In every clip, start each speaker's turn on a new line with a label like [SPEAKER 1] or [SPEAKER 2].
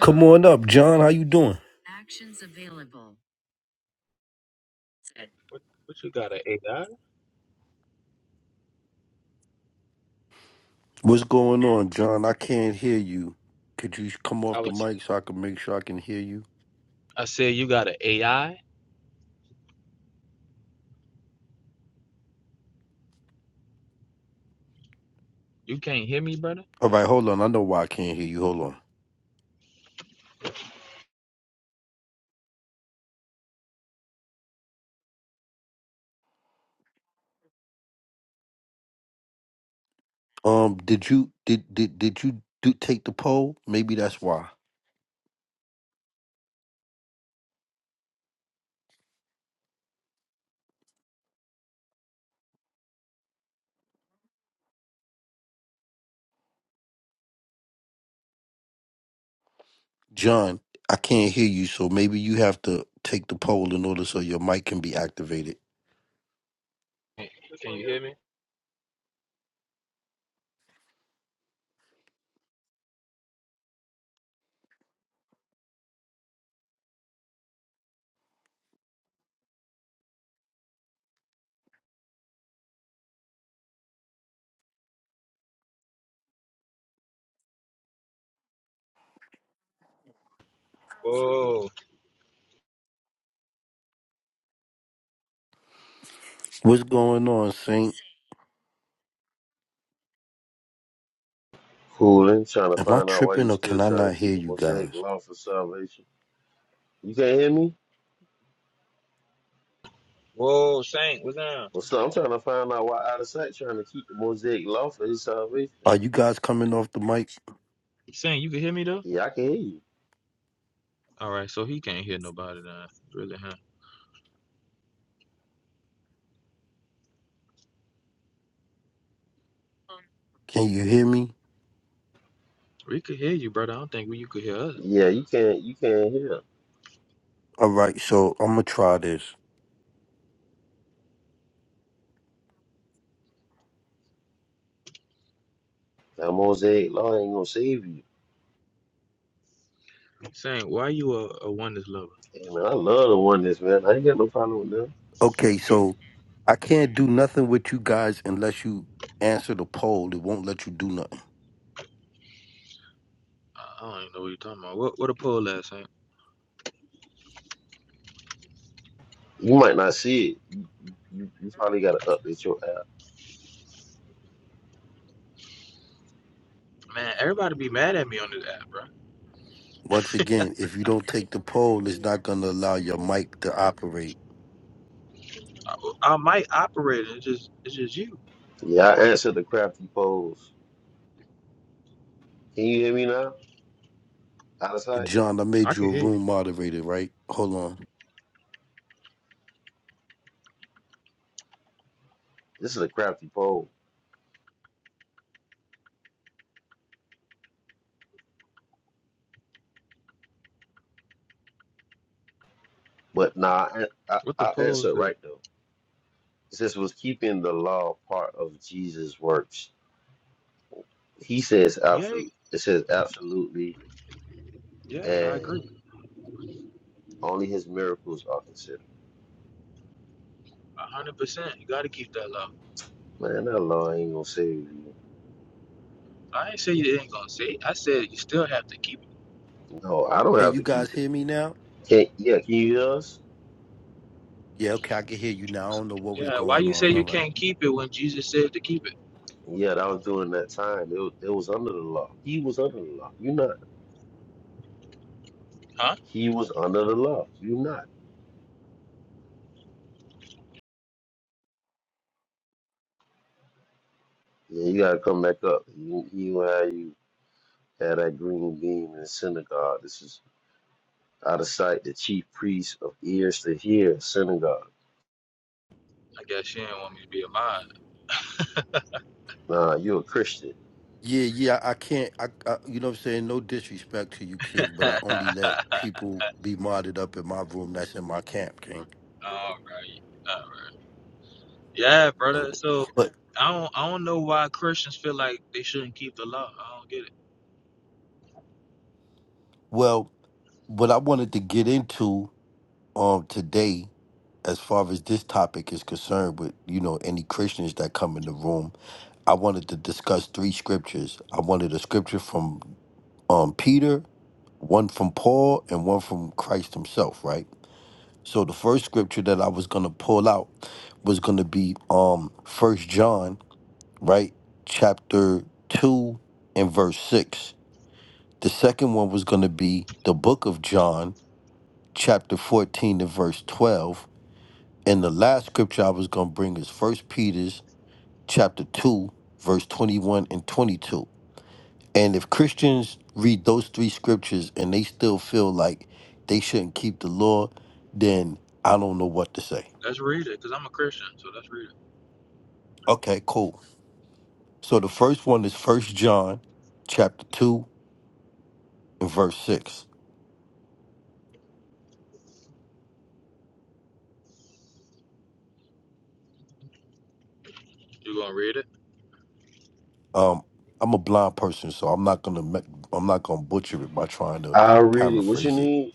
[SPEAKER 1] Come on up, John. How you doing?
[SPEAKER 2] What, what you got an AI? I
[SPEAKER 1] What's going on, John? I can't hear you. Could you come
[SPEAKER 2] I
[SPEAKER 1] off the
[SPEAKER 2] was.
[SPEAKER 1] mic so I can make sure I can hear you?
[SPEAKER 2] I said you got an AI. You can't hear me, brother.
[SPEAKER 1] All right, hold on. I know why I can't hear you. Hold on. Um, did you did did did you do take the poll? Maybe that's why, John. I can't hear you, so maybe you have to take the poll in order so your mic can be activated.
[SPEAKER 2] Can you hear me? Whoa,
[SPEAKER 1] What's going on, Saint?
[SPEAKER 3] Fooling, trying to
[SPEAKER 1] Am I
[SPEAKER 3] find out why you
[SPEAKER 1] tripping or
[SPEAKER 3] still
[SPEAKER 1] can I
[SPEAKER 3] trying to
[SPEAKER 1] not hear
[SPEAKER 3] keep the
[SPEAKER 1] you
[SPEAKER 3] Mosaic
[SPEAKER 1] guys?
[SPEAKER 3] law for salvation. You can't hear me?
[SPEAKER 2] whoa, Saint, what's down?
[SPEAKER 3] Well, so I'm trying to find out why out of sight trying to keep the Mosaic law for his salvation.
[SPEAKER 1] Are you guys coming off the mic?
[SPEAKER 2] You saying you can hear me though?
[SPEAKER 3] Yeah, I can hear you.
[SPEAKER 2] All right, so he can't hear nobody then. Really, huh?
[SPEAKER 1] Can you hear me?
[SPEAKER 2] We could hear you, brother. I don't think we you could hear us.
[SPEAKER 3] Yeah, you can't. You can't hear.
[SPEAKER 1] All right, so I'm gonna try this.
[SPEAKER 3] That Mosaic law ain't gonna save you.
[SPEAKER 2] Saint, why you a, a oneness lover?
[SPEAKER 3] Hey, man, I love the oneness, man. I ain't got no problem with them.
[SPEAKER 1] Okay, so I can't do nothing with you guys unless you answer the poll. It won't let you do nothing.
[SPEAKER 2] I I don't even know what you're talking about. What what a poll at, Saint?
[SPEAKER 3] You might not see it. You, you probably gotta update your app.
[SPEAKER 2] Man, everybody be mad at me on this app, bro.
[SPEAKER 1] Once again, if you don't take the poll, it's not gonna allow your mic to operate.
[SPEAKER 2] I, I might operate. It's just it's just you.
[SPEAKER 3] Yeah, I answered the crafty polls. Can you hear me now? Out of sight.
[SPEAKER 1] John, I
[SPEAKER 2] I
[SPEAKER 1] made you
[SPEAKER 2] could
[SPEAKER 1] a
[SPEAKER 2] hear you.
[SPEAKER 1] room moderator, right? Hold on.
[SPEAKER 3] This is a crafty poll, but nah, I, I,
[SPEAKER 2] What the
[SPEAKER 3] I
[SPEAKER 2] poll
[SPEAKER 3] answered
[SPEAKER 2] said?
[SPEAKER 3] right though. It says was keeping the law part of Jesus' works. He says
[SPEAKER 2] Yeah,
[SPEAKER 3] absolute. It says absolutely,
[SPEAKER 2] yeah, I
[SPEAKER 3] and
[SPEAKER 2] agree.
[SPEAKER 3] only his miracles are considered.
[SPEAKER 2] A hundred percent. You gotta keep that level.
[SPEAKER 3] Man, that law ain't gonna save you.
[SPEAKER 2] I ain't say you ain't gonna say. It. I said you still have to keep it.
[SPEAKER 3] No, I don't
[SPEAKER 1] Can
[SPEAKER 3] have
[SPEAKER 1] you
[SPEAKER 3] to
[SPEAKER 1] guys
[SPEAKER 3] keep it.
[SPEAKER 1] hear me now?
[SPEAKER 3] Can yeah, can you hear us?
[SPEAKER 1] Yeah, okay, I can hear you now. I don't know what was
[SPEAKER 2] Yeah. Why
[SPEAKER 1] going
[SPEAKER 2] you say
[SPEAKER 1] on. All
[SPEAKER 2] you
[SPEAKER 1] right.
[SPEAKER 2] can't keep it when Jesus said to keep it?
[SPEAKER 3] Yeah, that was during that time. It, was- it was under the law. He was under the law. You not.
[SPEAKER 2] Huh?
[SPEAKER 3] He was under the law. You not. Yeah, you gotta come back up. You, you how you had that green beam in the synagogue. This is out of sight. The chief priest of ears to hear synagogue.
[SPEAKER 2] I guess she didn't want me to be a mod.
[SPEAKER 3] Nah, you a Christian.
[SPEAKER 1] Yeah, yeah, I can't. I, I, you know what I'm saying? No disrespect to you, King, but
[SPEAKER 2] all
[SPEAKER 1] I only let people be modded up in my room. That's in my camp, King.
[SPEAKER 2] right. All right. Yeah,
[SPEAKER 1] You know
[SPEAKER 2] brother.
[SPEAKER 1] that.
[SPEAKER 2] So
[SPEAKER 1] But
[SPEAKER 2] I don't. I don't know why Christians feel like they shouldn't keep the law. I don't get it.
[SPEAKER 1] Well, what I wanted to get into um today, as far as this topic is concerned, with you know any Christians that come in the room, I wanted to discuss three scriptures. I wanted a scripture from um Peter, one from Paul, and one from Christ Himself. Right. So the first scripture that I was gonna pull out was gonna be um First John, right, chapter two and verse six. The second one was gonna be the book of John chapter 14 and verse 12. And the last scripture I was going to bring is First Peter's chapter 2, verse 21 and 22. And if Christians read those three scriptures and they still feel like they shouldn't keep the law, then I don't know what to say.
[SPEAKER 2] Let's read it, cause I'm a Christian. So let's read it.
[SPEAKER 1] Okay, cool. So the first one is First John chapter 2 and verse 6.
[SPEAKER 2] You gonna read it?
[SPEAKER 1] Um I'm a blind person, so I'm not gonna me- I'm not gonna butcher it by trying to
[SPEAKER 3] I'll read it. What you
[SPEAKER 1] paraphrase it.
[SPEAKER 3] need?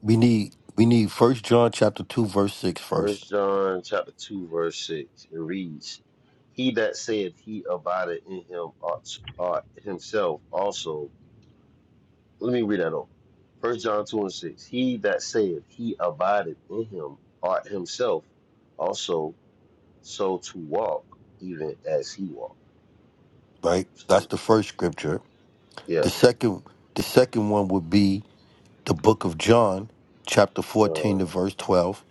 [SPEAKER 1] we need we need first john chapter 2 verse 6 first
[SPEAKER 3] First John chapter two, verse six. It reads, He that saith he abideth in him ought, ought himself also. Let me read that over. First John two and six. He that saith he abideth in him ought himself also so to walk, even as he walked.
[SPEAKER 1] right that's the first scripture the
[SPEAKER 3] Yes.
[SPEAKER 1] second the second one would be the book of john chapter 14
[SPEAKER 3] John
[SPEAKER 1] to verse 12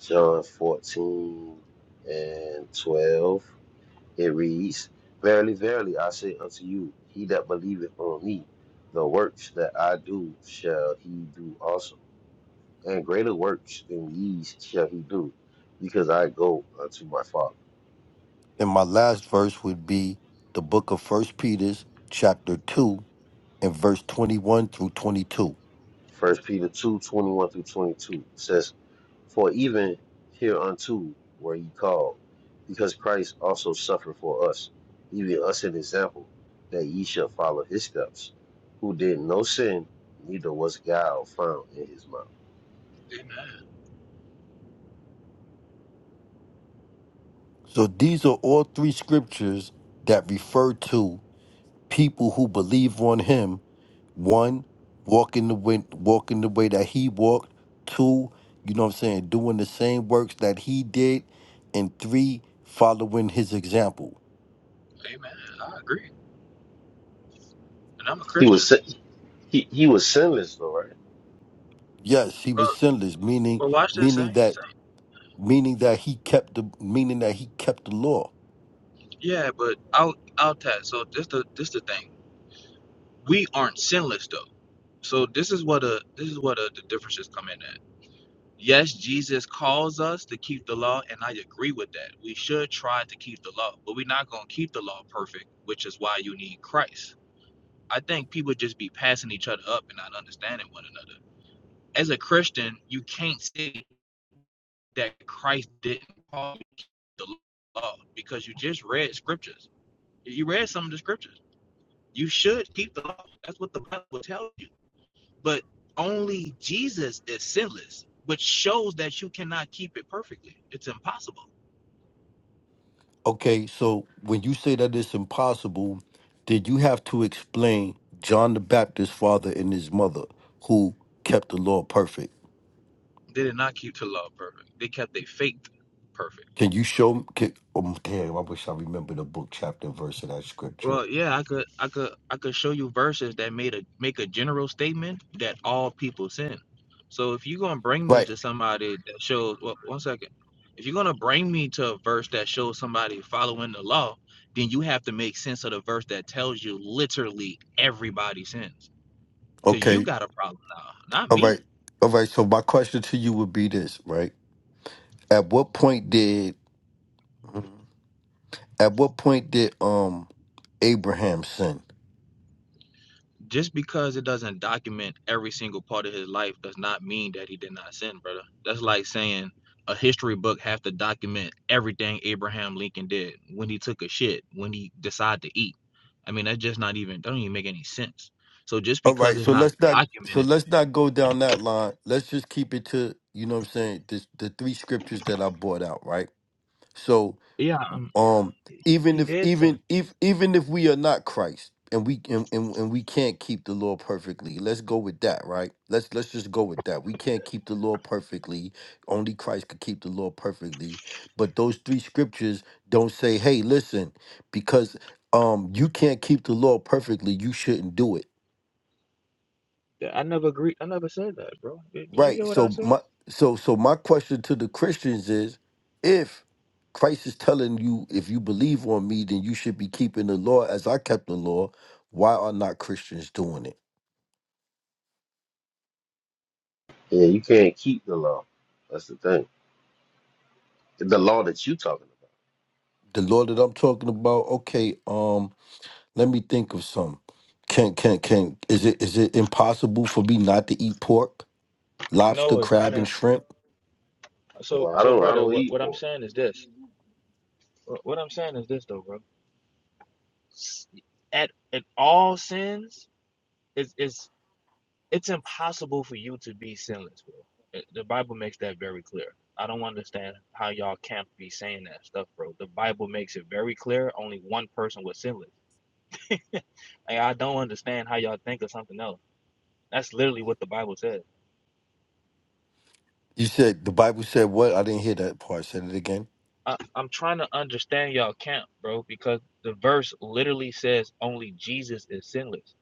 [SPEAKER 3] John fourteen and twelve. It reads, Verily, verily, I say unto you, he that believeth on me, the works that I do shall he do also, and greater works than these shall he do, because I go unto my Father.
[SPEAKER 1] and my last verse would be the book of first peter's chapter 2 and verse 21 through 22
[SPEAKER 3] First Peter two twenty one through 22 says, For even hereunto were ye called, because Christ also suffered for us, leaving us an example, that ye shall follow his steps, who did no sin, neither was guile found in his mouth.
[SPEAKER 2] Amen.
[SPEAKER 1] so these are all three scriptures that refer to people who believe on him One, walking the way, walking the way that he walked. Two, you know what I'm saying, doing the same works that he did. And three, following his example.
[SPEAKER 2] Amen. I agree. And I'm a
[SPEAKER 3] He
[SPEAKER 2] Christian.
[SPEAKER 3] was He he was sinless though, right?
[SPEAKER 1] Yes, he was
[SPEAKER 2] But
[SPEAKER 1] sinless, meaning
[SPEAKER 2] but watch this,
[SPEAKER 1] meaning
[SPEAKER 2] Saint.
[SPEAKER 1] that
[SPEAKER 2] Saint.
[SPEAKER 1] meaning that he kept the meaning that he kept the law.
[SPEAKER 2] Yeah, but out out that. So this the this the thing. we aren't sinless though. So this is what a this is what a, the differences come in at. Yes, Jesus calls us to keep the law, and I agree with that. We should try to keep the law, but we're not going to keep the law perfect, which is why you need Christ. I think people just be passing each other up and not understanding one another. As a Christian, you can't say that Christ didn't call you to keep the law because you just read scriptures. You read some of the scriptures. You should keep the law. That's what the Bible tells you But only Jesus is sinless, which shows that you cannot keep it perfectly. It's impossible.
[SPEAKER 1] Okay, so when you say that it's impossible, then you have to explain John the Baptist's father and his mother who kept the law perfect.
[SPEAKER 2] They did not keep the law perfect. They kept their faith perfect.
[SPEAKER 1] Can you show? Can, oh, damn, I wish I remember the book, chapter, and verse of that scripture.
[SPEAKER 2] Well, yeah, I could, I could, I could show you verses that made a make a general statement that all people sin. So if you're gonna bring me
[SPEAKER 1] Right.
[SPEAKER 2] to somebody that shows, well, one second, if you're gonna bring me to a verse that shows somebody following the law, then you have to make sense of the verse that tells you literally everybody sins. Because you
[SPEAKER 1] Okay.
[SPEAKER 2] got a problem now, not
[SPEAKER 1] All right.
[SPEAKER 2] me.
[SPEAKER 1] All right. So my question to you would be this, right? At what point did at what point did um Abraham sin?
[SPEAKER 2] Just because it doesn't document every single part of his life does not mean that he did not sin, brother. That's like saying a history book have to document everything Abraham Lincoln did when he took a shit, when he decided to eat. I mean, that's just not even, that don't even make any sense. So just
[SPEAKER 1] All
[SPEAKER 2] because
[SPEAKER 1] right.
[SPEAKER 2] it's
[SPEAKER 1] So
[SPEAKER 2] not
[SPEAKER 1] let's not so
[SPEAKER 2] documented,
[SPEAKER 1] let's not go down that line. Let's just keep it to you know what I'm saying. This the three scriptures that I brought out, right? So
[SPEAKER 2] yeah, um,
[SPEAKER 1] Um, even
[SPEAKER 2] he
[SPEAKER 1] if
[SPEAKER 2] did sin.
[SPEAKER 1] even if even if we are not Christ and we and, and, and we can't keep the law perfectly, let's go with that, right? Let's let's just go with that. We can't keep the law perfectly. Only Christ could keep the law perfectly. But those three scriptures don't say, hey, listen, because um you can't keep the law perfectly, you shouldn't do it
[SPEAKER 2] Yeah, I never agreed. I never said that, bro. Did, did you
[SPEAKER 1] Right.
[SPEAKER 2] hear what I
[SPEAKER 1] So
[SPEAKER 2] said?
[SPEAKER 1] my so so my question to the Christians is if Christ is telling you if you believe on me then you should be keeping the law as I kept the law, why are not Christians doing it?
[SPEAKER 3] Yeah, you can't keep the law. That's the thing. The law that you talking
[SPEAKER 1] The law that I'm talking about, okay, um let me think of some. Can can can is it is it impossible for me not to eat pork, lobster,
[SPEAKER 2] No, it's not.
[SPEAKER 1] crab and
[SPEAKER 2] A,
[SPEAKER 1] shrimp?
[SPEAKER 3] about.
[SPEAKER 2] so,
[SPEAKER 3] Well, I
[SPEAKER 2] so,
[SPEAKER 3] don't I
[SPEAKER 2] brother,
[SPEAKER 3] don't
[SPEAKER 2] what,
[SPEAKER 3] eat
[SPEAKER 2] what I'm
[SPEAKER 3] pork.
[SPEAKER 2] saying is this. What what I'm saying is this, though, bro at at all sins it's it's it's impossible for you to be sinless bro. It- the bible makes that very clear i don't understand how y'all can't be saying that stuff bro the bible makes it very clear only one person was sinless like, i don't understand how y'all think of something else that's literally what the bible says
[SPEAKER 1] You said the Bible said what? I didn't hear that part. Said it again.
[SPEAKER 2] I, i'm trying to understand y'all camp bro because the verse literally says only jesus is sinless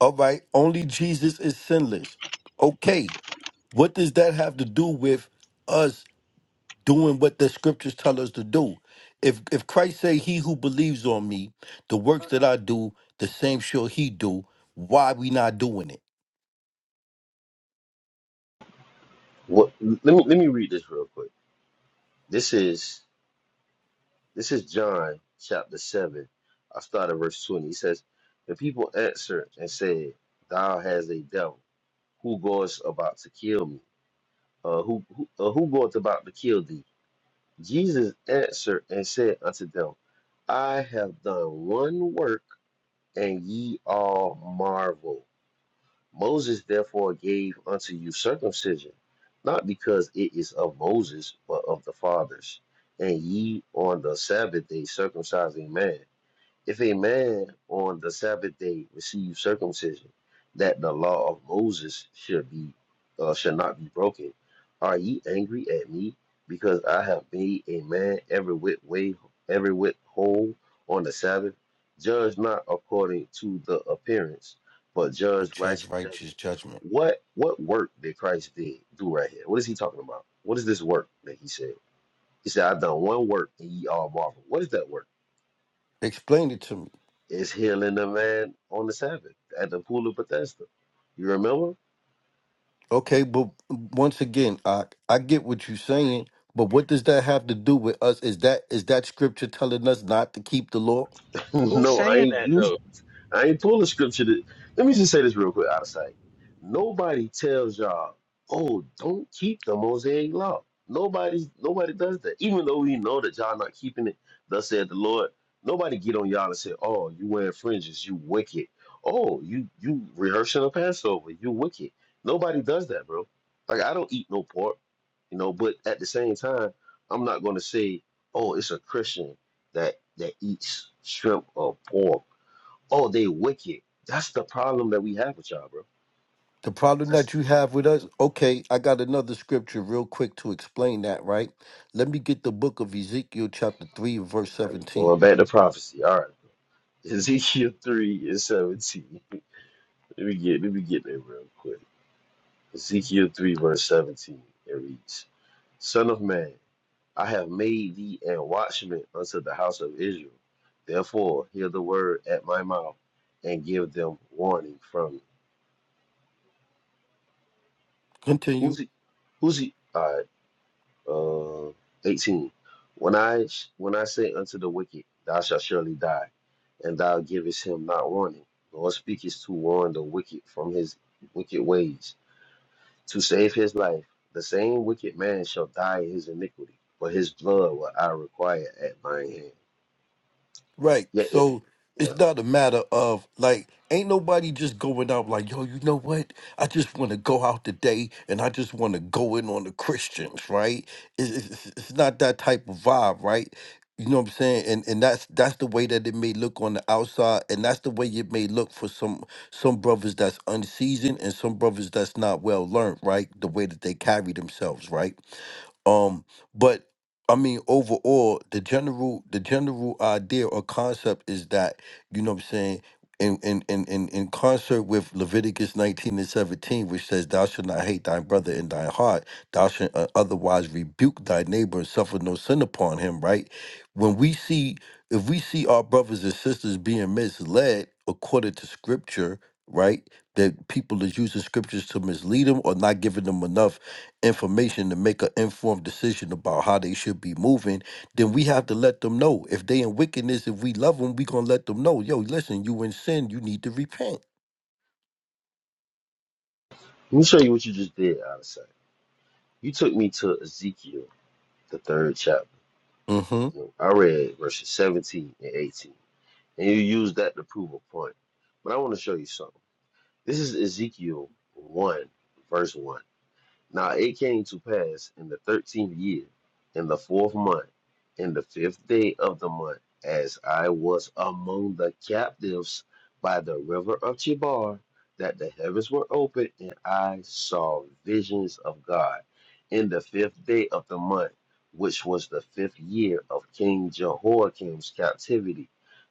[SPEAKER 1] All right, only Jesus is sinless. Okay. What does that have to do with us doing what the scriptures tell us to do? If if Christ say, "He who believes on me, the works that I do, the same shall he do," why we not doing it?
[SPEAKER 3] What let me let me read this real quick. This is this is John chapter seven. I start at verse twenty. He says, The people answered and said, Thou has a devil, who goes about to kill me? Uh who who, uh, who goeth about to kill thee? Jesus answered and said unto them, I have done one work, and ye all marvel. Moses therefore gave unto you circumcision, not because it is of Moses, but of the fathers. And ye on the Sabbath day circumcise a man. If a man on the Sabbath day receives circumcision, that the law of Moses should be uh, should not be broken, are ye angry at me because I have made a man every whit way every whit whole on the Sabbath? Judge not according to the appearance, but
[SPEAKER 1] A
[SPEAKER 3] judge
[SPEAKER 1] judge
[SPEAKER 3] righteous judgment.
[SPEAKER 1] righteous judgment.
[SPEAKER 3] What what work did Christ did do right here? What is he talking about? What is this work that he said? He said, I've done one work and ye all marvel. What is that work?
[SPEAKER 1] Explain it to me.
[SPEAKER 3] is healing a man on the Sabbath at the pool of Bethesda. You remember?
[SPEAKER 1] Okay, but once again, I I get what you're saying, but what does that have to do with us? Is that is that scripture telling us not to keep the law?
[SPEAKER 2] who's
[SPEAKER 3] no, I
[SPEAKER 2] saying
[SPEAKER 3] ain't
[SPEAKER 2] that
[SPEAKER 3] used
[SPEAKER 2] though
[SPEAKER 3] I ain't pulling scripture. To, let me just say this real quick out of sight. Nobody tells y'all, oh, don't keep the Mosaic law. Nobody, nobody does that. Even though we know that y'all not keeping it, thus said the Lord. Nobody get on y'all and say, oh, you wearing fringes, you wicked. Oh, you you rehearsing a Passover, you wicked. Nobody does that, bro. Like I don't eat no pork, you know. But at the same time, I'm not gonna say, oh, it's a Christian that that eats shrimp or pork Oh, they wicked. That's the problem that we have with y'all, bro.
[SPEAKER 1] The problem
[SPEAKER 3] That's
[SPEAKER 1] that you have with us, okay, I got another scripture real quick to explain that, right? Let me get the book of Ezekiel, chapter 3, verse 17.
[SPEAKER 3] going back to prophecy. All right. Ezekiel 3 and 17. Let me get let me get there real quick. Ezekiel 3 verse 17. It reads, Son of man, I have made thee a watchman unto the house of Israel. Therefore, hear the word at my mouth and give them warning from me.
[SPEAKER 1] Continue.
[SPEAKER 3] Who's he? Who's he? uh, 18. When I sh- when I say unto the wicked, thou shalt surely die, and thou givest him not warning, nor speakest to warn the wicked from his wicked ways, to save his life, the same wicked man shall die in his iniquity, but his blood will I require at thine hand.
[SPEAKER 1] Right.
[SPEAKER 3] Yeah, it,
[SPEAKER 1] So
[SPEAKER 3] yeah.
[SPEAKER 1] it's not a matter of like, ain't nobody just going out like, yo, you know what? I just want to go out today and I just want to go in on the Christians, right? It's, it's, it's not that type of vibe, right? You know what I'm saying? And and that's that's the way that it may look on the outside, and that's the way it may look for some some brothers that's unseasoned and some brothers that's not well learned, right? The way that they carry themselves, right? Um, but I mean, overall, the general the general idea or concept is that, you know what I'm saying, in in, in, in in concert with Leviticus 19 and 17, which says, Thou shalt not hate thy brother in thy heart, thou shalt uh, otherwise rebuke thy neighbor and suffer no sin upon him, right? When we see if we see our brothers and sisters being misled according to scripture, right? That people is using scriptures to mislead them or not giving them enough information to make an informed decision about how they should be moving, then we have to let them know. If they in wickedness, if we love them, we gonna let them know. Yo, listen, you in sin, you need to repent.
[SPEAKER 3] Let me show you what you just did, Odyssey. You took me to Ezekiel, the third chapter.
[SPEAKER 1] Mm-hmm.
[SPEAKER 3] You know, I read verses 17 and 18. And you use that to prove a point. But I want to show you something. This is Ezekiel 1, verse 1. Now it came to pass in the thirteenth year, in the fourth month, in the fifth day of the month, as I was among the captives by the river of Chebar, that the heavens were opened, and I saw visions of God. In the fifth day of the month, which was the fifth year of King Jehoiakim's captivity,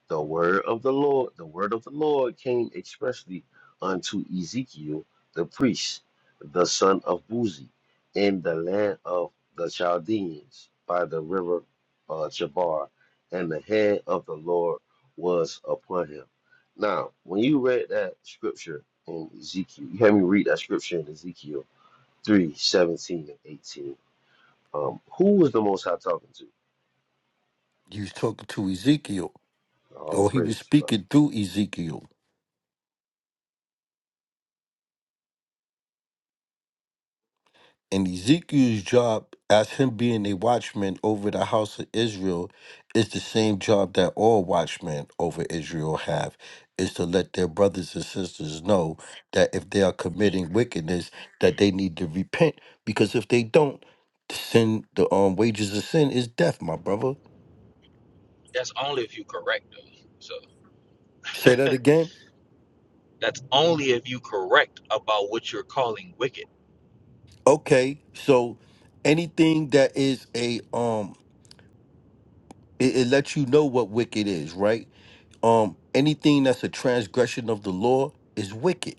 [SPEAKER 3] the word of the Lord, the word of the Lord came expressly unto Ezekiel the priest the son of Buzi, in the land of the Chaldeans by the river uh, Chabar, and the hand of the Lord was upon him. Now, when you read that scripture in Ezekiel, you had me read that scripture in Ezekiel 3 17 and 18. Um, who was the Most High talking to?
[SPEAKER 1] He was talking to Ezekiel,
[SPEAKER 3] All
[SPEAKER 1] or he was
[SPEAKER 3] praises, brother.
[SPEAKER 1] speaking through Ezekiel. And Ezekiel's job as him being a watchman over the house of Israel is the same job that all watchmen over Israel have is to let their brothers and sisters know that if they are committing wickedness that they need to repent because if they don't the sin the um wages of sin is death my brother
[SPEAKER 2] that's only if you correct though. So.
[SPEAKER 1] say that again
[SPEAKER 2] That's only if you correct about what you're calling wicked.
[SPEAKER 1] okay so anything that is a um it, it lets you know what wicked is right um anything that's a transgression of the law is wicked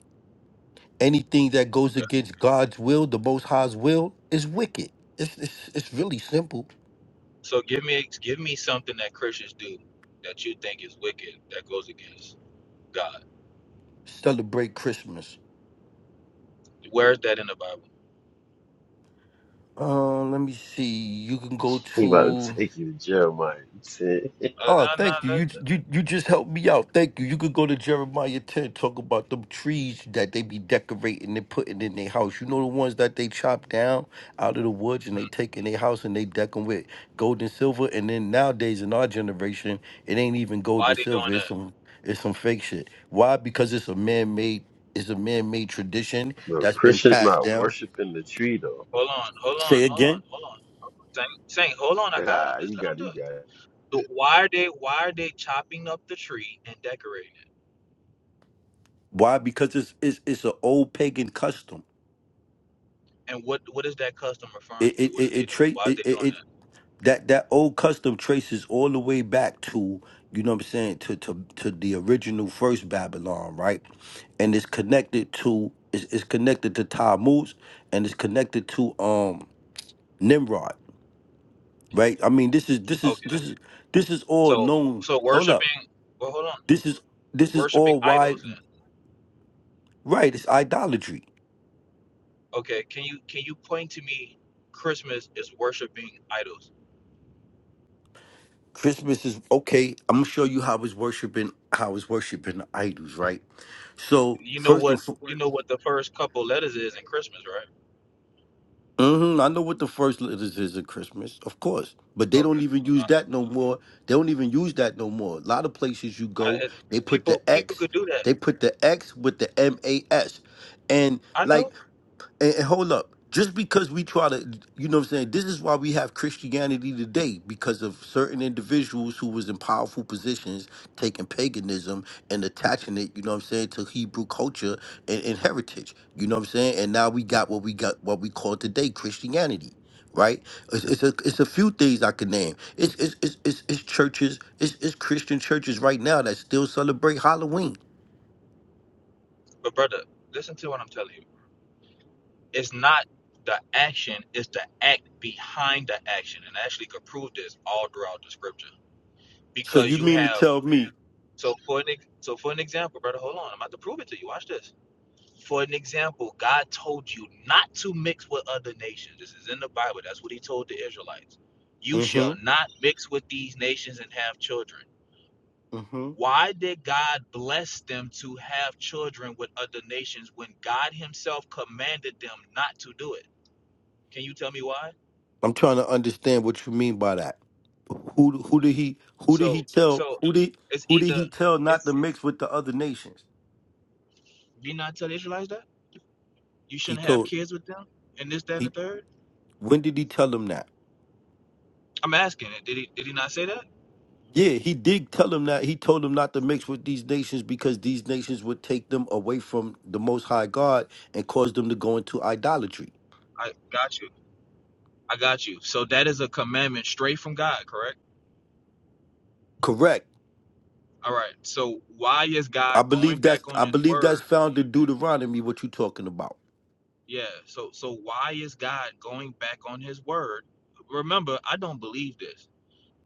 [SPEAKER 1] anything that goes
[SPEAKER 2] Okay.
[SPEAKER 1] against god's will the most high's will is wicked it's it's, it's really simple
[SPEAKER 2] So give me give me something that Christians do that you think is wicked that goes against God.
[SPEAKER 1] celebrate christmas
[SPEAKER 2] Where is that in the Bible?
[SPEAKER 1] uh let me see you can go
[SPEAKER 3] He about to
[SPEAKER 1] to
[SPEAKER 3] take you to Jeremiah 10.
[SPEAKER 2] Uh,
[SPEAKER 1] Oh,
[SPEAKER 2] no,
[SPEAKER 1] thank you.
[SPEAKER 2] no,
[SPEAKER 1] You
[SPEAKER 2] that's,
[SPEAKER 1] you you just helped me out. Thank you. You could go to Jeremiah 10, talk about them trees that they be decorating and putting in their house. You know the ones that they chop down out of the woods and they
[SPEAKER 2] mm,
[SPEAKER 1] take in their house and they deck them with gold and silver. And then nowadays in our generation, it ain't even gold
[SPEAKER 2] why
[SPEAKER 1] and
[SPEAKER 2] they doing
[SPEAKER 1] silver. It's
[SPEAKER 2] that?
[SPEAKER 1] some it's some fake shit. Why? Because it's a man made it's a man made tradition
[SPEAKER 3] No,
[SPEAKER 1] that's been
[SPEAKER 3] Christian's
[SPEAKER 1] passed
[SPEAKER 3] not
[SPEAKER 1] down.
[SPEAKER 3] worshiping the tree, though.
[SPEAKER 2] Hold on, hold on,
[SPEAKER 1] Say
[SPEAKER 2] hold on,
[SPEAKER 1] again.
[SPEAKER 2] hold on. Saying, saying, hold on, I got them.
[SPEAKER 3] Ah,
[SPEAKER 2] Just
[SPEAKER 3] you
[SPEAKER 2] let them
[SPEAKER 3] got it,
[SPEAKER 2] do
[SPEAKER 3] you
[SPEAKER 2] it.
[SPEAKER 3] got it.
[SPEAKER 2] So why are they why are they chopping up the tree and decorating it?
[SPEAKER 1] Why? Because it's it's it's an old pagan custom.
[SPEAKER 2] And what what is that custom
[SPEAKER 1] It
[SPEAKER 2] referring to?
[SPEAKER 1] it
[SPEAKER 2] What
[SPEAKER 1] it,
[SPEAKER 2] are they
[SPEAKER 1] it,
[SPEAKER 2] doing?
[SPEAKER 1] tra- it,
[SPEAKER 2] Why is
[SPEAKER 1] it,
[SPEAKER 2] they doing
[SPEAKER 1] it
[SPEAKER 2] that?
[SPEAKER 1] that that old custom traces all the way back to you know what I'm saying to to to the original first Babylon, right? And it's connected to it's, it's connected to Tammuz and it's connected to um Nimrod, right? I mean, this is this is
[SPEAKER 2] Okay.
[SPEAKER 1] this is this is all
[SPEAKER 2] So
[SPEAKER 1] known.
[SPEAKER 2] so
[SPEAKER 1] Hold up,
[SPEAKER 2] worshiping well hold on.
[SPEAKER 1] this is this is
[SPEAKER 2] Worshiping
[SPEAKER 1] all wide
[SPEAKER 2] idols then.
[SPEAKER 1] right. It's idolatry.
[SPEAKER 2] Okay, can you can you point to me Christmas is worshiping idols?
[SPEAKER 1] Christmas is okay. I'm gonna show you how it's worshiping how it's worshiping the idols, right? So
[SPEAKER 2] You know
[SPEAKER 1] first and
[SPEAKER 2] what you
[SPEAKER 1] foremost.
[SPEAKER 2] know what the first couple letters is in Christmas, right?
[SPEAKER 1] hmm I know what the first letters is at Christmas, of course, but they
[SPEAKER 2] Okay.
[SPEAKER 1] don't even use
[SPEAKER 2] All right.
[SPEAKER 1] that no more. They don't even use that no more. A lot of places you go,
[SPEAKER 2] I, it-
[SPEAKER 1] they put
[SPEAKER 2] people
[SPEAKER 1] the
[SPEAKER 2] people
[SPEAKER 1] X,
[SPEAKER 2] could do that.
[SPEAKER 1] they put the X with the M A S, and
[SPEAKER 2] I know,
[SPEAKER 1] like and, and hold up just because we try to you know what i'm saying this is why we have christianity today because of certain individuals who was in powerful positions taking paganism and attaching it you know what i'm saying to hebrew culture and, and heritage you know what i'm saying and now we got what we got what we call today christianity right it's, it's a it's a few things i can name it's it's it's, it's, it's churches it's, it's christian churches right now that still celebrate halloween
[SPEAKER 2] but brother, listen to what I'm telling you. It's not the action, it's the act behind the action, and I actually could prove this all throughout the scripture
[SPEAKER 1] so
[SPEAKER 2] because
[SPEAKER 1] you
[SPEAKER 2] you
[SPEAKER 1] mean to
[SPEAKER 2] have.
[SPEAKER 1] tell me
[SPEAKER 2] So for an ex- so for an example, brother, hold on, I'm about to prove it to you. Watch this For an example, God told you not to mix with other nations. This is in the Bible. That's what he told the Israelites. You shall
[SPEAKER 1] mm-hmm
[SPEAKER 2] not mix with these nations and have children. Why did God bless them to have children with other nations when God himself commanded them not to do it? Can you tell me why?
[SPEAKER 1] I'm trying to understand what you mean by that. Who who did he who did he
[SPEAKER 2] So
[SPEAKER 1] tell
[SPEAKER 2] so
[SPEAKER 1] who did
[SPEAKER 2] it's
[SPEAKER 1] who did
[SPEAKER 2] either
[SPEAKER 1] he tell not to
[SPEAKER 2] it's
[SPEAKER 1] mix with the other nations?
[SPEAKER 2] did he not tell the Israelites that? You
[SPEAKER 1] He
[SPEAKER 2] shouldn't have
[SPEAKER 1] told
[SPEAKER 2] kids with them and this, that, and the
[SPEAKER 1] he
[SPEAKER 2] third?
[SPEAKER 1] when did he tell him that?
[SPEAKER 2] I'm asking it. Did he did he not say that?
[SPEAKER 1] Yeah, he did tell him that. He told him not to mix with these nations because these nations would take them away from the most high God and cause them to go into idolatry.
[SPEAKER 2] I got you. I got you. So that is a commandment straight from God, correct?
[SPEAKER 1] Correct.
[SPEAKER 2] All right. So why is God
[SPEAKER 1] I
[SPEAKER 2] going
[SPEAKER 1] believe that's
[SPEAKER 2] back on
[SPEAKER 1] I
[SPEAKER 2] his
[SPEAKER 1] believe that's
[SPEAKER 2] word?
[SPEAKER 1] found in Deuteronomy what you talking about.
[SPEAKER 2] Yeah. So so why is God going back on his word? Remember, I don't believe this.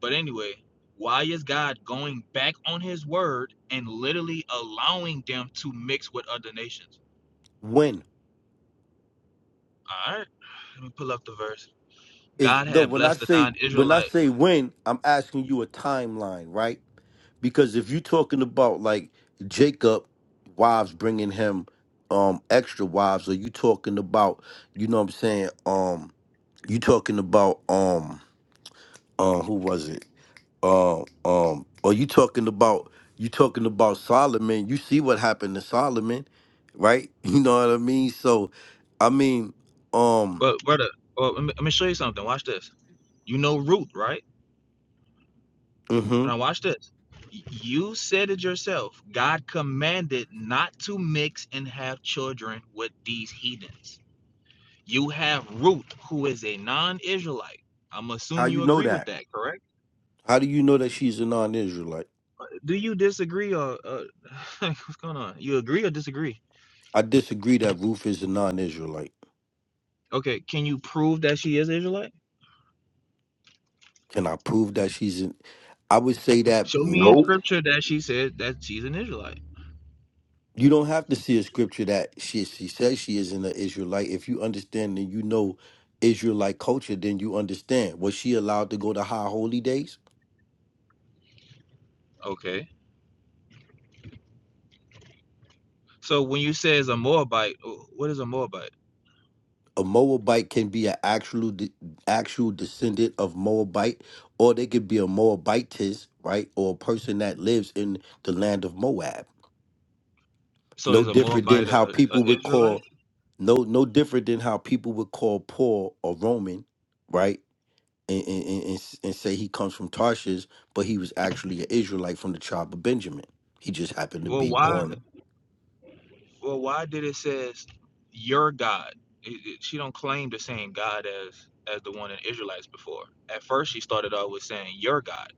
[SPEAKER 2] But anyway, why is God going back on his word and literally allowing them to mix with other nations?
[SPEAKER 1] When?
[SPEAKER 2] All right. Let me pull up the verse.
[SPEAKER 1] is
[SPEAKER 2] God
[SPEAKER 1] no
[SPEAKER 2] had
[SPEAKER 1] when I
[SPEAKER 2] blessed the
[SPEAKER 1] say when I
[SPEAKER 2] non-Israelite.
[SPEAKER 1] say when, I'm asking you a timeline, right? Because if you're talking about like Jacob wives bringing him um extra wives, or you talking about you know what I'm saying um you talking about um uh who was it um um or you talking about you talking about Solomon? You see what happened to Solomon, right? You know what I mean? So I mean um
[SPEAKER 2] But brother, well, let me let me show you something. Watch this. You know Ruth, right?
[SPEAKER 1] hmm
[SPEAKER 2] But now watch this. You said it yourself. God commanded not to mix and have children with these heathens. You have Ruth, who is a non-Israelite. I'm
[SPEAKER 1] how
[SPEAKER 2] assume
[SPEAKER 1] you
[SPEAKER 2] you
[SPEAKER 1] know
[SPEAKER 2] agree with
[SPEAKER 1] that?
[SPEAKER 2] that, correct?
[SPEAKER 1] How do you know that she's a non-Israelite?
[SPEAKER 2] Do you disagree or uh, what's going on? You agree or disagree?
[SPEAKER 1] I disagree that Ruth is a non-Israelite.
[SPEAKER 2] Okay, can you prove that she is Israelite?
[SPEAKER 1] Can I prove that she's an? I would say that
[SPEAKER 2] Show me in
[SPEAKER 3] Nope.
[SPEAKER 2] scripture that she said that she's an Israelite.
[SPEAKER 1] you don't have to see a scripture that she she says she isn't an Israelite. If you understand and you know Israelite culture, then you understand. Was she allowed to go to high holy days?
[SPEAKER 2] Okay. So when you say is a Moabite, what is a Moabite?
[SPEAKER 1] A Moabite can be an actual de- actual descendant of Moabite, or they could be a Moabitess, right? Or a person that lives in the land of Moab.
[SPEAKER 2] So
[SPEAKER 1] No
[SPEAKER 2] is a
[SPEAKER 1] different than
[SPEAKER 2] Moabite a,
[SPEAKER 1] how
[SPEAKER 2] a
[SPEAKER 1] people would call
[SPEAKER 2] Israelite?
[SPEAKER 1] no no different than how people would call Paul a Roman, right? And and, and, and s- and say he comes from Tarshish, but he was actually an Israelite from the tribe of Benjamin. He just happened to
[SPEAKER 2] Well,
[SPEAKER 1] be
[SPEAKER 2] why
[SPEAKER 1] born.
[SPEAKER 2] Well, why did it says your God? It, it- she don't claim the same God as as the one in Israelites before. At first, she started out with saying your God.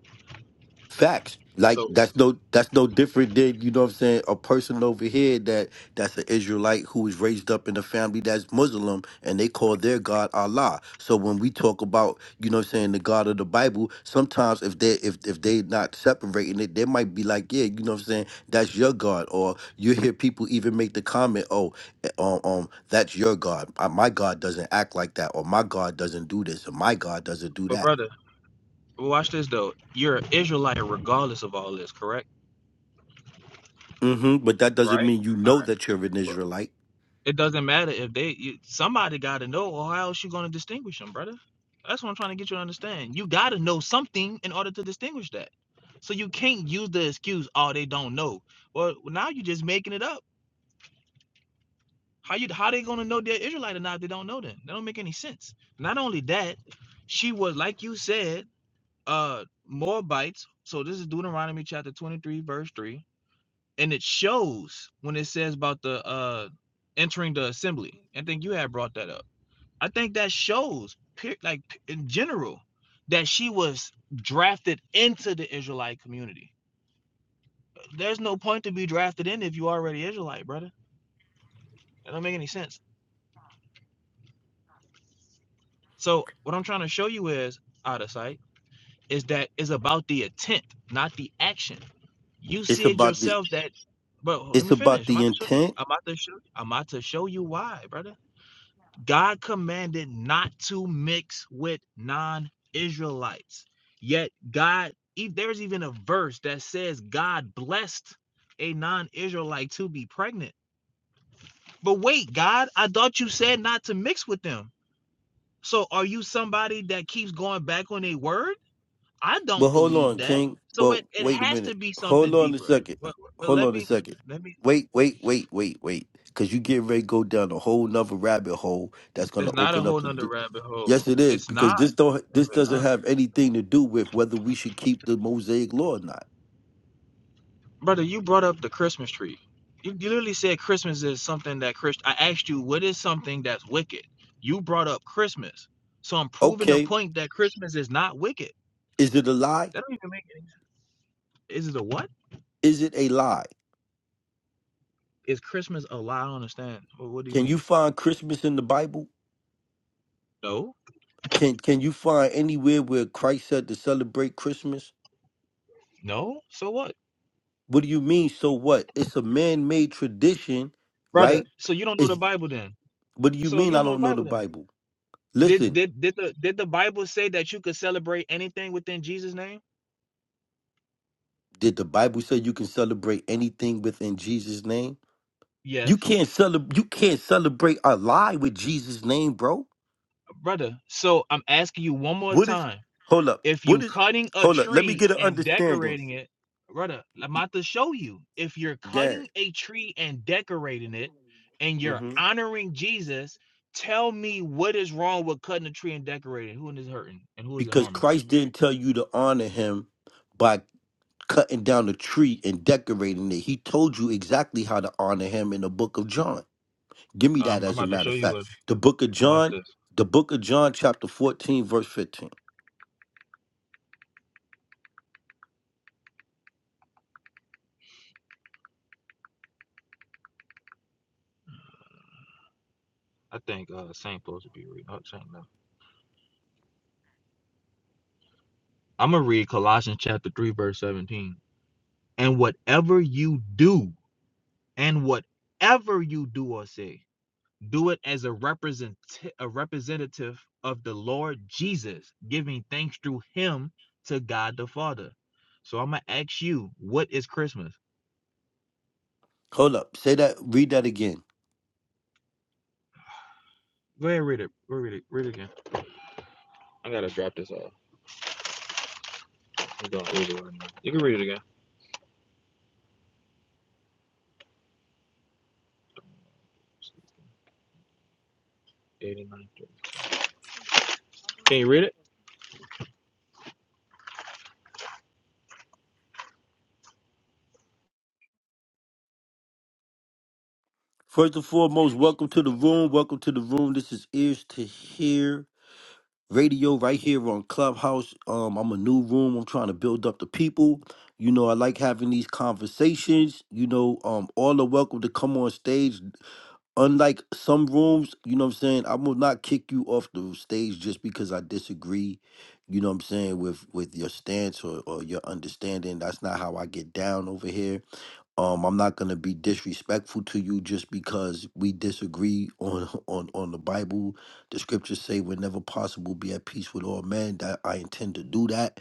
[SPEAKER 1] Facts. Like
[SPEAKER 2] So,
[SPEAKER 1] that's no that's no different than, you know what I'm saying, a person over here that that's an Israelite who was raised up in a family that's Muslim and they call their God Allah. So when we talk about, you know what I'm saying, the God of the Bible, sometimes if they if if they not separating it, they might be like, Yeah, you know what I'm saying, that's your God. Or you hear people even make the comment, Oh, eh, um, um, that's your God. Uh, My God doesn't act like that, or my God doesn't do this, or my God doesn't do
[SPEAKER 2] but
[SPEAKER 1] that.
[SPEAKER 2] brother, watch this though. You're an Israelite regardless of all this, correct?
[SPEAKER 1] hmm But that doesn't
[SPEAKER 2] Right.
[SPEAKER 1] mean you
[SPEAKER 2] All
[SPEAKER 1] know
[SPEAKER 2] right.
[SPEAKER 1] that you're an
[SPEAKER 2] Well,
[SPEAKER 1] Israelite.
[SPEAKER 2] it doesn't matter if they. You, somebody got to know, or how else you gonna distinguish them, brother? That's what I'm trying to get you to understand. You got to know something in order to distinguish that. So you can't use the excuse, "Oh, they don't know." Well, now you're just making it up. How you how they gonna know they're Israelite or not if they don't know them? That don't make any sense. Not only that, she was like you said, uh Moabites. So this is Deuteronomy chapter 23, verse 3. And it shows when it says about the uh entering the assembly. I think you had brought that up. I think that shows like in general that she was drafted into the Israelite community. There's no point to be drafted in if you already Israelite, brother. That don't make any sense. So what I'm trying to show you is out of sight is that it's about the intent, not the action. You
[SPEAKER 1] It's
[SPEAKER 2] see it
[SPEAKER 1] about the
[SPEAKER 2] yourself that but let
[SPEAKER 1] it's
[SPEAKER 2] me
[SPEAKER 1] about
[SPEAKER 2] finish. I'm
[SPEAKER 1] the
[SPEAKER 2] about to show you.
[SPEAKER 1] intent.
[SPEAKER 2] I'm about to show I'm about to show you why, brother. God commanded not to mix with non-Israelites. Yet God, if there's even a verse that says God blessed a non-Israelite to be pregnant. But wait, God, I thought you said not to mix with them. So are you somebody that keeps going back on a word? I
[SPEAKER 1] But
[SPEAKER 2] don't
[SPEAKER 1] hold
[SPEAKER 2] believe
[SPEAKER 1] on,
[SPEAKER 2] that.
[SPEAKER 1] King.
[SPEAKER 2] So
[SPEAKER 1] But
[SPEAKER 2] it, it
[SPEAKER 1] wait a
[SPEAKER 2] has to
[SPEAKER 1] minute.
[SPEAKER 2] be
[SPEAKER 1] Hold
[SPEAKER 2] something
[SPEAKER 1] on a
[SPEAKER 2] deeper.
[SPEAKER 1] second.
[SPEAKER 2] Well, well,
[SPEAKER 1] Hold
[SPEAKER 2] let
[SPEAKER 1] on a
[SPEAKER 2] me
[SPEAKER 1] second.
[SPEAKER 2] let me.
[SPEAKER 1] Wait, wait, wait, wait, wait. Cause you get ready to go down a whole nother rabbit hole that's gonna
[SPEAKER 2] There's not a
[SPEAKER 1] open up
[SPEAKER 2] whole
[SPEAKER 1] the
[SPEAKER 2] nother
[SPEAKER 1] do-
[SPEAKER 2] rabbit
[SPEAKER 1] Yes,
[SPEAKER 2] hole.
[SPEAKER 1] it is
[SPEAKER 2] It's
[SPEAKER 1] because
[SPEAKER 2] not,
[SPEAKER 1] this don't this
[SPEAKER 2] it's
[SPEAKER 1] doesn't
[SPEAKER 2] not.
[SPEAKER 1] have anything to do with whether we should keep the Mosaic law or not.
[SPEAKER 2] brother. You brought up the Christmas tree. You, you literally said Christmas is something that Christ. I asked you what is something that's wicked. You brought up Christmas, so I'm proving the
[SPEAKER 1] Okay,
[SPEAKER 2] point that Christmas is not wicked.
[SPEAKER 1] is it a lie?
[SPEAKER 2] That don't even make any sense. Is it a what?
[SPEAKER 1] Is it a lie?
[SPEAKER 2] Is Christmas a lie? I don't understand. Well, what do you
[SPEAKER 1] Can you
[SPEAKER 2] mean?
[SPEAKER 1] find Christmas in the Bible?
[SPEAKER 2] No,
[SPEAKER 1] Can can you find anywhere where Christ said to celebrate Christmas?
[SPEAKER 2] no. So what,
[SPEAKER 1] What do you mean? So what? It's a man-made tradition,
[SPEAKER 2] brother?
[SPEAKER 1] right?
[SPEAKER 2] So you don't know the
[SPEAKER 1] It's
[SPEAKER 2] Bible then?
[SPEAKER 1] what do you
[SPEAKER 2] So you
[SPEAKER 1] mean? I
[SPEAKER 2] don't know the
[SPEAKER 1] don't know the
[SPEAKER 2] Bible then?
[SPEAKER 1] Bible.
[SPEAKER 2] Did
[SPEAKER 1] Listen,
[SPEAKER 2] did did the did the Bible say that you could celebrate anything within Jesus' name?
[SPEAKER 1] did the Bible say you can celebrate anything within Jesus' name? You
[SPEAKER 2] Yes,
[SPEAKER 1] can't celebrate. You can't celebrate a lie with Jesus' name, bro.
[SPEAKER 2] brother. So I'm asking you one more
[SPEAKER 1] What is?
[SPEAKER 2] time:
[SPEAKER 1] Hold up.
[SPEAKER 2] if
[SPEAKER 1] What
[SPEAKER 2] you
[SPEAKER 1] is?
[SPEAKER 2] cutting a
[SPEAKER 1] Hold up. Let me
[SPEAKER 2] tree
[SPEAKER 1] get an
[SPEAKER 2] and
[SPEAKER 1] understanding.
[SPEAKER 2] decorating it, brother, I'm about to show you. If you're
[SPEAKER 1] Yeah.
[SPEAKER 2] cutting a tree and decorating it, and you're
[SPEAKER 1] hmm
[SPEAKER 2] honoring Jesus, tell me what is wrong with cutting a tree and decorating? Who is hurting and who is it
[SPEAKER 1] Because
[SPEAKER 2] harming?
[SPEAKER 1] Christ didn't tell you to honor Him by cutting down a tree and decorating it. He told you exactly how to honor him in the book of John. Give me that
[SPEAKER 2] Um, I'm
[SPEAKER 1] as a
[SPEAKER 2] about to
[SPEAKER 1] matter
[SPEAKER 2] show
[SPEAKER 1] of
[SPEAKER 2] you
[SPEAKER 1] fact.
[SPEAKER 2] what.
[SPEAKER 1] The book of
[SPEAKER 2] Watch
[SPEAKER 1] John,
[SPEAKER 2] this.
[SPEAKER 1] the book of John, chapter 14, verse 15.
[SPEAKER 2] I think uh Saint supposed to be reading. Oh, Saint, no. I'm gonna read Colossians chapter three, verse seventeen. And whatever you do, and whatever you do or say, do it as a represent a representative of the Lord Jesus, giving thanks through him to God the Father. So I'm gonna ask you, what is Christmas?
[SPEAKER 1] Hold up. Say that, read that again.
[SPEAKER 2] Go ahead, read it. Go read it. Read it again. I gotta drop this off. We're going over right now. You can read it again. 89. Can you read it?
[SPEAKER 1] First and foremost, welcome to the room. Welcome to the room. This is Ears to Hear Radio right here on Clubhouse. Um, I'm a new room. I'm trying to build up the people. You know, I like having these conversations. You know, um, all are welcome to come on stage. unlike some rooms, you know what I'm saying, I will not kick you off the stage just because I disagree, you know what I'm saying, with with your stance or, or your understanding. That's not how I get down over here. Um I'm not gonna be disrespectful to you just because we disagree on on on the Bible. The scriptures say whenever possible be at peace with all men. That I intend to do that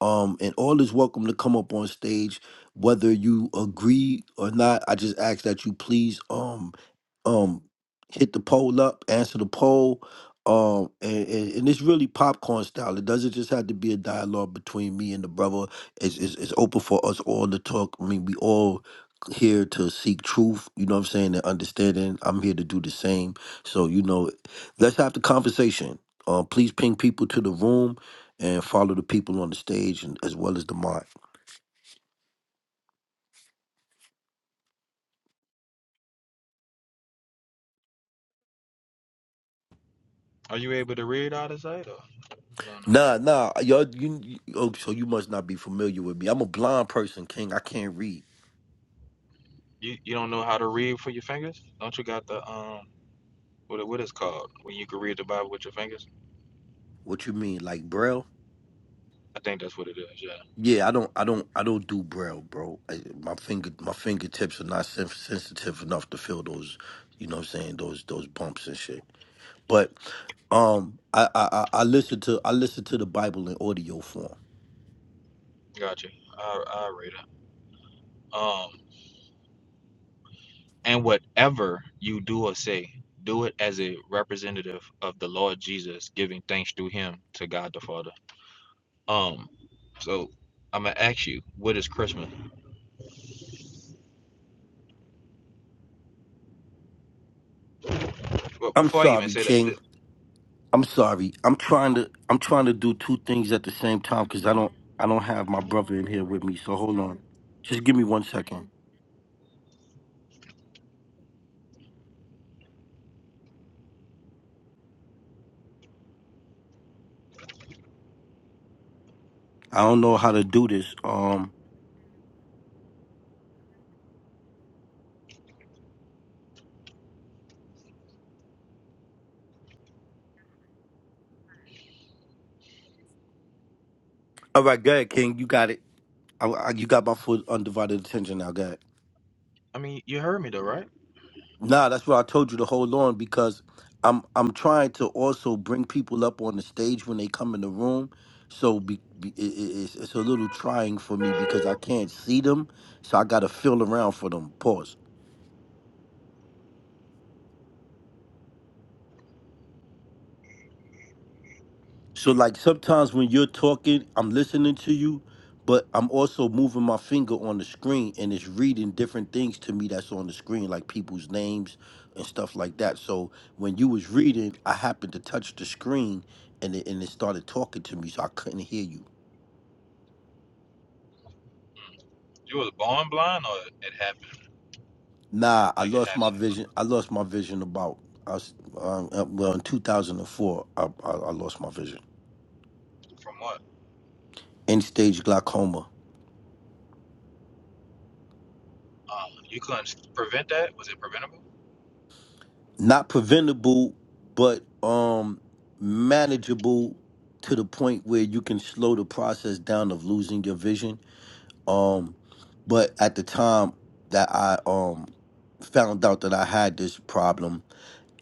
[SPEAKER 1] um, and all is welcome to come up on stage, whether you agree or not. I just ask that you please um um hit the poll up, answer the poll. Um, and, and, and it's really popcorn style. It doesn't just have to be a dialogue between me and the brother. It's, it's, it's open for us all to talk. I mean, we all here to seek truth, you know what I'm saying, and understanding. I'm here to do the same. So, you know, let's have the conversation. Uh, please ping people to the room and follow the people on the stage and as well as the mic.
[SPEAKER 2] Are you able to read out of sight or what's going on?
[SPEAKER 1] Nah, nah, y'all. You, you oh, so you must not be familiar with me. I'm a blind person, King. I can't read.
[SPEAKER 2] You you don't know how to read for your fingers? Don't you got the um What it- what it's called when you can read the Bible with your fingers?
[SPEAKER 1] What you mean, like braille?
[SPEAKER 2] I think that's what it is. Yeah,
[SPEAKER 1] Yeah, I don't, I don't, I don't do braille, bro. I, my finger, my fingertips are not sen- sensitive enough to feel those. You know what I'm saying? Those those bumps and shit. But um, I I I I listen to I listen to the Bible in audio form.
[SPEAKER 2] gotcha. I I read it. Um, and whatever you do or say, do it as a representative of the Lord Jesus, giving thanks through Him to God the Father. Um, so I'm gonna ask you, what is Christmas? Well,
[SPEAKER 1] I'm
[SPEAKER 2] before I even
[SPEAKER 1] sorry,
[SPEAKER 2] say that,
[SPEAKER 1] King.
[SPEAKER 2] th-
[SPEAKER 1] I'm sorry. I'm trying to I'm trying to do two things at the same time because I don't I don't have my brother in here with me. So hold on. Just give me one second. I don't know how to do this. Um. All right, go ahead, King. You got it. I, I, you got my full undivided attention now. Go ahead.
[SPEAKER 2] I mean, you heard me though, right?
[SPEAKER 1] Nah, that's why I told you to hold on because I'm I'm trying to also bring people up on the stage when they come in the room. So be, be, it, it- it's it's a little trying for me because I can't see them. So I got to feel around for them. Pause. So like sometimes when you're talking, I'm listening to you, but I'm also moving my finger on the screen and it's reading different things to me that's on the screen, like people's names and stuff like that. So when you was reading, I happened to touch the screen and it and it started talking to me, so I couldn't hear you.
[SPEAKER 2] You was born blind, or it happened?
[SPEAKER 1] Nah, I
[SPEAKER 2] Like it
[SPEAKER 1] lost my
[SPEAKER 2] happened
[SPEAKER 1] vision. I lost my vision about I was, um, uh, well in 2004. I, I I lost my vision.
[SPEAKER 2] from what?
[SPEAKER 1] End stage glaucoma.
[SPEAKER 2] Um, you couldn't prevent that. Was it preventable?
[SPEAKER 1] not preventable, but um manageable to the point where you can slow the process down of losing your vision. Um, but at the time that I um found out that I had this problem,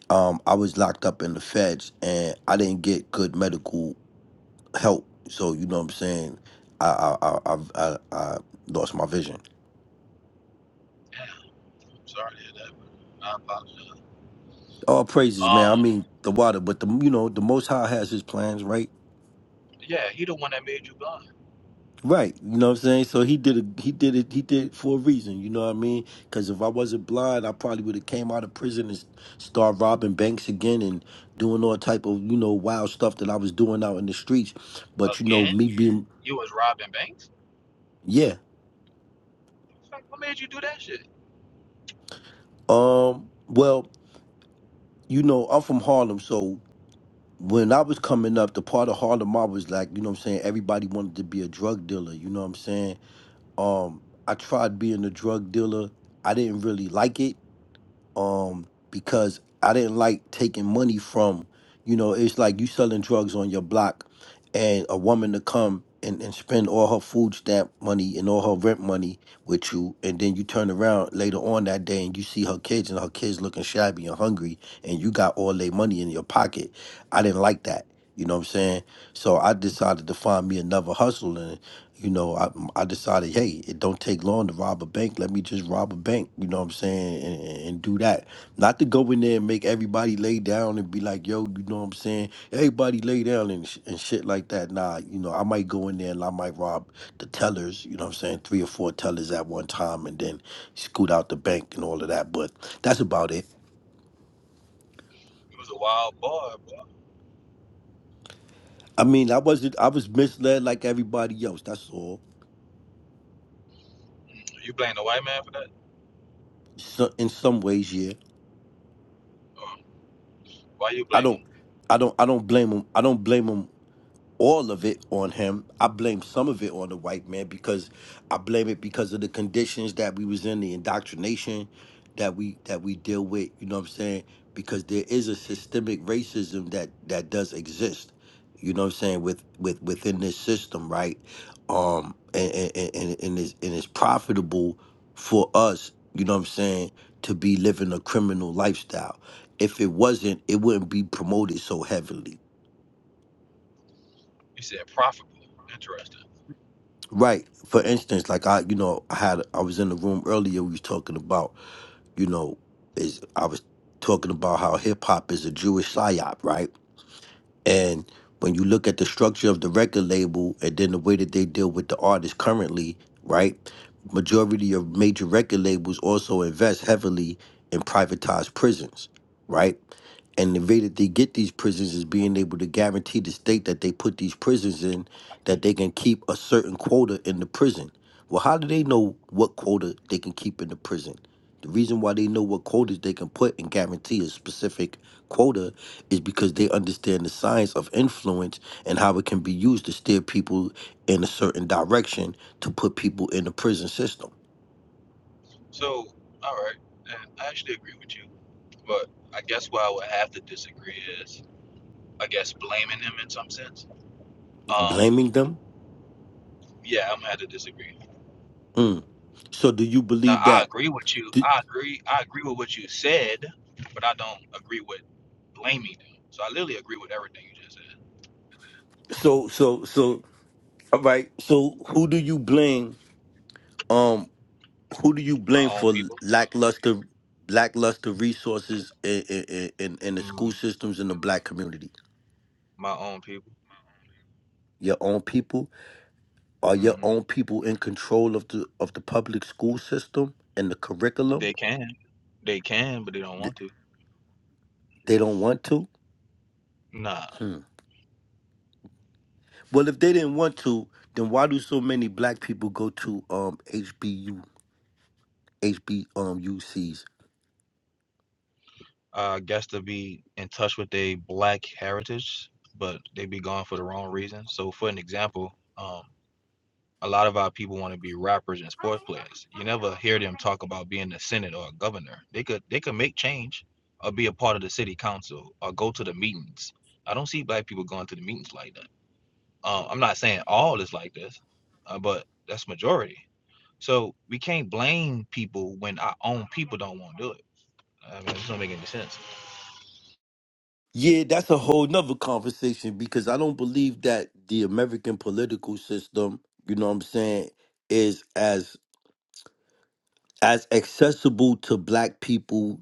[SPEAKER 1] um, I was locked up in the feds and I didn't get good medical help. So you know what I'm saying. I I I I, I I lost my vision.
[SPEAKER 2] Yeah, I'm sorry to hear that. I apologize.
[SPEAKER 1] All praises, man.
[SPEAKER 2] Um,
[SPEAKER 1] I mean the water, but the you know the Most High has His plans, right?
[SPEAKER 2] Yeah, he the one that made you blind.
[SPEAKER 1] Right, you know what I'm saying. So he did it. he did it he did it for a reason, you know what I mean? Because if I wasn't blind, I probably would have came out of prison and s- start robbing banks again and doing all type of you know wild stuff that I was doing out in the streets. But you know
[SPEAKER 2] Again?
[SPEAKER 1] me being
[SPEAKER 2] You was robbing banks?
[SPEAKER 1] yeah,
[SPEAKER 2] Like, what made you do that shit?
[SPEAKER 1] um, well you know I'm from Harlem, so when I was coming up, the part of Harlem I was like, you know what I'm saying. Everybody wanted to be a drug dealer, you know what I'm saying. Um, I tried being a drug dealer. I didn't really like it um because I didn't like taking money from you know it's like you selling drugs on your block and a woman to come and, and spend all her food stamp money and all her rent money with you and then you turn around later on that day and you see her kids and her kids looking shabby and hungry and you got all their money in your pocket I didn't like that you know what I'm saying so I decided to find me another hustle you know, I I decided, hey, it don't take long to rob a bank. Let me just rob a bank. You know what I'm saying, and, and, and do that. Not to go in there and make everybody lay down and be like, yo, you know what I'm saying? Everybody lay down and sh- and shit like that. Nah, you know, I might go in there and I might rob the tellers. You know what I'm saying? Three or four tellers at one time, and then scoot out the bank and all of that. But that's about it.
[SPEAKER 2] You was a wild boy, boy.
[SPEAKER 1] I mean, I wasn't. I was misled like everybody else. That's all.
[SPEAKER 2] You blame the white man for that?
[SPEAKER 1] So, in some ways, yeah.
[SPEAKER 2] Or why you
[SPEAKER 1] I
[SPEAKER 2] blame
[SPEAKER 1] don't.
[SPEAKER 2] him?
[SPEAKER 1] I don't. I don't blame them. I don't blame blame 'em all of it on him. I blame some of it on the white man because I blame it because of the conditions that we was in, the indoctrination that we that we deal with, you know what I'm saying? Because there is a systemic racism that that does exist. You know what I'm saying with with within this system, right? Um and and and, and it's and it's profitable for us, you know what I'm saying, to be living a criminal lifestyle. If it wasn't, it wouldn't be promoted so heavily.
[SPEAKER 2] You said profitable. Interesting.
[SPEAKER 1] Right. For instance, like I, you know, I had I was in the room earlier. We was talking about, you know, is I was talking about how hip hop is a Jewish psyop, right? And when you look at the structure of the record label and then the way that they deal with the artists currently, right? Majority of major record labels also invest heavily in privatized prisons, right? And the way that they get these prisons is being able to guarantee the state that they put these prisons in that they can keep a certain quota in the prison. Well, how do they know what quota they can keep in the prison? The reason why they know what quotas they can put and guarantee a specific quota is because they understand the science of influence and how it can be used to steer people in a certain direction to put people in the prison system.
[SPEAKER 2] So, all right. And I actually agree with you. But I guess where I would have to disagree is, I guess, blaming him in some sense. Um,
[SPEAKER 1] Blaming them?
[SPEAKER 2] yeah, I'm gonna have to disagree.
[SPEAKER 1] Mm. So do you
[SPEAKER 2] Now,
[SPEAKER 1] believe
[SPEAKER 2] I
[SPEAKER 1] that?
[SPEAKER 2] agree with you.
[SPEAKER 1] Do-
[SPEAKER 2] I agree. I agree with what you said, but I don't agree with blaming them. So I literally agree with everything you just said.
[SPEAKER 1] so so so all right. So who do you blame? Um, who do you
[SPEAKER 2] My
[SPEAKER 1] blame
[SPEAKER 2] own
[SPEAKER 1] for
[SPEAKER 2] people.
[SPEAKER 1] lackluster lackluster resources in in, in, in the school
[SPEAKER 2] Mm,
[SPEAKER 1] systems in the black community?
[SPEAKER 2] my own people.
[SPEAKER 1] Your own people Are your
[SPEAKER 2] hmm
[SPEAKER 1] own people in control of the of the public school system and the curriculum?
[SPEAKER 2] They can, they can, but they don't
[SPEAKER 1] Th-
[SPEAKER 2] want to.
[SPEAKER 1] They don't want to.
[SPEAKER 2] Nah,
[SPEAKER 1] Hmm. Well, if they didn't want to, then why do so many black people go to um HBU HB um UCs?
[SPEAKER 2] I guess to be in touch with their black heritage, but they be gone for the wrong reason. So, for an example, um, a lot of our people want to be rappers and sports players. You never hear them talk about being a senator or a governor. They could they could make change, or be a part of the city council, or go to the meetings. I don't see black people going to the meetings like that. Um, I'm not saying all is like this, uh, but that's majority. So we can't blame people when our own people don't want to do it. I mean, it doesn't make any sense.
[SPEAKER 1] Yeah, that's a whole nother conversation because I don't believe that the American political system, you know what I'm saying, is as as accessible to black people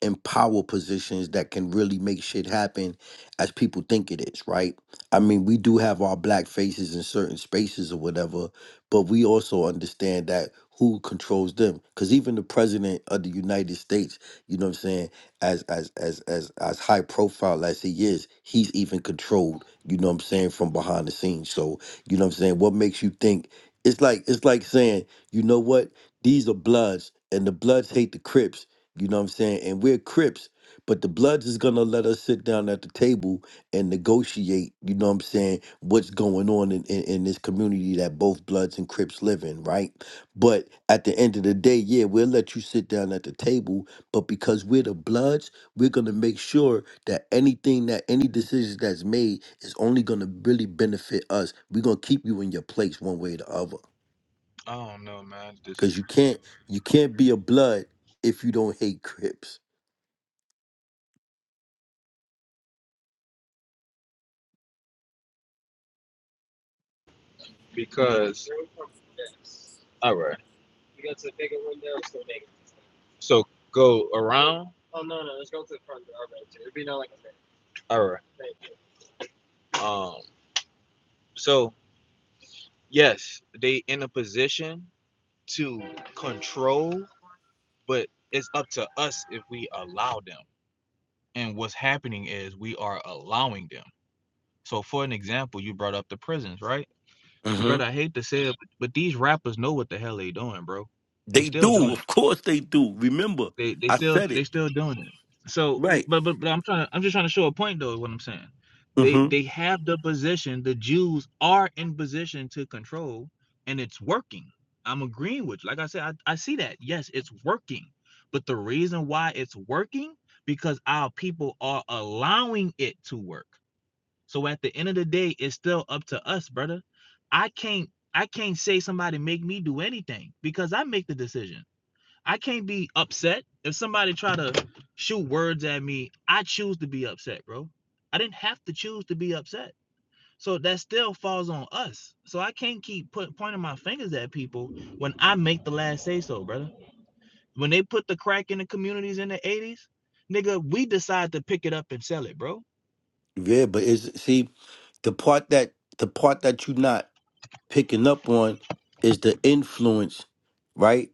[SPEAKER 1] in power positions that can really make shit happen as people think it is, right? I mean, we do have our black faces in certain spaces or whatever, but we also understand that who controls them. Cause even the president of the United States, you know what I'm saying, as as as as as high profile as he is, he's even controlled, you know what I'm saying, from behind the scenes. So, you know what I'm saying, what makes you think it's like it's like saying, you know what, these are bloods and the bloods hate the crips you know what I'm saying? And we're Crips, but the Bloods is gonna let us sit down at the table and negotiate, you know what I'm saying, what's going on in, in, in this community that both Bloods and Crips live in, right? But at the end of the day, yeah, we'll let you sit down at the table, but because we're the Bloods, we're gonna make sure that anything that any decision that's made is only gonna really benefit us. We're gonna keep you in your place one way or the other.
[SPEAKER 2] I don't know, man. I disagree.
[SPEAKER 1] Cause you can't you can't be a blood if you don't hate Crips.
[SPEAKER 2] Because all right. You got to the bigger window, So negative. So go around. Oh no, no, let's go to the front door. All right. so It'd be not like a All right. Um. So yes, they in a position to control, but it's up to us if we allow them. And what's happening is we are allowing them. So for an example, you brought up the prisons, right? Brother, I hate to say it, but, but these rappers know what the hell they doing, bro. They
[SPEAKER 1] They
[SPEAKER 2] still
[SPEAKER 1] do,
[SPEAKER 2] doing
[SPEAKER 1] of
[SPEAKER 2] it.
[SPEAKER 1] course they do. Remember,
[SPEAKER 2] They they
[SPEAKER 1] I
[SPEAKER 2] still
[SPEAKER 1] said
[SPEAKER 2] they
[SPEAKER 1] it.
[SPEAKER 2] still doing it. So
[SPEAKER 1] Right.
[SPEAKER 2] but but, but I'm trying to, I'm just trying to show a point though, is what I'm saying. They
[SPEAKER 1] hmm
[SPEAKER 2] they have the position, the Jews are in position to control, and it's working. I'm agreeing with you. Like I said, I, I see that. Yes, it's working. But the reason why it's working, because our people are allowing it to work so at the end of the day, it's still up to us, brother. I can't I can't say somebody make me do anything because I make the decision. I can't be upset if somebody try to shoot words at me. I choose to be upset, bro. I didn't have to choose to be upset. So that still falls on us. So I can't keep put, pointing my fingers at people when I make the last say so, brother. When they put the crack in the communities in the 80s, nigga, we decide to pick it up and sell it, bro
[SPEAKER 1] Yeah, but is see the part that the part that you're not picking up on is the influence, right?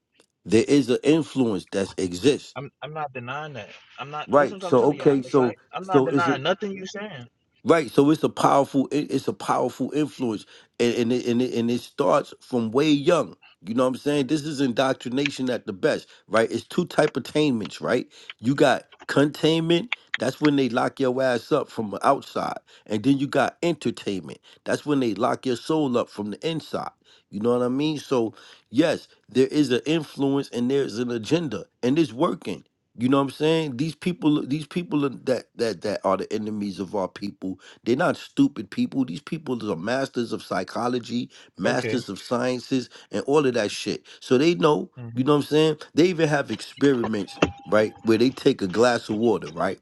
[SPEAKER 1] There is an influence that exists.
[SPEAKER 2] I'm I'm not denying that. I'm not listen
[SPEAKER 1] Right.
[SPEAKER 2] to what I'm
[SPEAKER 1] So
[SPEAKER 2] telling you out
[SPEAKER 1] okay,
[SPEAKER 2] of
[SPEAKER 1] so
[SPEAKER 2] sight. I'm not
[SPEAKER 1] so is it
[SPEAKER 2] denying nothing you saying.
[SPEAKER 1] Right, so it's a powerful, it- it's a powerful influence, and and it, and it, and it starts from way young. You know what I'm saying? This is indoctrination at the best, right? It's two type attainments, right? You got containment, that's when they lock your ass up from the outside, and then you got entertainment, that's when they lock your soul up from the inside. You know what I mean? So yes, there is an influence and there's an agenda, and it's working. You know what I'm saying? These people, these people are- that that that are the enemies of our people. They're not stupid people. These people are masters of psychology,
[SPEAKER 2] Okay.
[SPEAKER 1] masters of sciences, and all of that shit. So they know. You
[SPEAKER 2] Mhm.
[SPEAKER 1] know what I'm saying? They even have experiments, right, where they take a glass of water, right,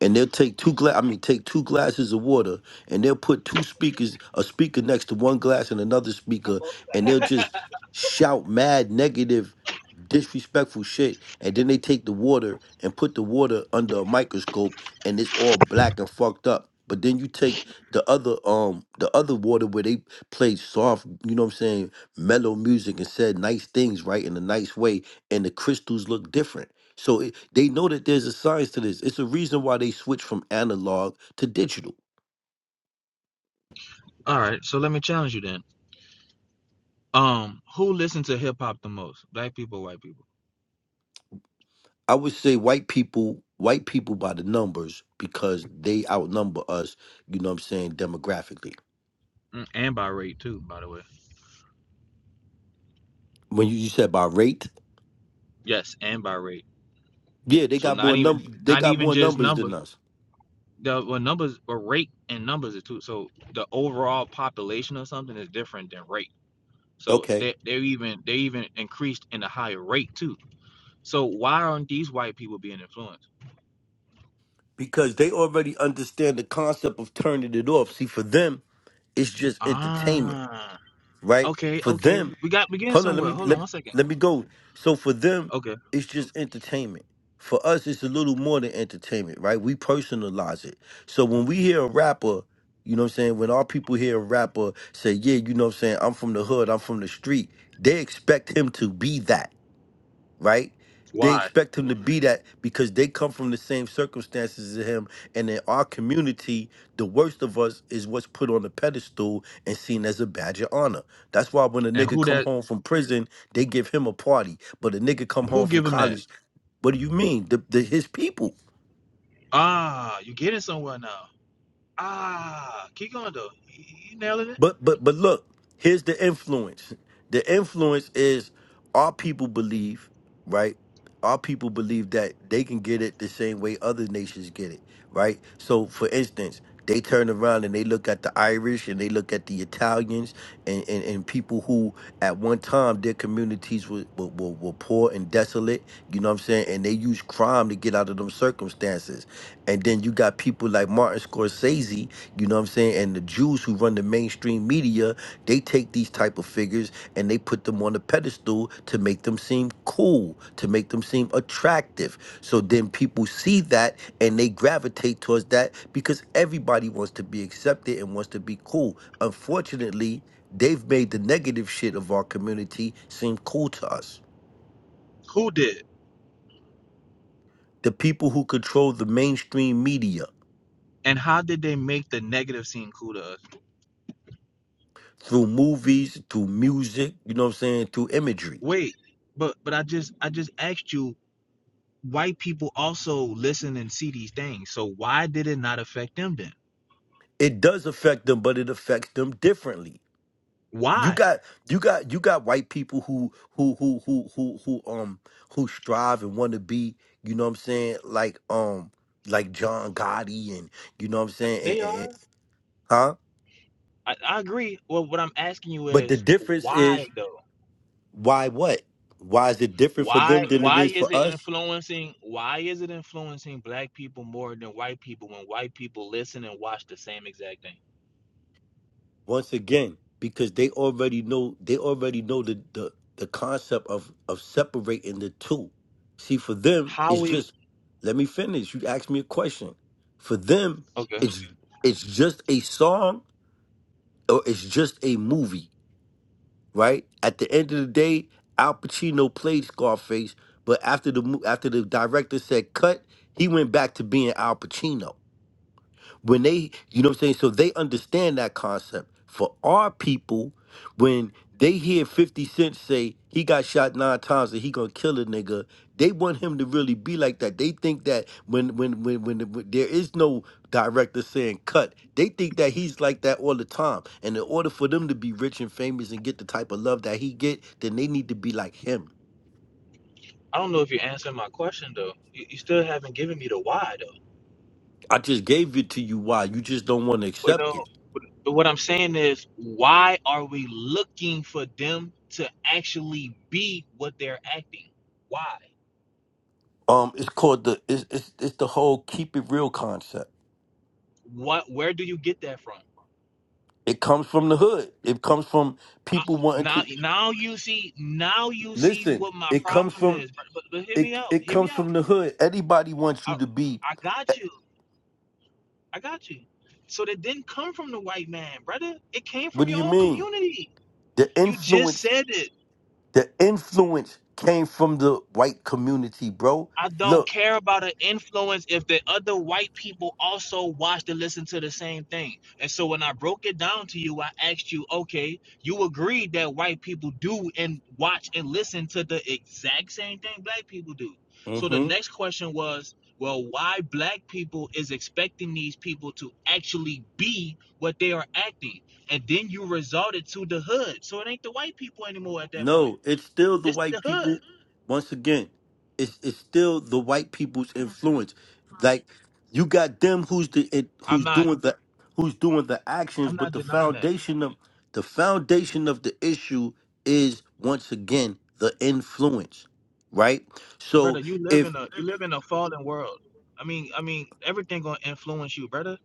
[SPEAKER 1] and they'll take two glass. I mean, take two glasses of water, and they'll put two speakers, a speaker next to one glass and another speaker, and they'll just shout mad negative disrespectful shit. And then they take the water and put the water under a microscope and it's all black and fucked up. But then you take the other um the other water where they played soft, you know what I'm saying, mellow music and said nice things, right, in a nice way, and the crystals look different. So it, they know that there's a science to this. It's a reason why they switch from analog to digital.
[SPEAKER 2] All right. So let me challenge you then. Um, who listens to hip hop the most? Black people, white people,
[SPEAKER 1] I would say white people, white people by the numbers because they outnumber us, you know what I'm saying, demographically
[SPEAKER 2] Mm, and by rate too, by the way.
[SPEAKER 1] When you, you said by rate,
[SPEAKER 2] Yes, and by rate.
[SPEAKER 1] yeah, they
[SPEAKER 2] So
[SPEAKER 1] got
[SPEAKER 2] not
[SPEAKER 1] more
[SPEAKER 2] even
[SPEAKER 1] num they
[SPEAKER 2] not
[SPEAKER 1] got
[SPEAKER 2] even
[SPEAKER 1] more
[SPEAKER 2] just
[SPEAKER 1] numbers than
[SPEAKER 2] numbers.
[SPEAKER 1] us.
[SPEAKER 2] The well, numbers, but rate and numbers are too. So the overall population of something is different than rate. So
[SPEAKER 1] Okay,
[SPEAKER 2] they they're even they even increased in a higher rate too. So why aren't these white people being influenced?
[SPEAKER 1] because they already understand the concept of turning it off. See, for them, it's just entertainment,
[SPEAKER 2] Ah,
[SPEAKER 1] right?
[SPEAKER 2] okay,
[SPEAKER 1] For
[SPEAKER 2] okay.
[SPEAKER 1] them,
[SPEAKER 2] We got we getting
[SPEAKER 1] hold on, let
[SPEAKER 2] somewhere.
[SPEAKER 1] me
[SPEAKER 2] Hold on
[SPEAKER 1] let
[SPEAKER 2] one second.
[SPEAKER 1] let me go. So for them,
[SPEAKER 2] Okay.
[SPEAKER 1] it's just entertainment. For us, it's a little more than entertainment, right? We personalize it. So when we hear a rapper, you know what I'm saying? When our people hear a rapper say, Yeah, you know what I'm saying? I'm from the hood, I'm from the street, they expect him to be that. right? They
[SPEAKER 2] Why?
[SPEAKER 1] expect him to be that because they come from the same circumstances as him. And in our community, the worst of us is what's put on the pedestal and seen as a badge of honor. That's why when a
[SPEAKER 2] And
[SPEAKER 1] nigga
[SPEAKER 2] who
[SPEAKER 1] come
[SPEAKER 2] that
[SPEAKER 1] home from prison, they give him a party. But a nigga come home
[SPEAKER 2] who
[SPEAKER 1] from
[SPEAKER 2] give him that?
[SPEAKER 1] college, what do you mean? The, the his people.
[SPEAKER 2] Ah, you getting somewhere now. Ah, keep going though. You you nailing it.
[SPEAKER 1] But but but look, here's the influence. The influence is our people believe, right? Our people believe that they can get it the same way other nations get it, right? So for instance, they turn around and they look at the Irish and they look at the Italians and, and, and people who at one time their communities were, were, were, were poor and desolate, you know what I'm saying? And they use crime to get out of them circumstances. And then you got people like Martin Scorsese, you know what I'm saying, and the Jews who run the mainstream media, they take these type of figures and they put them on a pedestal to make them seem cool, to make them seem attractive. So then people see that and they gravitate towards that because everybody wants to be accepted and wants to be cool. Unfortunately, they've made the negative shit of our community seem cool to us.
[SPEAKER 2] Who did?
[SPEAKER 1] The people who control the mainstream media
[SPEAKER 2] And how did they make the negative seem cool to us?
[SPEAKER 1] through movies, through music, you know what I'm saying, through imagery.
[SPEAKER 2] Wait, but but I just I just asked you white people also listen and see these things. So why did it not affect them then?
[SPEAKER 1] It does affect them, but it affects them differently. You
[SPEAKER 2] Why?
[SPEAKER 1] got you got you got white people who who who who who who um who strive and want to be, you know what I'm saying, like um like John Gotti and you know what I'm saying, and-
[SPEAKER 2] They
[SPEAKER 1] and- and-
[SPEAKER 2] are.
[SPEAKER 1] huh?
[SPEAKER 2] I, I agree. Well, what I'm asking you
[SPEAKER 1] But the
[SPEAKER 2] is
[SPEAKER 1] difference is
[SPEAKER 2] why though?
[SPEAKER 1] why what? Why is it different for
[SPEAKER 2] Why
[SPEAKER 1] them than it
[SPEAKER 2] why
[SPEAKER 1] is
[SPEAKER 2] is
[SPEAKER 1] for
[SPEAKER 2] it
[SPEAKER 1] us?
[SPEAKER 2] influencing why is it influencing black people more than white people when white people listen and watch the same exact thing?
[SPEAKER 1] once again because they already know they already know the the, the concept of of separating the two see for them
[SPEAKER 2] How
[SPEAKER 1] it's
[SPEAKER 2] we
[SPEAKER 1] just let me finish you asked me a question for them
[SPEAKER 2] okay.
[SPEAKER 1] it's Mhm. it's just a song or it's just a movie right at the end of the day al pacino played scarface but after the mo- after the director said cut he went back to being al pacino when they you know what i'm saying so they understand that concept for our people when they hear 50 cent say he got shot nine times and he gonna kill a nigga they want him to really be like that they think that when when when when, when there is no director saying cut they think that he's like that all the time and in order for them to be rich and famous and get the type of love that he get then they need to be like him
[SPEAKER 2] I don't know if you're answering my question though. You, you still haven't given me the why though.
[SPEAKER 1] i just gave it to you why you just don't want to
[SPEAKER 2] But
[SPEAKER 1] accept
[SPEAKER 2] no
[SPEAKER 1] it
[SPEAKER 2] but what I'm saying is why are we looking for them to actually be what they're acting? Why?
[SPEAKER 1] um it's called the it's, it's it's the whole keep it real concept
[SPEAKER 2] What where do you get that from?
[SPEAKER 1] It comes from the hood. It comes from
[SPEAKER 2] I,
[SPEAKER 1] people wanting
[SPEAKER 2] now
[SPEAKER 1] to
[SPEAKER 2] now you see now you see
[SPEAKER 1] listen.
[SPEAKER 2] what my
[SPEAKER 1] It comes
[SPEAKER 2] problem
[SPEAKER 1] from
[SPEAKER 2] is. But, but, but hear me
[SPEAKER 1] it.
[SPEAKER 2] out.
[SPEAKER 1] It
[SPEAKER 2] Hear me
[SPEAKER 1] comes
[SPEAKER 2] out
[SPEAKER 1] from the hood. Anybody wants
[SPEAKER 2] I,
[SPEAKER 1] you to be.
[SPEAKER 2] I
[SPEAKER 1] eh,
[SPEAKER 2] got you. I got you. So that didn't come from the white man, brother. It came
[SPEAKER 1] What
[SPEAKER 2] from
[SPEAKER 1] do
[SPEAKER 2] your
[SPEAKER 1] you
[SPEAKER 2] own
[SPEAKER 1] mean?
[SPEAKER 2] community.
[SPEAKER 1] The
[SPEAKER 2] You just
[SPEAKER 1] influence.
[SPEAKER 2] said it.
[SPEAKER 1] The influence came from the white community, bro.
[SPEAKER 2] I don't
[SPEAKER 1] Look.
[SPEAKER 2] care about an influence if the other white people also watched and listened to the same thing. And so when I broke it down to you, I asked you, okay, you agreed that white people do and watch and listen to the exact same thing black people do. So the
[SPEAKER 1] hmm
[SPEAKER 2] next question was, well, why black people is expecting these people to actually be what they are acting? And then you resorted to the hood. So it ain't the white people anymore at that point.
[SPEAKER 1] No, it's still the
[SPEAKER 2] It's
[SPEAKER 1] white
[SPEAKER 2] the
[SPEAKER 1] people.
[SPEAKER 2] hood.
[SPEAKER 1] Once again, it's it's still the white people's influence. Like you got them who's the it,
[SPEAKER 2] I'm
[SPEAKER 1] who's
[SPEAKER 2] not
[SPEAKER 1] doing the who's doing the actions,
[SPEAKER 2] I'm
[SPEAKER 1] but
[SPEAKER 2] not
[SPEAKER 1] the
[SPEAKER 2] denying that.
[SPEAKER 1] foundation of the foundation of the issue is once again the influence, right? So
[SPEAKER 2] brother. You live
[SPEAKER 1] if
[SPEAKER 2] in a you live in a fallen world. I mean, I mean, everything gonna influence you, brother.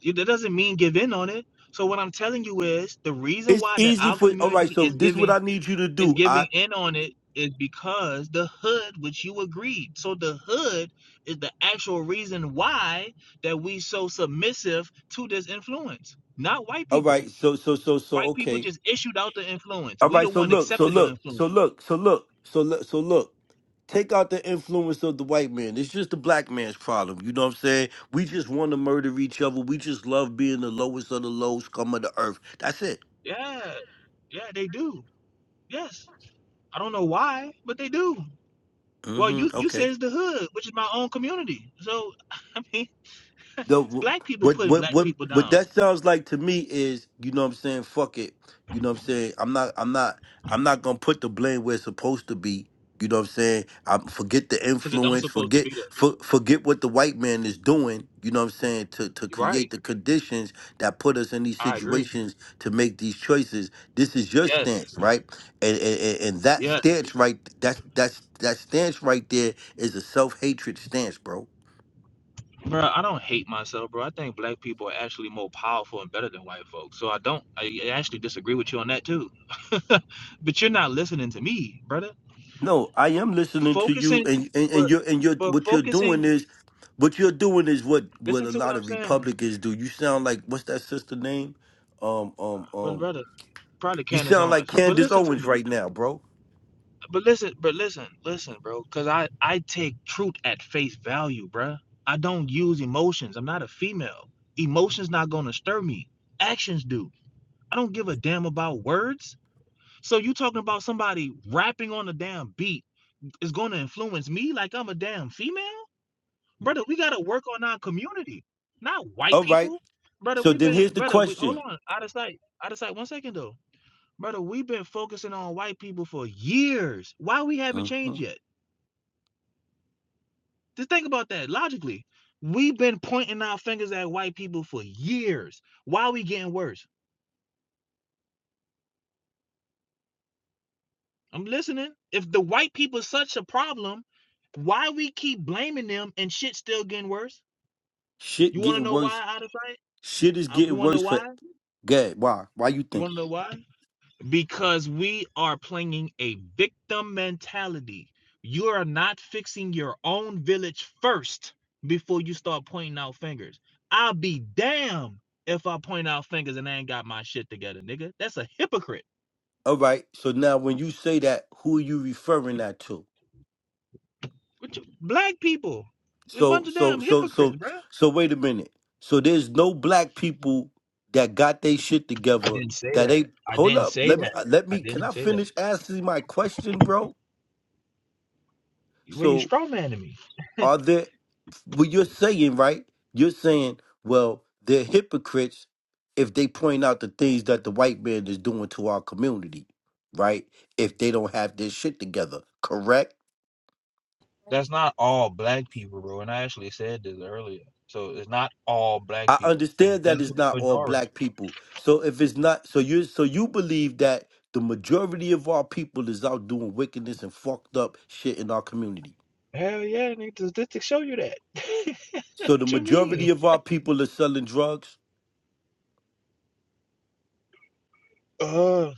[SPEAKER 2] You, that doesn't mean give in on it. So what I'm telling you is the reason
[SPEAKER 1] it's
[SPEAKER 2] why that
[SPEAKER 1] easy
[SPEAKER 2] our
[SPEAKER 1] for all right,
[SPEAKER 2] community
[SPEAKER 1] so
[SPEAKER 2] is
[SPEAKER 1] this is what
[SPEAKER 2] giving
[SPEAKER 1] I need you to
[SPEAKER 2] is
[SPEAKER 1] do. I
[SPEAKER 2] giving in on it is because the hood, which you agreed. So the hood is the actual reason why that we so submissive to this influence, not white
[SPEAKER 1] all
[SPEAKER 2] people.
[SPEAKER 1] right, so so so so
[SPEAKER 2] White people
[SPEAKER 1] okay.
[SPEAKER 2] just issued out the influence.
[SPEAKER 1] All
[SPEAKER 2] We the
[SPEAKER 1] right, so
[SPEAKER 2] one
[SPEAKER 1] look, so
[SPEAKER 2] accepted the
[SPEAKER 1] look, so
[SPEAKER 2] influence.
[SPEAKER 1] look, so look, so look, so look. Take out the influence of the white man. It's just the black man's problem. You know what I'm saying? We just want to murder each other. We just love being the lowest of the low scum of the earth. That's it.
[SPEAKER 2] Yeah, yeah, they do. Yes. I don't know why, but they do. Well,
[SPEAKER 1] hmm
[SPEAKER 2] you you
[SPEAKER 1] Okay.
[SPEAKER 2] said it's the hood, which is my own community. So I mean,
[SPEAKER 1] the
[SPEAKER 2] it's black people
[SPEAKER 1] what
[SPEAKER 2] putting
[SPEAKER 1] what
[SPEAKER 2] black
[SPEAKER 1] what
[SPEAKER 2] people
[SPEAKER 1] what
[SPEAKER 2] down
[SPEAKER 1] that sounds like to me is you know what I'm saying fuck it you know what I'm saying I'm not I'm not I'm not gonna put the blame where it's supposed to be you know what I'm saying I forget the
[SPEAKER 2] because it don't
[SPEAKER 1] influence
[SPEAKER 2] supposed to
[SPEAKER 1] forget
[SPEAKER 2] be there.
[SPEAKER 1] for, forget what the white man is doing you know what I'm saying to to create
[SPEAKER 2] Right.
[SPEAKER 1] the conditions that put us in these
[SPEAKER 2] I agree.
[SPEAKER 1] situations to make these choices this is your
[SPEAKER 2] Yes.
[SPEAKER 1] stance right and and, and and that
[SPEAKER 2] Yes.
[SPEAKER 1] stance right that's that's that stance right there is a self hatred stance bro
[SPEAKER 2] Bro, I don't hate myself, bro. I think black people are actually more powerful and better than white folks. So I don't I actually disagree with you on that too. but you're not listening to me, brother.
[SPEAKER 1] No, I am listening to you,
[SPEAKER 2] Focusing
[SPEAKER 1] and and, and
[SPEAKER 2] but
[SPEAKER 1] you're and you're
[SPEAKER 2] but
[SPEAKER 1] what you're
[SPEAKER 2] focusing
[SPEAKER 1] doing is what you're doing is what what
[SPEAKER 2] listen
[SPEAKER 1] a
[SPEAKER 2] to what
[SPEAKER 1] lot
[SPEAKER 2] I'm
[SPEAKER 1] of
[SPEAKER 2] saying.
[SPEAKER 1] Republicans do. You sound like what's that sister name? Um um
[SPEAKER 2] But
[SPEAKER 1] um.
[SPEAKER 2] brother, probably
[SPEAKER 1] You
[SPEAKER 2] Candace
[SPEAKER 1] sound like
[SPEAKER 2] Owens. But
[SPEAKER 1] Candace
[SPEAKER 2] listen to
[SPEAKER 1] Owens
[SPEAKER 2] me.
[SPEAKER 1] right now, bro.
[SPEAKER 2] But listen, but listen, listen, bro. Cause I I take truth at face value, bruh. I don't use emotions. I'm not a female. Emotions not gonna stir me. Actions do. I don't give a damn about words. So you talking about somebody rapping on a damn beat is gonna influence me like I'm a damn female, brother? We gotta work on our community, not white
[SPEAKER 1] All right.
[SPEAKER 2] people, brother.
[SPEAKER 1] So
[SPEAKER 2] We've
[SPEAKER 1] then
[SPEAKER 2] been,
[SPEAKER 1] here's the
[SPEAKER 2] brother. We hold
[SPEAKER 1] question.
[SPEAKER 2] on, out of sight, out of sight. One second though, brother. We've been focusing on white people for years. Why we haven't changed
[SPEAKER 1] Mhm.
[SPEAKER 2] yet? Just think about that logically. We've been pointing our fingers at white people for years. Why are we getting worse? I'm listening. If the white people are such a problem, why we keep blaming them and shit still getting worse?
[SPEAKER 1] Shit
[SPEAKER 2] You want to
[SPEAKER 1] getting
[SPEAKER 2] know
[SPEAKER 1] worse.
[SPEAKER 2] why out of sight?
[SPEAKER 1] Shit is
[SPEAKER 2] You
[SPEAKER 1] getting
[SPEAKER 2] want to know
[SPEAKER 1] worse for
[SPEAKER 2] why?
[SPEAKER 1] Gad. Why? Why you
[SPEAKER 2] You
[SPEAKER 1] think?
[SPEAKER 2] want to know why? because we are playing a victim mentality. You are not fixing your own village first before you start pointing out fingers. I'll be damned if I point out fingers and I ain't got my shit together, nigga. That's a hypocrite.
[SPEAKER 1] All right. So now when you say that, who are you referring that to?
[SPEAKER 2] What you, black people, a
[SPEAKER 1] So
[SPEAKER 2] bunch of
[SPEAKER 1] so
[SPEAKER 2] damn
[SPEAKER 1] so
[SPEAKER 2] hypocrites,
[SPEAKER 1] so
[SPEAKER 2] bro.
[SPEAKER 1] so wait a minute. So there's no black people that got their shit
[SPEAKER 2] I
[SPEAKER 1] together
[SPEAKER 2] didn't say
[SPEAKER 1] that
[SPEAKER 2] that.
[SPEAKER 1] they
[SPEAKER 2] I
[SPEAKER 1] hold
[SPEAKER 2] didn't
[SPEAKER 1] up.
[SPEAKER 2] say
[SPEAKER 1] Let me
[SPEAKER 2] that.
[SPEAKER 1] uh, let
[SPEAKER 2] I
[SPEAKER 1] me can
[SPEAKER 2] didn't
[SPEAKER 1] I
[SPEAKER 2] say that.
[SPEAKER 1] finish asking my question, bro?
[SPEAKER 2] Well, you
[SPEAKER 1] So
[SPEAKER 2] straw manning me.
[SPEAKER 1] are there what you're saying, right? You're saying, well, they're hypocrites if they point out the things that the white man is doing to our community, right? If they don't have their shit together, correct?
[SPEAKER 2] That's not all black people, bro. And I actually said this earlier. So it's not all black
[SPEAKER 1] I
[SPEAKER 2] people. It's
[SPEAKER 1] understand that it's
[SPEAKER 2] definitely
[SPEAKER 1] not all
[SPEAKER 2] majority.
[SPEAKER 1] black people. So if it's not, so you so you believe that the majority of our people is out doing wickedness and fucked up shit in our community.
[SPEAKER 2] Hell yeah, nigga, the statistics show you that. what
[SPEAKER 1] So the
[SPEAKER 2] you mean?
[SPEAKER 1] majority of our people are selling drugs.
[SPEAKER 2] Uh,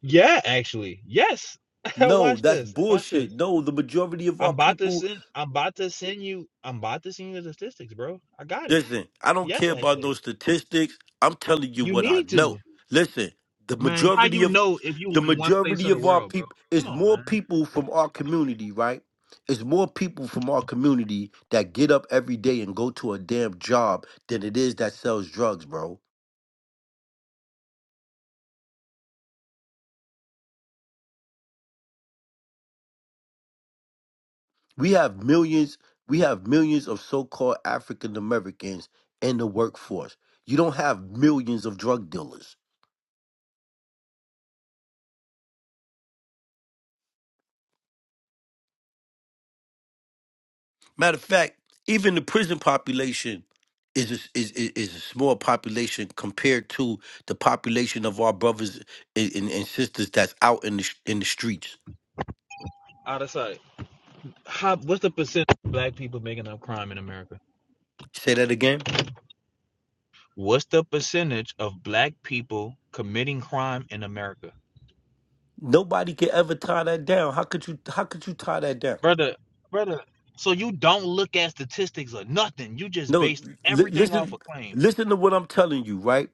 [SPEAKER 2] yeah, actually, yes.
[SPEAKER 1] No,
[SPEAKER 2] Watch
[SPEAKER 1] that's
[SPEAKER 2] this. Watch this.
[SPEAKER 1] bullshit. No, the majority of
[SPEAKER 2] I'm
[SPEAKER 1] our
[SPEAKER 2] about to
[SPEAKER 1] people
[SPEAKER 2] send. I'm about to send you. I'm about to send you the statistics, bro. I got it.
[SPEAKER 1] Listen, I don't
[SPEAKER 2] Yes,
[SPEAKER 1] care about
[SPEAKER 2] actually,
[SPEAKER 1] no statistics. I'm telling you
[SPEAKER 2] you
[SPEAKER 1] what I
[SPEAKER 2] need
[SPEAKER 1] know.
[SPEAKER 2] to,
[SPEAKER 1] Listen, the
[SPEAKER 2] man. How
[SPEAKER 1] majority
[SPEAKER 2] you
[SPEAKER 1] of
[SPEAKER 2] know if you
[SPEAKER 1] the
[SPEAKER 2] in one place
[SPEAKER 1] majority
[SPEAKER 2] of the
[SPEAKER 1] of our
[SPEAKER 2] world, bro?
[SPEAKER 1] people
[SPEAKER 2] Come
[SPEAKER 1] is
[SPEAKER 2] on,
[SPEAKER 1] more
[SPEAKER 2] man.
[SPEAKER 1] people from our community, right? It's more people from our community that get up every day and go to a damn job than it is that sells drugs, bro. We have millions, we have millions of so-called African Americans in the workforce. You don't have millions of drug dealers. Matter of fact, even the prison population is a, is, is is a small population compared to the population of our brothers and, and, and sisters that's out in the sh- in the streets.
[SPEAKER 2] Out of sight. How, what's the percentage of black people making up crime in America?
[SPEAKER 1] Say that again.
[SPEAKER 2] What's the percentage of black people committing crime in America?
[SPEAKER 1] Nobody can ever tie that down. How could you? How could you tie that down?
[SPEAKER 2] brother, brother. So you don't look at statistics or nothing. You just
[SPEAKER 1] No,
[SPEAKER 2] based
[SPEAKER 1] li-
[SPEAKER 2] everything off
[SPEAKER 1] listen.
[SPEAKER 2] of claims.
[SPEAKER 1] Listen to what I'm telling you, right?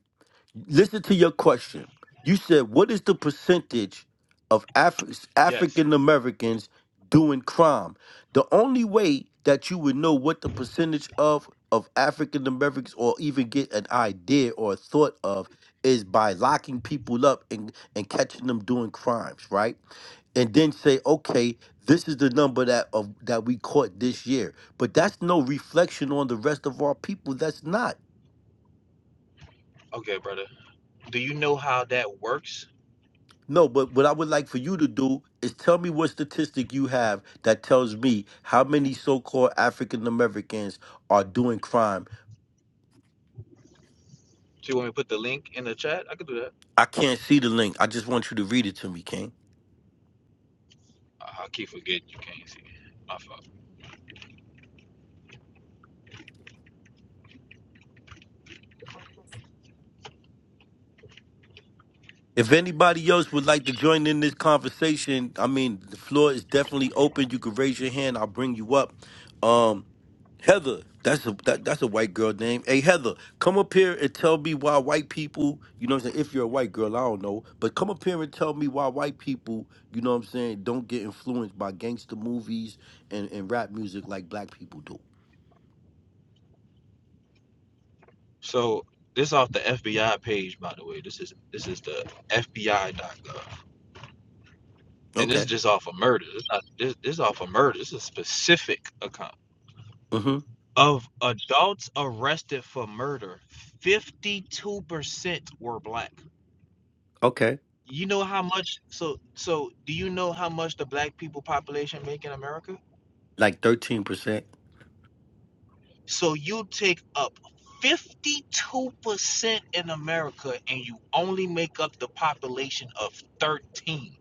[SPEAKER 1] Listen to your question. You said, what is the percentage of Afri-
[SPEAKER 2] Yes.
[SPEAKER 1] African Americans doing crime? The only way that you would know what the percentage of of African Americans or even get an idea or a thought of is by locking people up and, and catching them doing crimes, right? And then say, okay, this is the number that of that we caught this year. But that's no reflection on the rest of our people. That's not.
[SPEAKER 2] Okay, brother. Do you know how that works?
[SPEAKER 1] No, but what I would like for you to do is tell me what statistic you have that tells me how many so-called African Americans are doing crime.
[SPEAKER 2] Do you want me to put the link in the chat? I could do that.
[SPEAKER 1] I can't see the link. I just want you to read it to me, King.
[SPEAKER 2] I keep forgetting you can't see. it. My fault.
[SPEAKER 1] If anybody else would like to join in this conversation, I mean, the floor is definitely open. You can raise your hand. I'll bring you up. Um, Heather, that's a that, that's a white girl name. Hey Heather, come up here and tell me why white people, you know what I'm saying? If you're a white girl, I don't know, but come up here and tell me why white people, you know what I'm saying, don't get influenced by gangster movies and, and rap music like black people do.
[SPEAKER 2] So this off the FBI page, by the way. This is this is the FBI.gov, and this is
[SPEAKER 1] Okay.
[SPEAKER 2] just off of murder. It's not this this is off of murder. This is a specific account
[SPEAKER 1] Mm-hmm.
[SPEAKER 2] of adults arrested for murder. Fifty-two percent were black.
[SPEAKER 1] Okay.
[SPEAKER 2] You know how much so so do you know how much the black people population make in America?
[SPEAKER 1] Like thirteen percent.
[SPEAKER 2] So you take up 52% in America and you only make up the population of 13,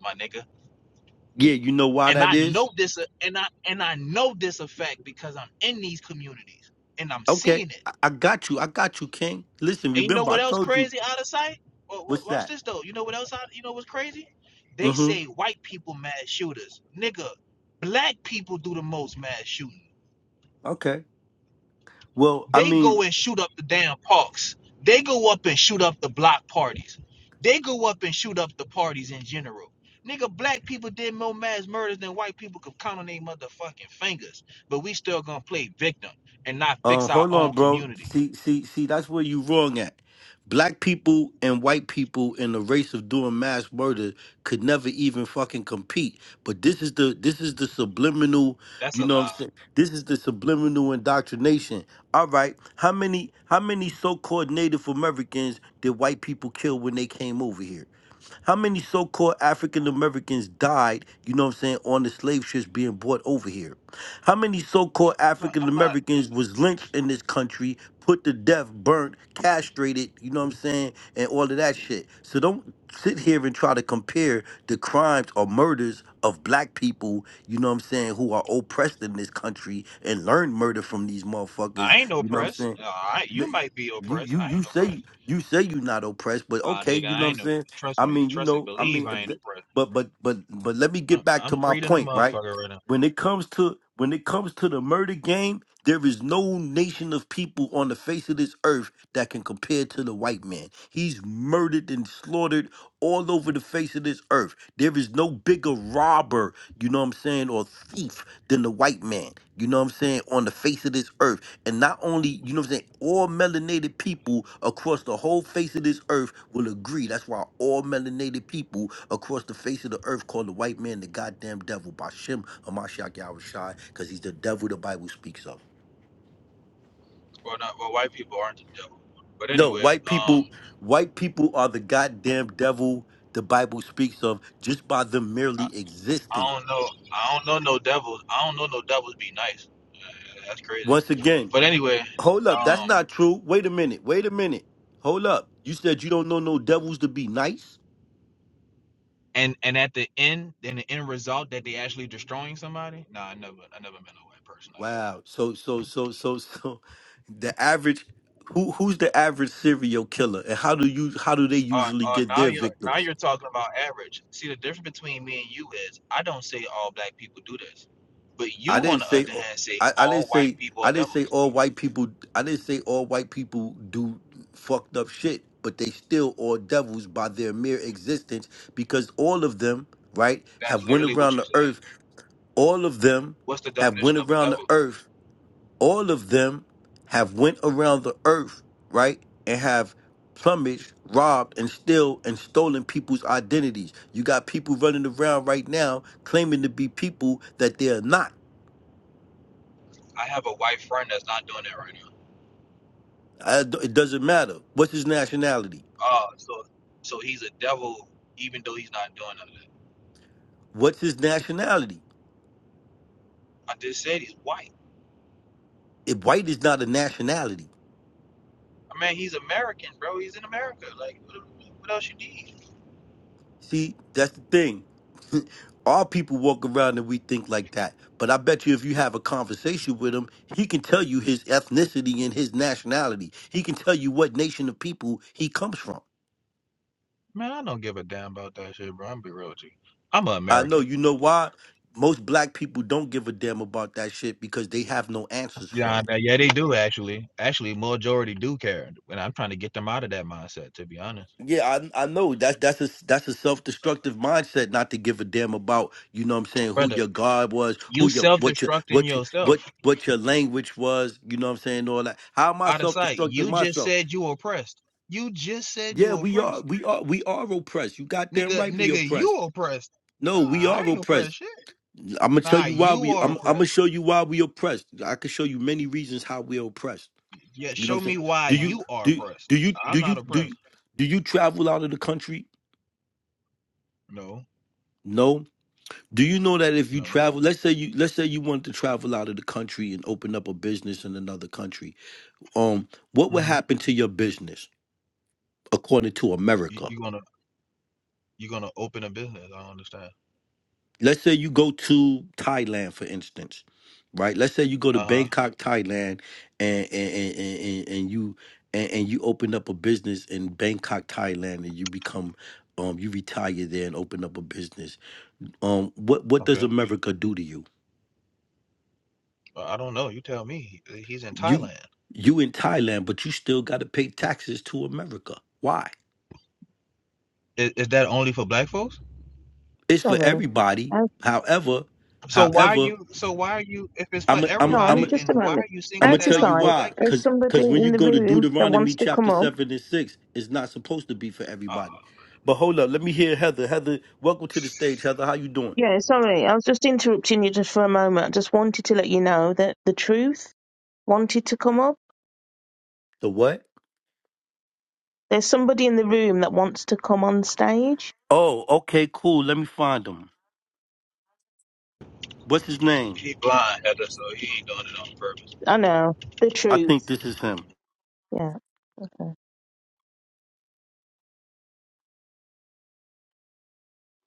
[SPEAKER 2] my nigga.
[SPEAKER 1] Yeah, you know why
[SPEAKER 2] And
[SPEAKER 1] that
[SPEAKER 2] I
[SPEAKER 1] is?
[SPEAKER 2] know this and I and I know this a fact because I'm in these communities and I'm
[SPEAKER 1] Okay.
[SPEAKER 2] seeing it.
[SPEAKER 1] I, I got you. I got you, King. Listen,
[SPEAKER 2] And you know
[SPEAKER 1] remember I
[SPEAKER 2] what else
[SPEAKER 1] told you
[SPEAKER 2] crazy out of sight? Wa- wa-
[SPEAKER 1] what's
[SPEAKER 2] Watch
[SPEAKER 1] that?
[SPEAKER 2] this though. You know what else? Out, you know what's crazy? They
[SPEAKER 1] Mm-hmm.
[SPEAKER 2] say white people mass shooters. Nigga, black people do the most mass shooting.
[SPEAKER 1] Okay. Well, I
[SPEAKER 2] They go
[SPEAKER 1] mean,
[SPEAKER 2] and shoot up the damn parks. They go up and shoot up the block parties. They go up and shoot up the parties in general. Nigga, black people did more mass murders than white people could count on their motherfucking fingers. But we still gonna play victim and not
[SPEAKER 1] Um,
[SPEAKER 2] fix our
[SPEAKER 1] hold on,
[SPEAKER 2] own
[SPEAKER 1] bro.
[SPEAKER 2] community.
[SPEAKER 1] See, see, see. That's where you wrong at. Black people and white people in the race of doing mass murder could never even fucking compete. But this is the this is the subliminal.
[SPEAKER 2] That's
[SPEAKER 1] You
[SPEAKER 2] a
[SPEAKER 1] know what I'm
[SPEAKER 2] lie.
[SPEAKER 1] saying? This is the subliminal indoctrination. All right. How many how many so-called Native Americans did white people kill when they came over here? How many so-called African Americans died, you know what I'm saying, on the slave ships being brought over here? How many so-called
[SPEAKER 2] No,
[SPEAKER 1] African
[SPEAKER 2] I'm not.
[SPEAKER 1] Americans was lynched in this country, put to death, burnt, castrated, you know what I'm saying, and all of that shit. So don't sit here and try to compare the crimes or murders of black people, you know what I'm saying, who are oppressed in this country and learn murder from these motherfuckers,
[SPEAKER 2] I ain't no
[SPEAKER 1] you know what I'm
[SPEAKER 2] oppressed.
[SPEAKER 1] saying?
[SPEAKER 2] Uh, I, you
[SPEAKER 1] Li-
[SPEAKER 2] might be
[SPEAKER 1] You
[SPEAKER 2] oppressed.
[SPEAKER 1] you
[SPEAKER 2] I
[SPEAKER 1] you
[SPEAKER 2] ain't no
[SPEAKER 1] say
[SPEAKER 2] oppressed.
[SPEAKER 1] you say you're not oppressed, but
[SPEAKER 2] Ah,
[SPEAKER 1] okay,
[SPEAKER 2] nigga,
[SPEAKER 1] you know
[SPEAKER 2] I
[SPEAKER 1] what I'm
[SPEAKER 2] ain't no.
[SPEAKER 1] saying?
[SPEAKER 2] Trust
[SPEAKER 1] I
[SPEAKER 2] me.
[SPEAKER 1] mean, you
[SPEAKER 2] Trust and
[SPEAKER 1] know, I
[SPEAKER 2] believe
[SPEAKER 1] mean,
[SPEAKER 2] I
[SPEAKER 1] if
[SPEAKER 2] ain't
[SPEAKER 1] the,
[SPEAKER 2] oppressed.
[SPEAKER 1] but but but but let me
[SPEAKER 2] I'm,
[SPEAKER 1] get back
[SPEAKER 2] I'm
[SPEAKER 1] to my
[SPEAKER 2] free than a
[SPEAKER 1] point, right?
[SPEAKER 2] motherfucker right now.
[SPEAKER 1] When it comes to when it comes to the murder game, there is no nation of people on the face of this earth that can compare to the white man. He's murdered and slaughtered all over the face of this earth. There is no bigger robber, you know what I'm saying, or thief than the white man. You know what I'm saying, on the face of this earth. And not only, you know what I'm saying, all melanated people across the whole face of this earth will agree. That's why all melanated people across the face of the earth call the white man the goddamn devil, Bashem Hamashiach Yahushai, because he's the devil the Bible speaks of.
[SPEAKER 2] Well, not well. White people aren't the devil. But
[SPEAKER 1] No,
[SPEAKER 2] anyway,
[SPEAKER 1] white people,
[SPEAKER 2] um,
[SPEAKER 1] white people are the goddamn devil the Bible speaks of just by them
[SPEAKER 2] I,
[SPEAKER 1] merely
[SPEAKER 2] I
[SPEAKER 1] existing.
[SPEAKER 2] don't know. I don't know no devils. I don't know no devils be nice. That's crazy.
[SPEAKER 1] Once again,
[SPEAKER 2] But anyway,
[SPEAKER 1] hold up, that's
[SPEAKER 2] um,
[SPEAKER 1] not true. Wait a minute, wait a minute. Hold up. You said you don't know no devils to be nice?
[SPEAKER 2] And and at the end, then the end result that they actually destroying somebody. nah, I never, I never met a white person like that.
[SPEAKER 1] Wow. So so so so so the average who who's the average serial killer and how do you how do they
[SPEAKER 2] Uh,
[SPEAKER 1] usually
[SPEAKER 2] uh,
[SPEAKER 1] get
[SPEAKER 2] now
[SPEAKER 1] their
[SPEAKER 2] you're now
[SPEAKER 1] victims?
[SPEAKER 2] you're talking about average. See, the difference between me and you is I don't say all black people do this, but you,
[SPEAKER 1] I didn't
[SPEAKER 2] on the
[SPEAKER 1] say
[SPEAKER 2] other
[SPEAKER 1] all-
[SPEAKER 2] hand, say
[SPEAKER 1] I, I didn't
[SPEAKER 2] all white
[SPEAKER 1] say
[SPEAKER 2] people are
[SPEAKER 1] I didn't say
[SPEAKER 2] devils.
[SPEAKER 1] all white people I didn't say all white people do fucked up shit, but they still all devils by their mere existence because all of them, right,
[SPEAKER 2] That's
[SPEAKER 1] have went
[SPEAKER 2] literally what
[SPEAKER 1] around
[SPEAKER 2] you
[SPEAKER 1] the
[SPEAKER 2] said.
[SPEAKER 1] earth. All of them
[SPEAKER 2] What's the
[SPEAKER 1] have went
[SPEAKER 2] definition of a
[SPEAKER 1] around the
[SPEAKER 2] devil?
[SPEAKER 1] earth all of them have went around the earth, right, and have plumaged, robbed, and still and stolen people's identities. You got people running around right now claiming to be people that they are not.
[SPEAKER 2] I have a white friend that's not doing that right now.
[SPEAKER 1] I d- it doesn't matter. What's his nationality?
[SPEAKER 2] Oh, so so he's a devil even though he's not doing none of that.
[SPEAKER 1] What's his nationality?
[SPEAKER 2] I just said he's white.
[SPEAKER 1] If white is not a nationality.
[SPEAKER 2] I mean, he's American, bro. He's in America. Like, what, what else you need?
[SPEAKER 1] See, that's the thing. All people walk around and we think like that. But I bet you if you have a conversation with him, he can tell you his ethnicity and his nationality. He can tell you what nation of people he comes from.
[SPEAKER 2] Man, I don't give a damn about that shit, bro. I'm be real with you. I'm an
[SPEAKER 1] I
[SPEAKER 2] American.
[SPEAKER 1] know, you know why? Most black people don't give a damn about that shit because they have no answers for it.
[SPEAKER 2] Yeah, but yeah, they do actually. Actually, majority do care, and I'm trying to get them out of that mindset. To be honest,
[SPEAKER 1] Yeah, I I know that's that's a that's a self destructive mindset not to give a damn about you know what I'm saying who
[SPEAKER 2] brother,
[SPEAKER 1] your God was who
[SPEAKER 2] you
[SPEAKER 1] your what your
[SPEAKER 2] self-destructing
[SPEAKER 1] what your what
[SPEAKER 2] yourself
[SPEAKER 1] what your language was you know what I'm saying all that how am I
[SPEAKER 2] out of
[SPEAKER 1] self
[SPEAKER 2] sight.
[SPEAKER 1] destructing
[SPEAKER 2] You just
[SPEAKER 1] myself
[SPEAKER 2] said you oppressed. You just said
[SPEAKER 1] yeah
[SPEAKER 2] you
[SPEAKER 1] we are
[SPEAKER 2] oppressed,
[SPEAKER 1] we are we are oppressed you goddamn
[SPEAKER 2] nigga.
[SPEAKER 1] right we
[SPEAKER 2] Nigga, you
[SPEAKER 1] oppressed
[SPEAKER 2] oppressed.
[SPEAKER 1] no
[SPEAKER 2] Uh,
[SPEAKER 1] we
[SPEAKER 2] I
[SPEAKER 1] are
[SPEAKER 2] ain't
[SPEAKER 1] oppressed
[SPEAKER 2] oppressed shit.
[SPEAKER 1] I'm gonna tell
[SPEAKER 2] Nah,
[SPEAKER 1] you why
[SPEAKER 2] you
[SPEAKER 1] we
[SPEAKER 2] are
[SPEAKER 1] I'm I'm gonna
[SPEAKER 2] oppressed.
[SPEAKER 1] show you why we oppressed I can show you many reasons how we are oppressed
[SPEAKER 2] Yeah,
[SPEAKER 1] you know what
[SPEAKER 2] show
[SPEAKER 1] I'm saying
[SPEAKER 2] me why
[SPEAKER 1] do you
[SPEAKER 2] you are
[SPEAKER 1] do
[SPEAKER 2] oppressed.
[SPEAKER 1] do you do
[SPEAKER 2] I'm
[SPEAKER 1] you
[SPEAKER 2] not
[SPEAKER 1] do you,
[SPEAKER 2] oppressed.
[SPEAKER 1] do you travel out of the country
[SPEAKER 2] No,
[SPEAKER 1] No. Do you know that if you
[SPEAKER 2] no.
[SPEAKER 1] travel, let's say you let's say you wanted to travel out of the country and open up a business in another country, um, what would
[SPEAKER 2] Mm-hmm.
[SPEAKER 1] happen to your business according to
[SPEAKER 2] You,
[SPEAKER 1] America?
[SPEAKER 2] you gonna you gonna open a business? I don't understand.
[SPEAKER 1] Let's say you go to Thailand, for instance, right? Let's say you go to
[SPEAKER 2] Uh huh.
[SPEAKER 1] Bangkok, Thailand, and and and, and, and you and, and you open up a business in Bangkok, Thailand, and you become um you retire there and open up a business. Um, what what does
[SPEAKER 2] Okay.
[SPEAKER 1] America do to you?
[SPEAKER 2] Well, I don't know. You tell me. He- He's in
[SPEAKER 1] You
[SPEAKER 2] Thailand.
[SPEAKER 1] you in Thailand, but you still got to pay taxes to America. Why?
[SPEAKER 2] Is, is that only for black folks?
[SPEAKER 1] It's for
[SPEAKER 4] Sorry.
[SPEAKER 1] everybody.
[SPEAKER 4] Uh,
[SPEAKER 1] However,
[SPEAKER 2] So why are
[SPEAKER 1] however,
[SPEAKER 2] you? So why are you? If it's for
[SPEAKER 1] I'm i I'm i I'm
[SPEAKER 4] John,
[SPEAKER 1] i
[SPEAKER 2] everybody,
[SPEAKER 1] am
[SPEAKER 4] just a
[SPEAKER 2] then why
[SPEAKER 4] moment.
[SPEAKER 2] are you
[SPEAKER 1] I'm
[SPEAKER 2] singling
[SPEAKER 1] gonna
[SPEAKER 2] that
[SPEAKER 1] tell
[SPEAKER 2] out
[SPEAKER 1] you
[SPEAKER 2] for
[SPEAKER 4] Artisai,
[SPEAKER 1] why.
[SPEAKER 2] black
[SPEAKER 4] there's
[SPEAKER 2] people?
[SPEAKER 1] Cause
[SPEAKER 4] somebody
[SPEAKER 1] cause when you
[SPEAKER 4] in the
[SPEAKER 1] go to
[SPEAKER 4] room that
[SPEAKER 1] Deuteronomy
[SPEAKER 4] wants to come
[SPEAKER 1] chapter
[SPEAKER 4] up.
[SPEAKER 1] seven and six, it's not supposed to be for
[SPEAKER 2] Oh,
[SPEAKER 1] everybody. But hold up, let me hear Heather. Heather, welcome to the stage. Heather, how you doing?
[SPEAKER 4] Yeah, sorry, I was just interrupting you just for a moment. I just wanted to let you know that the truth wanted to come up.
[SPEAKER 1] The what?
[SPEAKER 4] There's somebody in the room that wants to come on stage.
[SPEAKER 1] Oh, okay, cool. Let me find him. What's his name?
[SPEAKER 2] he blind Heather, so he ain't doing it on purpose.
[SPEAKER 4] I know. The
[SPEAKER 1] I think
[SPEAKER 4] truth.
[SPEAKER 1] this is him.
[SPEAKER 4] Yeah, okay.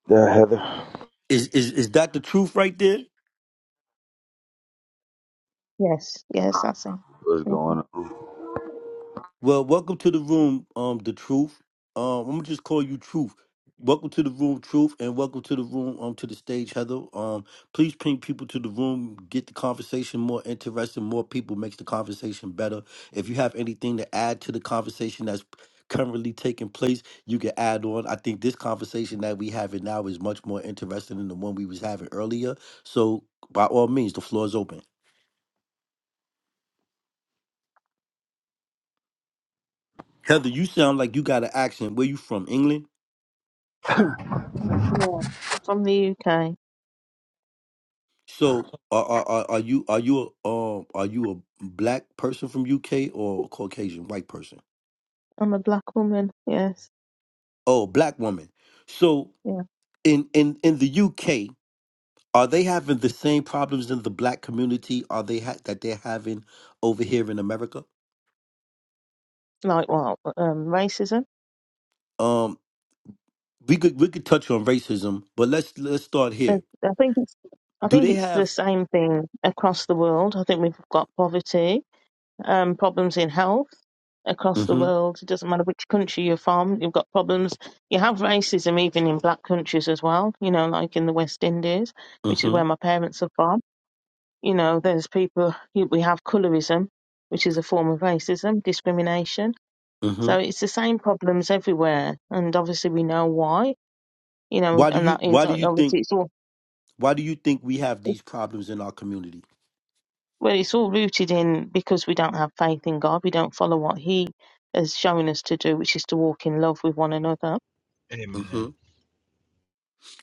[SPEAKER 5] Yeah, Heather.
[SPEAKER 1] Is is is that the truth right there?
[SPEAKER 4] Yes, yes, that's him.
[SPEAKER 5] What's
[SPEAKER 4] hmm
[SPEAKER 5] going on?
[SPEAKER 1] Well, welcome to the room, um, the truth. Um, I'm gonna just call you Truth. Welcome to the room, Truth, and welcome to the room, um, to the stage, Heather. Um, please bring people to the room, get the conversation more interesting. More people makes the conversation better. If you have anything to add to the conversation that's currently taking place, you can add on. I think this conversation that we having now is much more interesting than the one we was having earlier. So, by all means, the floor is open. Heather, you sound like you got an accent. Where you from? England?
[SPEAKER 4] Yeah, I'm from the UK.
[SPEAKER 1] So are are are are you are you a um are you a black person from UK or a Caucasian white person?
[SPEAKER 4] I'm a black woman, yes.
[SPEAKER 1] Oh, a black woman. So
[SPEAKER 4] Yeah.
[SPEAKER 1] in in in the UK, are they having the same problems in the black community? Are they ha- that they're having over here in America?
[SPEAKER 4] Like what? Um, racism?
[SPEAKER 1] Um, we could we could touch on racism, but let's let's start
[SPEAKER 4] I
[SPEAKER 1] here.
[SPEAKER 4] I think it's I
[SPEAKER 1] Do
[SPEAKER 4] think
[SPEAKER 1] they
[SPEAKER 4] it's the
[SPEAKER 1] have?
[SPEAKER 4] same thing across the world. I think we've got poverty, um, problems in health across the
[SPEAKER 1] Mm-hmm.
[SPEAKER 4] world. It doesn't matter which country you're from, you've got problems. You have racism even in black countries as well. You know, like in the West Indies, which is where
[SPEAKER 1] Mm-hmm.
[SPEAKER 4] my parents are from. You know, there's people you- we have colorism, which is a form of racism, discrimination.
[SPEAKER 1] Mm-hmm.
[SPEAKER 4] So it's the same problems everywhere, and obviously we know why. You know,
[SPEAKER 1] Why do
[SPEAKER 4] and
[SPEAKER 1] you
[SPEAKER 4] that is
[SPEAKER 1] Why do you think
[SPEAKER 4] obviously it's all.
[SPEAKER 1] Why do you think we have these problems in our community?
[SPEAKER 4] Well, it's all rooted in because we don't have faith in God, we don't follow what He has shown us to do, which is to walk in love with one another.
[SPEAKER 2] Amen.
[SPEAKER 1] Mm-hmm.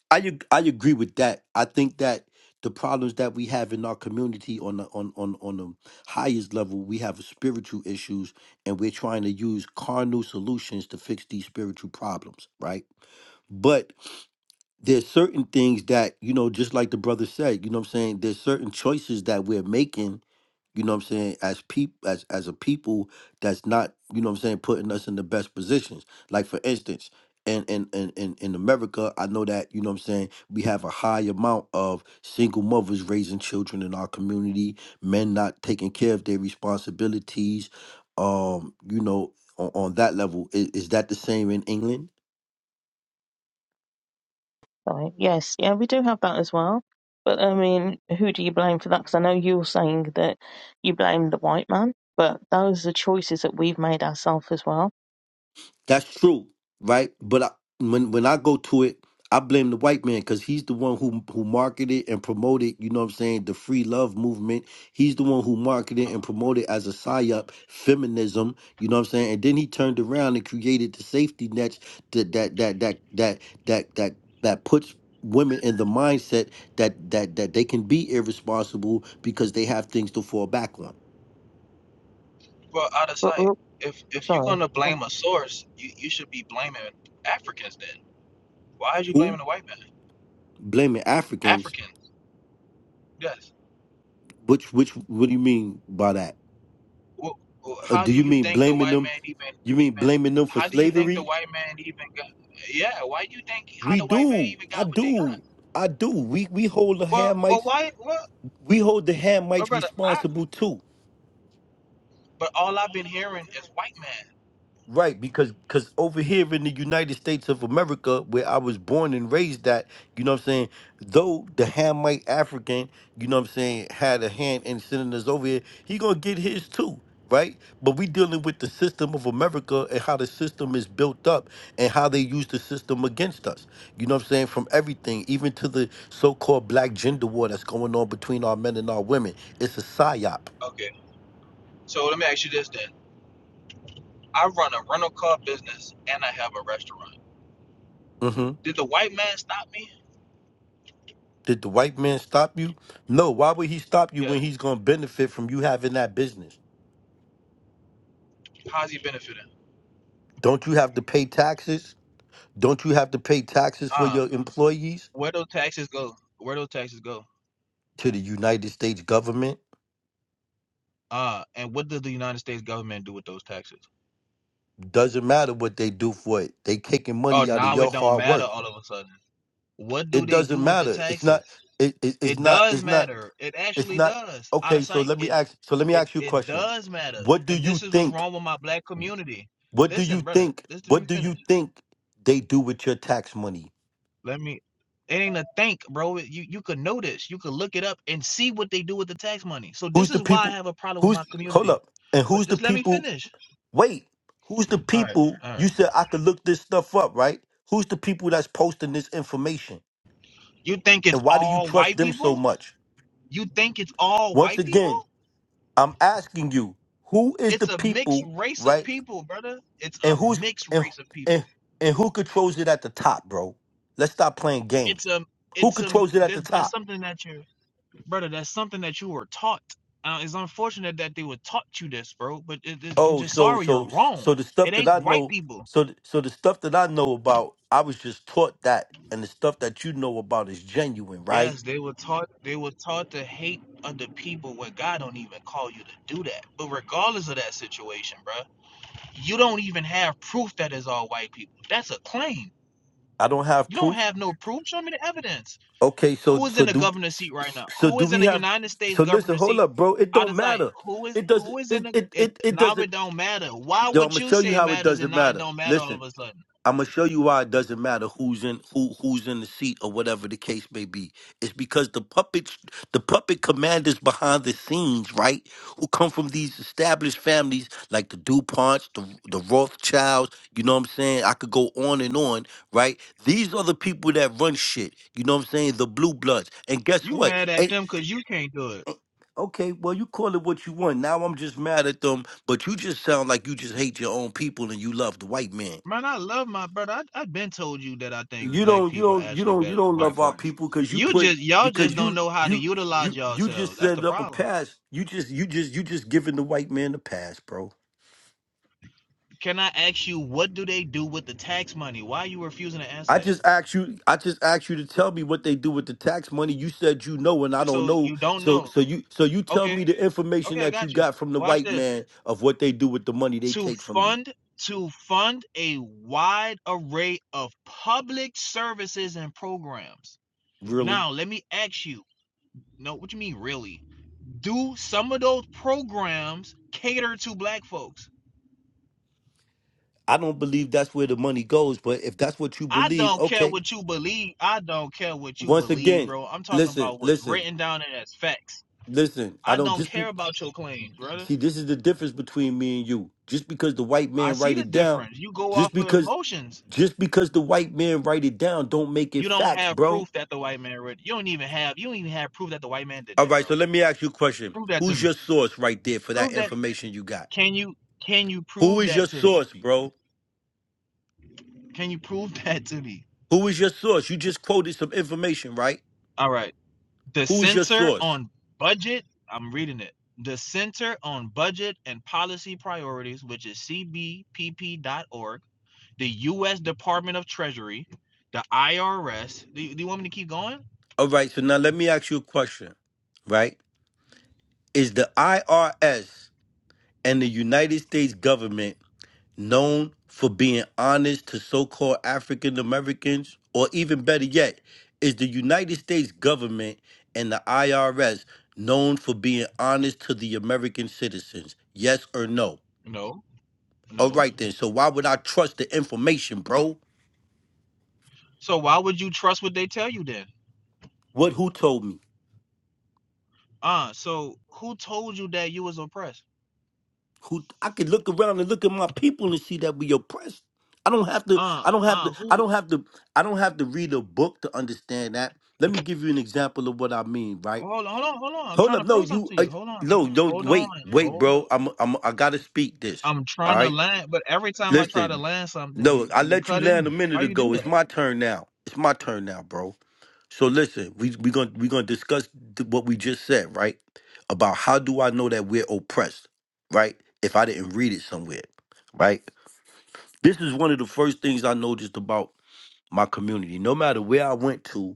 [SPEAKER 1] I ag- I agree with that. I think that the problems that we have in our community on the, on on on the highest level, we have spiritual issues, and we're trying to use carnal solutions to fix these spiritual problems, right? But there's certain things that you know, just like the brother said, you know, what I'm saying there's certain choices that we're making you know what I'm saying, as peop as as a people that's not, you know what I'm saying, putting us in the best positions. Like for instance, in in in in, in America, I know that, you know what I'm saying, we have a high amount of single mothers raising children in our community, men not taking care of their responsibilities. Um, you know, on, on that level, is, is that the same in England?
[SPEAKER 4] Right? Yes, yeah, we do have that as well. But I mean, who do you blame for that? Because I know you're saying that you blame the white man, but those are choices that we've made ourselves as well.
[SPEAKER 1] That's true, right? But I, when when I go to it, I blame the white man because he's the one who who marketed and promoted. You know what I'm saying? The free love movement. He's the one who marketed
[SPEAKER 2] Oh,
[SPEAKER 1] and promoted as a psyop feminism. You know what I'm saying? And then he turned around and created the safety nets that that that that that that that that puts women in the mindset that that that they can be irresponsible because they have things to fall back on.
[SPEAKER 2] well, out of
[SPEAKER 4] But
[SPEAKER 2] sight.
[SPEAKER 4] we're,
[SPEAKER 2] If if you're
[SPEAKER 4] sorry.
[SPEAKER 2] gonna blame a source, you, you should be blaming Africans. Then why are you
[SPEAKER 1] Who
[SPEAKER 2] blaming the white man?
[SPEAKER 1] blaming Africans?
[SPEAKER 2] Africans. Yes.
[SPEAKER 1] Which which what do you mean by that?
[SPEAKER 2] Well, well,
[SPEAKER 1] Uh,
[SPEAKER 2] how
[SPEAKER 1] do
[SPEAKER 2] do
[SPEAKER 1] you
[SPEAKER 2] you
[SPEAKER 1] mean
[SPEAKER 2] think the
[SPEAKER 1] blaming
[SPEAKER 2] white
[SPEAKER 1] them?
[SPEAKER 2] man even
[SPEAKER 1] You mean
[SPEAKER 2] even?
[SPEAKER 1] blaming them for
[SPEAKER 2] How do you think the
[SPEAKER 1] slavery?
[SPEAKER 2] white man even got? Yeah. Why do you think how
[SPEAKER 1] We
[SPEAKER 2] the white man
[SPEAKER 1] do.
[SPEAKER 2] even
[SPEAKER 1] I
[SPEAKER 2] got what they got?
[SPEAKER 1] do. I do. We we hold the
[SPEAKER 2] Well, well,
[SPEAKER 1] Hamites.
[SPEAKER 2] why? Well,
[SPEAKER 1] We hold the
[SPEAKER 2] well
[SPEAKER 1] Hamites
[SPEAKER 2] brother,
[SPEAKER 1] responsible too.
[SPEAKER 2] But all I've been hearing is white man.
[SPEAKER 1] Right, because because over here in the United States of America, where I was born and raised at, you know what I'm saying? Though the Hamite African, you know what I'm saying, had a hand in sending us over here, he gonna get his too, right? But we dealing with the system of America and how the system is built up and how they use the system against us. You know what I'm saying? From everything, even to the so-called black gender war that's going on between our men and our women. It's a psyop.
[SPEAKER 2] Okay, so let me ask you this then. I run a rental car business and I have a restaurant.
[SPEAKER 1] Mm-hmm.
[SPEAKER 2] Did the white man stop me?
[SPEAKER 1] Did the white man stop you? No. Why would he stop you
[SPEAKER 2] Yeah.
[SPEAKER 1] when he's going to benefit from you having that business?
[SPEAKER 2] How's he benefiting?
[SPEAKER 1] Don't you have to pay taxes? Don't you have to pay taxes for
[SPEAKER 2] Uh,
[SPEAKER 1] your employees
[SPEAKER 2] where those taxes go? Where those taxes go?
[SPEAKER 1] to the United States government?
[SPEAKER 2] Uh, and what does the United States government do with those taxes?
[SPEAKER 1] Doesn't matter what they do for it. They taking
[SPEAKER 2] Oh,
[SPEAKER 1] money out of
[SPEAKER 2] now
[SPEAKER 1] your
[SPEAKER 2] it don't
[SPEAKER 1] hard
[SPEAKER 2] matter
[SPEAKER 1] work.
[SPEAKER 2] all of a sudden. What do
[SPEAKER 1] It
[SPEAKER 2] they
[SPEAKER 1] doesn't
[SPEAKER 2] do with the
[SPEAKER 1] matter. It's not.
[SPEAKER 2] taxes?
[SPEAKER 1] It, it, it's
[SPEAKER 2] It
[SPEAKER 1] not.
[SPEAKER 2] does
[SPEAKER 1] It's not.
[SPEAKER 2] matter. It
[SPEAKER 1] It's
[SPEAKER 2] actually
[SPEAKER 1] not.
[SPEAKER 2] does. Out
[SPEAKER 1] Okay.
[SPEAKER 2] of
[SPEAKER 1] So
[SPEAKER 2] sight.
[SPEAKER 1] let me
[SPEAKER 2] It
[SPEAKER 1] ask. So let me
[SPEAKER 2] it
[SPEAKER 1] ask you a
[SPEAKER 2] it
[SPEAKER 1] question.
[SPEAKER 2] does matter.
[SPEAKER 1] What do
[SPEAKER 2] And
[SPEAKER 1] you
[SPEAKER 2] this is what's
[SPEAKER 1] think?
[SPEAKER 2] wrong with my black community.
[SPEAKER 1] What do you
[SPEAKER 2] Listen, brother.
[SPEAKER 1] think?
[SPEAKER 2] Listen, let me
[SPEAKER 1] What do
[SPEAKER 2] finish.
[SPEAKER 1] you think they do with your tax money?
[SPEAKER 2] Let me it ain't a think, bro. You you could know this. You could look it up and see what they do with the tax money. So
[SPEAKER 1] Who's
[SPEAKER 2] this
[SPEAKER 1] the
[SPEAKER 2] is why I
[SPEAKER 1] people?
[SPEAKER 2] have a problem with
[SPEAKER 1] Who's
[SPEAKER 2] my
[SPEAKER 1] hold
[SPEAKER 2] community.
[SPEAKER 1] up? And
[SPEAKER 2] But
[SPEAKER 1] who's the
[SPEAKER 2] just let me
[SPEAKER 1] people?
[SPEAKER 2] finish.
[SPEAKER 1] Wait, who's the
[SPEAKER 2] All right,
[SPEAKER 1] people?
[SPEAKER 2] all
[SPEAKER 1] You
[SPEAKER 2] right.
[SPEAKER 1] said I could look this stuff up, right? Who's the people that's posting this information?
[SPEAKER 2] You think it's
[SPEAKER 1] And why do you
[SPEAKER 2] all
[SPEAKER 1] trust
[SPEAKER 2] white
[SPEAKER 1] them so
[SPEAKER 2] people?
[SPEAKER 1] much?
[SPEAKER 2] You think it's all
[SPEAKER 1] Once
[SPEAKER 2] white
[SPEAKER 1] again,
[SPEAKER 2] people?
[SPEAKER 1] I'm asking you, who is the
[SPEAKER 2] It's a mixed
[SPEAKER 1] people,
[SPEAKER 2] race of
[SPEAKER 1] right?
[SPEAKER 2] people, brother. It's
[SPEAKER 1] And
[SPEAKER 2] a
[SPEAKER 1] who's
[SPEAKER 2] mixed
[SPEAKER 1] and
[SPEAKER 2] race of
[SPEAKER 1] and
[SPEAKER 2] people.
[SPEAKER 1] and who controls it at the top, bro? Let's stop playing
[SPEAKER 2] It's
[SPEAKER 1] games.
[SPEAKER 2] a
[SPEAKER 1] Who
[SPEAKER 2] it's a
[SPEAKER 1] controls it at the
[SPEAKER 2] that-
[SPEAKER 1] top?
[SPEAKER 2] that's something that you, brother. That's something that you were taught. Uh, it's unfortunate that they were taught you this, bro. But it, it- I'm
[SPEAKER 1] Oh,
[SPEAKER 2] just
[SPEAKER 1] so
[SPEAKER 2] sorry you're
[SPEAKER 1] so
[SPEAKER 2] wrong.
[SPEAKER 1] so the
[SPEAKER 2] It
[SPEAKER 1] stuff that
[SPEAKER 2] ain't
[SPEAKER 1] I
[SPEAKER 2] white
[SPEAKER 1] know,
[SPEAKER 2] people.
[SPEAKER 1] so th- so the stuff that I know about, I was just taught that, and the stuff that you know about is genuine, right?
[SPEAKER 2] Yes, they were taught they were taught to hate other people where God don't even call you to do that. But regardless of that situation, bro, you don't even have proof that it's all white people. That's a claim.
[SPEAKER 1] I don't have
[SPEAKER 2] You don't
[SPEAKER 1] proof.
[SPEAKER 2] have no proof. Show me the evidence.
[SPEAKER 1] Okay, so
[SPEAKER 2] Who is in
[SPEAKER 1] so
[SPEAKER 2] the
[SPEAKER 1] do
[SPEAKER 2] governor's seat right now?
[SPEAKER 1] so
[SPEAKER 2] Who
[SPEAKER 1] do
[SPEAKER 2] is in
[SPEAKER 1] we
[SPEAKER 2] the
[SPEAKER 1] have?
[SPEAKER 2] United States
[SPEAKER 1] So listen,
[SPEAKER 2] governor's
[SPEAKER 1] hold
[SPEAKER 2] seat?
[SPEAKER 1] up, bro. It
[SPEAKER 2] I
[SPEAKER 1] don't
[SPEAKER 2] just like
[SPEAKER 1] matter.
[SPEAKER 2] who is
[SPEAKER 1] It doesn't.
[SPEAKER 2] who is in
[SPEAKER 1] It
[SPEAKER 2] the
[SPEAKER 1] it
[SPEAKER 2] it
[SPEAKER 1] it, it
[SPEAKER 2] now
[SPEAKER 1] doesn't.
[SPEAKER 2] it don't matter. Why
[SPEAKER 1] Yo, I'm
[SPEAKER 2] would
[SPEAKER 1] gonna
[SPEAKER 2] you
[SPEAKER 1] show you
[SPEAKER 2] say it
[SPEAKER 1] how it
[SPEAKER 2] matters and
[SPEAKER 1] doesn't
[SPEAKER 2] now it
[SPEAKER 1] matter.
[SPEAKER 2] don't matter all
[SPEAKER 1] Listen.
[SPEAKER 2] of a sudden?
[SPEAKER 1] I'm gonna show you why it doesn't matter who's in who who's in the seat or whatever the case may be. It's because the puppet the puppet commanders behind the scenes, right, who come from these established families like the DuPonts, the the Rothschilds. You know what I'm saying? I could go on and on, right? These are the people that run shit. You know what I'm saying? The blue bloods. And guess
[SPEAKER 2] You
[SPEAKER 1] what?
[SPEAKER 2] mad at
[SPEAKER 1] And,
[SPEAKER 2] them because you can't do it.
[SPEAKER 1] okay, well you call it what you want. Now I'm just mad at them, but you just sound like you just hate your own people and you love the white man.
[SPEAKER 2] Man, I love my brother. I, I've been told you that I think
[SPEAKER 1] you
[SPEAKER 2] black
[SPEAKER 1] don't you
[SPEAKER 2] people are
[SPEAKER 1] don't you
[SPEAKER 2] actually
[SPEAKER 1] don't you
[SPEAKER 2] better than
[SPEAKER 1] don't
[SPEAKER 2] white
[SPEAKER 1] love our
[SPEAKER 2] folks.
[SPEAKER 1] people because you
[SPEAKER 2] You
[SPEAKER 1] put
[SPEAKER 2] just y'all just
[SPEAKER 1] because
[SPEAKER 2] don't
[SPEAKER 1] you
[SPEAKER 2] know how to
[SPEAKER 1] you
[SPEAKER 2] utilize
[SPEAKER 1] you you just
[SPEAKER 2] yourselves. That's the
[SPEAKER 1] set up a
[SPEAKER 2] problem.
[SPEAKER 1] pass you just you just you just giving the white man a pass bro
[SPEAKER 2] Can I ask you what do they do with the tax money? Why are you refusing to answer
[SPEAKER 1] i
[SPEAKER 2] that?
[SPEAKER 1] just asked you i just asked you to tell me what they do with the tax money you said you know and i don't
[SPEAKER 2] So
[SPEAKER 1] know
[SPEAKER 2] you don't
[SPEAKER 1] so
[SPEAKER 2] know.
[SPEAKER 1] so you so you tell
[SPEAKER 2] Okay,
[SPEAKER 1] me the information
[SPEAKER 2] okay, I
[SPEAKER 1] that you
[SPEAKER 2] got you.
[SPEAKER 1] got from the
[SPEAKER 2] Watch
[SPEAKER 1] white
[SPEAKER 2] this.
[SPEAKER 1] man of what they do with the money they
[SPEAKER 2] To
[SPEAKER 1] take from you
[SPEAKER 2] fund to fund a wide array of public services and programs.
[SPEAKER 1] really
[SPEAKER 2] Now let me ask you. No, what you mean really? do some of those programs cater to black folks?
[SPEAKER 1] i don't believe that's where the money goes but if that's what you
[SPEAKER 2] I
[SPEAKER 1] believe
[SPEAKER 2] don't care
[SPEAKER 1] okay
[SPEAKER 2] what you believe. I don't care what you
[SPEAKER 1] once
[SPEAKER 2] believe,
[SPEAKER 1] again
[SPEAKER 2] bro. I'm talking
[SPEAKER 1] listen
[SPEAKER 2] about what's
[SPEAKER 1] listen
[SPEAKER 2] written down in as facts.
[SPEAKER 1] listen i
[SPEAKER 2] I
[SPEAKER 1] don't
[SPEAKER 2] don't
[SPEAKER 1] just be
[SPEAKER 2] care about your claims, brother.
[SPEAKER 1] See, this is the difference between me and you. Just because the white
[SPEAKER 2] I
[SPEAKER 1] man
[SPEAKER 2] see
[SPEAKER 1] write
[SPEAKER 2] the
[SPEAKER 1] it down,
[SPEAKER 2] difference. You go off
[SPEAKER 1] just
[SPEAKER 2] of
[SPEAKER 1] because
[SPEAKER 2] emotions.
[SPEAKER 1] just because the white man write it down don't make it
[SPEAKER 2] You don't
[SPEAKER 1] facts,
[SPEAKER 2] have
[SPEAKER 1] bro.
[SPEAKER 2] proof that the white man read. You don't even have. You don't even have proof that the white man did
[SPEAKER 1] All
[SPEAKER 2] that,
[SPEAKER 1] right,
[SPEAKER 2] bro.
[SPEAKER 1] so let me ask you a question.
[SPEAKER 2] Prove that to
[SPEAKER 1] Who's
[SPEAKER 2] me.
[SPEAKER 1] your source right there for that
[SPEAKER 2] Prove that.
[SPEAKER 1] information you got?
[SPEAKER 2] Can you? Can you
[SPEAKER 1] Who
[SPEAKER 2] prove
[SPEAKER 1] is your
[SPEAKER 2] that to me?
[SPEAKER 1] source, bro?
[SPEAKER 2] Can you prove that to me?
[SPEAKER 1] Who is your source? You just quoted some information, right?
[SPEAKER 2] All right. The
[SPEAKER 1] Who is your
[SPEAKER 2] Center
[SPEAKER 1] source?
[SPEAKER 2] on Budget, I'm reading it. The Center on Budget and Policy Priorities, which is cbpp.org, the U.S. Department of Treasury, the IRS. Do you, do you want me to keep going?
[SPEAKER 1] All right, so now let me ask you a question, right? Is the IRS and the United States government known for being honest to so called African Americans, or even better yet, is the United States government and the IRS known for being honest to the American citizens? Yes or no?
[SPEAKER 2] No,
[SPEAKER 1] All
[SPEAKER 2] no.
[SPEAKER 1] right then. So why would I trust the information, bro?
[SPEAKER 2] So why would you trust what they tell you then?
[SPEAKER 1] What who told me?
[SPEAKER 2] Uh, so who told you that you was oppressed?
[SPEAKER 1] Who I could look around and look at my people and see that we oppressed. I don't have to
[SPEAKER 2] Uh,
[SPEAKER 1] I don't have to
[SPEAKER 2] uh,
[SPEAKER 1] I
[SPEAKER 2] who?
[SPEAKER 1] don't have to I don't have to read a book to understand that. Let me give you an example of what I mean, right?
[SPEAKER 2] Hold on, hold on, hold on. I'm
[SPEAKER 1] Hold
[SPEAKER 2] trying
[SPEAKER 1] up,
[SPEAKER 2] to
[SPEAKER 1] no,
[SPEAKER 2] prove something
[SPEAKER 1] you,
[SPEAKER 2] to
[SPEAKER 1] uh,
[SPEAKER 2] you. Hold on, bro.
[SPEAKER 1] no, no,
[SPEAKER 2] hold on,
[SPEAKER 1] wait, wait,
[SPEAKER 2] hold on.
[SPEAKER 1] bro. I'm, I'm, I gotta speak this.
[SPEAKER 2] I'm
[SPEAKER 1] All
[SPEAKER 2] trying to
[SPEAKER 1] right,
[SPEAKER 2] land, but every time I try to
[SPEAKER 1] listen,
[SPEAKER 2] land something,
[SPEAKER 1] no,
[SPEAKER 2] you
[SPEAKER 1] I
[SPEAKER 2] you
[SPEAKER 1] let you
[SPEAKER 2] cut in.
[SPEAKER 1] land a
[SPEAKER 2] Why
[SPEAKER 1] minute
[SPEAKER 2] you do
[SPEAKER 1] ago. It's
[SPEAKER 2] that?
[SPEAKER 1] my turn now. It's my turn now, bro. So listen, we we gonna we gonna discuss th- what we just said, right? About how do I know that we're oppressed, right? If I didn't read it somewhere, right? This is one of the first things I noticed about my community. No matter where I went to,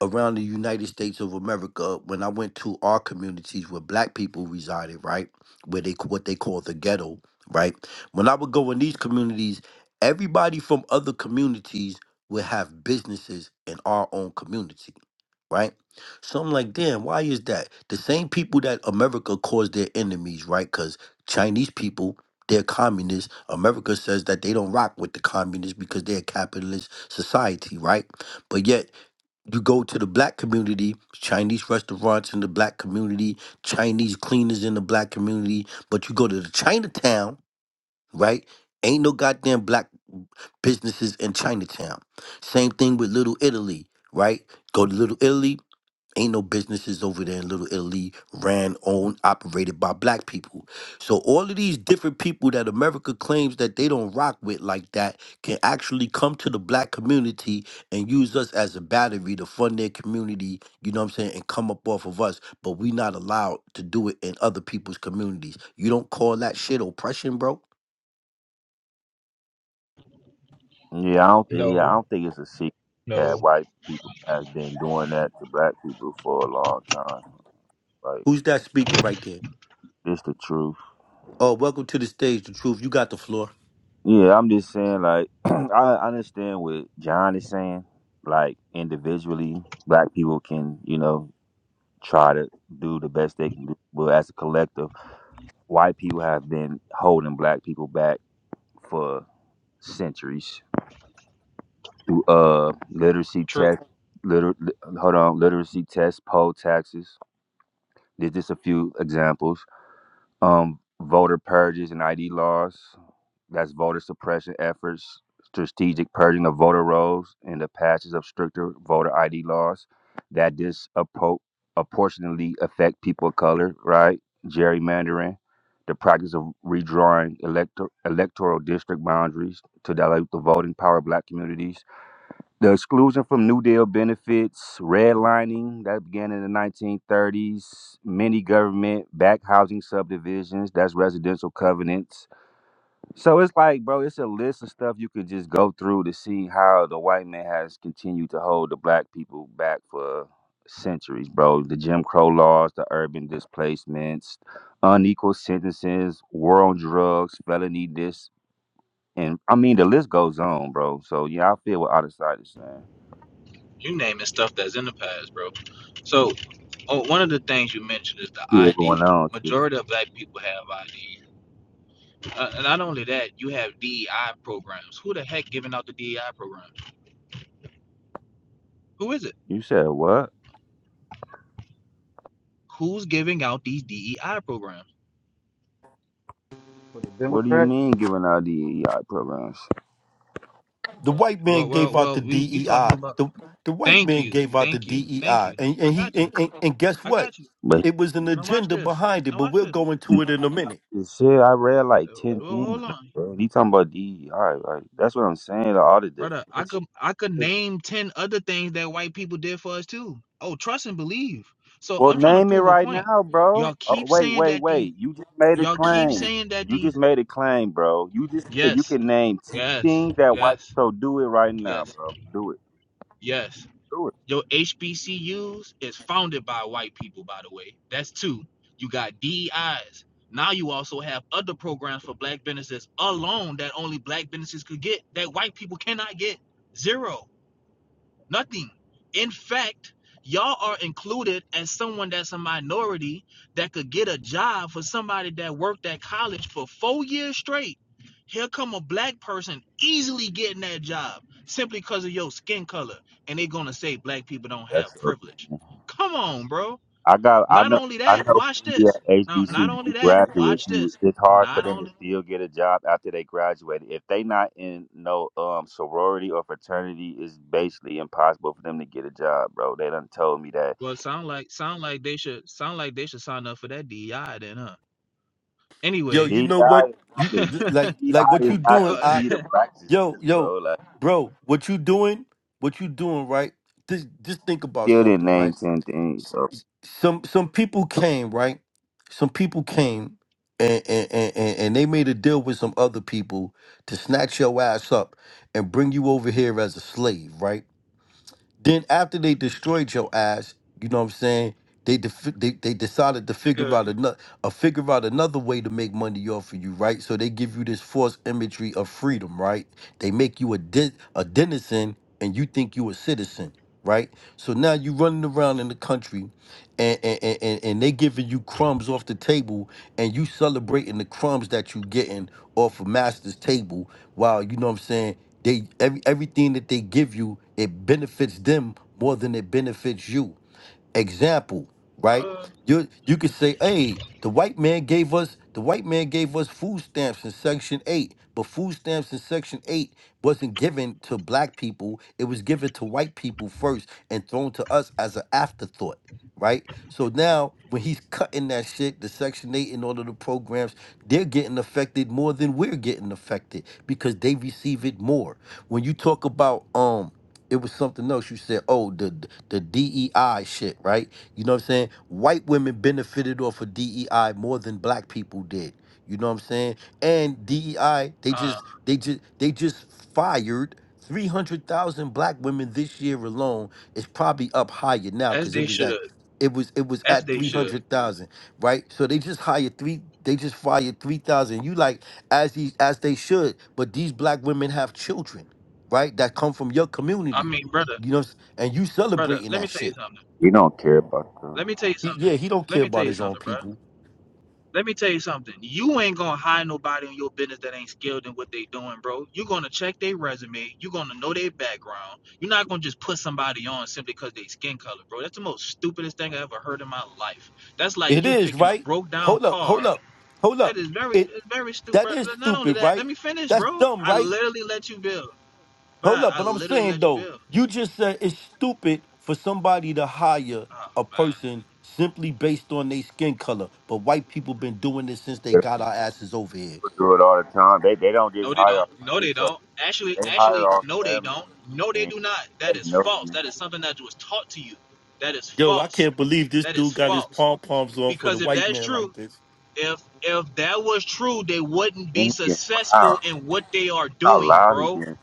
[SPEAKER 1] around the United States of America when I went to our communities where black people resided, right? Where they what they call the ghetto, right? When I would go in these communities, everybody from other communities would have businesses in our own community, right? So I'm like, damn, why is that? The same people that America calls their enemies, right? Because Chinese people, they're communists. America says that they don't rock with the communists because they're a capitalist society, right? But yet you go to the black community, Chinese restaurants in the black community, Chinese cleaners in the black community, but you go to the Chinatown, right? Ain't no goddamn black businesses in Chinatown. Same thing with Little Italy, right? Go to Little Italy, Ain't no businesses over there in Little Italy ran, owned, operated by black people. So all of these different people that America claims that they don't rock with like that can actually come to the black community and use us as a battery to fund their community, you know what I'm saying, and come up off of us. But we not allowed to do it in other people's communities. You don't call that shit oppression, bro?
[SPEAKER 5] Yeah, I don't.
[SPEAKER 2] No,
[SPEAKER 5] Yeah, I don't think it's a secret that
[SPEAKER 2] no.
[SPEAKER 5] white people have been doing that to black people for a long time. Like,
[SPEAKER 1] Who's that speaking right there?
[SPEAKER 5] it's the truth.
[SPEAKER 1] Oh, welcome to the stage, the truth. You got the floor.
[SPEAKER 5] Yeah, I'm just saying. Like, I understand what John is saying. Like, individually, black people can, you know, try to do the best they can do. But as a collective, white people have been holding black people back for centuries. through uh literacy
[SPEAKER 2] True.
[SPEAKER 5] tech liter li- hold on literacy tests poll taxes there's just a few examples um voter purges and id laws that's voter suppression efforts strategic purging of voter rolls and the passage of stricter voter id laws that disproportionately affect people of color right gerrymandering the practice of redrawing elector- electoral district boundaries to dilute the voting power of black communities the exclusion from New Deal benefits, redlining that began in the 1930s, many government back housing subdivisions, that's residential covenants. So it's like, bro, it's a list of stuff you could just go through to see how the white man has continued to hold the black people back for centuries, bro. The Jim Crow laws, the urban displacements, unequal sentences, war on drugs, felony this, and I mean the list goes on, bro. So yeah, I feel what other side is saying.
[SPEAKER 2] You naming stuff that's in the past, bro. So Oh, one of the things you mentioned is the
[SPEAKER 5] Yeah,
[SPEAKER 2] ID.
[SPEAKER 5] going out.
[SPEAKER 2] Majority of black people have ID. Uh, and not only that, you have DEI programs. Who the heck giving out the DEI programs? Who is it?
[SPEAKER 5] You said what?
[SPEAKER 2] Who's giving out these DEI programs?
[SPEAKER 6] for the
[SPEAKER 5] What do you
[SPEAKER 6] Democrats.
[SPEAKER 5] mean giving out DEI programs?
[SPEAKER 1] the white
[SPEAKER 2] Well,
[SPEAKER 1] man gave
[SPEAKER 2] well,
[SPEAKER 1] out the
[SPEAKER 2] well, we we talking
[SPEAKER 1] DEI.
[SPEAKER 2] about.
[SPEAKER 1] The the white
[SPEAKER 2] Thank
[SPEAKER 1] man
[SPEAKER 2] you,
[SPEAKER 1] gave out the
[SPEAKER 2] thank you, thank
[SPEAKER 1] DEI,
[SPEAKER 2] you.
[SPEAKER 1] and
[SPEAKER 2] I
[SPEAKER 1] and he
[SPEAKER 2] got you.
[SPEAKER 1] and, and, and guess
[SPEAKER 2] I
[SPEAKER 1] what?
[SPEAKER 2] got you.
[SPEAKER 5] But
[SPEAKER 1] It was an
[SPEAKER 2] Now watch
[SPEAKER 1] agenda
[SPEAKER 2] this.
[SPEAKER 1] behind it,
[SPEAKER 2] Now
[SPEAKER 1] but
[SPEAKER 2] watch
[SPEAKER 1] we'll
[SPEAKER 2] this.
[SPEAKER 1] go into it in a minute.
[SPEAKER 5] shit, I read like
[SPEAKER 2] Oh,
[SPEAKER 5] ten
[SPEAKER 2] Well,
[SPEAKER 5] things.
[SPEAKER 2] hold on,
[SPEAKER 5] Bro. You talking about DEI? Like that's what I'm saying. The audit this.
[SPEAKER 2] brother. I could I could name ten other things that white people did for us too. Oh, trust and believe. So
[SPEAKER 5] Well,
[SPEAKER 2] I'm trying to
[SPEAKER 5] name it
[SPEAKER 2] prove a
[SPEAKER 5] right
[SPEAKER 2] point.
[SPEAKER 5] now, bro.
[SPEAKER 2] Y'all
[SPEAKER 5] Oh,
[SPEAKER 2] keep
[SPEAKER 5] wait,
[SPEAKER 2] saying
[SPEAKER 5] wait,
[SPEAKER 2] that these.
[SPEAKER 5] wait. You just made a
[SPEAKER 2] Y'all keep
[SPEAKER 5] claim.
[SPEAKER 2] saying that
[SPEAKER 5] You just
[SPEAKER 2] these.
[SPEAKER 5] made a claim, bro. You just said you
[SPEAKER 2] Yes,
[SPEAKER 5] can name ten
[SPEAKER 2] yes,
[SPEAKER 5] things that white.
[SPEAKER 2] yes,
[SPEAKER 5] So do it right now,
[SPEAKER 2] yes,
[SPEAKER 5] bro. Do it.
[SPEAKER 2] yes.
[SPEAKER 5] Do it.
[SPEAKER 2] Your HBCUs is founded by white people, by the way. That's two. You got DEIs. Now you also have other programs for black businesses alone that only black businesses could get that white people cannot get. Zero. Nothing. In fact, y'all are included as someone that's a minority that could get a job for somebody that worked at college for four years straight. Here come a black person easily getting that job simply because of your skin color, and they're gonna say black people don't
[SPEAKER 5] That's
[SPEAKER 2] have
[SPEAKER 5] up.
[SPEAKER 2] privilege. Come on, bro.
[SPEAKER 5] I got I
[SPEAKER 2] Not
[SPEAKER 5] know
[SPEAKER 2] only
[SPEAKER 5] I
[SPEAKER 2] that,
[SPEAKER 5] know
[SPEAKER 2] watch
[SPEAKER 5] plenty of
[SPEAKER 2] this. Now, not only
[SPEAKER 5] HBCU
[SPEAKER 2] that,
[SPEAKER 5] graduates
[SPEAKER 2] watch
[SPEAKER 5] who
[SPEAKER 2] this.
[SPEAKER 5] it's hard for
[SPEAKER 2] Not
[SPEAKER 5] them to
[SPEAKER 2] only
[SPEAKER 5] still get a job after they graduated. If they not in no um sorority or fraternity, it's basically impossible for them to get a job, bro. They done told me that.
[SPEAKER 2] well, sound like sound like they should sound like they should sign up for that DEI then, huh?
[SPEAKER 1] Yo,
[SPEAKER 5] DEI
[SPEAKER 1] you
[SPEAKER 2] Anyways,
[SPEAKER 1] know what?
[SPEAKER 5] is not
[SPEAKER 1] You
[SPEAKER 5] the
[SPEAKER 1] you- like like
[SPEAKER 5] DEI
[SPEAKER 1] what
[SPEAKER 5] is
[SPEAKER 1] you
[SPEAKER 5] not
[SPEAKER 1] doing?
[SPEAKER 5] the
[SPEAKER 1] I
[SPEAKER 5] key to black
[SPEAKER 1] yo
[SPEAKER 5] success,
[SPEAKER 1] yo,
[SPEAKER 5] bro. Like
[SPEAKER 1] bro, what you doing? What you doing? Right? Just just think about
[SPEAKER 5] still didn't
[SPEAKER 1] something, right?
[SPEAKER 5] name ten things, bro.
[SPEAKER 1] some some people came right some people came and and, and and and they made a deal with some other people to snatch your ass up and bring you over here as a slave right then after they destroyed your ass, you know what I'm saying? They def- they they decided to figure
[SPEAKER 2] good.
[SPEAKER 1] out another uh, figure out another way to make money off of you, right? So they give you this false imagery of freedom, right? They make you a de- a denizen and you think you a citizen, right? So now you running around in the country and and, and, and and they giving you crumbs off the table and you celebrating the crumbs that you getting off of master's table while you know what I'm saying they every, everything that they give you, it benefits them more than it benefits you example, right? You you could say, hey, the white man gave us the white man gave us food stamps in section eight, but food stamps in section eight wasn't given to black people. It was given to white people first and thrown to us as an afterthought. Right? So now when he's cutting that shit, the section eight and all of the programs, they're getting affected more than we're getting affected because they receive it more. When you talk about um it was something else. You said, oh, the the DEI shit, right? You know what I'm saying? White women benefited off of DEI more than black people did. You know what I'm saying? And DEI, they
[SPEAKER 2] Uh,
[SPEAKER 1] just they just they just fired 300,000 black women this year alone. It's probably up higher now
[SPEAKER 2] as
[SPEAKER 1] cuz it
[SPEAKER 2] they
[SPEAKER 1] was
[SPEAKER 2] should.
[SPEAKER 1] at it was it was
[SPEAKER 2] As
[SPEAKER 1] at
[SPEAKER 2] they should.
[SPEAKER 1] 300,000, right? So they just hired 3 they just fired 3,000. You like as these as they should, but these black women have children right? That come from your
[SPEAKER 2] I
[SPEAKER 1] community.
[SPEAKER 2] mean, brother,
[SPEAKER 1] You know, and you
[SPEAKER 2] brother,
[SPEAKER 1] celebrating
[SPEAKER 2] let me
[SPEAKER 1] that
[SPEAKER 2] tell you
[SPEAKER 1] shit.
[SPEAKER 2] something.
[SPEAKER 5] We don't care about them.
[SPEAKER 2] Let me tell you
[SPEAKER 1] He,
[SPEAKER 2] something.
[SPEAKER 1] yeah, he don't care
[SPEAKER 2] Let me tell
[SPEAKER 1] about
[SPEAKER 2] you
[SPEAKER 1] his own
[SPEAKER 2] something, bro.
[SPEAKER 1] people.
[SPEAKER 2] Let me tell you something. You ain't gonna hire nobody in your business that ain't skilled in what they doing, bro. You're gonna check their resume. You're gonna know their background. You're not gonna just put somebody on simply because they skin color, bro. That's the most stupidest thing I ever heard in my life. That's like
[SPEAKER 1] It
[SPEAKER 2] you
[SPEAKER 1] is
[SPEAKER 2] picking a
[SPEAKER 1] right.
[SPEAKER 2] broke down
[SPEAKER 1] Hold up,
[SPEAKER 2] car.
[SPEAKER 1] hold up, hold
[SPEAKER 2] That
[SPEAKER 1] up.
[SPEAKER 2] is very,
[SPEAKER 1] It
[SPEAKER 2] it's very stupid.
[SPEAKER 1] that
[SPEAKER 2] bro.
[SPEAKER 1] is
[SPEAKER 2] Not only
[SPEAKER 1] stupid,
[SPEAKER 2] that, let
[SPEAKER 1] right?
[SPEAKER 2] me finish,
[SPEAKER 1] That's
[SPEAKER 2] bro.
[SPEAKER 1] dumb,
[SPEAKER 2] I
[SPEAKER 1] right?
[SPEAKER 2] literally let you build. But
[SPEAKER 1] Hold
[SPEAKER 2] I,
[SPEAKER 1] up,
[SPEAKER 2] I
[SPEAKER 1] but I'm
[SPEAKER 2] literally
[SPEAKER 1] saying
[SPEAKER 2] let you
[SPEAKER 1] though,
[SPEAKER 2] build.
[SPEAKER 1] you just said it's stupid for somebody to hire
[SPEAKER 2] Oh
[SPEAKER 1] a
[SPEAKER 2] man.
[SPEAKER 1] person simply based on their skin color. But white people been doing this since they
[SPEAKER 5] They
[SPEAKER 1] got our asses over here.
[SPEAKER 5] do it all the time. They they don't just
[SPEAKER 2] No, they
[SPEAKER 5] hire
[SPEAKER 2] don't.
[SPEAKER 5] our
[SPEAKER 2] No, they
[SPEAKER 5] because
[SPEAKER 2] don't. Actually,
[SPEAKER 5] they hire
[SPEAKER 2] actually,
[SPEAKER 5] our
[SPEAKER 2] no,
[SPEAKER 5] family
[SPEAKER 2] they don't. No, they
[SPEAKER 5] and
[SPEAKER 2] do not.
[SPEAKER 5] they
[SPEAKER 2] That is
[SPEAKER 5] know
[SPEAKER 2] false.
[SPEAKER 5] you.
[SPEAKER 2] That is something that was taught to you. That is
[SPEAKER 1] Yo, I
[SPEAKER 2] false.
[SPEAKER 1] can't believe this
[SPEAKER 2] That is
[SPEAKER 1] dude got his
[SPEAKER 2] false.
[SPEAKER 1] pom poms on for the
[SPEAKER 2] Because if
[SPEAKER 1] white
[SPEAKER 2] that's
[SPEAKER 1] man like
[SPEAKER 2] true,
[SPEAKER 1] this.
[SPEAKER 2] if if that was true, they wouldn't be
[SPEAKER 5] Then you get wow.
[SPEAKER 2] successful in what they are
[SPEAKER 5] how
[SPEAKER 2] doing,
[SPEAKER 5] loud he
[SPEAKER 2] bro.
[SPEAKER 5] getting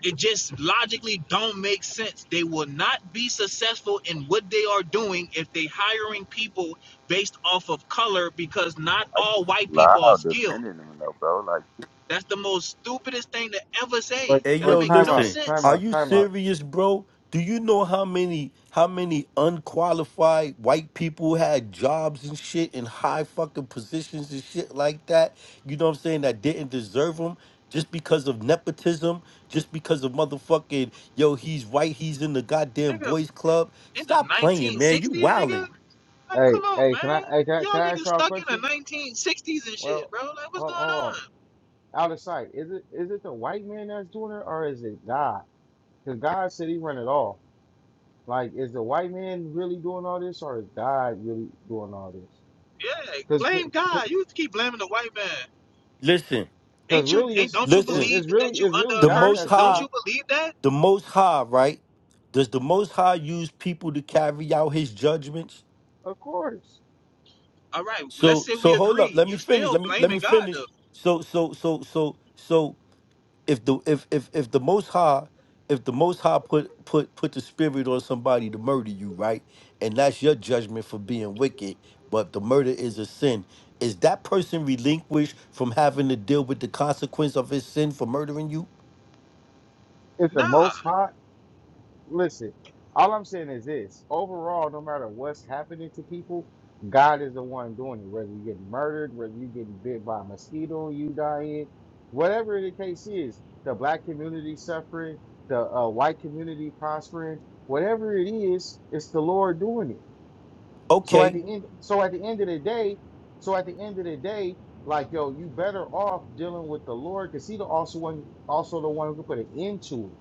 [SPEAKER 2] It just logically don't make sense. They will not be successful in what they are doing if they hiring people based off of color because not
[SPEAKER 5] like
[SPEAKER 2] all white people are
[SPEAKER 5] loud
[SPEAKER 2] skilled.
[SPEAKER 5] defending him though, bro. Like
[SPEAKER 2] That's the most stupidest thing to ever
[SPEAKER 6] Like,
[SPEAKER 2] say.
[SPEAKER 1] Hey
[SPEAKER 2] That don't
[SPEAKER 1] yo,
[SPEAKER 6] like,
[SPEAKER 2] make
[SPEAKER 6] time
[SPEAKER 2] no
[SPEAKER 6] out,
[SPEAKER 1] listen.
[SPEAKER 6] time
[SPEAKER 2] sense.
[SPEAKER 1] Are
[SPEAKER 6] out,
[SPEAKER 1] you
[SPEAKER 6] time out.
[SPEAKER 1] serious, bro? Do you know how many how many unqualified white people had jobs and shit in high fucking positions and shit like that? You know what I'm saying? That didn't deserve them just because of nepotism, just because of motherfucking yo, he's white, he's in the goddamn
[SPEAKER 2] Nigga,
[SPEAKER 1] boys club.
[SPEAKER 2] in the
[SPEAKER 1] Stop playing, man. You
[SPEAKER 2] 1960s, nigga?
[SPEAKER 1] wilding.
[SPEAKER 2] Like,
[SPEAKER 6] Hey,
[SPEAKER 2] come on,
[SPEAKER 6] hey, can I,
[SPEAKER 2] man.
[SPEAKER 6] hey, can I, can
[SPEAKER 2] Y'all
[SPEAKER 6] I
[SPEAKER 2] niggas
[SPEAKER 6] ask y'all a
[SPEAKER 2] stuck in the
[SPEAKER 6] question?
[SPEAKER 2] 1960s and shit,
[SPEAKER 6] Well,
[SPEAKER 2] bro. Like, what's
[SPEAKER 6] hold,
[SPEAKER 2] going
[SPEAKER 6] hold
[SPEAKER 2] on?
[SPEAKER 6] on. Out of sight. Is it, is it the white man that's doing it, or is it God? Because God said He run it all. Like, is the white man really doing all this, or is God really doing all this?
[SPEAKER 2] Yeah,
[SPEAKER 6] Because,
[SPEAKER 2] blame God. You keep blaming the white man.
[SPEAKER 1] Listen,
[SPEAKER 6] because
[SPEAKER 2] Ain't you,
[SPEAKER 6] really,
[SPEAKER 2] ain't,
[SPEAKER 6] it's,
[SPEAKER 2] don't you
[SPEAKER 6] it-
[SPEAKER 1] listen.
[SPEAKER 2] believe
[SPEAKER 6] it's really,
[SPEAKER 2] that you
[SPEAKER 6] it's
[SPEAKER 2] under
[SPEAKER 6] really
[SPEAKER 2] a
[SPEAKER 1] The
[SPEAKER 6] God
[SPEAKER 1] Most
[SPEAKER 2] curse?
[SPEAKER 6] that's
[SPEAKER 2] Don't
[SPEAKER 6] doing
[SPEAKER 1] High,
[SPEAKER 2] you
[SPEAKER 6] it.
[SPEAKER 2] believe that?
[SPEAKER 1] the Most High, right? Does the Most High use people to carry out His judgments?
[SPEAKER 6] Of course,
[SPEAKER 2] All right, let's
[SPEAKER 1] So
[SPEAKER 2] say we
[SPEAKER 1] so hold up.
[SPEAKER 2] agree.
[SPEAKER 1] Let me
[SPEAKER 2] You
[SPEAKER 1] finish.
[SPEAKER 2] still
[SPEAKER 1] Let me let me
[SPEAKER 2] blaming God,
[SPEAKER 1] finish.
[SPEAKER 2] though.
[SPEAKER 1] So so so so so if the if if if the most high if the most high put put put the spirit on somebody to murder you, right? And that's your judgment for being wicked, but the murder is a sin. Is that person relinquished from having to deal with the consequence of his sin for murdering you?
[SPEAKER 6] it's the
[SPEAKER 2] Nah,
[SPEAKER 6] Most High. Listen, all I'm saying is this. Overall, no matter what's happening to people, God is the one doing it. Whether you're getting murdered, whether you're getting bit by a mosquito, you dying, whatever the case is, the black community suffering, the uh, white community prospering, whatever it is, it's the Lord doing it. So at the
[SPEAKER 1] Okay.
[SPEAKER 6] end, so at the end of the day, so at the end of the day, like yo, you better off dealing with the Lord because He the also one, also the one who can put an end to it.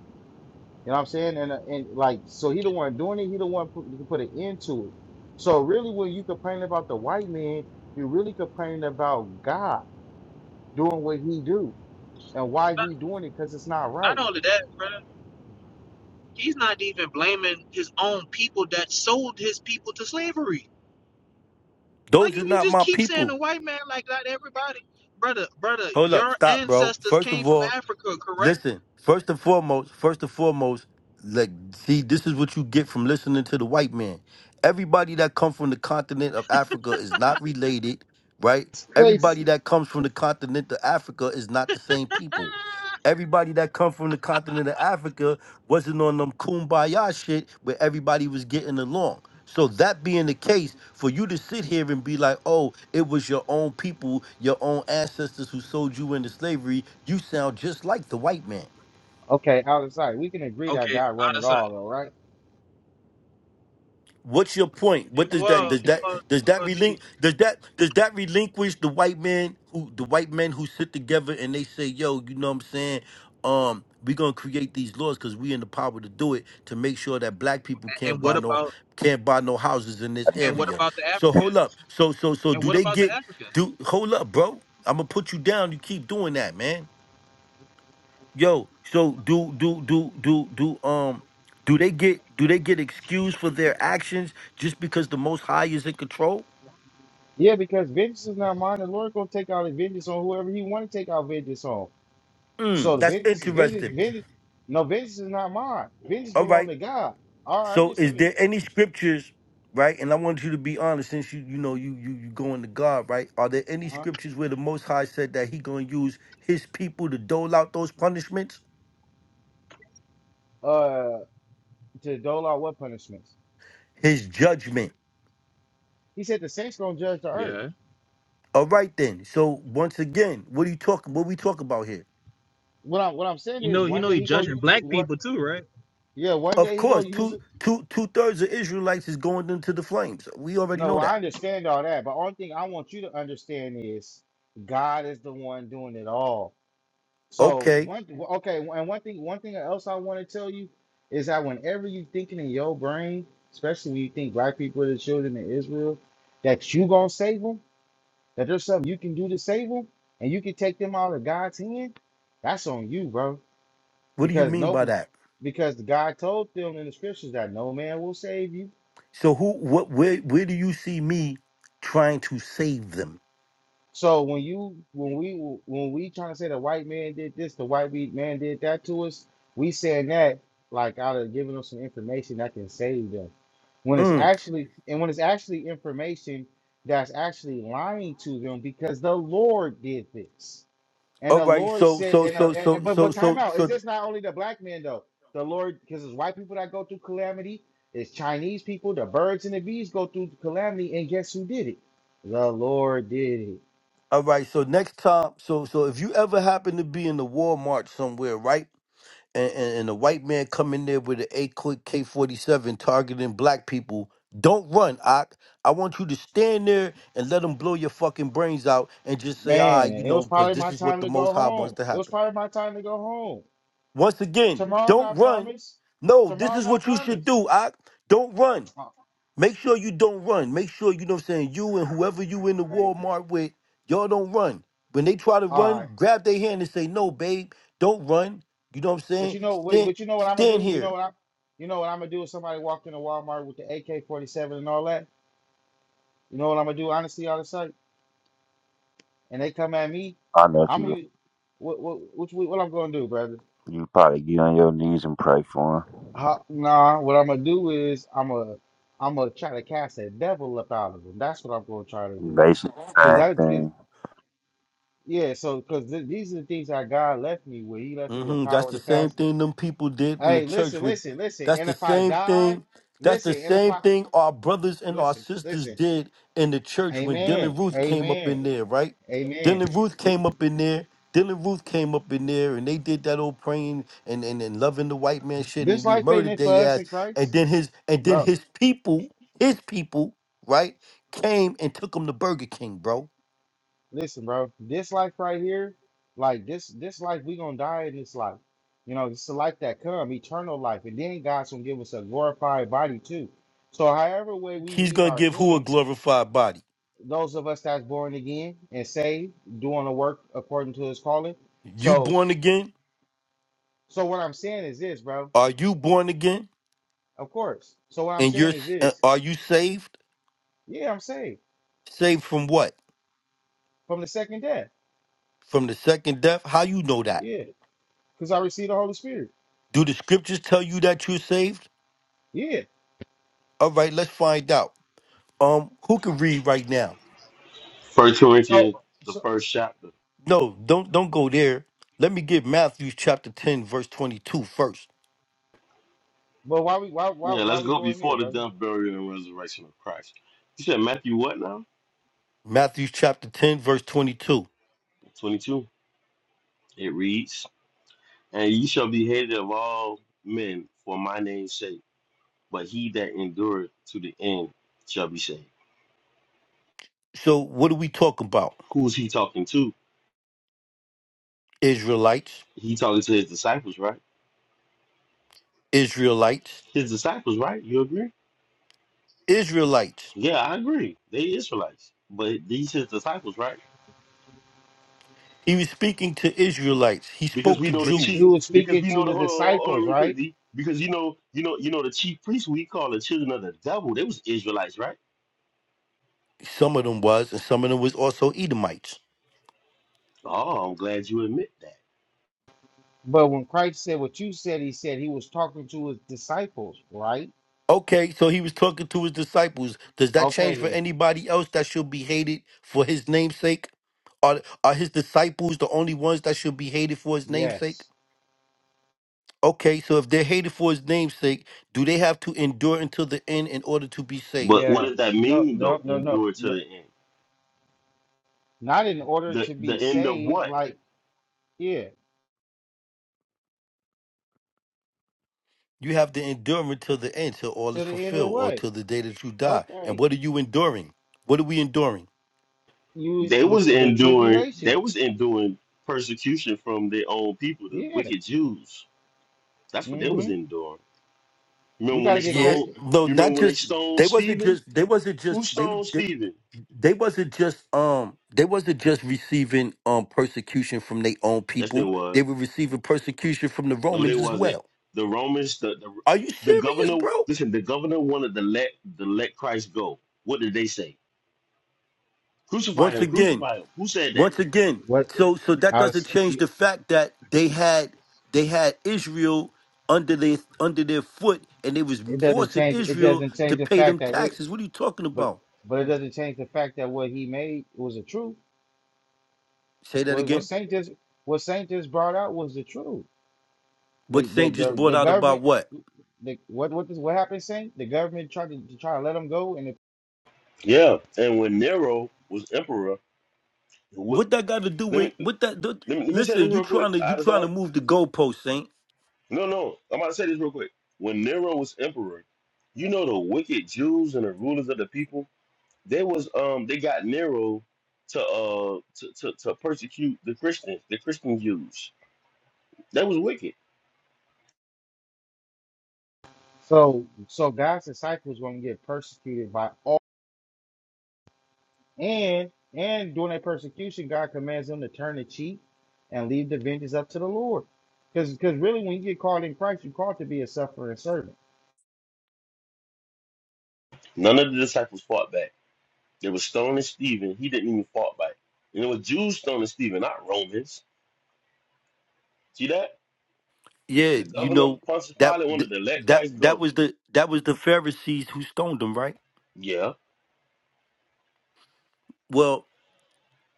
[SPEAKER 6] You know what I'm saying? And uh, and like, so he the one doing it. He the one put, put an end to it. So really, when you complain about the white man, you really complaining about God doing what He do and why
[SPEAKER 2] not,
[SPEAKER 6] He doing it because it's not
[SPEAKER 2] not
[SPEAKER 6] right.
[SPEAKER 2] only that, bro. He's not even blaming his own people that sold his people to slavery Oh,
[SPEAKER 1] Those are
[SPEAKER 2] you, you
[SPEAKER 1] not
[SPEAKER 2] just
[SPEAKER 1] my
[SPEAKER 2] keep saying a
[SPEAKER 1] people.
[SPEAKER 2] white man like that, everybody. Brother, brother,
[SPEAKER 1] Hold up,
[SPEAKER 2] your
[SPEAKER 1] stop, bro.
[SPEAKER 2] ancestors
[SPEAKER 1] First
[SPEAKER 2] came
[SPEAKER 1] of
[SPEAKER 2] from
[SPEAKER 1] all,
[SPEAKER 2] Africa, correct?
[SPEAKER 1] Listen, first and foremost, first and foremost, like see, this is what you get from listening to the white man. Everybody that comes from the continent of Africa is not related, right?
[SPEAKER 6] It's
[SPEAKER 1] Everybody
[SPEAKER 6] crazy.
[SPEAKER 1] that comes from the continent of Africa is not the same people.
[SPEAKER 2] Ah,
[SPEAKER 1] Everybody that comes from the continent of Africa wasn't on them kumbaya shit where everybody was getting along. So that being the case, for you to sit here and be like, "Oh, it was your own people, your own ancestors who sold you into slavery," you sound just like the white man.
[SPEAKER 6] Okay, out of sight. We can agree that
[SPEAKER 2] okay,
[SPEAKER 6] God run
[SPEAKER 2] out of
[SPEAKER 6] it
[SPEAKER 2] sight.
[SPEAKER 6] all, though, right?
[SPEAKER 1] What's your point? What
[SPEAKER 2] It-
[SPEAKER 1] does that
[SPEAKER 2] was,
[SPEAKER 1] does that
[SPEAKER 2] Well,
[SPEAKER 1] does
[SPEAKER 2] uh,
[SPEAKER 1] that
[SPEAKER 2] uh, D,
[SPEAKER 1] relin does that does that relinquish the white man who the white men who sit together and they say, yo, you know what I'm saying? Um, we're gonna create these laws because we in the power to do it to make sure that black people
[SPEAKER 2] and
[SPEAKER 1] can't buy
[SPEAKER 2] what
[SPEAKER 1] no
[SPEAKER 2] about
[SPEAKER 1] can't buy no houses in this
[SPEAKER 2] and what
[SPEAKER 1] area.
[SPEAKER 2] about the
[SPEAKER 1] So hold up.
[SPEAKER 2] Africans?
[SPEAKER 1] So so so
[SPEAKER 2] And
[SPEAKER 1] do
[SPEAKER 2] what
[SPEAKER 1] they
[SPEAKER 2] about the
[SPEAKER 1] get
[SPEAKER 2] Africans?
[SPEAKER 1] do hold up, bro? I'm gonna put you down. You keep doing that, man. Yo, so do do do do do um do they get do they get excused for their actions just because the most high is in control?
[SPEAKER 6] Yeah, because vengeance is not mine. The Lord gonna take out his vengeance on whoever He want to take out vengeance on.
[SPEAKER 1] Mm,
[SPEAKER 6] So the
[SPEAKER 1] that's
[SPEAKER 6] vengeance, vengeance,
[SPEAKER 1] interesting.
[SPEAKER 6] vengeance. No, vengeance is not mine. Vengeance
[SPEAKER 1] All
[SPEAKER 6] belong
[SPEAKER 1] right.
[SPEAKER 6] to God. All right, I'm
[SPEAKER 1] So
[SPEAKER 6] just
[SPEAKER 1] is
[SPEAKER 6] saying.
[SPEAKER 1] there any scriptures, right? And I want you to be honest since you you know you you you going to God, right? Are there any
[SPEAKER 6] Uh-huh.
[SPEAKER 1] scriptures where the most high said that he going to use his people to dole out those punishments?
[SPEAKER 6] Uh, to dole out what punishments?
[SPEAKER 1] His judgment.
[SPEAKER 6] He said the saints gonna judge the earth.
[SPEAKER 2] Yeah.
[SPEAKER 1] All right then. So once again, what are you talking what we talk about here?
[SPEAKER 6] What I'm what I'm saying
[SPEAKER 2] You
[SPEAKER 6] is
[SPEAKER 2] know, you
[SPEAKER 6] one
[SPEAKER 2] know,
[SPEAKER 6] day
[SPEAKER 2] you
[SPEAKER 6] he gonna
[SPEAKER 2] judging
[SPEAKER 6] use it.
[SPEAKER 2] black
[SPEAKER 6] What
[SPEAKER 2] people too, right?
[SPEAKER 6] yeah, one
[SPEAKER 1] Of
[SPEAKER 6] day he
[SPEAKER 1] course,
[SPEAKER 6] gonna use
[SPEAKER 1] two
[SPEAKER 6] it.
[SPEAKER 1] two two thirds of Israelites is going into the flames. We already
[SPEAKER 6] No,
[SPEAKER 1] know
[SPEAKER 6] well, I
[SPEAKER 1] that.
[SPEAKER 6] understand all that, but only thing I want you to understand is God is the one doing it all. So
[SPEAKER 1] Okay,
[SPEAKER 6] one okay, and one thing one thing else I want to tell you is that whenever you thinking in your brain, especially when you think black people are the children of Israel, that you gonna save them, that there's something you can do to save them, and you can take them out of God's hand. That's on you, bro.
[SPEAKER 1] what do you
[SPEAKER 6] because
[SPEAKER 1] mean by
[SPEAKER 6] no
[SPEAKER 1] that?
[SPEAKER 6] because God told them in the scriptures that no man will save you.
[SPEAKER 1] So who what where where do you see me trying to save them?
[SPEAKER 6] So when you when we when we trying to say the white man did this, the white we- man did that to us, we saying that like out of giving them some information that can save them. When it's
[SPEAKER 1] Mm.
[SPEAKER 6] actually and when it's actually information that's actually lying to them because the Lord did this. And
[SPEAKER 1] All
[SPEAKER 6] the
[SPEAKER 1] right,
[SPEAKER 6] Lord
[SPEAKER 1] so
[SPEAKER 6] said,
[SPEAKER 1] so
[SPEAKER 6] and, uh,
[SPEAKER 1] so
[SPEAKER 6] and, and-
[SPEAKER 1] so
[SPEAKER 6] but
[SPEAKER 1] so
[SPEAKER 6] but time
[SPEAKER 1] so
[SPEAKER 6] out. Is
[SPEAKER 1] so
[SPEAKER 6] this not only the black men though? The Lord, because it's white people that go through calamity. It's Chinese people. The birds and the bees go through calamity, and guess who did it? The Lord did it.
[SPEAKER 1] all right, so next time so so if you ever happen to be in the Walmart somewhere, right? and, and, and a white man come in there with an eight quick K forty seven targeting black people, don't run, Ock. I want you to stand there and let them blow your fucking brains out and just say, ah, you
[SPEAKER 6] Man, it
[SPEAKER 1] know,
[SPEAKER 6] was
[SPEAKER 1] because
[SPEAKER 6] probably
[SPEAKER 1] this
[SPEAKER 6] my
[SPEAKER 1] is what
[SPEAKER 6] time
[SPEAKER 1] the
[SPEAKER 6] to
[SPEAKER 1] Most
[SPEAKER 6] go
[SPEAKER 1] High wants
[SPEAKER 6] home.
[SPEAKER 1] to
[SPEAKER 6] It was
[SPEAKER 1] happen.
[SPEAKER 6] probably my time to go home.
[SPEAKER 1] Once again,
[SPEAKER 6] Tomorrow,
[SPEAKER 1] don't
[SPEAKER 6] not
[SPEAKER 1] run.
[SPEAKER 6] promise.
[SPEAKER 1] No, this
[SPEAKER 6] Tomorrow,
[SPEAKER 1] is
[SPEAKER 6] not
[SPEAKER 1] what you should
[SPEAKER 6] promise.
[SPEAKER 1] do, Ock. Don't run.
[SPEAKER 6] Oh, all
[SPEAKER 1] Make sure you don't run. Make sure, you know what I'm saying, you and whoever you in the
[SPEAKER 6] right,
[SPEAKER 1] Walmart with, y'all don't run. When they try to
[SPEAKER 6] all right.
[SPEAKER 1] run, grab their hand and say, no, babe, don't run. You know what I'm
[SPEAKER 6] But
[SPEAKER 1] saying?
[SPEAKER 6] you know what?
[SPEAKER 1] Stand,
[SPEAKER 6] But you know what I'm gonna
[SPEAKER 1] stand
[SPEAKER 6] do? You know
[SPEAKER 1] here.
[SPEAKER 6] what I'm? You know what I'm gonna do? If somebody walked into Walmart with the AK-47 and all that. You know what I'm gonna do? Honestly, out of sight, and they come at me.
[SPEAKER 5] I know
[SPEAKER 6] I'm
[SPEAKER 5] you
[SPEAKER 6] gonna what what which, what you- what I'm gonna do, brother?
[SPEAKER 5] you probably get on your knees and pray for
[SPEAKER 6] How, nah, what I'm gonna do is I'm gonna I'm gonna try to cast a devil up out of them. That's what I'm gonna try to
[SPEAKER 5] him.
[SPEAKER 6] do.
[SPEAKER 5] Basically
[SPEAKER 6] Cause
[SPEAKER 5] the
[SPEAKER 6] I
[SPEAKER 5] same thing.
[SPEAKER 6] cause, yeah, so cause th- these are the things that God left me with. He left me with
[SPEAKER 1] hmm That's
[SPEAKER 6] power
[SPEAKER 1] the
[SPEAKER 6] to
[SPEAKER 1] same
[SPEAKER 6] cast. The,
[SPEAKER 1] thing them people did in the
[SPEAKER 6] hey,
[SPEAKER 1] church
[SPEAKER 6] listen,
[SPEAKER 1] with
[SPEAKER 6] listen, listen.
[SPEAKER 1] that's
[SPEAKER 6] And
[SPEAKER 1] the
[SPEAKER 6] if I
[SPEAKER 1] same
[SPEAKER 6] die,
[SPEAKER 1] thing. That's the
[SPEAKER 6] listen. And if
[SPEAKER 1] same
[SPEAKER 6] I
[SPEAKER 1] thing our brothers and our
[SPEAKER 6] listen,
[SPEAKER 1] sisters
[SPEAKER 6] listen.
[SPEAKER 1] did in the church when
[SPEAKER 6] Amen.
[SPEAKER 1] Dylan Ruth came up in
[SPEAKER 6] Amen.
[SPEAKER 1] there, right?
[SPEAKER 6] Amen.
[SPEAKER 1] Dylan Ruth came up in there. Dylan Ruth came up in there and they did that old praying and, and, and loving the white man shit
[SPEAKER 6] This
[SPEAKER 1] and he
[SPEAKER 6] life ain't
[SPEAKER 1] murdered
[SPEAKER 6] it for
[SPEAKER 1] their
[SPEAKER 6] us
[SPEAKER 1] ass.
[SPEAKER 6] in
[SPEAKER 1] And
[SPEAKER 6] Christ,
[SPEAKER 1] then his and then
[SPEAKER 6] bro.
[SPEAKER 1] his people, his people, right, came and took him to Burger King, bro.
[SPEAKER 6] Listen, bro, this life right here, like this this life, we gonna die in this life. You know, it's the life that come, eternal life, and then God's gonna give us a glorified body too. So however way we
[SPEAKER 1] He's
[SPEAKER 6] meet
[SPEAKER 1] gonna
[SPEAKER 6] our
[SPEAKER 1] give who a
[SPEAKER 6] end,
[SPEAKER 1] glorified body?
[SPEAKER 6] those of us that's born again and saved, doing the work according to his calling.
[SPEAKER 1] You
[SPEAKER 6] So
[SPEAKER 1] born again?
[SPEAKER 6] so what I'm saying is this, bro.
[SPEAKER 1] Are you born again?
[SPEAKER 6] Of course. So what I'm
[SPEAKER 1] And
[SPEAKER 6] saying
[SPEAKER 1] you're
[SPEAKER 6] is
[SPEAKER 1] uh,
[SPEAKER 6] this.
[SPEAKER 1] are you saved?
[SPEAKER 6] Yeah, I'm saved
[SPEAKER 1] Saved from what?
[SPEAKER 6] from the second death.
[SPEAKER 1] From the second death? How you know that?
[SPEAKER 6] Yeah. Because I received the Holy Spirit.
[SPEAKER 1] Do the scriptures tell you that you're saved?
[SPEAKER 6] Yeah.
[SPEAKER 1] All right, let's find out. Um, who can read right now?
[SPEAKER 3] First Corinthians,
[SPEAKER 6] So
[SPEAKER 3] the
[SPEAKER 6] so
[SPEAKER 3] first chapter.
[SPEAKER 1] No, don't don't go there. Let me give Matthew chapter 10 verse 22 first.
[SPEAKER 6] but why we why why
[SPEAKER 3] Yeah,
[SPEAKER 6] why
[SPEAKER 3] let's
[SPEAKER 6] we
[SPEAKER 3] go
[SPEAKER 6] going there,
[SPEAKER 3] before the
[SPEAKER 6] brother?
[SPEAKER 3] death, burial, and resurrection of Christ. You said Matthew what now?
[SPEAKER 1] Matthew chapter 10 verse 22.
[SPEAKER 3] 22. It reads, And ye shall be hated of all men for my name's sake, but he that endureth to the end shall be saved.
[SPEAKER 1] So what are we talking about?
[SPEAKER 3] Who's he talking to?
[SPEAKER 1] Israelites,
[SPEAKER 3] He talking to his disciples, right?
[SPEAKER 1] Israelites,
[SPEAKER 3] His disciples, right? You agree?
[SPEAKER 1] Israelites.
[SPEAKER 3] Yeah, I agree. They Israelites. But these his disciples, right?
[SPEAKER 1] He was speaking to Israelites. He
[SPEAKER 3] because
[SPEAKER 1] spoke
[SPEAKER 3] we
[SPEAKER 1] to
[SPEAKER 3] know the
[SPEAKER 6] he,
[SPEAKER 1] Jews.
[SPEAKER 6] he
[SPEAKER 3] chief
[SPEAKER 6] was
[SPEAKER 3] because
[SPEAKER 6] speaking
[SPEAKER 3] we
[SPEAKER 6] to
[SPEAKER 3] know the
[SPEAKER 6] the
[SPEAKER 3] hold on, hold on
[SPEAKER 6] disciples,
[SPEAKER 3] real quick,
[SPEAKER 6] right?
[SPEAKER 3] D. Because you know, you know, you know the chief priests we call the children of the devil, they was Israelites, right?
[SPEAKER 1] Some of them was, and some of them was also Edomites.
[SPEAKER 3] Oh, I'm glad you admit that.
[SPEAKER 6] But when Christ said what you said, he said he was talking to his disciples, right?
[SPEAKER 1] Okay, so he was talking to his disciples. Does that change
[SPEAKER 6] Okay,
[SPEAKER 1] for
[SPEAKER 6] then.
[SPEAKER 1] anybody else that should be hated for his namesake? Are are his disciples the only ones that should be hated for his namesake?
[SPEAKER 6] Yes.
[SPEAKER 1] Okay, so if they're hated for his namesake, do they have to endure until the end in order to be saved?
[SPEAKER 3] But what does
[SPEAKER 6] Yes.
[SPEAKER 3] that
[SPEAKER 6] No,
[SPEAKER 3] mean though?
[SPEAKER 6] no, no, no,
[SPEAKER 3] Endure to
[SPEAKER 6] no.
[SPEAKER 3] the end.
[SPEAKER 6] Not in order
[SPEAKER 3] The
[SPEAKER 6] to
[SPEAKER 3] the
[SPEAKER 6] be
[SPEAKER 3] end of
[SPEAKER 6] saved,
[SPEAKER 3] what?
[SPEAKER 6] like, yeah,
[SPEAKER 1] You have to endure until the end, till all is
[SPEAKER 6] to the end of the
[SPEAKER 1] fulfilled, or
[SPEAKER 6] way.
[SPEAKER 1] till the day that you die. And
[SPEAKER 6] Okay.
[SPEAKER 1] what are you enduring? What are we enduring?
[SPEAKER 6] You,
[SPEAKER 3] They
[SPEAKER 6] the,
[SPEAKER 3] was
[SPEAKER 6] the
[SPEAKER 3] enduring they
[SPEAKER 6] tribulation.
[SPEAKER 3] was enduring persecution from their own people, the
[SPEAKER 6] Yeah.
[SPEAKER 3] wicked Jews. That's what they was
[SPEAKER 6] Mm-hmm.
[SPEAKER 3] enduring.
[SPEAKER 6] We
[SPEAKER 3] Remember when
[SPEAKER 6] got
[SPEAKER 3] they
[SPEAKER 6] to get
[SPEAKER 1] Yeah,
[SPEAKER 3] stoned
[SPEAKER 6] custody.
[SPEAKER 1] no,
[SPEAKER 3] you
[SPEAKER 1] not
[SPEAKER 3] remember when they
[SPEAKER 1] just
[SPEAKER 3] stoned
[SPEAKER 1] they wasn't
[SPEAKER 3] Stephen?
[SPEAKER 1] just they wasn't
[SPEAKER 3] Who
[SPEAKER 1] just they
[SPEAKER 3] stoned
[SPEAKER 1] they,
[SPEAKER 3] Stephen?
[SPEAKER 1] they wasn't just um they wasn't just receiving um persecution from their own
[SPEAKER 3] Yes, there
[SPEAKER 1] people.
[SPEAKER 3] was.
[SPEAKER 1] They were receiving persecution from the
[SPEAKER 3] No, they
[SPEAKER 1] Romans as
[SPEAKER 3] wasn't.
[SPEAKER 1] well.
[SPEAKER 3] The Romans, the, the
[SPEAKER 1] Are you
[SPEAKER 3] the
[SPEAKER 1] serious,
[SPEAKER 3] governor.
[SPEAKER 1] bro?
[SPEAKER 3] Listen, the governor wanted to let to let Christ go. What did they say? Crucify
[SPEAKER 1] Once
[SPEAKER 3] him!
[SPEAKER 1] again,
[SPEAKER 3] Crucify him! Who said that?
[SPEAKER 1] once again.
[SPEAKER 6] What?
[SPEAKER 1] So so that
[SPEAKER 6] I
[SPEAKER 1] doesn't
[SPEAKER 6] was,
[SPEAKER 1] change the fact that they had they had Israel under their under their foot and they was
[SPEAKER 6] it doesn't
[SPEAKER 1] forcing
[SPEAKER 6] change. It
[SPEAKER 1] Israel
[SPEAKER 6] doesn't
[SPEAKER 1] to
[SPEAKER 6] change the
[SPEAKER 1] pay
[SPEAKER 6] fact
[SPEAKER 1] them
[SPEAKER 6] that it,
[SPEAKER 1] taxes. What are you talking
[SPEAKER 6] but,
[SPEAKER 1] about?
[SPEAKER 6] but it doesn't change the fact that what he made was a truth.
[SPEAKER 1] Say that
[SPEAKER 6] What what
[SPEAKER 1] again.
[SPEAKER 6] Saint just what Saint just brought out was the truth.
[SPEAKER 1] What
[SPEAKER 6] The the
[SPEAKER 1] Saint just
[SPEAKER 6] the,
[SPEAKER 1] brought
[SPEAKER 6] the
[SPEAKER 1] out about
[SPEAKER 6] government
[SPEAKER 1] what?
[SPEAKER 6] the, what what this, what happened, Saint? The government tried to, to try to let them go, and it,
[SPEAKER 3] Yeah. And when Nero was emperor, what,
[SPEAKER 1] What that got to do
[SPEAKER 3] let
[SPEAKER 1] with
[SPEAKER 3] me
[SPEAKER 1] what that? Do,
[SPEAKER 3] let me let me say this
[SPEAKER 1] listen, you
[SPEAKER 3] real quick.
[SPEAKER 1] trying to you
[SPEAKER 3] I
[SPEAKER 1] trying to
[SPEAKER 3] decide.
[SPEAKER 1] move the goalpost, Saint?
[SPEAKER 3] No, no, I'm about to say this real quick. When Nero was emperor, you know the wicked Jews and the rulers of the people. They was um they got Nero to uh to to, to persecute the Christians, the Christian Jews. That was wicked.
[SPEAKER 6] so so God's disciples going to get persecuted by all, and and during that persecution, God commands them to turn the cheek and leave the vengeance up to the Lord, because because really, when you get called in Christ, you're called to be a suffering servant.
[SPEAKER 3] None of the disciples fought back. They were stoning Stephen. He didn't even fight back. And it was Jews stoning Stephen, not Romans. See that?
[SPEAKER 1] Yeah,
[SPEAKER 3] The
[SPEAKER 1] you
[SPEAKER 3] governor,
[SPEAKER 1] know
[SPEAKER 3] Pontius
[SPEAKER 1] that
[SPEAKER 3] Pilate,
[SPEAKER 1] th-
[SPEAKER 3] wanted to let
[SPEAKER 1] that
[SPEAKER 3] Christ
[SPEAKER 1] that
[SPEAKER 3] go.
[SPEAKER 1] was the that was the Pharisees who stoned him, right?
[SPEAKER 3] Yeah.
[SPEAKER 1] Well,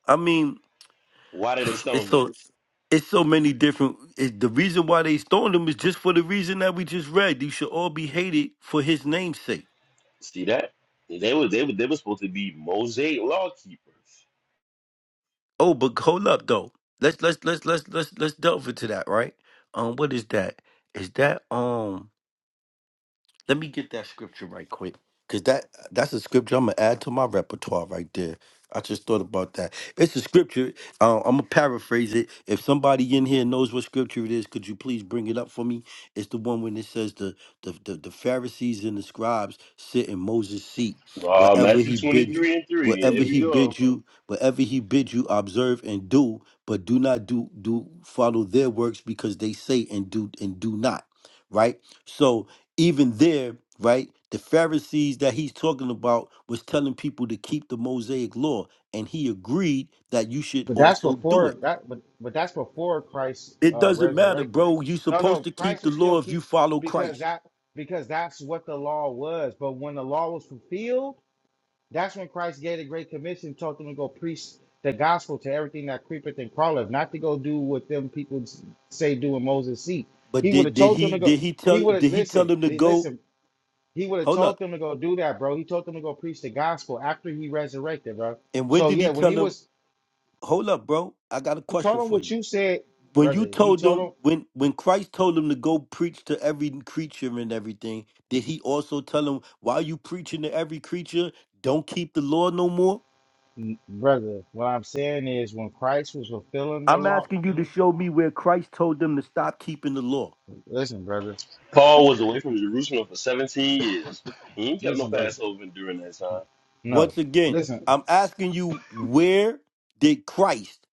[SPEAKER 1] I mean,
[SPEAKER 3] Why did they
[SPEAKER 1] it's
[SPEAKER 3] stone him?
[SPEAKER 1] so it's so many different. It, the reason why they stoned him is just for the reason that we just read. You should all be hated for his name's sake.
[SPEAKER 3] See that? They were they were they were supposed to be Mosaic law keepers.
[SPEAKER 1] Oh, but hold up though. Let's let's let's let's let's let's delve into that, right? Um, what is that? Is that um? Let me get that scripture right quick, cause that that's a scripture I'm gonna add to my repertoire right there. I just thought about that. It's a scripture. Um, I'm gonna paraphrase it. If somebody in here knows what scripture it is, could you please bring it up for me? It's the one when it says the the the, the Pharisees and the scribes sit in Moses' seat.
[SPEAKER 3] Ah,
[SPEAKER 1] Whatever
[SPEAKER 3] Matthew
[SPEAKER 1] he
[SPEAKER 3] twenty
[SPEAKER 1] bid,
[SPEAKER 3] three and three. Yeah,
[SPEAKER 1] whatever
[SPEAKER 3] Here we
[SPEAKER 1] he bid
[SPEAKER 3] go.
[SPEAKER 1] you, whatever he bid you, observe and do. But do not do do follow their works because they say and do and do not. Right. So even there, right, the Pharisees that he's talking about was telling people to keep the Mosaic law, and he agreed that you should
[SPEAKER 6] But that's
[SPEAKER 1] also do
[SPEAKER 6] before
[SPEAKER 1] it.
[SPEAKER 6] that. But but that's before Christ
[SPEAKER 1] It
[SPEAKER 6] uh,
[SPEAKER 1] doesn't matter,
[SPEAKER 6] resurrected.
[SPEAKER 1] bro. You're
[SPEAKER 6] No, no,
[SPEAKER 1] supposed to keep
[SPEAKER 6] Christ
[SPEAKER 1] the
[SPEAKER 6] was still
[SPEAKER 1] law if you
[SPEAKER 6] keep
[SPEAKER 1] follow
[SPEAKER 6] because
[SPEAKER 1] Christ.
[SPEAKER 6] that because that's what the law was. But when the law was fulfilled, that's when Christ gave the great commission, told them to go preach the gospel to everything that creepeth and crawleth, not to go do what them people s- say do in Moses' seat.
[SPEAKER 1] But
[SPEAKER 6] He would
[SPEAKER 1] did
[SPEAKER 6] have
[SPEAKER 1] did
[SPEAKER 6] told them
[SPEAKER 1] he
[SPEAKER 6] to
[SPEAKER 1] did
[SPEAKER 6] go.
[SPEAKER 1] he
[SPEAKER 6] He
[SPEAKER 1] tell
[SPEAKER 6] would have
[SPEAKER 1] did he tell
[SPEAKER 6] listen.
[SPEAKER 1] them to
[SPEAKER 6] He,
[SPEAKER 1] go?
[SPEAKER 6] listen. He would have
[SPEAKER 1] Hold
[SPEAKER 6] told
[SPEAKER 1] up.
[SPEAKER 6] them to go do that, bro. He told them to go preach the gospel after he resurrected, bro.
[SPEAKER 1] And when
[SPEAKER 6] So
[SPEAKER 1] did he
[SPEAKER 6] yeah, when
[SPEAKER 1] tell
[SPEAKER 6] he
[SPEAKER 1] them?
[SPEAKER 6] was
[SPEAKER 1] Hold up, bro. I got a
[SPEAKER 6] he
[SPEAKER 1] question
[SPEAKER 6] told him
[SPEAKER 1] for
[SPEAKER 6] what
[SPEAKER 1] you.
[SPEAKER 6] you said,
[SPEAKER 1] when you
[SPEAKER 6] brother. He
[SPEAKER 1] told them
[SPEAKER 6] told
[SPEAKER 1] when when Christ told them to go preach to every creature and everything, did he also tell them while you preaching to every creature, don't keep the law no more?
[SPEAKER 6] him, brother. What I'm saying is, when Christ was fulfilling the
[SPEAKER 1] I'm
[SPEAKER 6] law,
[SPEAKER 1] asking you to show me where Christ told them to stop keeping the law.
[SPEAKER 6] listen, brother.
[SPEAKER 3] Paul was away from Jerusalem for seventeen years. He ain't kept no
[SPEAKER 6] Listen, brother.
[SPEAKER 3] Passover during that time.
[SPEAKER 6] No,
[SPEAKER 1] Once again,
[SPEAKER 6] listen.
[SPEAKER 1] I'm asking you where did Christ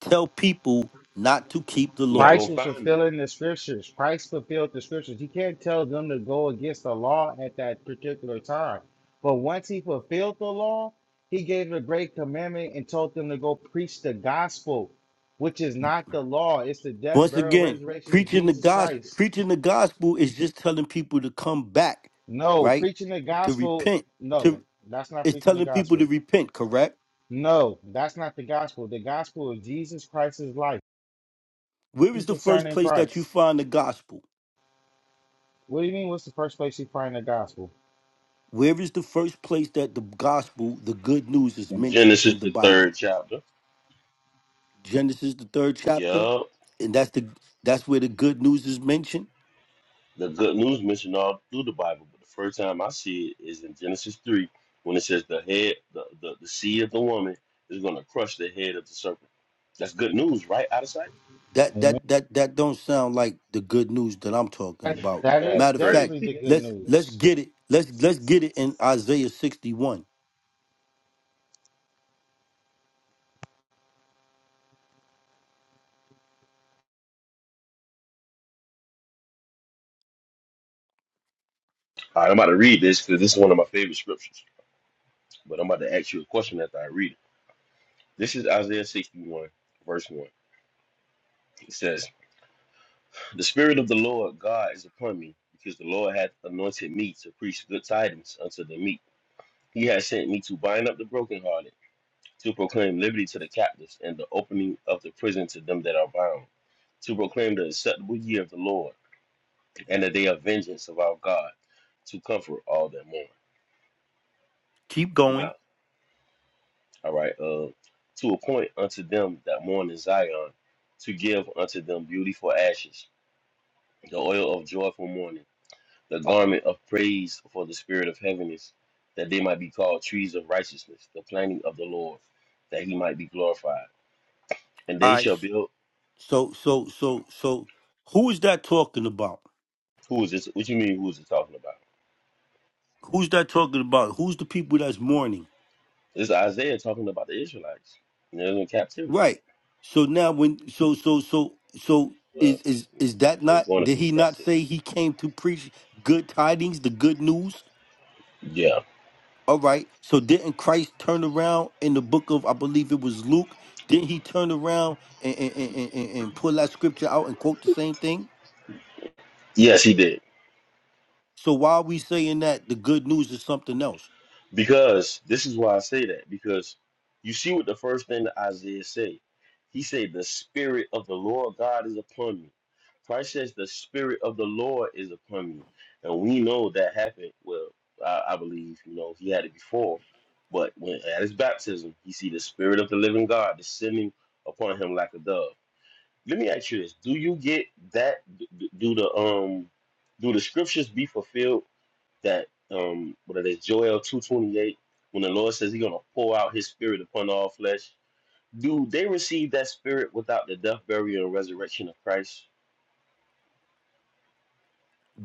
[SPEAKER 1] tell people not to keep the
[SPEAKER 3] You're not
[SPEAKER 1] law?
[SPEAKER 3] gonna
[SPEAKER 6] Christ was
[SPEAKER 3] find that.
[SPEAKER 6] fulfilling the scriptures. Christ fulfilled the scriptures. You can't tell them to go against the law at that particular time. But once he fulfilled the law, he gave a great commandment and told them to go preach the gospel, which is not the law. It's the death,
[SPEAKER 1] Once
[SPEAKER 6] burial,
[SPEAKER 1] again,
[SPEAKER 6] resurrection of
[SPEAKER 1] preaching the
[SPEAKER 6] Jesus
[SPEAKER 1] gospel
[SPEAKER 6] Christ.
[SPEAKER 1] preaching the gospel is just telling people to come back,
[SPEAKER 6] No,
[SPEAKER 1] right?
[SPEAKER 6] preaching the
[SPEAKER 1] To
[SPEAKER 6] gospel,
[SPEAKER 1] repent
[SPEAKER 6] no, that's not
[SPEAKER 1] It's
[SPEAKER 6] preaching the
[SPEAKER 1] telling people to
[SPEAKER 6] gospel.
[SPEAKER 1] repent, correct?
[SPEAKER 6] No, that's not the gospel. The gospel is Jesus Christ's life
[SPEAKER 1] Where is the first
[SPEAKER 6] concerning
[SPEAKER 1] place that you
[SPEAKER 6] Christ.
[SPEAKER 1] find the gospel?
[SPEAKER 6] What do you mean? What's the first place you find the gospel?
[SPEAKER 1] Where is the first place that the gospel, the good news, is mentioned in
[SPEAKER 3] Genesis
[SPEAKER 1] the
[SPEAKER 3] the third
[SPEAKER 1] Bible?
[SPEAKER 3] chapter.
[SPEAKER 1] Genesis, the third chapter,
[SPEAKER 3] Yup.
[SPEAKER 1] and that's the that's where the good news is mentioned.
[SPEAKER 3] The good news mentioned all through the Bible, but the first time I see it is in Genesis 3 when it says the head, the, the, the seed of the woman is going to crush the head of the serpent. That's good news, right? Out of sight?
[SPEAKER 1] That
[SPEAKER 6] Amen.
[SPEAKER 1] that that that don't sound like the good news that I'm talking
[SPEAKER 6] That
[SPEAKER 1] about.
[SPEAKER 6] that
[SPEAKER 3] That's
[SPEAKER 6] is
[SPEAKER 1] Matter of fact,
[SPEAKER 6] definitely
[SPEAKER 3] crazy.
[SPEAKER 6] the good
[SPEAKER 1] let's let's
[SPEAKER 6] news.
[SPEAKER 1] get it. Let's let's get it in Isaiah 61.
[SPEAKER 3] All right, I'm about to read this because this is one of my favorite scriptures, but I'm about to ask you a question after I read it. This is Isaiah 61, verse 1. It says, The Spirit of the Lord God is upon me because the Lord hath anointed me to preach good tidings unto the meek. He has sent me to bind up the brokenhearted to proclaim liberty to the captives and the opening of the prison to them that are bound, to proclaim the acceptable year of the Lord and the day of vengeance of our God, to comfort all that mourn.
[SPEAKER 1] Keep going.
[SPEAKER 3] Now, all right, uh, to appoint unto them that mourn in Zion, to give unto them beautiful ashes, the oil of joyful mourning, the garment of praise for the spirit of heaviness, that they might be called trees of righteousness, the planting of the Lord, that he might be glorified. and
[SPEAKER 1] All
[SPEAKER 3] they
[SPEAKER 1] right.
[SPEAKER 3] shall build.
[SPEAKER 1] So so so so who is that talking about?
[SPEAKER 3] Who is this? What you mean? Who is it talking about?
[SPEAKER 1] Who's that talking about? Who's the people that's mourning?
[SPEAKER 3] It's Isaiah talking about the Israelites. They are in captivity.
[SPEAKER 1] Right. So now when so so so so
[SPEAKER 3] Well,
[SPEAKER 1] is is is that
[SPEAKER 3] they were
[SPEAKER 1] not
[SPEAKER 3] going to
[SPEAKER 1] did
[SPEAKER 3] be in
[SPEAKER 1] he not say
[SPEAKER 3] captivity.
[SPEAKER 1] he came to preach good tidings, the good news?
[SPEAKER 3] Yeah.
[SPEAKER 1] All right. So didn't Christ turn around in the book of I believe it was Luke? Didn't he turn around and and, and, and, and pull that scripture out and quote the same thing?
[SPEAKER 3] Yes, he did.
[SPEAKER 1] So why are we saying that the good news is something else?
[SPEAKER 3] Because this is why I say that, because you see what the first thing that Isaiah said. He said, The spirit of the Lord God is upon me. Christ says, The spirit of the Lord is upon me. And we know that happened. Well, I, I believe, you know, he had it before. But when at his baptism, he see the spirit of the living God descending upon him like a dove. Let me ask you this. Do you get that? Do do the um do the scriptures be fulfilled that um what are they Joel two twenty eight when the Lord says He's gonna pour out His Spirit upon all flesh. Do they receive that Spirit without the death, burial, and resurrection of Christ?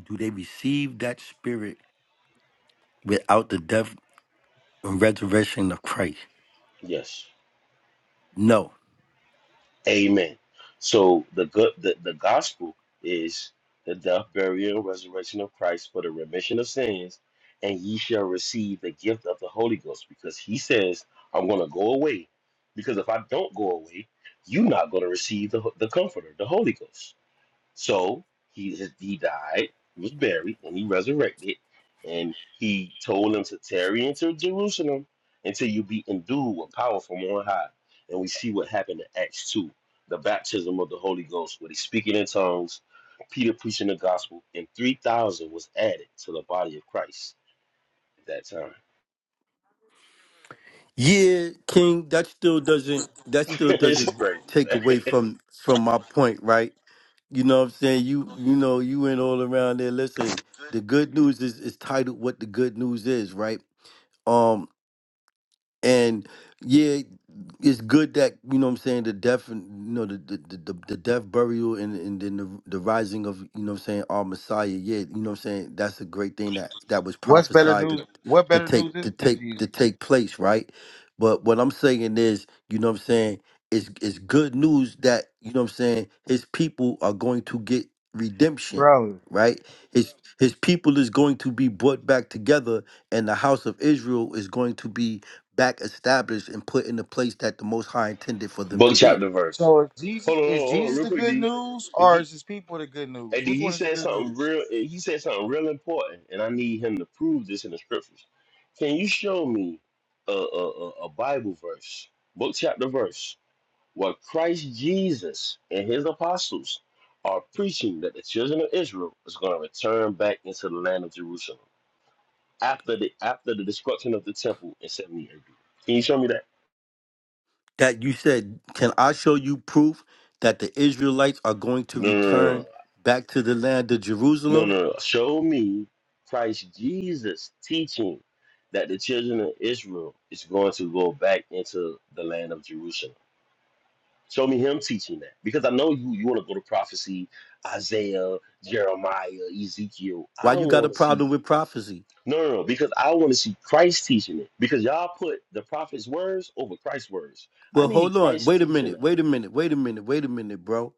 [SPEAKER 1] Do they receive that spirit without the death and resurrection of Christ?
[SPEAKER 3] Yes.
[SPEAKER 1] No.
[SPEAKER 3] Amen. So the good the, the gospel is the death, burial, and resurrection of Christ for the remission of sins, and ye shall receive the gift of the Holy Ghost, because He says, "I'm gonna go away, because if I don't go away, you're not gonna receive the the Comforter, the Holy Ghost." So he he died, was buried, and he resurrected, and he told them to tarry into Jerusalem until you be endued with power from on high. And we see what happened in Acts two, the baptism of the Holy Ghost, where he's speaking in tongues, Peter preaching the gospel, and three thousand was added to the body of Christ at that time.
[SPEAKER 1] Yeah, King, that still doesn't that still
[SPEAKER 3] this is
[SPEAKER 1] doesn't
[SPEAKER 3] crazy,
[SPEAKER 1] take
[SPEAKER 3] man.
[SPEAKER 1] away from from my point, right? You know what I'm saying? You you know, you went all around there. Listen, the good news is is titled what the good news is, right? Um and yeah it's good that you know what i'm saying the death and you know the the, the, the the death burial and and then the, the rising of you know what i'm saying our messiah yeah you know what i'm saying that's a great thing that that was
[SPEAKER 6] What's better
[SPEAKER 1] prophesied to
[SPEAKER 6] news? What
[SPEAKER 1] to
[SPEAKER 6] better
[SPEAKER 1] take
[SPEAKER 6] news is
[SPEAKER 1] to
[SPEAKER 6] than
[SPEAKER 1] take to
[SPEAKER 6] Jesus,
[SPEAKER 1] take place right but what i'm saying is you know what i'm saying it's it's good news that you know what i'm saying his people are going to get redemption
[SPEAKER 6] bro?
[SPEAKER 1] right his his people is going to be brought back together and the house of israel is going to be back established and put in the place that the Most High intended for them
[SPEAKER 3] Book
[SPEAKER 1] to be.
[SPEAKER 3] chapter verse.
[SPEAKER 6] So is
[SPEAKER 3] Hold
[SPEAKER 6] Jesus
[SPEAKER 3] on, hold
[SPEAKER 6] is
[SPEAKER 3] on, hold on
[SPEAKER 6] Jesus
[SPEAKER 3] real
[SPEAKER 6] the
[SPEAKER 3] quick,
[SPEAKER 6] good
[SPEAKER 3] D.
[SPEAKER 6] news,
[SPEAKER 3] If
[SPEAKER 6] or
[SPEAKER 3] you
[SPEAKER 6] is his people the good news?
[SPEAKER 3] And then
[SPEAKER 6] Which
[SPEAKER 3] he
[SPEAKER 6] one is the
[SPEAKER 3] said
[SPEAKER 6] good
[SPEAKER 3] something
[SPEAKER 6] news?
[SPEAKER 3] real. eh, He said something real important, and I need him to prove this in the scriptures. Can you show me a a, a a Bible verse, book chapter verse, where Christ Jesus and his apostles are preaching that the children of Israel is going to return back into the land of Jerusalem after the after the destruction of the temple in seventy AD? Can you show me that?
[SPEAKER 1] That you said, Can I show you proof that the Israelites are going to
[SPEAKER 3] No, no, no, no.
[SPEAKER 1] return back to the land of
[SPEAKER 3] No,
[SPEAKER 1] Jerusalem?
[SPEAKER 3] no, no. Show me Christ Jesus teaching that the children of Israel is going to go back into the land of Jerusalem. Show me him teaching that. Because I know you you want to go to prophecy, Isaiah, Jeremiah, Ezekiel.
[SPEAKER 1] Why
[SPEAKER 3] I
[SPEAKER 1] you got a
[SPEAKER 3] want to see
[SPEAKER 1] problem with prophecy?
[SPEAKER 3] no, no, no, because I want to see Christ teaching it. Because y'all put the prophet's words over Christ's words. I
[SPEAKER 1] Well,
[SPEAKER 3] need
[SPEAKER 1] hold on.
[SPEAKER 3] Christ
[SPEAKER 1] Wait a
[SPEAKER 3] teaching
[SPEAKER 1] minute. Wait a
[SPEAKER 3] that.
[SPEAKER 1] minute. Wait a minute. Wait a minute, bro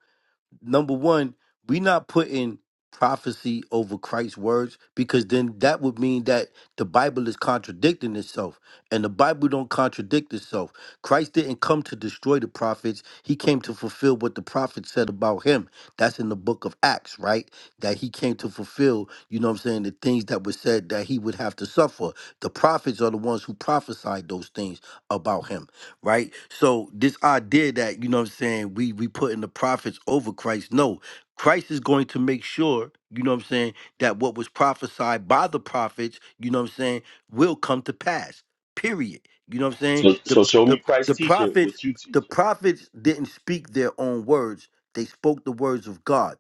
[SPEAKER 1] number one, we not putting prophecy over Christ's words because then that would mean that the Bible is contradicting itself. And the Bible don't contradict itself. Christ didn't come to destroy the prophets. He came to fulfill what the prophets said about him. That's in the book of Acts, right? That he came to fulfill, you know what I'm saying, the things that were said that he would have to suffer. The prophets are the ones who prophesied those things about him right? So this idea that you know what I'm saying we we putting the prophets over Christ, no, Christ is going to make sure you know what I'm saying that what was prophesied by the prophets, you know what I'm saying, will come to pass. Period. You know what I'm saying?
[SPEAKER 3] So,
[SPEAKER 1] The
[SPEAKER 3] so show
[SPEAKER 1] the
[SPEAKER 3] me
[SPEAKER 1] the
[SPEAKER 3] Christ teaching
[SPEAKER 1] prophets
[SPEAKER 3] what you
[SPEAKER 1] the
[SPEAKER 3] teaching.
[SPEAKER 1] prophets didn't speak their own words; they spoke the words of God.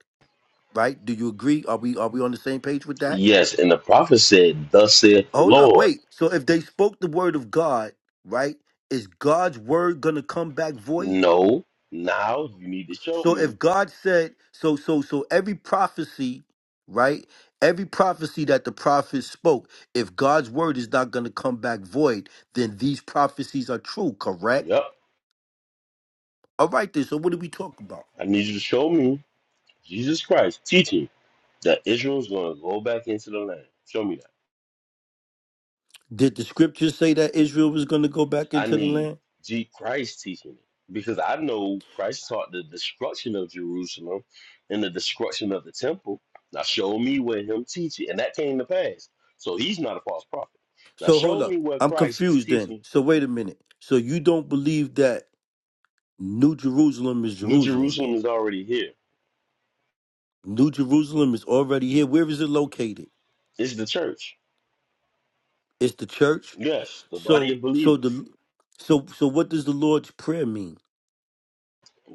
[SPEAKER 1] Right? Do you agree? Are we are we on the same page with that?
[SPEAKER 3] Yes, and the prophet said, "Thus saith the
[SPEAKER 1] Hold up,
[SPEAKER 3] Lord."
[SPEAKER 1] wait. So if they spoke the word of God, right? Is God's word gonna come back void?
[SPEAKER 3] No, now you need to show
[SPEAKER 1] So
[SPEAKER 3] me.
[SPEAKER 1] if God said, so so so every prophecy, right? Every prophecy that the prophets spoke, if God's word is not going to come back void, then these prophecies are true, correct?
[SPEAKER 3] Yep,
[SPEAKER 1] All right, then. So what do we talk about?
[SPEAKER 3] I need you to show me Jesus Christ teaching that Israel's going to go back into the land. Show me that.
[SPEAKER 1] Did the scriptures say that Israel was going to go back
[SPEAKER 3] I
[SPEAKER 1] into the
[SPEAKER 3] need
[SPEAKER 1] land?
[SPEAKER 3] G Christ teaching it because I know Christ taught the destruction of Jerusalem and the destruction of the temple. Now show me where him teaching, and that came to pass. So he's not a false prophet. Now
[SPEAKER 1] So hold
[SPEAKER 3] show me
[SPEAKER 1] up,
[SPEAKER 3] where
[SPEAKER 1] I'm
[SPEAKER 3] Christ is
[SPEAKER 1] confused. Then,
[SPEAKER 3] teaching.
[SPEAKER 1] so wait a minute. So you don't believe that New Jerusalem is
[SPEAKER 3] New
[SPEAKER 1] Jerusalem? Then
[SPEAKER 3] Jerusalem is already here.
[SPEAKER 1] New Jerusalem is already here. Where is it located?
[SPEAKER 3] It's the church.
[SPEAKER 1] It's the church.
[SPEAKER 3] Yes, the body
[SPEAKER 1] So
[SPEAKER 3] of
[SPEAKER 1] so
[SPEAKER 3] believers.
[SPEAKER 1] the so so what does the Lord's prayer mean?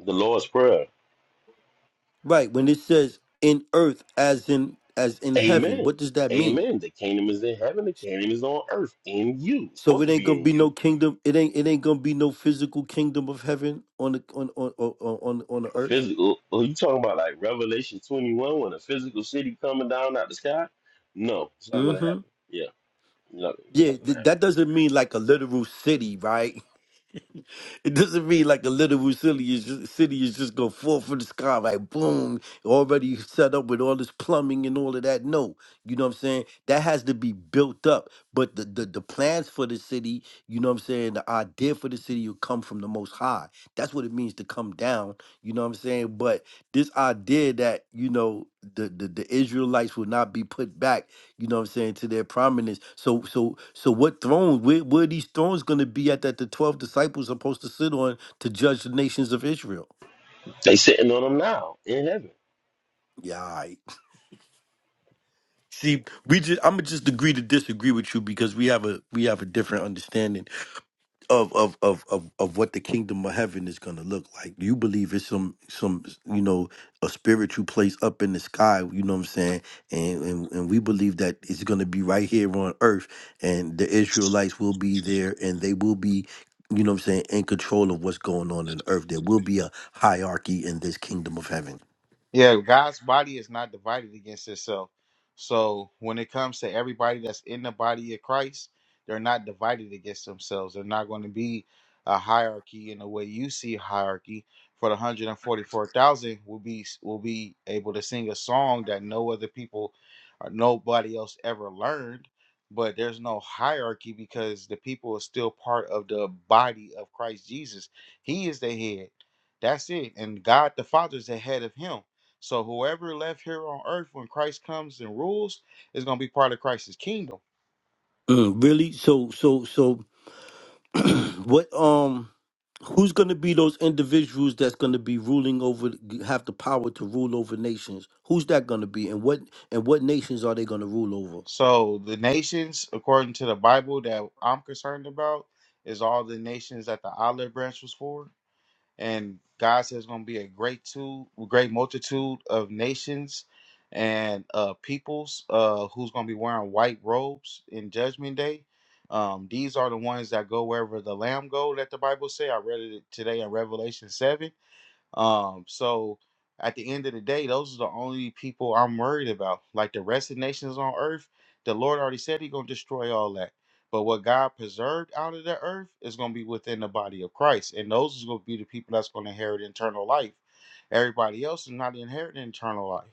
[SPEAKER 3] The Lord's Prayer.
[SPEAKER 1] Right, when it says in earth as in as in heaven,
[SPEAKER 3] Amen.
[SPEAKER 1] what does that mean?
[SPEAKER 3] Amen. The kingdom is in heaven. The kingdom is on earth in you. It's
[SPEAKER 1] So
[SPEAKER 3] supposed
[SPEAKER 1] it
[SPEAKER 3] to
[SPEAKER 1] ain't
[SPEAKER 3] be
[SPEAKER 1] gonna
[SPEAKER 3] in
[SPEAKER 1] be
[SPEAKER 3] you.
[SPEAKER 1] no kingdom. It ain't it ain't gonna be no physical kingdom of heaven on the on on on on, on the
[SPEAKER 3] A
[SPEAKER 1] earth.
[SPEAKER 3] physical. Oh, you talking about like Revelation 21 when a physical city coming down out the sky? No, it's not going to
[SPEAKER 1] Mm-hmm.
[SPEAKER 3] happen. Yeah, not,
[SPEAKER 1] Yeah,
[SPEAKER 3] not going to
[SPEAKER 1] th- that
[SPEAKER 3] happen.
[SPEAKER 1] doesn't mean like a literal city, right? It doesn't mean like a literal city is just, city is just gonna fall from the sky, like boom, already set up with all this plumbing and all of that. No, you know what I'm saying. That has to be built up. But the the, the plans for the city, you know what I'm saying. The idea for the city will come from the Most High. That's what it means to come down. You know what I'm saying. But this idea that you know the the, the Israelites will not be put back. You know what I'm saying? To their prominence. So so so what thrones, where, where are these thrones gonna be at that the twelve disciples are supposed to sit on to judge the nations of Israel?
[SPEAKER 3] They sitting on them now in heaven.
[SPEAKER 1] Yeah, all right. See, we just I'ma just agree to disagree with you because we have a we have a different understanding of of of of, of what the kingdom of heaven is going to look like. Do you believe it's some some you know a spiritual place up in the sky? You know what I'm saying? And and, and we believe that it's going to be right here on earth, and the Israelites will be there, and they will be. You know what I'm saying? In control of what's going on in earth, there will be a hierarchy in this kingdom of heaven.
[SPEAKER 6] Yeah, God's body is not divided against itself. So when it comes to everybody that's in the body of Christ, they're not divided against themselves. They're not going to be a hierarchy in the way you see hierarchy. For the hundred and forty-four thousand, will be will be able to sing a song that no other people or nobody else ever learned. But there's no hierarchy because the people are still part of the body of Christ Jesus. He is the head. That's it. And God the Father is the head of him. So whoever left here on earth when Christ comes and rules is going to be part of Christ's kingdom.
[SPEAKER 1] Mm, really? So so so what um who's going to be those individuals that's going to be ruling over have the power to rule over nations who's that going to be and what and what nations are they going to rule over
[SPEAKER 6] So the nations, according to the Bible that I'm concerned about, is all the nations that the olive branch was for. And God says going to be a great two, great multitude of nations and uh, peoples uh, who's going to be wearing white robes in Judgment Day. Um, these are the ones that go wherever the Lamb go. That the Bible say. I read it today in Revelation seven Um, so at the end of the day, those are the only people I'm worried about. Like the rest of the nations on earth, the Lord already said He gonna destroy all that. But what God preserved out of the earth is gonna be within the body of Christ, and those is gonna be the people that's gonna inherit eternal life. Everybody else is not inheriting eternal life.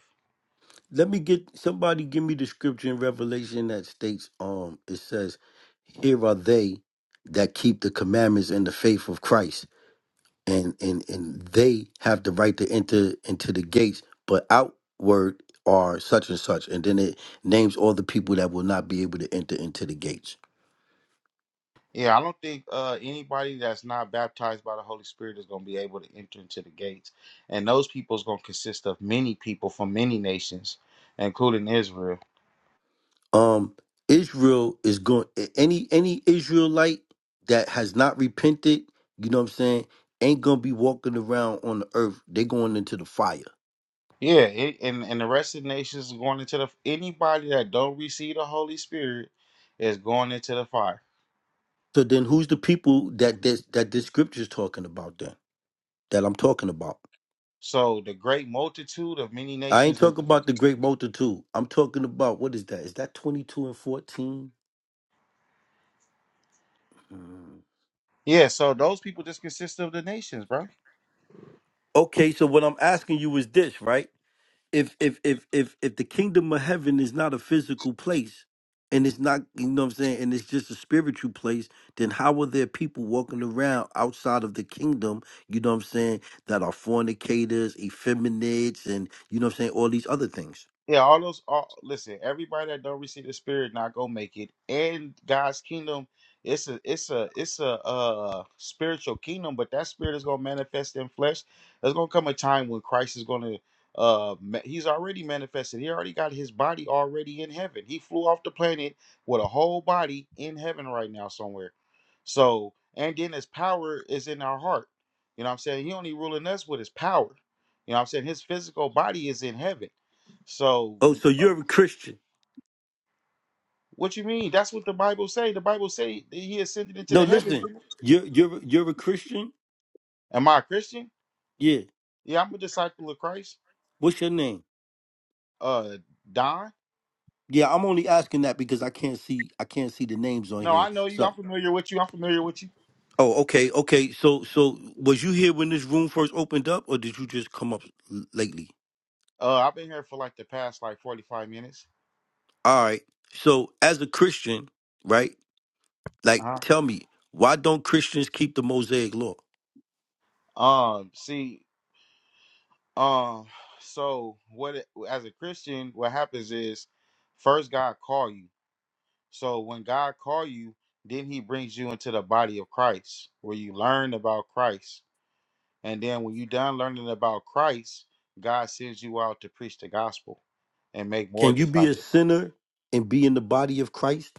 [SPEAKER 1] let me get somebody give me the scripture in revelation that states um it says here are they that keep the commandments and the faith of christ and and and they have the right to enter into the gates but outward are such and such and then it names all the people that will not be able to enter into the gates
[SPEAKER 6] Yeah, I don't think uh, anybody that's not baptized by the Holy Spirit is gonna be able to enter into the gates, and those people is gonna consist of many people from many nations, including Israel.
[SPEAKER 1] um Israel is going any any Israelite that has not repented, you know what I'm saying, ain't gonna be walking around on the earth. They going into the fire.
[SPEAKER 6] Yeah, it, and and the rest of the nations is going into the anybody that don't receive the Holy Spirit is going into the fire.
[SPEAKER 1] So then who's the people that this that this scripture's talking about then? That I'm talking about.
[SPEAKER 6] So the great multitude of many
[SPEAKER 1] I ain't
[SPEAKER 6] nations. are-
[SPEAKER 1] talking about the great multitude. I'm talking about what is that? Is that 22 and 14?
[SPEAKER 6] Yeah, so those people just consist of the nations, bro.
[SPEAKER 1] Okay, so what I'm asking you is this, right? if if if if if the kingdom of heaven is not a physical place and it's not you know what I'm saying and it's just a spiritual place, then how are there people walking around outside of the kingdom, you know what I'm saying, that are fornicators, effeminates and you know what I'm saying, all these other things.
[SPEAKER 6] Yeah, all those. All, listen, everybody that don't receive the Spirit not gonna make it. And God's kingdom, it's a, it's a, it's a uh, spiritual kingdom, but that Spirit is gonna manifest in flesh. There's gonna come a time when Christ is gonna. Uh, ma- he's already manifested. He already got his body already in heaven. He flew off the planet with a whole body in heaven right now somewhere. So, and then his power is in our heart. You know what I'm saying? He only ruling us with his power. You know what I'm saying? His physical body is in heaven. So,
[SPEAKER 1] Oh, so
[SPEAKER 6] uh,
[SPEAKER 1] you're a Christian.
[SPEAKER 6] what you mean? That's what the Bible say. The Bible say that he ascended into
[SPEAKER 1] No,
[SPEAKER 6] the heavens.
[SPEAKER 1] listen.
[SPEAKER 6] Didn't it?
[SPEAKER 1] You're you're you're a Christian?
[SPEAKER 6] Am I a Christian?
[SPEAKER 1] Yeah.
[SPEAKER 6] Yeah, I'm a disciple of Christ.
[SPEAKER 1] What's your name?
[SPEAKER 6] Uh, Don.
[SPEAKER 1] Yeah, I'm only asking that because I can't see I can't see the names on
[SPEAKER 6] No,
[SPEAKER 1] here.
[SPEAKER 6] I know you.
[SPEAKER 1] So
[SPEAKER 6] I'm familiar with you. I'm familiar with you.
[SPEAKER 1] Oh, okay, okay. So, so was you here when this room first opened up, or did you just come up l- lately?
[SPEAKER 6] Uh, I've been here for like the past like 45 minutes.
[SPEAKER 1] All right. So, as a Christian, right?
[SPEAKER 6] Uh
[SPEAKER 1] Like,
[SPEAKER 6] huh.
[SPEAKER 1] tell me, why don't Christians keep the Mosaic Law?
[SPEAKER 6] Um, see, um, so what? It, as a Christian, what happens is, first God call you. So when God call you, then He brings you into the body of Christ, where you learn about Christ And then when you're done learning about Christ, God sends you out to preach the gospel and make more
[SPEAKER 1] Can you be a
[SPEAKER 6] disciples.
[SPEAKER 1] sinner and be in the body of Christ?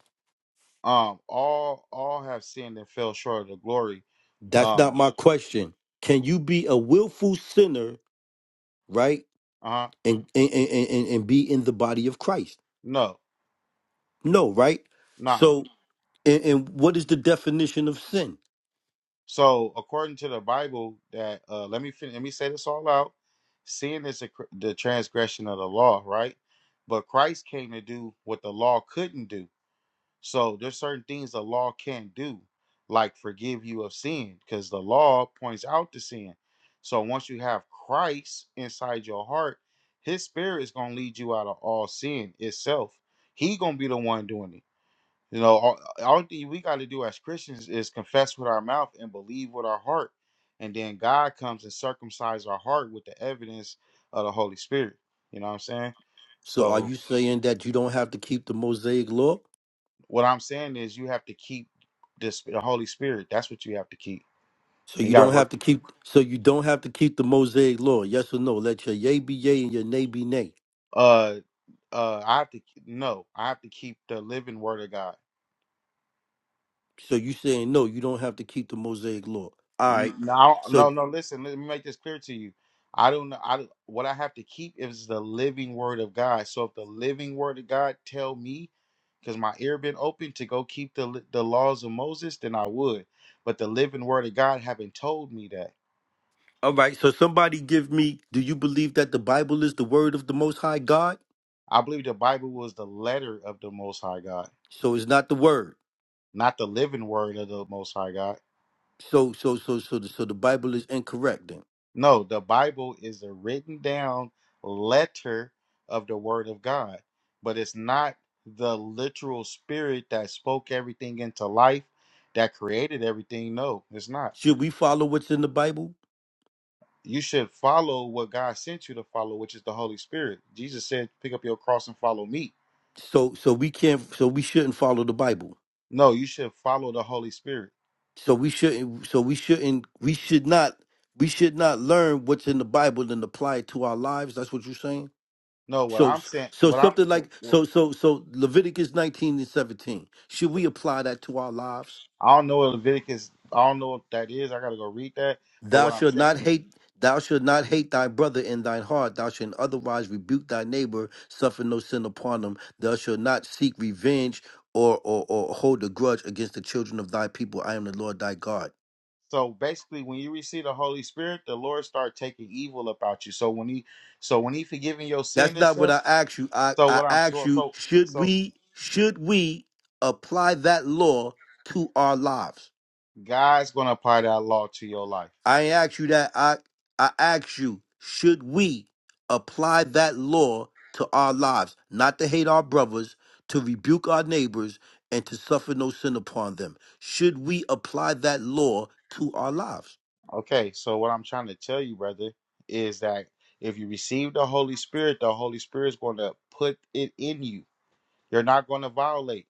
[SPEAKER 6] Um, all all have sinned and fell short of the glory.
[SPEAKER 1] That's not
[SPEAKER 6] Um,
[SPEAKER 1] my question. Can you be a willful sinner, right?
[SPEAKER 6] uh huh.
[SPEAKER 1] And and and, and, and be in the body of Christ?
[SPEAKER 6] No,
[SPEAKER 1] No, right?
[SPEAKER 6] nah.
[SPEAKER 1] So And, and what is the definition of sin?
[SPEAKER 6] So according to the Bible, that uh, let me fin- let me say this all out. Sin is the cr- the transgression of the law, right? But Christ came to do what the law couldn't do. So there's certain things the law can't do, like forgive you of sin, because the law points out the sin. So once you have Christ inside your heart, his spirit is gonna lead you out of all sin itself. He gonna be the one doing it. You know, all, all thing we got to do as Christians is confess with our mouth and believe with our heart, and then God comes and circumcise our heart with the evidence of the Holy Spirit. You know what I'm saying?
[SPEAKER 1] So are
[SPEAKER 6] So
[SPEAKER 1] you saying that you don't have to keep the Mosaic law?
[SPEAKER 6] What I'm saying is you have to keep this the Holy Spirit. That's what you have to keep.
[SPEAKER 1] So
[SPEAKER 6] And you
[SPEAKER 1] you
[SPEAKER 6] gotta
[SPEAKER 1] don't have
[SPEAKER 6] work.
[SPEAKER 1] to keep so you don't have to keep the Mosaic law. Yes or no? Let your yay be yay and your nay be nay.
[SPEAKER 6] Uh, uh, I have to no. I have to keep the living Word of God.
[SPEAKER 1] So you saying no, you don't have to keep the Mosaic law. All right.
[SPEAKER 6] N- No,
[SPEAKER 1] So
[SPEAKER 6] no, no. Listen, let me make this clear to you. I don't. know- I don't- what I have to keep is the living Word of God. So if the living Word of God tell me because my ear been open to go keep the li- the laws of Moses, then I would. But the living Word of God haven't told me that.
[SPEAKER 1] all right, so somebody give me do you believe that the Bible is the word of the most high God?
[SPEAKER 6] I believe the Bible was the letter of the Most High God.
[SPEAKER 1] So it's not the word.
[SPEAKER 6] not the living word of the Most High God.
[SPEAKER 1] So so so so the, so the Bible is incorrect then.
[SPEAKER 6] No, the Bible is a written down letter of the Word of God, but it's not the literal spirit that spoke everything into life, that created everything. No, it's not.
[SPEAKER 1] Should we follow what's in the Bible?
[SPEAKER 6] You should follow what God sent you to follow, which is the Holy Spirit. Jesus said, "Pick up your cross and follow me."
[SPEAKER 1] So so we can't so we shouldn't follow the Bible.
[SPEAKER 6] No, you should follow the Holy Spirit.
[SPEAKER 1] So we shouldn't. So we shouldn't. We should not. We should not learn what's in the Bible and apply it to our lives. That's what you're saying.
[SPEAKER 6] No, what
[SPEAKER 1] So,
[SPEAKER 6] I'm saying,
[SPEAKER 1] so
[SPEAKER 6] what I'm,
[SPEAKER 1] something like so, so, so Leviticus 19 and 17. Should we apply that to our lives?
[SPEAKER 6] I don't know what Leviticus, I don't know what that is. I gotta go read that. But
[SPEAKER 1] Thou
[SPEAKER 6] what I'm
[SPEAKER 1] shalt
[SPEAKER 6] saying.
[SPEAKER 1] not hate. Thou shalt not hate thy brother in thine heart. Thou shalt otherwise rebuke thy neighbor. Suffer no sin upon him. Thou shalt not seek revenge or or, or hold a grudge against the children of thy people. I am the Lord thy God.
[SPEAKER 6] So basically, when you receive the Holy Spirit, the Lord start taking evil about you. So when he, so when he forgiving your
[SPEAKER 1] That's
[SPEAKER 6] sin and
[SPEAKER 1] not what
[SPEAKER 6] stuff,
[SPEAKER 1] I asked you. I,
[SPEAKER 6] so
[SPEAKER 1] I
[SPEAKER 6] what I'm
[SPEAKER 1] asked
[SPEAKER 6] so
[SPEAKER 1] you,
[SPEAKER 6] so
[SPEAKER 1] should
[SPEAKER 6] so
[SPEAKER 1] we should we apply that law to our lives?
[SPEAKER 6] God's gonna apply that law to your life.
[SPEAKER 1] I ain't asked you that. I I asked you, should we apply that law to our lives? Not to hate our brothers, to rebuke our neighbors, and to suffer no sin upon them. Should we apply that law to our lives?
[SPEAKER 6] Okay, so what I'm trying to tell you, brother, is that if you receive the Holy Spirit, the Holy Spirit's gonna put it in you. You're not gonna violate.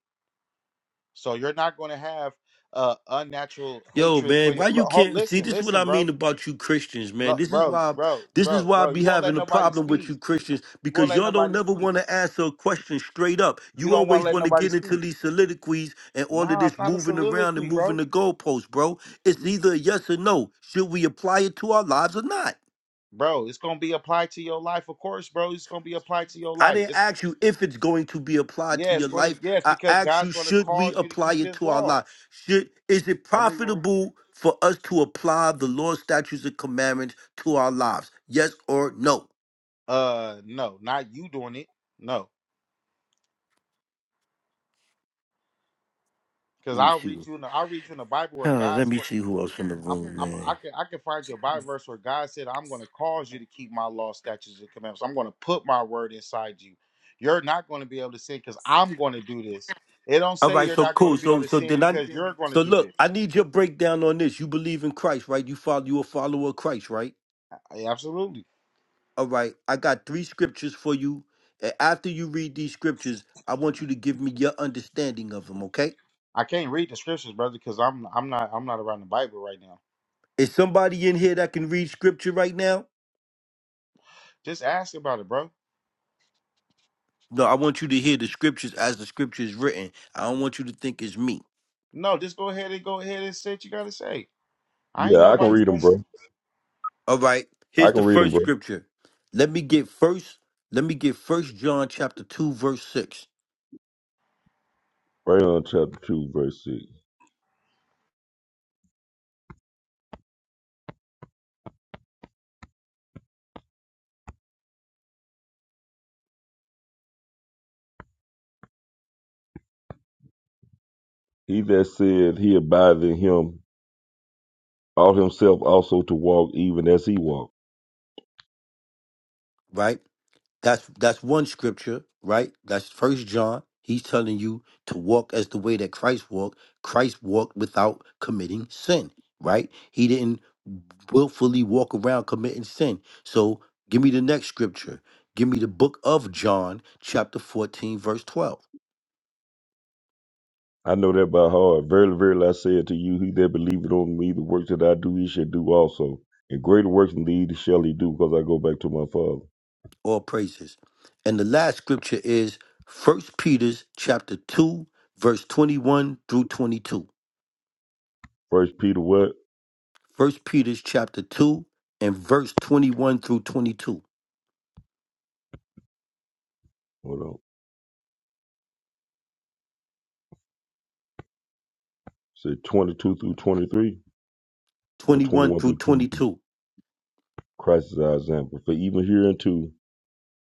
[SPEAKER 6] So you're not gonna have uh unnatural
[SPEAKER 1] Yo,
[SPEAKER 6] hatred for
[SPEAKER 1] man,
[SPEAKER 6] your.
[SPEAKER 1] why
[SPEAKER 6] Lo-
[SPEAKER 1] you
[SPEAKER 6] ho-
[SPEAKER 1] can't see
[SPEAKER 6] Listen,
[SPEAKER 1] this is what I
[SPEAKER 6] listen,
[SPEAKER 1] mean
[SPEAKER 6] bro,
[SPEAKER 1] about you Christians, man.
[SPEAKER 6] Lo-
[SPEAKER 1] This is
[SPEAKER 6] bro,
[SPEAKER 1] why
[SPEAKER 6] bro,
[SPEAKER 1] this is
[SPEAKER 6] bro,
[SPEAKER 1] why I
[SPEAKER 6] bro.
[SPEAKER 1] be
[SPEAKER 6] You won't
[SPEAKER 1] having
[SPEAKER 6] let
[SPEAKER 1] a
[SPEAKER 6] nobody
[SPEAKER 1] problem with you
[SPEAKER 6] speak.
[SPEAKER 1] Christians,
[SPEAKER 6] You won't
[SPEAKER 1] because
[SPEAKER 6] let
[SPEAKER 1] y'all don't
[SPEAKER 6] nobody
[SPEAKER 1] never
[SPEAKER 6] speak.
[SPEAKER 1] want to answer a question straight up.
[SPEAKER 6] You
[SPEAKER 1] You
[SPEAKER 6] don't want to
[SPEAKER 1] always
[SPEAKER 6] let
[SPEAKER 1] want to
[SPEAKER 6] nobody
[SPEAKER 1] get into
[SPEAKER 6] speak.
[SPEAKER 1] these soliloquies and all of
[SPEAKER 6] Nah, it's
[SPEAKER 1] this
[SPEAKER 6] not a
[SPEAKER 1] moving around and
[SPEAKER 6] soliloquy,
[SPEAKER 1] moving
[SPEAKER 6] bro.
[SPEAKER 1] the goalposts, bro. It's either a yes or no. Should we apply it to our lives or not?
[SPEAKER 6] Bro, it's gonna be applied to your life, of course, bro. It's gonna be applied to your
[SPEAKER 1] I
[SPEAKER 6] life.
[SPEAKER 1] didn't
[SPEAKER 6] It's
[SPEAKER 1] ask you if it's going to be applied to
[SPEAKER 6] yeah, it's
[SPEAKER 1] your
[SPEAKER 6] gonna
[SPEAKER 1] life.
[SPEAKER 6] yes,
[SPEAKER 1] I
[SPEAKER 6] because
[SPEAKER 1] asked
[SPEAKER 6] God's
[SPEAKER 1] you,
[SPEAKER 6] gonna
[SPEAKER 1] should we
[SPEAKER 6] cause you to
[SPEAKER 1] apply
[SPEAKER 6] keep
[SPEAKER 1] it
[SPEAKER 6] His
[SPEAKER 1] to our
[SPEAKER 6] laws.
[SPEAKER 1] life? Should is it
[SPEAKER 6] Want me to-
[SPEAKER 1] profitable for us to apply the Lord's statutes and commandments to our lives? Yes or no?
[SPEAKER 6] Uh, no, not you doing it. No, because
[SPEAKER 1] Let me
[SPEAKER 6] I'll read
[SPEAKER 1] see.
[SPEAKER 6] you. In the, I'll read you in the Bible where
[SPEAKER 1] Huh,
[SPEAKER 6] God.
[SPEAKER 1] let me see who else in the
[SPEAKER 6] I'm,
[SPEAKER 1] room,
[SPEAKER 6] I'm, I
[SPEAKER 1] man.
[SPEAKER 6] can, I can find you a Bible verse where God said, "I'm going to cause you to keep my law, statutes, and commandments. I'm going to put my word inside you. You're not going to be able to sin because I'm going to do this. It don't
[SPEAKER 1] All
[SPEAKER 6] say
[SPEAKER 1] right,
[SPEAKER 6] you're
[SPEAKER 1] so
[SPEAKER 6] not going
[SPEAKER 1] cool.
[SPEAKER 6] to be
[SPEAKER 1] So
[SPEAKER 6] able to
[SPEAKER 1] so
[SPEAKER 6] sin
[SPEAKER 1] then I
[SPEAKER 6] because you're going to
[SPEAKER 1] so
[SPEAKER 6] do
[SPEAKER 1] look,
[SPEAKER 6] this.
[SPEAKER 1] I need your breakdown on this. You believe in Christ, right? You follow you a follower of Christ, right?
[SPEAKER 6] I- absolutely,
[SPEAKER 1] All right, I got three scriptures for you. And after you read these scriptures, I want you to give me your understanding of them, okay?
[SPEAKER 6] I can't read the scriptures, brother, because I'm, I'm not, I'm not around the Bible right now.
[SPEAKER 1] Is somebody in here that can read scripture right now?
[SPEAKER 6] Just ask about it, bro.
[SPEAKER 1] No, I want you to hear the scriptures as the scripture is written. I don't want you to think it's me.
[SPEAKER 6] No, just go ahead and go ahead and say what you got to say. I ain't
[SPEAKER 7] Yeah, I can
[SPEAKER 6] nobody
[SPEAKER 7] read them, bro.
[SPEAKER 6] special.
[SPEAKER 1] All right,
[SPEAKER 7] I
[SPEAKER 1] here's
[SPEAKER 7] can
[SPEAKER 1] the
[SPEAKER 7] read them,
[SPEAKER 1] first
[SPEAKER 7] bro.
[SPEAKER 1] scripture. Let me get first, let me get first John chapter 2, verse 6,
[SPEAKER 7] Right on chapter 2, verse 6. He that said he abideth in him, ought himself also to walk even as he walked.
[SPEAKER 1] right? That's that's one scripture, right? That's first John. He's telling you to walk as the way that Christ walked. Christ walked without committing sin, right? He didn't willfully walk around committing sin. So give me the next scripture. Give me the book of John, chapter 14, verse 12.
[SPEAKER 7] I know that by heart. Verily, verily, I say unto you, he that believeth on me, the works that I do, he shall do also. And greater works than these shall he do, because I go back to my Father.
[SPEAKER 1] All praises. And the last scripture is First Peter's chapter 2, verse 21 through 22.
[SPEAKER 7] First Peter what?
[SPEAKER 1] First Peter's chapter 2 and verse 21 through 22.
[SPEAKER 7] Hold on. Say 22 through 23 or
[SPEAKER 1] 21
[SPEAKER 7] 21
[SPEAKER 1] through
[SPEAKER 7] through 22.
[SPEAKER 1] 22.
[SPEAKER 7] Christ is our example. For even hereunto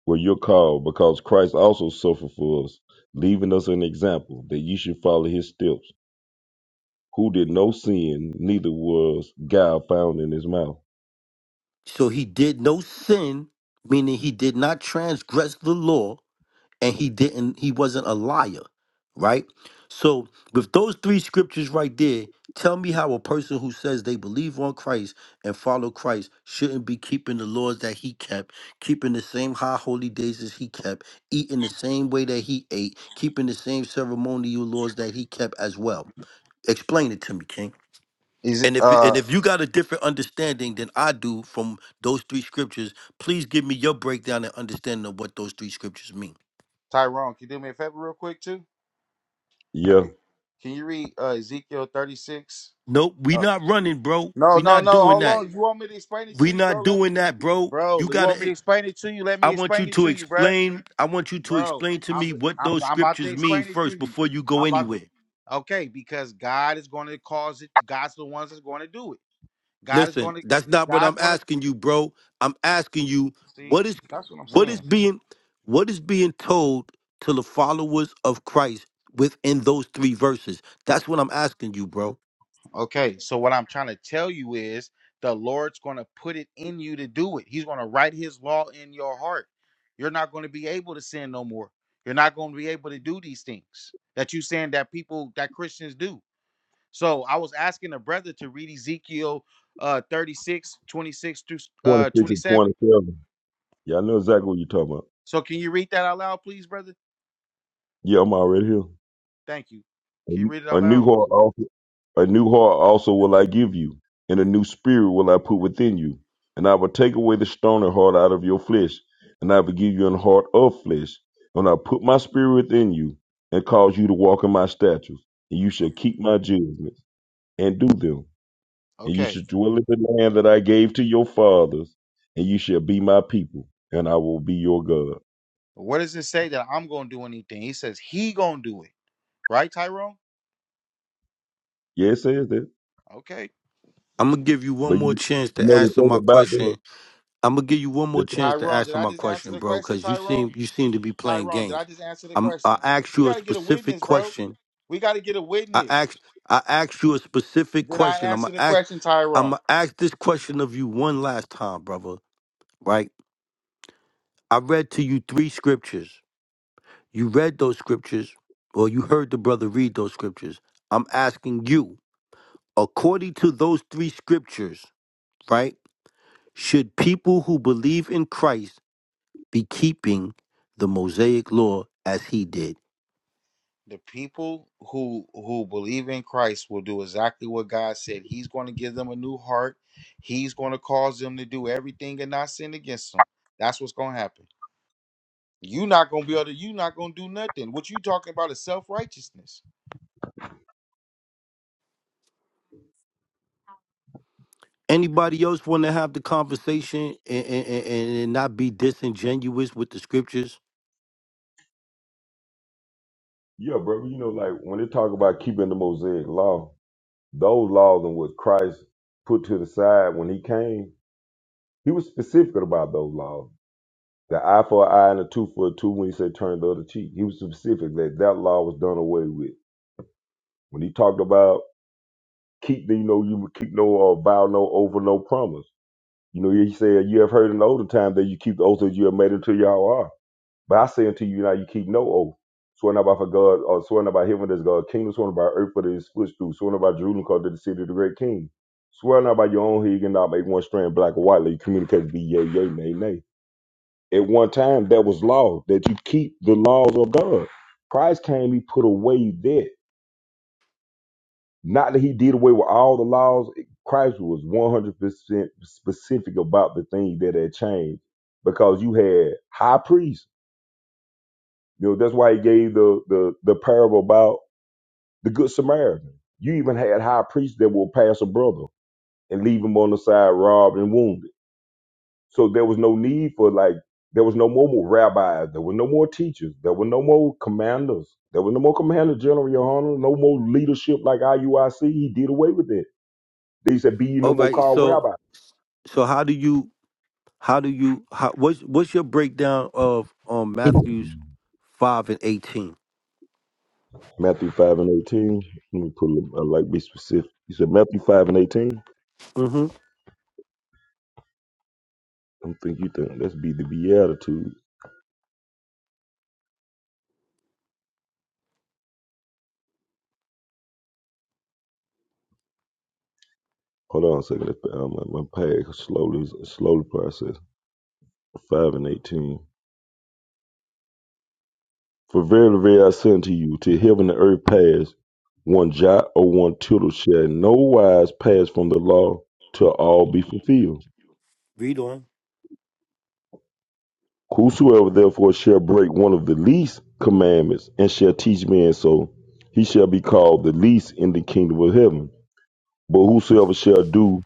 [SPEAKER 7] were your call, because Christ also suffered for us, leaving us an example that ye should follow his steps, who did no sin, neither was guile found in his mouth.
[SPEAKER 1] So he did no sin, meaning he did not transgress the law and he didn't he wasn't a liar, right? So with those three scriptures right there, tell me how a person who says they believe on Christ and follow Christ shouldn't be keeping the laws that he kept, keeping the same high holy days as he kept, eating the same way that he ate, keeping the same ceremonial laws that he kept as well. Explain it to me, King.
[SPEAKER 6] Is it,
[SPEAKER 1] And if and
[SPEAKER 6] uh
[SPEAKER 1] if you got a different understanding than I do from those three scriptures, please give me your breakdown and understanding of what those three scriptures mean.
[SPEAKER 6] Tyrone? Can you do me a favor real quick too?
[SPEAKER 7] Yeah.
[SPEAKER 6] Can you read uh, Ezekiel 36?
[SPEAKER 1] Nope, we not running, bro.
[SPEAKER 6] No,
[SPEAKER 1] We
[SPEAKER 6] no,
[SPEAKER 1] not
[SPEAKER 6] no.
[SPEAKER 1] doing
[SPEAKER 6] Hold
[SPEAKER 1] that.
[SPEAKER 6] on. You want me to explain it to
[SPEAKER 1] We
[SPEAKER 6] you,
[SPEAKER 1] not
[SPEAKER 6] bro? Let me,
[SPEAKER 1] doing that, bro. You
[SPEAKER 6] bro. You want
[SPEAKER 1] gotta.
[SPEAKER 6] me
[SPEAKER 1] eh,
[SPEAKER 6] to explain it to you? Let
[SPEAKER 1] I
[SPEAKER 6] me
[SPEAKER 1] want you
[SPEAKER 6] explain it
[SPEAKER 1] to
[SPEAKER 6] to you, bro.
[SPEAKER 1] explain. I want you to
[SPEAKER 6] Bro,
[SPEAKER 1] explain to
[SPEAKER 6] I'm,
[SPEAKER 1] me what
[SPEAKER 6] I'm,
[SPEAKER 1] those
[SPEAKER 6] I'm about to
[SPEAKER 1] scriptures mean
[SPEAKER 6] explain it to
[SPEAKER 1] first
[SPEAKER 6] you.
[SPEAKER 1] before you
[SPEAKER 6] I'm
[SPEAKER 1] go
[SPEAKER 6] about.
[SPEAKER 1] anywhere.
[SPEAKER 6] Okay, because God is going to cause it. God's the ones that's going to do it. God is
[SPEAKER 1] Listen,
[SPEAKER 6] going to.
[SPEAKER 1] that's not what
[SPEAKER 6] God's
[SPEAKER 1] I'm
[SPEAKER 6] going to
[SPEAKER 1] asking you, bro. I'm asking you
[SPEAKER 6] see.
[SPEAKER 1] what is
[SPEAKER 6] That's what I'm
[SPEAKER 1] what
[SPEAKER 6] saying.
[SPEAKER 1] is being what is being told to the followers of Christ within those three verses. That's what I'm asking you, bro.
[SPEAKER 6] Okay, so what I'm trying to tell you is the Lord's going to put it in you to do it. He's going to write his law in your heart. You're not going to be able to sin no more. You're not going to be able to do these things that you saying that people that Christians do. So I was asking a brother to read Ezekiel uh 36, twenty-six through uh
[SPEAKER 7] 26 and
[SPEAKER 6] 27.
[SPEAKER 7] 27. Yeah, I know exactly what you're talking about.
[SPEAKER 6] So can you read that out loud, please, brother?
[SPEAKER 7] Yeah, I'm already here.
[SPEAKER 6] Thank you. Can you read it
[SPEAKER 7] A
[SPEAKER 6] out loud?
[SPEAKER 7] new heart also a new heart also will I give you, and a new spirit will I put within you. And I will take away the stony heart out of your flesh, and I will give you an heart of flesh. And I will put my spirit within you, and cause you to walk in my statutes. And you shall
[SPEAKER 6] O-
[SPEAKER 7] keep my judgments and do them. And you
[SPEAKER 6] Okay.
[SPEAKER 7] shall dwell in the land that I gave to your fathers, and you shall be my people, and I will be your God.
[SPEAKER 6] What does it say that I'm gonna do anything? He says he gonna do it, right, Tyrone?
[SPEAKER 7] Yes, it says that.
[SPEAKER 6] Okay.
[SPEAKER 1] I'm gonna give you one
[SPEAKER 7] But
[SPEAKER 1] more
[SPEAKER 7] you
[SPEAKER 1] chance
[SPEAKER 7] you
[SPEAKER 1] to
[SPEAKER 7] know the
[SPEAKER 1] answer
[SPEAKER 7] thing
[SPEAKER 1] my
[SPEAKER 7] about that.
[SPEAKER 1] question. I'm gonna give you one more chance to
[SPEAKER 6] Tyrone, did
[SPEAKER 1] answer
[SPEAKER 6] I
[SPEAKER 1] my
[SPEAKER 6] just answer
[SPEAKER 1] question,
[SPEAKER 6] the
[SPEAKER 1] bro,
[SPEAKER 6] question,
[SPEAKER 1] because you seem
[SPEAKER 6] Tyrone?
[SPEAKER 1] you seem to be playing
[SPEAKER 6] Tyrone, did I
[SPEAKER 1] games.
[SPEAKER 6] just answer the
[SPEAKER 1] I'm I
[SPEAKER 6] question?
[SPEAKER 1] asked
[SPEAKER 6] We
[SPEAKER 1] you a
[SPEAKER 6] got to get a
[SPEAKER 1] specific
[SPEAKER 6] witness, bro.
[SPEAKER 1] question.
[SPEAKER 6] We got to get a
[SPEAKER 1] I
[SPEAKER 6] witness.
[SPEAKER 1] asked I asked you a specific
[SPEAKER 6] Did I
[SPEAKER 1] question. I'm
[SPEAKER 6] answer
[SPEAKER 1] gonna
[SPEAKER 6] the
[SPEAKER 1] ask
[SPEAKER 6] question,
[SPEAKER 1] I'm
[SPEAKER 6] Tyrone?
[SPEAKER 1] gonna ask this question of you one last time, brother right? I read to you three scriptures. You read those scriptures, or you heard the brother read those scriptures. I'm asking you, according to those three scriptures, right? Should people who believe in Christ be keeping the Mosaic law as he did?
[SPEAKER 6] The people who who believe in Christ will do exactly what God said. He's going to give them a new heart. He's going to cause them to do everything and not sin against them. That's what's going to happen. you are not going to be able to. you are not going to do nothing. What you talking about is self righteousness.
[SPEAKER 1] Anybody else want to have the conversation and, and, and, and not be disingenuous with the scriptures?
[SPEAKER 7] Yeah, brother. You know, like when they talk about keeping the Mosaic law, those laws and what Christ put to the side when he came, he was specific about those laws. The eye for an eye and a tooth for a tooth when he said turn the other cheek. He was specific that that law was done away with. When he talked about keep, you know, you would keep no uh, vow, no over, no promise. You know, he said, you have heard in the older time that you keep the oath that you have made unto Yahweh. But I say unto you now, you keep no oath. Sworn not by for God, or sworn not by heaven as God, kingdom sworn by earth for his footstool, sworn not by Jerusalem called to the city of the great king. Sworn not by your own head, you cannot make one strand black or white, let you communicate be yea, yea, nay, nay. At one time, that was law, that you keep the laws of God. Christ came, he put away that. Not that he did away with all the laws. Christ was 100% specific about the things that had changed because you had high priests You know, that's why he gave the the the parable about the good Samaritan. You even had high priests that will pass a brother and leave him on the side, robbed and wounded. So there was no need for like there was no more rabbis, there were no more teachers, there were no more commanders, there was no more commander general, your honor, no more leadership like IUIC. He did away with it. They said, "Be ye no
[SPEAKER 1] All
[SPEAKER 7] more
[SPEAKER 1] right.
[SPEAKER 7] called
[SPEAKER 1] So,
[SPEAKER 7] rabbi."
[SPEAKER 1] so how do you, how do you, how, what's, what's your breakdown of um, Matthew's 5 and 18?
[SPEAKER 7] Matthew five and eighteen. Let me pull. Up. I like be specific. He said Matthew five and eighteen.
[SPEAKER 1] hmm
[SPEAKER 7] I'm think you think that's be the beatitude. Hold on a second. If, uh, my, my page slowly slowly process. Five and eighteen. For verily, verily, I say unto you, till heaven and earth pass, one jot or one tittle shall in no wise pass from the law till all be fulfilled.
[SPEAKER 1] Read on.
[SPEAKER 7] Whosoever therefore shall break one of the least commandments and shall teach men so, he shall be called the least in the kingdom of heaven. But whosoever shall do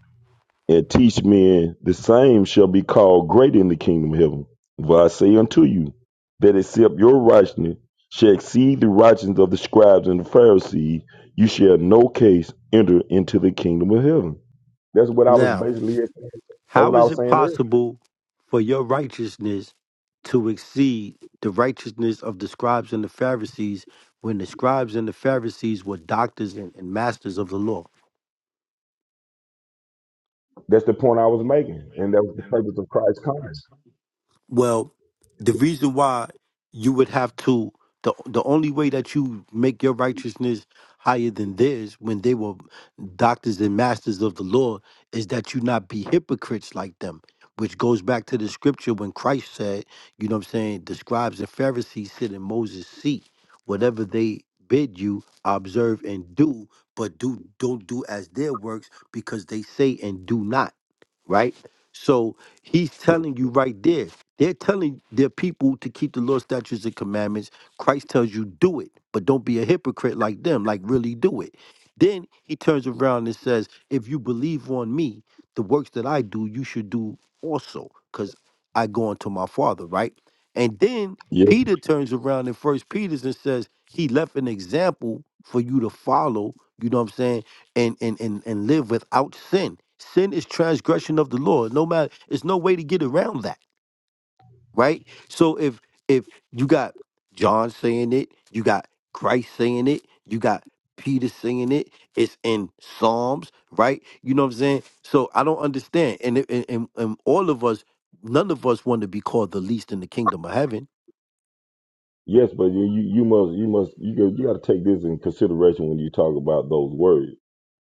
[SPEAKER 7] and teach men, the same shall be called great in the kingdom of heaven. For I say unto you, that except your righteousness shall exceed the righteousness of the scribes and the Pharisees, you shall no case enter into the kingdom of heaven. That's what I was
[SPEAKER 1] Now,
[SPEAKER 7] basically, that's
[SPEAKER 1] how
[SPEAKER 7] what I
[SPEAKER 1] is
[SPEAKER 7] was
[SPEAKER 1] it
[SPEAKER 7] saying earlier.
[SPEAKER 1] possible for your righteousness to exceed the righteousness of the scribes and the Pharisees when the scribes and the Pharisees were doctors and, and masters of the law?
[SPEAKER 7] That's the point I was making, and that was the purpose of Christ's coming.
[SPEAKER 1] Well, the reason why you would have to the the only way that you make your righteousness higher than theirs when they were doctors and masters of the law is that you not be hypocrites like them. Which goes back to the scripture when Christ said, you know what I'm saying, the scribes and Pharisees sit in Moses' seat. Whatever they bid you, observe and do, but do don't do as their works because they say and do not. Right? So he's telling you right there they're telling their people to keep the law, statutes, and commandments. Christ tells you do it, but don't be a hypocrite like them, like really do it. Then he turns around and says, If you believe on me, the works that I do, you should do also, because I go unto my father, right? And then
[SPEAKER 7] Yes,
[SPEAKER 1] Peter turns around in first Peter and says, He left an example for you to follow, you know what I'm saying, and and and, and live without sin. Sin is transgression of the law. No matter, there's no way to get around that right? So if if you got John saying it, you got Christ saying it, you got Peter saying it, it's in Psalms, right? You know what I'm saying? So I don't understand. And and and, and all of us, none of us want to be called the least in the kingdom of heaven
[SPEAKER 7] Yes, but you you you must you must you go, you got to take this in consideration when you talk about those words.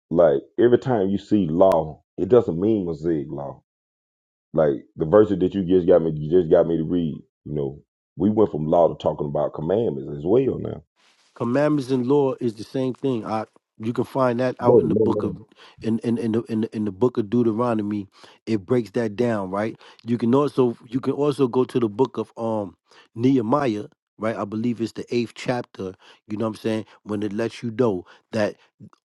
[SPEAKER 7] Like every time you see law, it doesn't mean Mosaic law Like the verses that you just got me, you just got me to read. You know, we went from law to talking about commandments as well now.
[SPEAKER 1] Commandments and law is the same thing. I you can find that out
[SPEAKER 7] No,
[SPEAKER 1] in the
[SPEAKER 7] no,
[SPEAKER 1] book
[SPEAKER 7] no.
[SPEAKER 1] of in in in the in the, in the book of Deuteronomy. It breaks that down, right? You can also you can also go to the book of um Nehemiah, right? I believe it's the eighth chapter. You know what I'm saying? When it lets you know that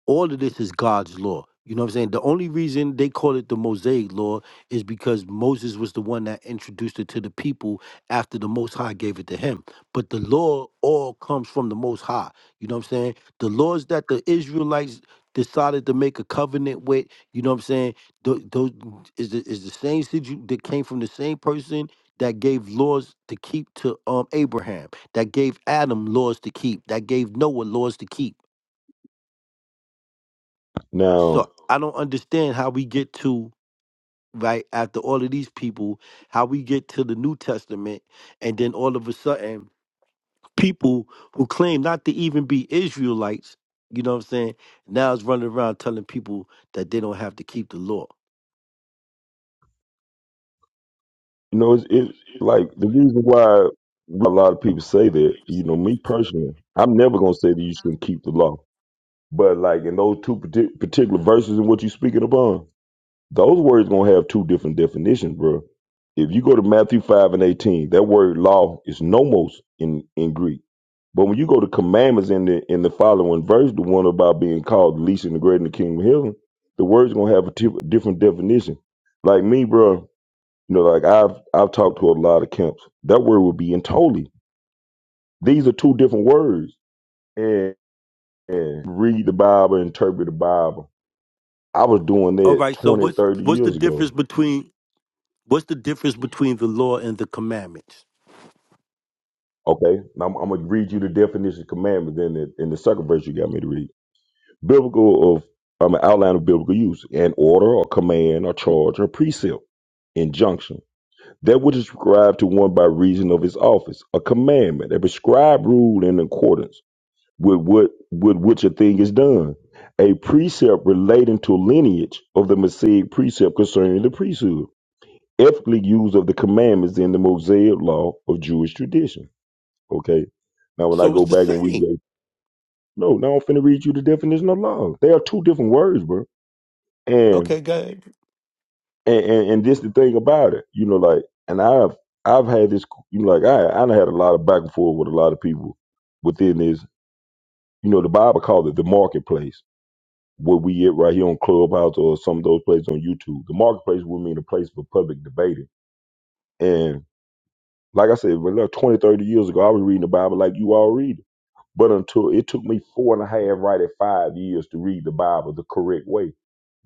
[SPEAKER 1] all of this is God's law. You know what I'm saying? The only reason they call it the Mosaic law is because Moses was the one that introduced it to the people after the Most High gave it to him. But the law all comes from the Most High. You know what I'm saying? The laws that the Israelites decided to make a covenant with, you know what I'm saying? Those, those is the, is the same situ- that came from the same person that gave laws to keep to um Abraham, that gave Adam laws to keep, that gave Noah laws to keep
[SPEAKER 7] Now,
[SPEAKER 1] so I don't understand how we get to right after all of these people, how we get to the New Testament, and then all of a sudden, people who claim not to even be Israelites, you know what I'm saying, now is running around telling people that they don't have to keep the law.
[SPEAKER 7] you know, it's, it's like the reason why a lot of people say that. You know, me personally, I'm never gonna say that you shouldn't keep the law. But like in those two parti- particular verses and what you speaking upon, Those words gonna have two different definitions, bro. If you go to Matthew five and eighteen, that word law is nomos in in Greek. But when you go to commandments in the in the following verse, the one about being called the least and the great in the kingdom of heaven, the words gonna have a t- different definition. Like me, bro, you know, like I've I've talked to a lot of camps. That word would be "intoli." These are two different words. And, and read the Bible, interpret the Bible. I was doing
[SPEAKER 1] All
[SPEAKER 7] that
[SPEAKER 1] right, so
[SPEAKER 7] 20,
[SPEAKER 1] what's
[SPEAKER 7] 30
[SPEAKER 1] what's the
[SPEAKER 7] years ago
[SPEAKER 1] difference between what's the difference between the law and the commandments?
[SPEAKER 7] Okay, now I'm, I'm gonna read you the definition of commandment. Then in, in the second verse, you got me to read biblical of I'm an outline of biblical use: an order, or command, or charge, or precept, injunction. That which is prescribed to one by reason of his office, a commandment, a prescribed rule in accordance with what with which a thing is done, a precept relating to lineage of the Mosaic precept concerning the priesthood, ethically use of the commandments in the Mosaic law of Jewish tradition Okay. Now when I
[SPEAKER 1] So it's
[SPEAKER 7] go
[SPEAKER 1] the
[SPEAKER 7] back and we
[SPEAKER 1] same.
[SPEAKER 7] go, no, now I'm finna read you the definition of love. They are two different words, bro. And
[SPEAKER 1] Okay, go ahead.
[SPEAKER 7] and and, and this the thing about it, you know, like, and I've I've had this, you know, like I I done had a lot of back and forth with a lot of people within this. You know, the Bible called it the marketplace. Where we get right here on Clubhouse or some of those places on YouTube. The marketplace would mean a place for public debating. And like I said, well, look, 20, 30 years ago, I was reading the Bible like you all read it. But until it took me four and a half, right at five years to read the Bible the correct way,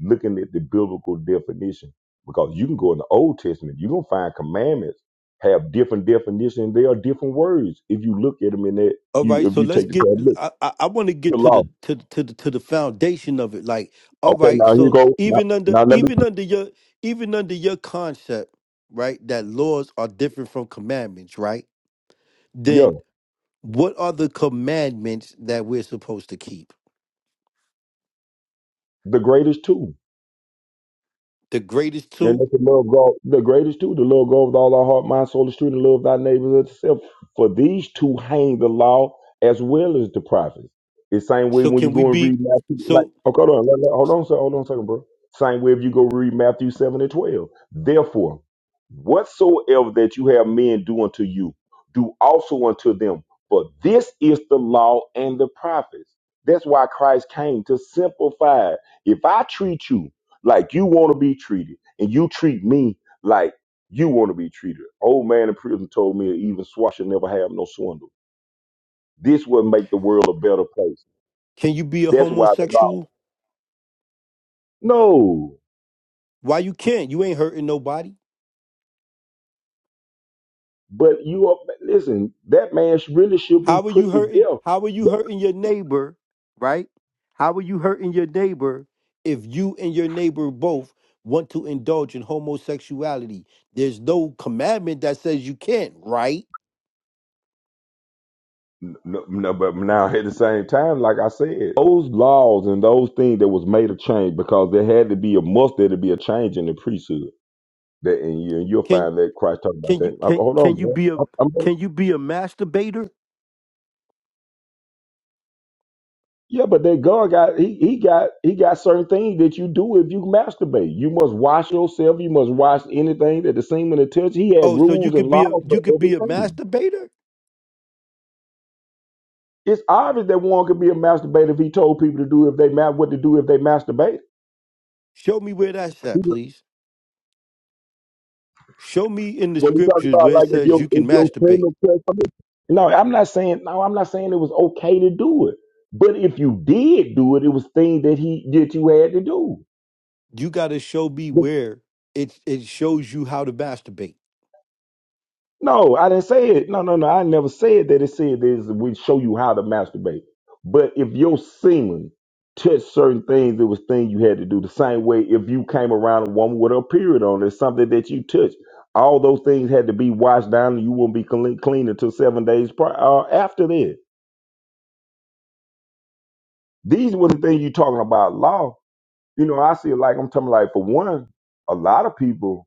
[SPEAKER 7] looking at the biblical definition. Because you can go in the Old Testament, you're going to find commandments have different definitions. They are different words. If you look at them in that,
[SPEAKER 1] All
[SPEAKER 7] you
[SPEAKER 1] right,
[SPEAKER 7] if
[SPEAKER 1] so
[SPEAKER 7] you
[SPEAKER 1] let's
[SPEAKER 7] take the
[SPEAKER 1] get.
[SPEAKER 7] time, to look,
[SPEAKER 1] I, I, I want to
[SPEAKER 7] the
[SPEAKER 1] get to
[SPEAKER 7] law.
[SPEAKER 1] the to the- to the to the foundation of it. Like, all
[SPEAKER 7] Okay,
[SPEAKER 1] right,
[SPEAKER 7] now here
[SPEAKER 1] so
[SPEAKER 7] goes. Now,
[SPEAKER 1] even under
[SPEAKER 7] now let me,
[SPEAKER 1] even under your even under your concept, right, that laws are different from commandments, right?
[SPEAKER 7] yeah,
[SPEAKER 1] Then what are the commandments that we're supposed to keep?
[SPEAKER 7] the greatest two.
[SPEAKER 1] The greatest
[SPEAKER 7] Then
[SPEAKER 1] two.
[SPEAKER 7] let the love God, the greatest two, the love God with all our heart, mind, soul, and strength, and love thy neighbors as thyself. For these two hang the law as well as the prophets. It's same way
[SPEAKER 1] So
[SPEAKER 7] when you
[SPEAKER 1] can we
[SPEAKER 7] go and read
[SPEAKER 1] be?
[SPEAKER 7] Matthew, like,
[SPEAKER 1] So
[SPEAKER 7] oh, hold on, let- let- hold on, a sec- hold on a second, bro. Same way if you go read Matthew 7 and 12. Therefore, whatsoever that you have men do unto you, do also unto them. For this is the law and the prophets. That's why Christ came to simplify. If I treat you like you want to be treated, and you treat me like you want to be treated. Old man in prison told me even swat should never have no swindle. This would make the world a better place.
[SPEAKER 1] can you be a
[SPEAKER 7] That's why the law.
[SPEAKER 1] homosexual?
[SPEAKER 7] No,
[SPEAKER 1] Why you can't? You ain't hurting nobody.
[SPEAKER 7] but you are listen. That man sh- really should be
[SPEAKER 1] How are
[SPEAKER 7] put
[SPEAKER 1] you
[SPEAKER 7] to
[SPEAKER 1] hurting?
[SPEAKER 7] death.
[SPEAKER 1] How are you hurting your neighbor, right? How are you hurting your neighbor if you and your neighbor both want to indulge in homosexuality? There's no commandment that says you can't, right?
[SPEAKER 7] No, no, but now at the same time, like I said, those laws and those things that was made a change because there had to be a must there to be a change in the priesthood. That and you and you'll
[SPEAKER 1] Can
[SPEAKER 7] find that Christ talking about
[SPEAKER 1] can you
[SPEAKER 7] that. Uh,
[SPEAKER 1] can
[SPEAKER 7] hold
[SPEAKER 1] can
[SPEAKER 7] on,
[SPEAKER 1] you be a
[SPEAKER 7] bro.
[SPEAKER 1] can you be a masturbator?
[SPEAKER 7] Yeah, but that God got he he got he got certain things that you do if you masturbate. You must wash yourself. You must wash anything that the semen to touch. He had
[SPEAKER 1] Oh, so you
[SPEAKER 7] rules and
[SPEAKER 1] could be a
[SPEAKER 7] laws for
[SPEAKER 1] you could be a
[SPEAKER 7] everything.
[SPEAKER 1] masturbator?
[SPEAKER 7] It's obvious that one could be a masturbator if he told people to do if they ma- what to do if they masturbate.
[SPEAKER 1] Show me where that's
[SPEAKER 7] He-
[SPEAKER 1] at, please. Show me in the
[SPEAKER 7] When he talks
[SPEAKER 1] scriptures
[SPEAKER 7] about
[SPEAKER 1] where it
[SPEAKER 7] like if
[SPEAKER 1] says
[SPEAKER 7] your
[SPEAKER 1] you
[SPEAKER 7] if
[SPEAKER 1] can
[SPEAKER 7] your
[SPEAKER 1] masturbate.
[SPEAKER 7] semen touch something- no, I'm not saying no, I'm not saying it was okay to do it. But if you did do it, it was things that he that you had to do.
[SPEAKER 1] You gotta show me where it it shows you how to masturbate
[SPEAKER 7] No, I didn't say it. No, no, no. I never said that. It said this. We show you how to masturbate. But if your semen touched certain things, it was things you had to do. The same way, if you came around a woman with a period on, it's something that you touched. All those things had to be washed down, and you wouldn't be clean, clean until seven days prior, uh, after that. These were the things you talking about law. You know, I see it like I'm talking like for one, a lot of people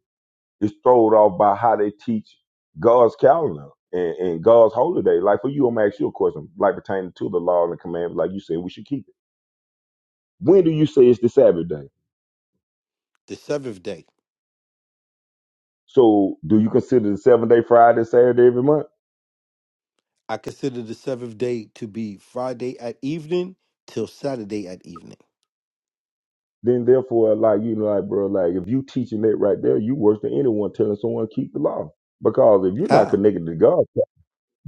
[SPEAKER 7] It's thrown off by how they teach God's calendar and, and God's holy day. Like for you, I'm gonna ask you a question, like pertaining to the law and the commandments, like you said, we should keep it. When do you say it's the Sabbath day?
[SPEAKER 1] The seventh day.
[SPEAKER 7] So do you consider the seven day Friday, Saturday every month?
[SPEAKER 1] I consider the seventh day to be Friday at evening till Saturday at evening.
[SPEAKER 7] Then therefore, like you know, like bro, like if you teaching that right there, you worse than anyone telling someone to keep the law. Because if you're not
[SPEAKER 1] How?
[SPEAKER 7] connected to God.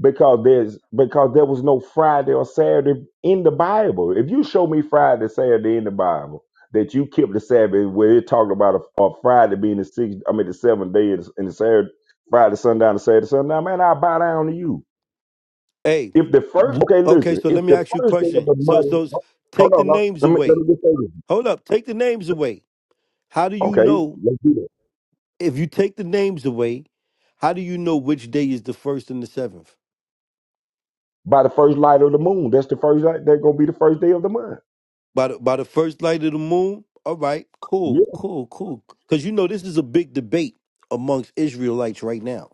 [SPEAKER 7] because there's because there was no Friday or Saturday in the Bible. If you show me Friday, Saturday in the Bible that you kept the Sabbath, where it talked about a, a Friday being the sixth, I mean the seventh day, and the and the Saturday, Friday sundown, to Saturday sundown, man, I bow down to you.
[SPEAKER 1] Hey,
[SPEAKER 7] If the first,
[SPEAKER 1] w-
[SPEAKER 7] okay,
[SPEAKER 1] okay,
[SPEAKER 7] listen,
[SPEAKER 1] so let
[SPEAKER 7] if
[SPEAKER 1] me
[SPEAKER 7] the
[SPEAKER 1] ask you a
[SPEAKER 7] first day of
[SPEAKER 1] question.
[SPEAKER 7] the
[SPEAKER 1] So, so s-
[SPEAKER 7] month, hold
[SPEAKER 1] take the
[SPEAKER 7] on,
[SPEAKER 1] names
[SPEAKER 7] let me let
[SPEAKER 1] away.
[SPEAKER 7] me just say this,
[SPEAKER 1] Hold up, take the names away. How do you
[SPEAKER 7] okay,
[SPEAKER 1] know
[SPEAKER 7] let's do that.
[SPEAKER 1] if you take the names away? How do you know which day is the first and the seventh?
[SPEAKER 7] By the first light of the moon, that's the first light. That's gonna be the first day of the month.
[SPEAKER 1] By the, by the first light of the moon? All right,
[SPEAKER 7] Yeah.
[SPEAKER 1] cool, cool, cool. Because you know, this is a big debate amongst Israelites right now,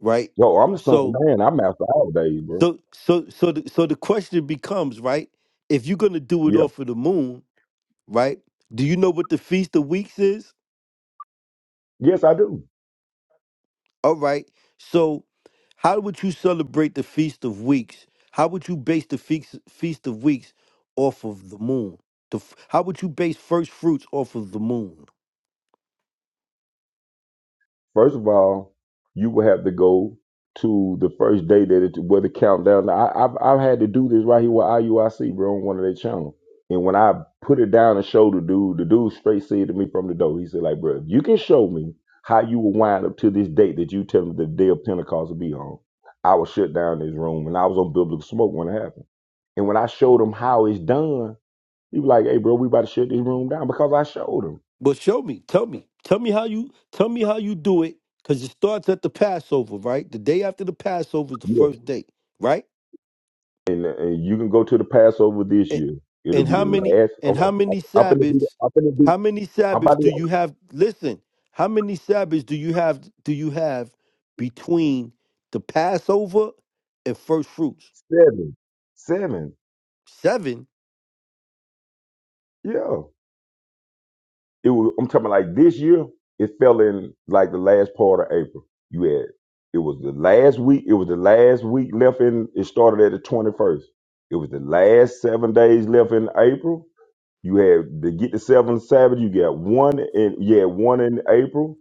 [SPEAKER 1] right?
[SPEAKER 7] So I'm the son of
[SPEAKER 1] So.
[SPEAKER 7] man. I'm master all days, bro.
[SPEAKER 1] So so so the, so the question becomes, right? If you're gonna do it
[SPEAKER 7] Yeah.
[SPEAKER 1] off of the moon, right? Do you know what the feast of weeks is?
[SPEAKER 7] Yes, I do.
[SPEAKER 1] All right. So how would you celebrate the feast of weeks? How would you base the feast feast of weeks off of the moon? The, f- how would you base first fruits off of the moon?
[SPEAKER 7] First of all, you will have to go to the first day that it where the countdown. Now, I, I've I've had to do this right here with IUIC, bro, on one of their channels. And when I put it down and showed the dude, the dude straight said to me from the door, he said, like, bro, if you can show me how you will wind up to this date that you tell me the day of Pentecost will be on, I will shut down this room. And I was on biblical smoke when it happened. And when I showed him how it's done, he was like, hey, bro, we about to shut this room down because I showed him.
[SPEAKER 1] Well, show me. Tell me. Tell me how you tell me how you do it. Cause it starts at the Passover, right? The day after the Passover is the
[SPEAKER 7] Yes.
[SPEAKER 1] first day, right?
[SPEAKER 7] and, and you can go to the Passover this
[SPEAKER 1] and
[SPEAKER 7] year. It'll
[SPEAKER 1] and
[SPEAKER 7] be
[SPEAKER 1] how
[SPEAKER 7] the
[SPEAKER 1] many
[SPEAKER 7] last.
[SPEAKER 1] and
[SPEAKER 7] oh,
[SPEAKER 1] how
[SPEAKER 7] I'm,
[SPEAKER 1] many
[SPEAKER 7] I'm finna be.
[SPEAKER 1] sabbaths
[SPEAKER 7] I'm gonna be.
[SPEAKER 1] how many
[SPEAKER 7] I'm about
[SPEAKER 1] sabbaths
[SPEAKER 7] to
[SPEAKER 1] do you have listen how many sabbaths do you have do you have between the passover and first fruits
[SPEAKER 7] be seven. Seven.
[SPEAKER 1] seven
[SPEAKER 7] Yeah. It was. I'm talking like this year. It fell in like the last part of April. You had. It was the last week. It was the last week left in. It started at the 21st. It was the last seven days left in April You had to get the seventh Sabbath. You got one in you had one in April,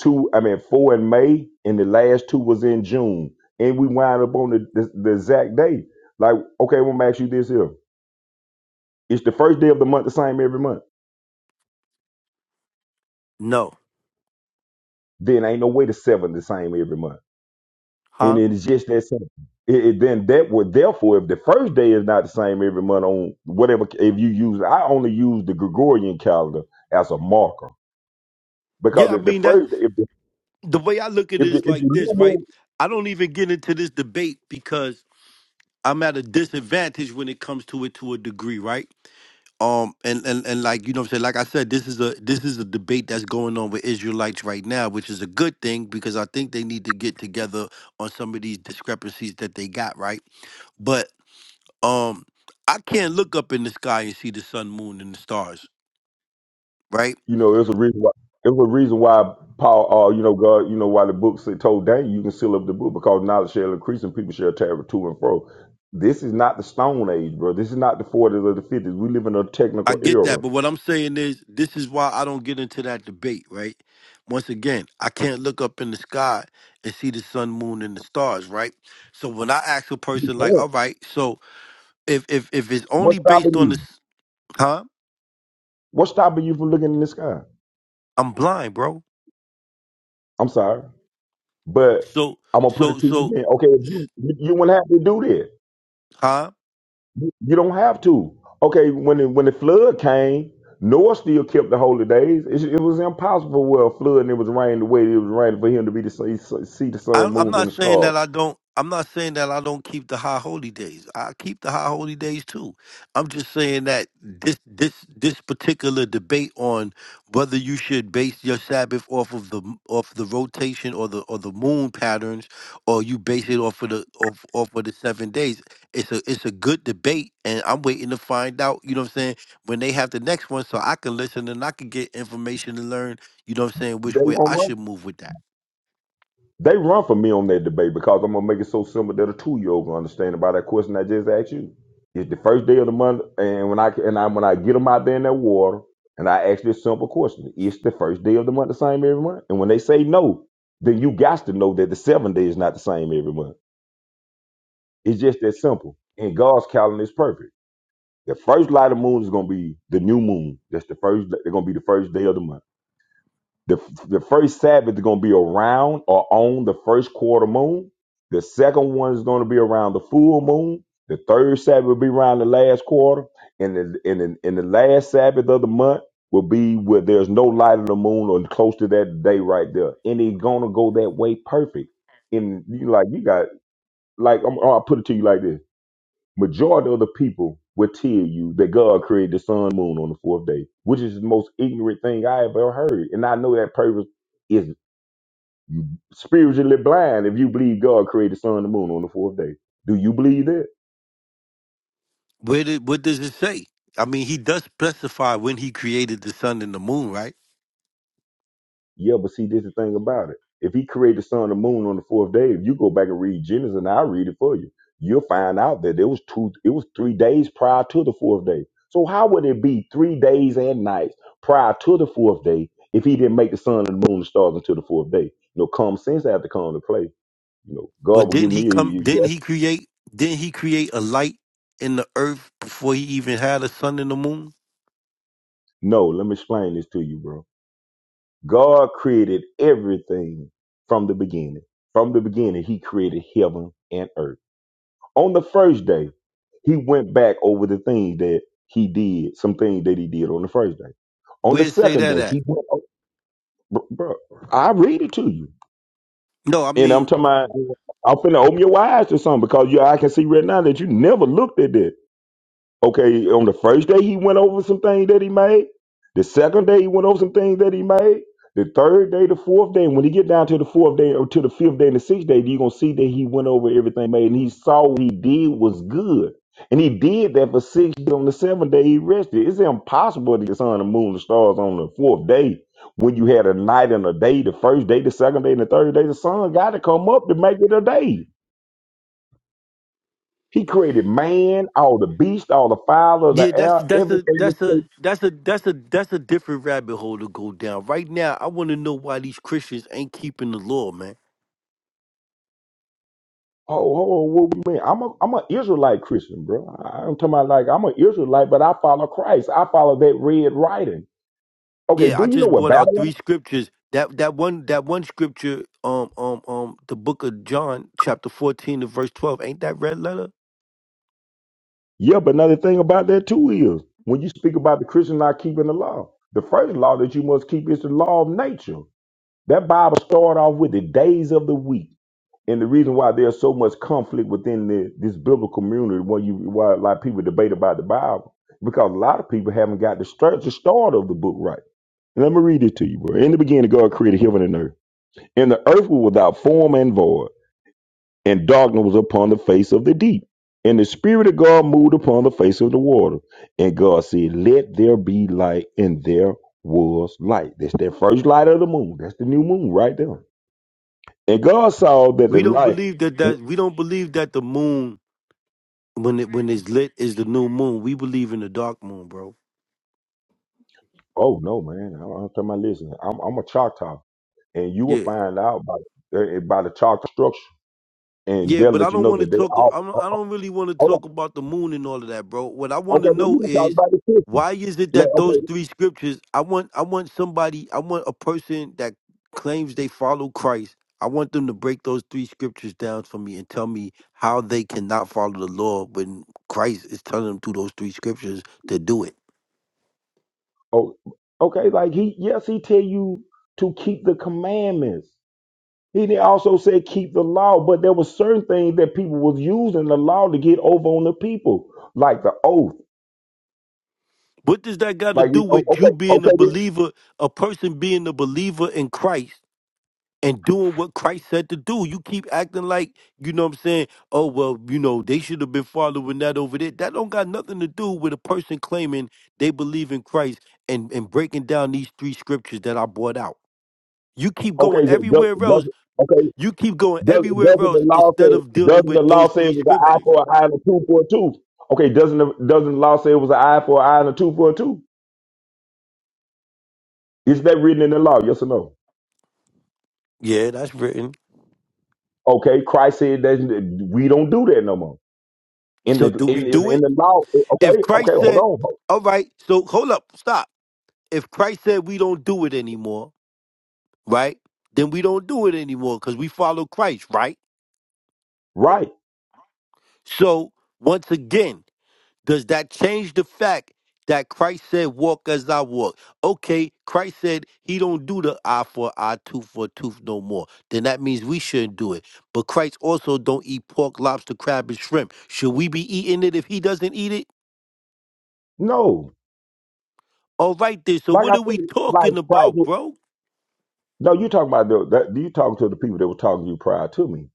[SPEAKER 7] two. I mean four in May, and the last two was in June. And we wind up on the the, the exact day. Like okay, I'm gonna ask you this here. It's the first day of the month the same every month.
[SPEAKER 1] no
[SPEAKER 7] Then ain't no way the seventh the same every month. And
[SPEAKER 1] huh
[SPEAKER 7] it is just that simple. It, it- then that would therefore if the first day is not the same every month on whatever if you use I only use the Gregorian calendar as a marker because
[SPEAKER 1] yeah i
[SPEAKER 7] if the
[SPEAKER 1] mean that
[SPEAKER 7] first if the
[SPEAKER 1] the way i look at
[SPEAKER 7] if
[SPEAKER 1] it
[SPEAKER 7] the, if
[SPEAKER 1] is
[SPEAKER 7] the
[SPEAKER 1] like
[SPEAKER 7] new
[SPEAKER 1] this
[SPEAKER 7] moon
[SPEAKER 1] right i don't even get into this debate because i'm at a disadvantage when it comes to it to a degree right um and, and and like you know what I'm saying like I said this is a this is a debate that's going on with Israelites right now which is a good thing because I think they need to get together on some of these discrepancies that they got right but um I can't look up in the sky and see the sun moon and the stars right
[SPEAKER 7] You know, there's a reason why there's a reason why Paul, uh, you know, God, you know, why the book said, told Daniel, you can seal up the book because knowledge shall increase and people shall travel to and fro. This is not the Stone Age, bro. This is not the 40s or the 50s. We live in a
[SPEAKER 1] I
[SPEAKER 7] technical
[SPEAKER 1] get
[SPEAKER 7] era.
[SPEAKER 1] that but what I'm saying is this is why I don't get into that debate right once again I can't look up in the sky and see the sun moon and the stars right so when I ask a
[SPEAKER 7] You
[SPEAKER 1] person like
[SPEAKER 7] can't.
[SPEAKER 1] all right so if if if it's only
[SPEAKER 7] What's
[SPEAKER 1] based
[SPEAKER 7] stopping
[SPEAKER 1] on
[SPEAKER 7] you?
[SPEAKER 1] this, huh?
[SPEAKER 7] What's stopping you from looking in the sky?
[SPEAKER 1] I'm blind, bro.
[SPEAKER 7] I'm sorry, but
[SPEAKER 1] So
[SPEAKER 7] I'm gonna put
[SPEAKER 1] so
[SPEAKER 7] it to you.
[SPEAKER 1] so,
[SPEAKER 7] Again. Okay, if you, you wouldn't have to do that.
[SPEAKER 1] huh?
[SPEAKER 7] You don't have to. Okay, when the, when the flood came, Noah still kept the holy days. It, it was impossible for a flood and it was raining the way it was raining for him to be to see, see the
[SPEAKER 1] I,
[SPEAKER 7] sun,
[SPEAKER 1] I'm
[SPEAKER 7] moons, and
[SPEAKER 1] not
[SPEAKER 7] the
[SPEAKER 1] saying
[SPEAKER 7] stars.
[SPEAKER 1] that I don't. I'm not saying that I don't keep the high holy days. I keep the high holy days too. I'm just saying that this this this particular debate on whether you should base your Sabbath off of the off the rotation or the or the moon patterns, or you base it off of the off off of the seven days. It's a it's a good debate, and I'm waiting to find out. You know what I'm saying? When they have the next one, so I can listen and I can get information and learn. You know what I'm saying?
[SPEAKER 7] They
[SPEAKER 1] Which way
[SPEAKER 7] run,
[SPEAKER 1] I
[SPEAKER 7] run.
[SPEAKER 1] should move with that.
[SPEAKER 7] They run for me on that debate because I'm gonna make it so simple that a two year old can understand about that question I just asked you. It's the first day of the month, and when I and I when I get them out there in that water, and I ask this simple question: It's the first day of the month the same every month? And when they say no, then you got to know that the seventh day is not the same every month. It's just that simple. And God's calendar is perfect. The first light of moon is going to be the new moon. That's the first. They're going to be the first day of the month. The, the first Sabbath is going to be around or on the first quarter moon. The second one is going to be around the full moon. The third Sabbath will be around the last quarter, and the and the, and the last Sabbath of the month will be where there's no light of the moon or close to that day right there. And it's gonna go that way perfect. And you like you got like I'm, I'll put it to you like this majority of the people will tell you that God created the sun, moon on the fourth day, which is the most ignorant thing I have ever heard. And I know that person is spiritually blind if you believe God created the sun, and the moon on the fourth day. Do you believe that?
[SPEAKER 1] Where did what does it say? I mean, he does specify when he created the sun and the moon, right?
[SPEAKER 7] Yeah, but see, this is the thing about it. If he created the sun and the moon on the fourth day, if you go back and read Genesis, and I'll read it for you, you'll find out that there was two, it was three days prior to the fourth day. So how would it be three days and nights prior to the fourth day if he didn't make the sun and the moon and stars until the fourth day? You know, common sense had to come to play. You know, God
[SPEAKER 1] But
[SPEAKER 7] will give
[SPEAKER 1] didn't he
[SPEAKER 7] me a
[SPEAKER 1] come?
[SPEAKER 7] you-
[SPEAKER 1] Didn't
[SPEAKER 7] yes.
[SPEAKER 1] he create? Didn't he create a light in the earth before he even had a sun and the moon?
[SPEAKER 7] No, let me explain this to you, bro. God created everything from the beginning. From the beginning, he created heaven and earth. On the first day, he went back over the things that he did, some things that he did on the first day. On the
[SPEAKER 1] Where it say
[SPEAKER 7] second
[SPEAKER 1] that
[SPEAKER 7] day,
[SPEAKER 1] at?
[SPEAKER 7] he went, o- br- bro, I read it to you.
[SPEAKER 1] No, I
[SPEAKER 7] And I'm
[SPEAKER 1] mean,
[SPEAKER 7] talking about, I'm finna open your eyes to something because you, I can see right now that you never looked at that. Okay, on the first day he went over some things that he made. The second day he went over some things that he made. The third day, the fourth day, and when he get down to the fourth day or to the fifth day and the sixth day, you're gonna see that he went over everything made and he saw what he did was good. And he did that for six days. On the seventh day, he rested. It's impossible to get the sun, the moon, the stars on the fourth day when you had a night and a day, the first day, the second day, and the third day. The sun got to come up to make it a day. He created man, all the beasts, all the fowl of the
[SPEAKER 1] yeah, that's
[SPEAKER 7] air,
[SPEAKER 1] that's a
[SPEAKER 7] everything was
[SPEAKER 1] that's a
[SPEAKER 7] created.
[SPEAKER 1] that's a that's a that's a different rabbit hole to go down. Right now, I want to know why these Christians ain't keeping the law, man.
[SPEAKER 7] Oh, oh, what we mean? I'm a I'm an Israelite Christian, bro. I- I'm talking about like I'm an Israelite, but I follow Christ. I follow that red writing. Okay,
[SPEAKER 1] Yeah, I
[SPEAKER 7] do you know
[SPEAKER 1] just
[SPEAKER 7] what
[SPEAKER 1] brought
[SPEAKER 7] Babylon?
[SPEAKER 1] out three scriptures. That that one that one scripture, um, um, um, the book of John, chapter fourteen to verse twelve. Ain't that red letter?
[SPEAKER 7] Yeah, but another thing about that too is when you speak about the Christian not keeping the law, the first law that you must keep is the law of nature. That Bible started off with the days of the week. And the reason why there's so much conflict within the, this biblical community, when you why a lot of people debate about the Bible, because a lot of people haven't got the start, the start of the book right. Let me read it to you, bro. In the beginning, God created heaven and earth, and the earth was without form and void, and darkness was upon the face of the deep. And the Spirit of God moved upon the face of the water, and God said, "Let there be light," and there was light. That's that first light of the moon. That's the new moon right there. And God saw that the
[SPEAKER 1] We don't
[SPEAKER 7] light.
[SPEAKER 1] believe that that we don't believe that the moon when it when it's lit is the new moon. We believe in the dark moon, bro.
[SPEAKER 7] Oh no, man! I- I'm talking about listen. I'm, I'm a Choctaw, and you will
[SPEAKER 1] Yeah.
[SPEAKER 7] find out by eh, by the Choctaw structure, and
[SPEAKER 1] Yeah,
[SPEAKER 7] they'll
[SPEAKER 1] but I
[SPEAKER 7] let you
[SPEAKER 1] don't
[SPEAKER 7] know
[SPEAKER 1] want to
[SPEAKER 7] that they
[SPEAKER 1] talk.
[SPEAKER 7] all.
[SPEAKER 1] I don't,
[SPEAKER 7] oh,
[SPEAKER 1] I don't really want to
[SPEAKER 7] Hold
[SPEAKER 1] talk about the moon and all of that, bro. What I
[SPEAKER 7] on.
[SPEAKER 1] want
[SPEAKER 7] Okay,
[SPEAKER 1] to
[SPEAKER 7] but we
[SPEAKER 1] know
[SPEAKER 7] can talk
[SPEAKER 1] is
[SPEAKER 7] about the system.
[SPEAKER 1] why is it
[SPEAKER 7] Like,
[SPEAKER 1] that those
[SPEAKER 7] okay,
[SPEAKER 1] three scriptures? I want, I want somebody, I want a person that claims they follow Christ. I want them to break those three scriptures down for me and tell me how they cannot follow the law when Christ is telling them through those three scriptures to do it.
[SPEAKER 7] oh, okay, like he yes, he tell you to keep the commandments. He did also said keep the law, but there were certain things that people was using the law to get over on the people, like the oath.
[SPEAKER 1] What does that got to
[SPEAKER 7] Like
[SPEAKER 1] do
[SPEAKER 7] you- oh,
[SPEAKER 1] with you
[SPEAKER 7] okay,
[SPEAKER 1] being a
[SPEAKER 7] okay, then-
[SPEAKER 1] believer, a person being a believer in Christ? and doing what Christ said to do. You keep acting like, you know what I'm saying? Oh, well, you know, they should have been following that over there. That don't got nothing to do with a person claiming they believe in Christ and, and breaking down these three scriptures that I brought out. You keep going
[SPEAKER 7] okay, so does,
[SPEAKER 1] everywhere
[SPEAKER 7] does,
[SPEAKER 1] else.
[SPEAKER 7] okay,
[SPEAKER 1] You keep going
[SPEAKER 7] Does,
[SPEAKER 1] everywhere
[SPEAKER 7] doesn't the
[SPEAKER 1] else
[SPEAKER 7] law
[SPEAKER 1] instead
[SPEAKER 7] say?
[SPEAKER 1] of dealing
[SPEAKER 7] Doesn't the
[SPEAKER 1] with
[SPEAKER 7] law
[SPEAKER 1] those
[SPEAKER 7] say it
[SPEAKER 1] three
[SPEAKER 7] was an eye
[SPEAKER 1] scriptures.
[SPEAKER 7] for an eye and a tooth for a tooth? Okay, doesn't the, doesn't the law say it was an eye for an eye and a tooth for a tooth? Is that written in the law? Yes or no?
[SPEAKER 1] Yeah, that's written.
[SPEAKER 7] Okay, Christ said that we don't do that no more. In
[SPEAKER 1] So
[SPEAKER 7] the
[SPEAKER 1] do
[SPEAKER 7] in,
[SPEAKER 1] we
[SPEAKER 7] in
[SPEAKER 1] do it?
[SPEAKER 7] the law,
[SPEAKER 1] If
[SPEAKER 7] okay, okay,
[SPEAKER 1] Christ
[SPEAKER 7] hold
[SPEAKER 1] said,
[SPEAKER 7] on,
[SPEAKER 1] all right, so hold up, stop. If Christ said we don't do it anymore, right? Then we don't do it anymore because we follow Christ, right?
[SPEAKER 7] right?
[SPEAKER 1] So, once again, does that change the fact that Christ said, Walk as I walk? Okay, Christ said he don't do the eye for eye, tooth for tooth no more. Then that means we shouldn't do it. But Christ also don't eat pork, lobster, crab, and shrimp. Should we be eating it if he doesn't eat it?
[SPEAKER 7] No,
[SPEAKER 1] All right, then. So,
[SPEAKER 7] like
[SPEAKER 1] what
[SPEAKER 7] I
[SPEAKER 1] are we
[SPEAKER 7] said, like
[SPEAKER 1] talking
[SPEAKER 7] Christ.
[SPEAKER 1] about,
[SPEAKER 7] was-
[SPEAKER 1] bro?
[SPEAKER 7] No, you talking about the, that? You talking to the people that were talking to you prior to me?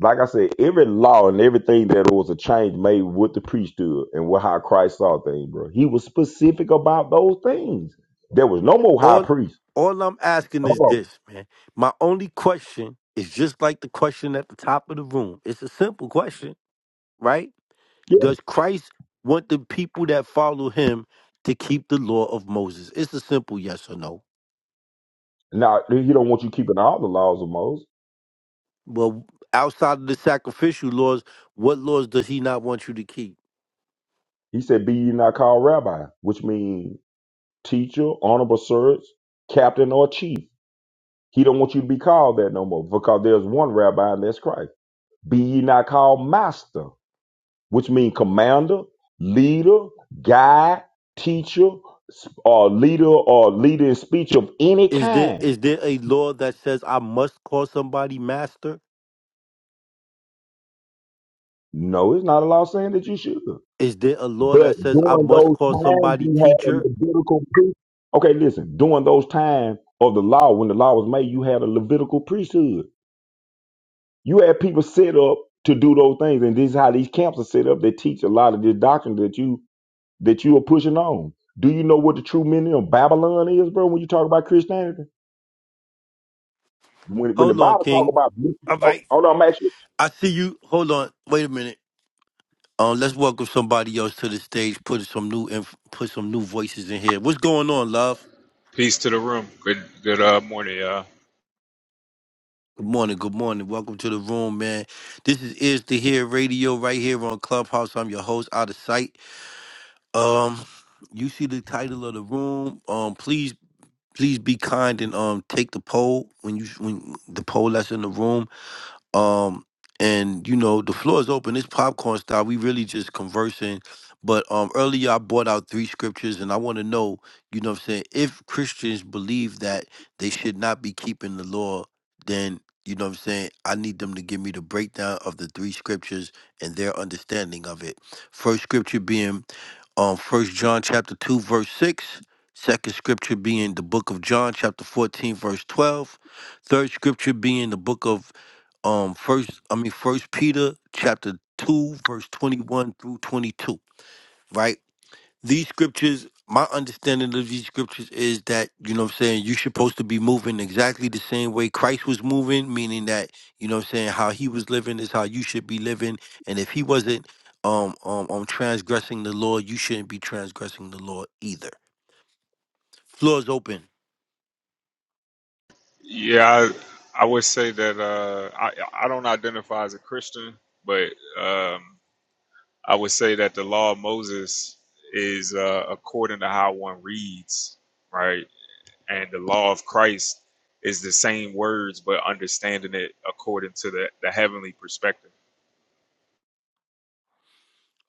[SPEAKER 7] like I said, every law and everything that was a change made what the priest stood and what how Christ saw things, bro. He was specific about those things. There was no more high
[SPEAKER 1] all
[SPEAKER 7] priest.
[SPEAKER 1] all I'm asking
[SPEAKER 7] Hold
[SPEAKER 1] is
[SPEAKER 7] on.
[SPEAKER 1] this, man. My only question is just like the question at the top of the room. It's a simple question, right?
[SPEAKER 7] Yeah.
[SPEAKER 1] Does Christ want the people that follow him to keep the law of Moses? It's a simple yes or no.
[SPEAKER 7] Now he don't want you keeping all the laws of Moses.
[SPEAKER 1] Well, outside of the sacrificial laws, what laws does he not want you to keep?
[SPEAKER 7] He said, "Be ye not called rabbi," which means teacher, honorable servant, captain, or chief. He don't want you to be called that no more because there's one rabbi and that's Christ. Be ye not called master which means commander, leader, guide, teacher, s- or leader or leader in speech of any
[SPEAKER 1] Is there
[SPEAKER 7] kind.
[SPEAKER 1] is there a law that says I must call somebody master?
[SPEAKER 7] No, it's not a law saying that you should.
[SPEAKER 1] Is there a law that
[SPEAKER 7] But
[SPEAKER 1] says I
[SPEAKER 7] during
[SPEAKER 1] must
[SPEAKER 7] those
[SPEAKER 1] call
[SPEAKER 7] times
[SPEAKER 1] somebody
[SPEAKER 7] you had a
[SPEAKER 1] teacher?
[SPEAKER 7] Levitical priest. Okay, listen, during those times of the law, when the law was made, you had a Levitical priesthood. You had people set up to do those things, and this is how these camps are set up. They teach a lot of this doctrine that you that you are pushing on. Do you know what the true meaning of Babylon is, bro, when you talk about Christianity? When when the
[SPEAKER 1] Hold on,
[SPEAKER 7] Bible talk
[SPEAKER 1] King.
[SPEAKER 7] about
[SPEAKER 1] All
[SPEAKER 7] oh,
[SPEAKER 1] right.
[SPEAKER 7] hold on, I'm actually
[SPEAKER 1] I see you. Hold on. Wait a minute. Um, let's welcome somebody else to the stage. Put some new inf- put some new voices in here. What's going on, love?
[SPEAKER 8] Peace to the room. Good good uh, morning, y'all.
[SPEAKER 1] Good morning. Good morning. Welcome to the room, man. This is Is to Hear Radio right here on Clubhouse. I'm your host, Out of Sight. Um, you see the title of the room. Um, please, please be kind and um take the poll when you when the poll that's in the room. um and you know the floor is open it's popcorn style we really just conversing but um earlier i brought out three scriptures and i want to know you know what i'm saying if christians believe that they should not be keeping the law then you know what i'm saying i need them to give me the breakdown of the three scriptures and their understanding of it first scripture being um first john chapter 2 verse six. Second scripture being the book of john chapter 14 verse 12 third scripture being the book of um first i mean first peter chapter 2 verse 21 through 22 right these scriptures my understanding of these scriptures is that you know what i'm saying you're supposed to be moving exactly the same way christ was moving meaning that you know what i'm saying how he was living is how you should be living and if he wasn't um um, um transgressing the law you shouldn't be transgressing the law either floor's open
[SPEAKER 8] Yeah, I, I would say that uh, I I don't identify as a Christian, but um, I would say that the law of Moses is uh, according to how one reads, right? And the law of Christ is the same words, but understanding it according to the, the heavenly perspective.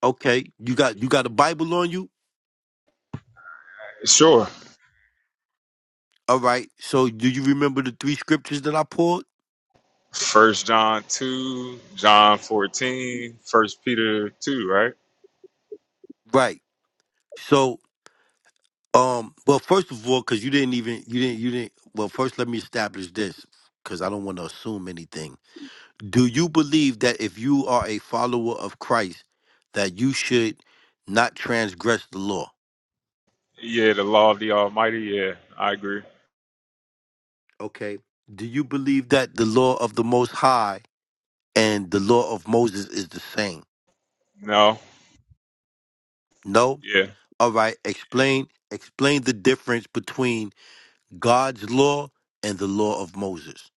[SPEAKER 1] okay you got you got a bible on you
[SPEAKER 8] Sure.
[SPEAKER 1] all right so do you remember the three scriptures that i pulled
[SPEAKER 8] First John two, John 14, First Peter two, right?
[SPEAKER 1] right So, um, well, first of all, because you didn't even you didn't you didn't. Well, first, let me establish this because I don't want to assume anything. Do you believe that if you are a follower of Christ, that you should not transgress the law?
[SPEAKER 8] Yeah, the law of the Almighty. Yeah, I agree.
[SPEAKER 1] Okay. Do you believe that the law of the Most High and the law of Moses is the same?
[SPEAKER 8] No.
[SPEAKER 1] No.
[SPEAKER 8] Yeah.
[SPEAKER 1] All right. Explain explain the difference between God's law and the law of Moses.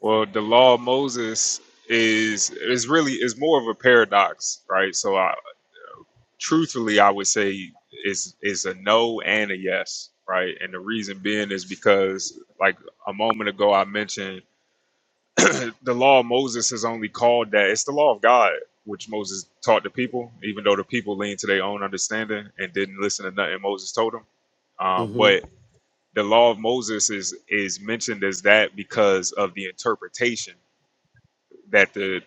[SPEAKER 8] Well, the law of Moses is is really is more of a paradox, right? So, I, truthfully, I would say is is a no and a yes, right? And the reason being is because, like a moment ago, I mentioned the law of Moses is only called that. It's the law of God, which Moses taught the people, even though the people leaned to their own understanding and didn't listen to nothing Moses told them. Um, but the law of Moses is is mentioned as that because of the interpretation that the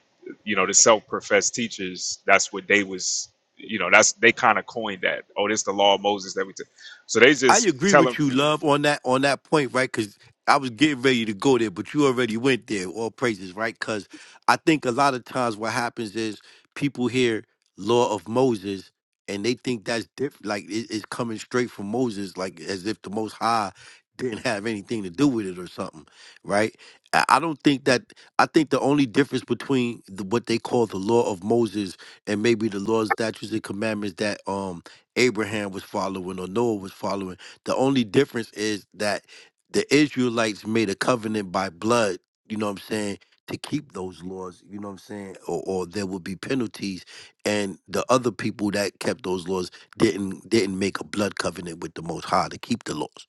[SPEAKER 8] you know the self-professed teachers that's what they was you know that's they kind of coined that oh this the law of Moses that we t-. so they
[SPEAKER 1] I
[SPEAKER 8] just
[SPEAKER 1] agree
[SPEAKER 8] tell
[SPEAKER 1] with
[SPEAKER 8] them
[SPEAKER 1] you, love, on that on that point, right? Because I was getting ready to go there, but you already went there. All praises, right? Because I think a lot of times what happens is people hear "Law of Moses" and they think that's different. Like it, it's coming straight from Moses, like as if the Most High didn't have anything to do with it or something, right? I I don't think that. I think the only difference between the, what they call the Law of Moses and maybe the laws, statutes, and commandments that um Abraham was following or Noah was following the only difference is that the Israelites made a covenant by blood, you know what I'm saying, to keep those laws, you know what I'm saying, or, or there would be penalties. And the other people that kept those laws didn't didn't make a blood covenant with the Most High to keep the laws.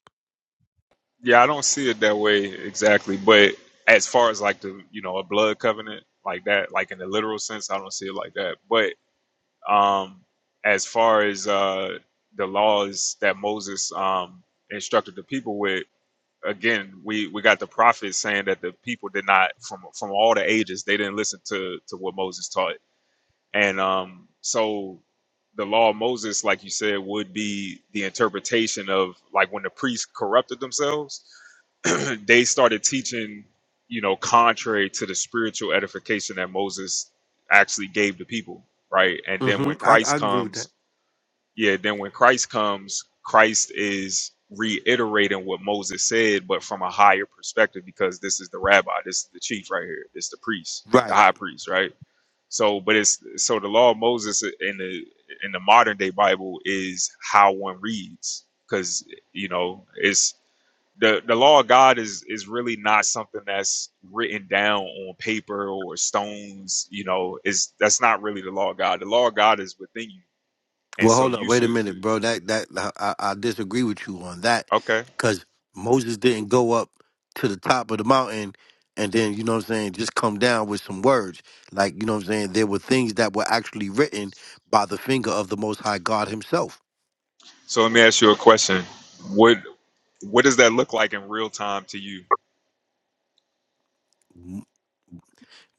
[SPEAKER 8] yeah I don't see it that way exactly but as far as like the you know a blood covenant like that like in the literal sense I don't see it like that but um as far as uh the laws that Moses um instructed the people with again, we we got the prophets saying that the people did not from from all the ages they didn't listen to to what Moses taught, and um, so the law of Moses, like you said, would be the interpretation of like when the priests corrupted themselves, they started teaching, you know, contrary to the spiritual edification that Moses actually gave the people, right? And then
[SPEAKER 1] hmm
[SPEAKER 8] when
[SPEAKER 1] I,
[SPEAKER 8] Christ
[SPEAKER 1] I agree with
[SPEAKER 8] comes
[SPEAKER 1] that.
[SPEAKER 8] yeah, then when Christ comes, Christ is reiterating what Moses said, but from a higher perspective, because this is the rabbi, this is the chief right here, this the priest, the
[SPEAKER 1] Right.
[SPEAKER 8] high priest, right? So, but it's so the law of Moses in the in the modern day Bible is how one reads, because you know it's the the law of God is is really not something that's written down on paper or stones, you know. Is that's not really the law of God. The law of God is within you, and
[SPEAKER 1] Well,
[SPEAKER 8] so
[SPEAKER 1] hold up,
[SPEAKER 8] you
[SPEAKER 1] wait a
[SPEAKER 8] should
[SPEAKER 1] minute, bro. That that I, I I disagree with you on that,
[SPEAKER 8] okay.
[SPEAKER 1] because Moses didn't go up to the top of the mountain and then you know what I'm saying, just come down with some words. Like you know what I'm saying, there were things that were actually written by the finger of the Most High God Himself.
[SPEAKER 8] So let me ask you a question. What what does that look like in real time to you?
[SPEAKER 1] M-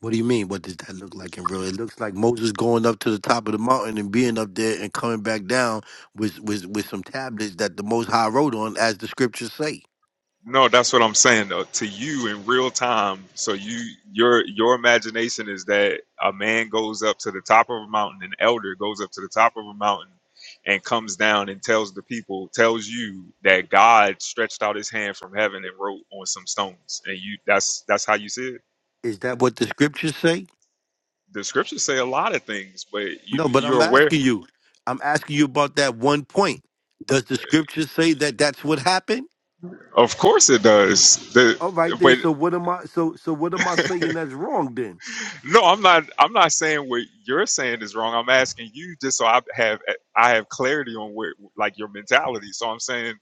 [SPEAKER 1] What do you mean? What does that look like in real? It looks like Moses going up to the top of the mountain and being up there and coming back down with with with some tablets that the Most High wrote on, as the scriptures say.
[SPEAKER 8] No, that's what I'm saying though. To you in real time, so you your your imagination is that a man goes up to the top of a mountain, an elder goes up to the top of a mountain and comes down and tells the people, tells you that God stretched out his hand from heaven and wrote on some stones. And you that's that's how you see it.
[SPEAKER 1] Is that what the scriptures say?
[SPEAKER 8] The scriptures say a lot of things, but you
[SPEAKER 1] No, but
[SPEAKER 8] you're
[SPEAKER 1] I'm
[SPEAKER 8] aware.
[SPEAKER 1] asking you. I'm asking you about that one point. Does the scriptures say that that's what happened?
[SPEAKER 8] Of course it does. The
[SPEAKER 1] All right then.
[SPEAKER 8] but
[SPEAKER 1] So what am I? So so what am I saying that's wrong then?
[SPEAKER 8] No, I'm not. I'm not saying what you're saying is wrong. I'm asking you just so I have I have clarity on where like your mentality. So I'm saying,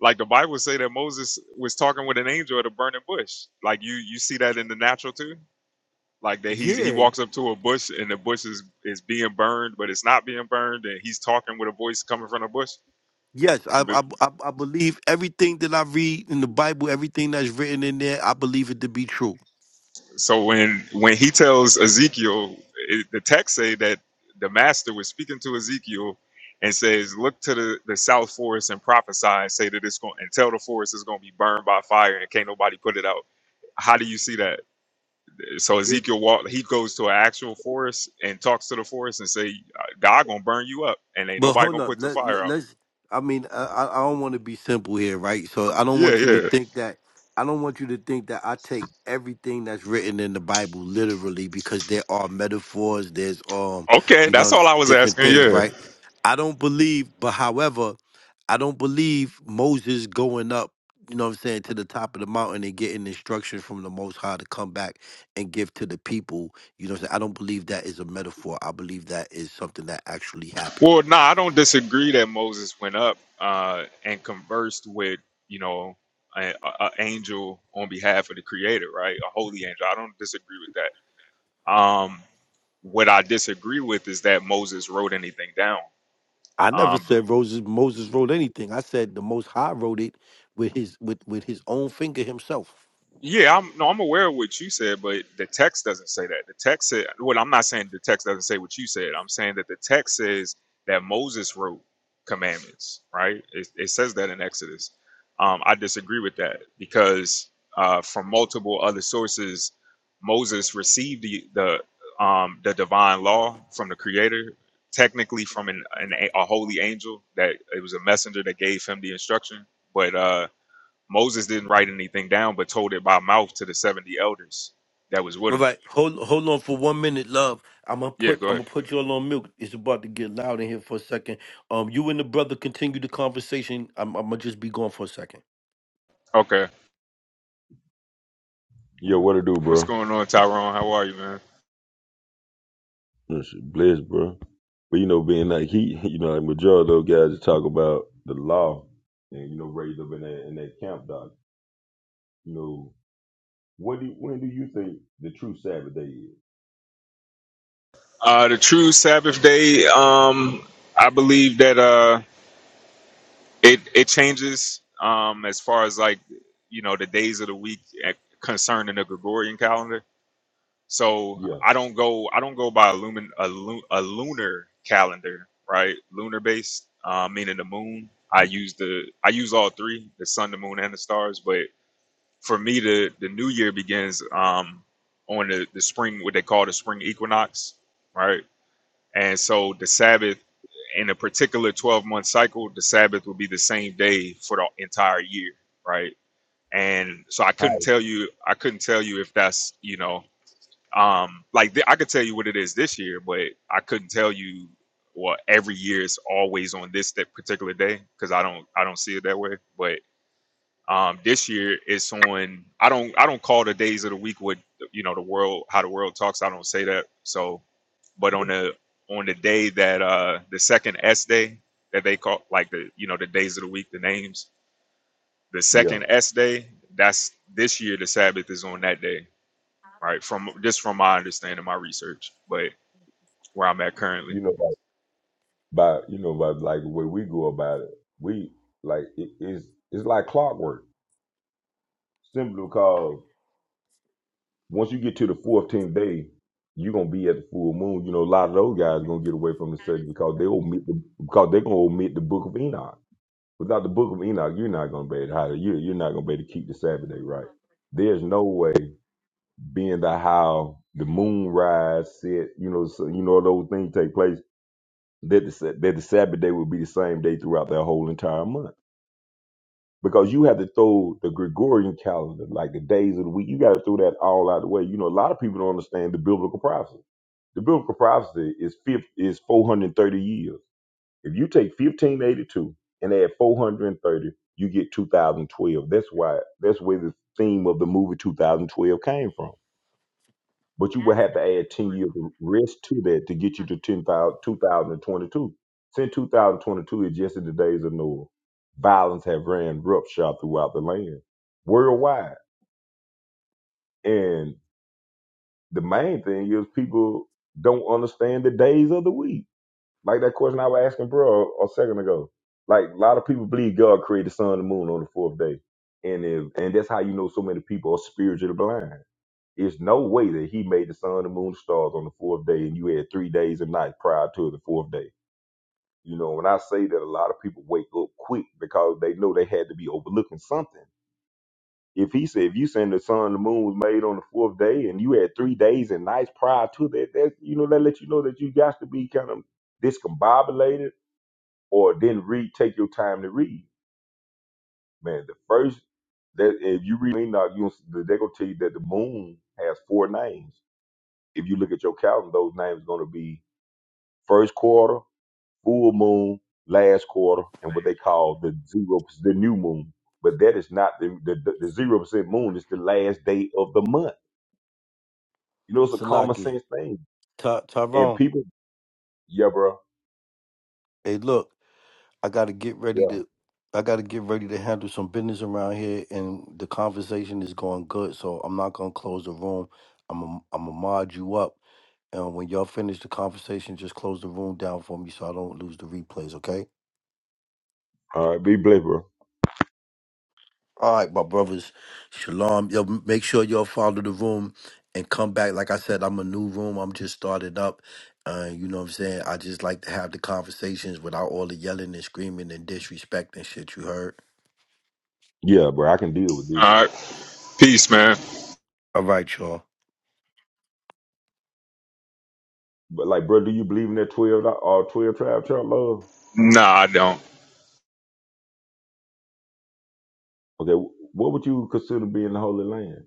[SPEAKER 8] like the Bible say that Moses was talking with an angel at a burning bush. Like you you see that in the natural too. Like that he's he
[SPEAKER 1] Yeah.
[SPEAKER 8] walks up to a bush and the bush is is being burned, but it's not being burned, and he's talking with a voice coming from the bush.
[SPEAKER 1] Yes, I I I I believe everything that I read in the Bible, everything that's written in there. I believe it to be true.
[SPEAKER 8] So when when he tells Ezekiel, it, the text say that the master was speaking to Ezekiel and says, "Look to the, the south forest and prophesy and say that it's going and tell the forest is going to be burned by fire and can't nobody put it out." How do you see that? So
[SPEAKER 1] Did
[SPEAKER 8] Ezekiel walk, he goes to an actual forest and talks to the forest and say, "God gonna burn you up and ain't
[SPEAKER 1] But
[SPEAKER 8] nobody
[SPEAKER 1] hold
[SPEAKER 8] gonna
[SPEAKER 1] up,
[SPEAKER 8] put the
[SPEAKER 1] let,
[SPEAKER 8] fire
[SPEAKER 1] let-
[SPEAKER 8] out."
[SPEAKER 1] let's. I mean, I, I I don't want to be simple here, right? So I don't
[SPEAKER 8] Yeah,
[SPEAKER 1] want you to
[SPEAKER 8] yeah.
[SPEAKER 1] think that. I don't want you to think that I take everything that's written in the Bible literally because there are metaphors. There's um,
[SPEAKER 8] Okay,
[SPEAKER 1] you
[SPEAKER 8] that's
[SPEAKER 1] know,
[SPEAKER 8] all I was
[SPEAKER 1] different
[SPEAKER 8] asking.
[SPEAKER 1] things,
[SPEAKER 8] Yeah.
[SPEAKER 1] right? I don't believe, but however, I don't believe Moses going up. You know what I'm saying to the top of the mountain and getting instructions from the Most High to come back and give to the people. You know, what I'm saying I don't believe that is a metaphor. I believe that is something that actually happened.
[SPEAKER 8] Well, no, I don't disagree that Moses went up uh, and conversed with, you know, an angel on behalf of the Creator, right? A holy angel. I don't disagree with that. Um, what I disagree with is that Moses wrote anything down.
[SPEAKER 1] I never
[SPEAKER 8] Um,
[SPEAKER 1] said Roses, Moses wrote anything. I said the Most High wrote it with his with with his own finger himself.
[SPEAKER 8] Yeah, I'm no, I'm aware of what you said, but the text doesn't say that. The text said, well, I'm not saying the text doesn't say what you said. I'm saying that the text says that Moses wrote commandments, right? It, it says that in Exodus. Um, I disagree with that because uh, from multiple other sources, Moses received the the um, the divine law from the Creator, technically from an, an a a holy angel that it was a messenger that gave him the instruction, but. Uh, Moses didn't write anything down, but told it by mouth to the 70 elders that was with
[SPEAKER 1] All
[SPEAKER 8] him.
[SPEAKER 1] right, hold hold on for one minute, love. I'm gonna
[SPEAKER 8] Yeah,
[SPEAKER 1] put
[SPEAKER 8] go
[SPEAKER 1] I'm
[SPEAKER 8] ahead.
[SPEAKER 1] gonna put you all on mute. It's about to get loud in here for a second. Um, you and the brother continue the conversation. I'm, I'm gonna just be gone for a second.
[SPEAKER 8] Okay.
[SPEAKER 7] yo, what it do,
[SPEAKER 8] What's
[SPEAKER 7] bro?
[SPEAKER 8] going on, Tyrone? How are you, man?
[SPEAKER 7] This is blessed, bro. But you know, being like he, you know, like majority of those guys that talk about the law and you know, raised up in that in that camp, doc. You know, what do when do you think the true Sabbath day is?
[SPEAKER 8] Uh, the true Sabbath day, um, I believe that uh, it, it changes um, as far as like, you know, the days of the week at- concerning the Gregorian calendar. So
[SPEAKER 7] Yeah,
[SPEAKER 8] I don't go I don't go by a lumen a, lu- a lunar calendar, right? Lunar based, uh, meaning the moon. I use the I use all three, the sun, the moon, and the stars. But for me, the the new year begins um, on the the spring, what they call the spring equinox, right? And so the Sabbath in a particular twelve month cycle, the Sabbath will be the same day for the entire year, right? And so I couldn't
[SPEAKER 7] how?
[SPEAKER 8] tell you I couldn't tell you if that's you know um like th- i could tell you what it is this year but i couldn't tell you what every year is always on this that particular day because i don't i don't see it that way but um this year it's on i don't i don't call the days of the week what you know the world how the world talks i don't say that so but on the on the day that uh the second s day that they call like the you know the days of the week the names the
[SPEAKER 7] Yeah,
[SPEAKER 8] second s day that's this year the sabbath is on that day right from just from my understanding my research but where I'm at currently.
[SPEAKER 7] you know, like, by you know, by like the way we go about it, we like it is it's it's like clockwork, simply because Once you get to the 14th day, you're gonna be at the full moon. You know, a lot of those guys are gonna get away from the study because they omit the because they're gonna omit the book of Enoch. Without the book of Enoch, you're not gonna be able to hide it. you you're not gonna be able to keep the Sabbath day right. There's no way, being that how the moon rise, set, you know, so, you know, those things take place, that the, Sa- that the Sabbath day would be the same day throughout that whole entire month because you have to throw the Gregorian calendar, like the days of the week, you got to throw that all out of the way. You know, a lot of people don't understand the biblical prophecy. The biblical prophecy is fif is 430 years. If you take 1582 and add 430, you get 2012. That's why that's where the theme of the movie 2012 came from but you would have to add 10 years of risk to that to get you to 10,000 2022. Since 2022 is just in the days of Noah, violence have ran roughshod throughout the land worldwide. And the main thing is people don't understand the days of the week. Like that question I was asking bro a second ago. Like a lot of people believe God created the sun and the moon on the fourth day. And if, and that's how you know so many people are spiritually blind It's no way that he made the sun, the moon, the stars on the fourth day, and you had three days and night prior to the fourth day. You know, when I say that a lot of people wake up quick because they know they had to be overlooking something. If he said, if you saying the sun, the moon was made on the fourth day, and you had three days and nights prior to that, that you know that let you know that you got to be kind of discombobulated or didn't read, take your time to read. Man, the first that if you read Enoch, you they're gonna tell you that the moon has four names if you look at your calendar, those names are going to be first quarter, full moon, last quarter, and what they call the zero, the new moon. But that is not the the the zero percent moon. It's the last day of the month. You know, it's a common
[SPEAKER 1] Salakia,
[SPEAKER 7] sense thing.
[SPEAKER 1] Ty-
[SPEAKER 7] And
[SPEAKER 1] Tyrone.
[SPEAKER 7] people, yeah, bro,
[SPEAKER 1] Hey, look. I got to get ready
[SPEAKER 7] yeah.
[SPEAKER 1] to. I got to get ready to handle some business around here, and the conversation is going good. So I'm not gonna close the room. I'm i am a, I'm gonna mod you up, and when y'all finish the conversation, just close the room down for me so I don't lose the replays. Okay.
[SPEAKER 7] All right, be blessed, bro.
[SPEAKER 1] All right, my brothers. Shalom. Y'all m- make sure y'all follow the room and come back. Like I said, I'm a new room. I'm just started up. Uh, you know what I'm saying? I just like to have the conversations without all the yelling and screaming and disrespect and shit you heard.
[SPEAKER 7] Yeah, bro, I can deal with this.
[SPEAKER 8] All right, peace, man.
[SPEAKER 1] All right, y'all.
[SPEAKER 7] But like, bro, do you believe in that twelve or twelve tribe chart love?
[SPEAKER 8] Nah, I don't.
[SPEAKER 7] Okay, wh- what would you consider being the Holy Land?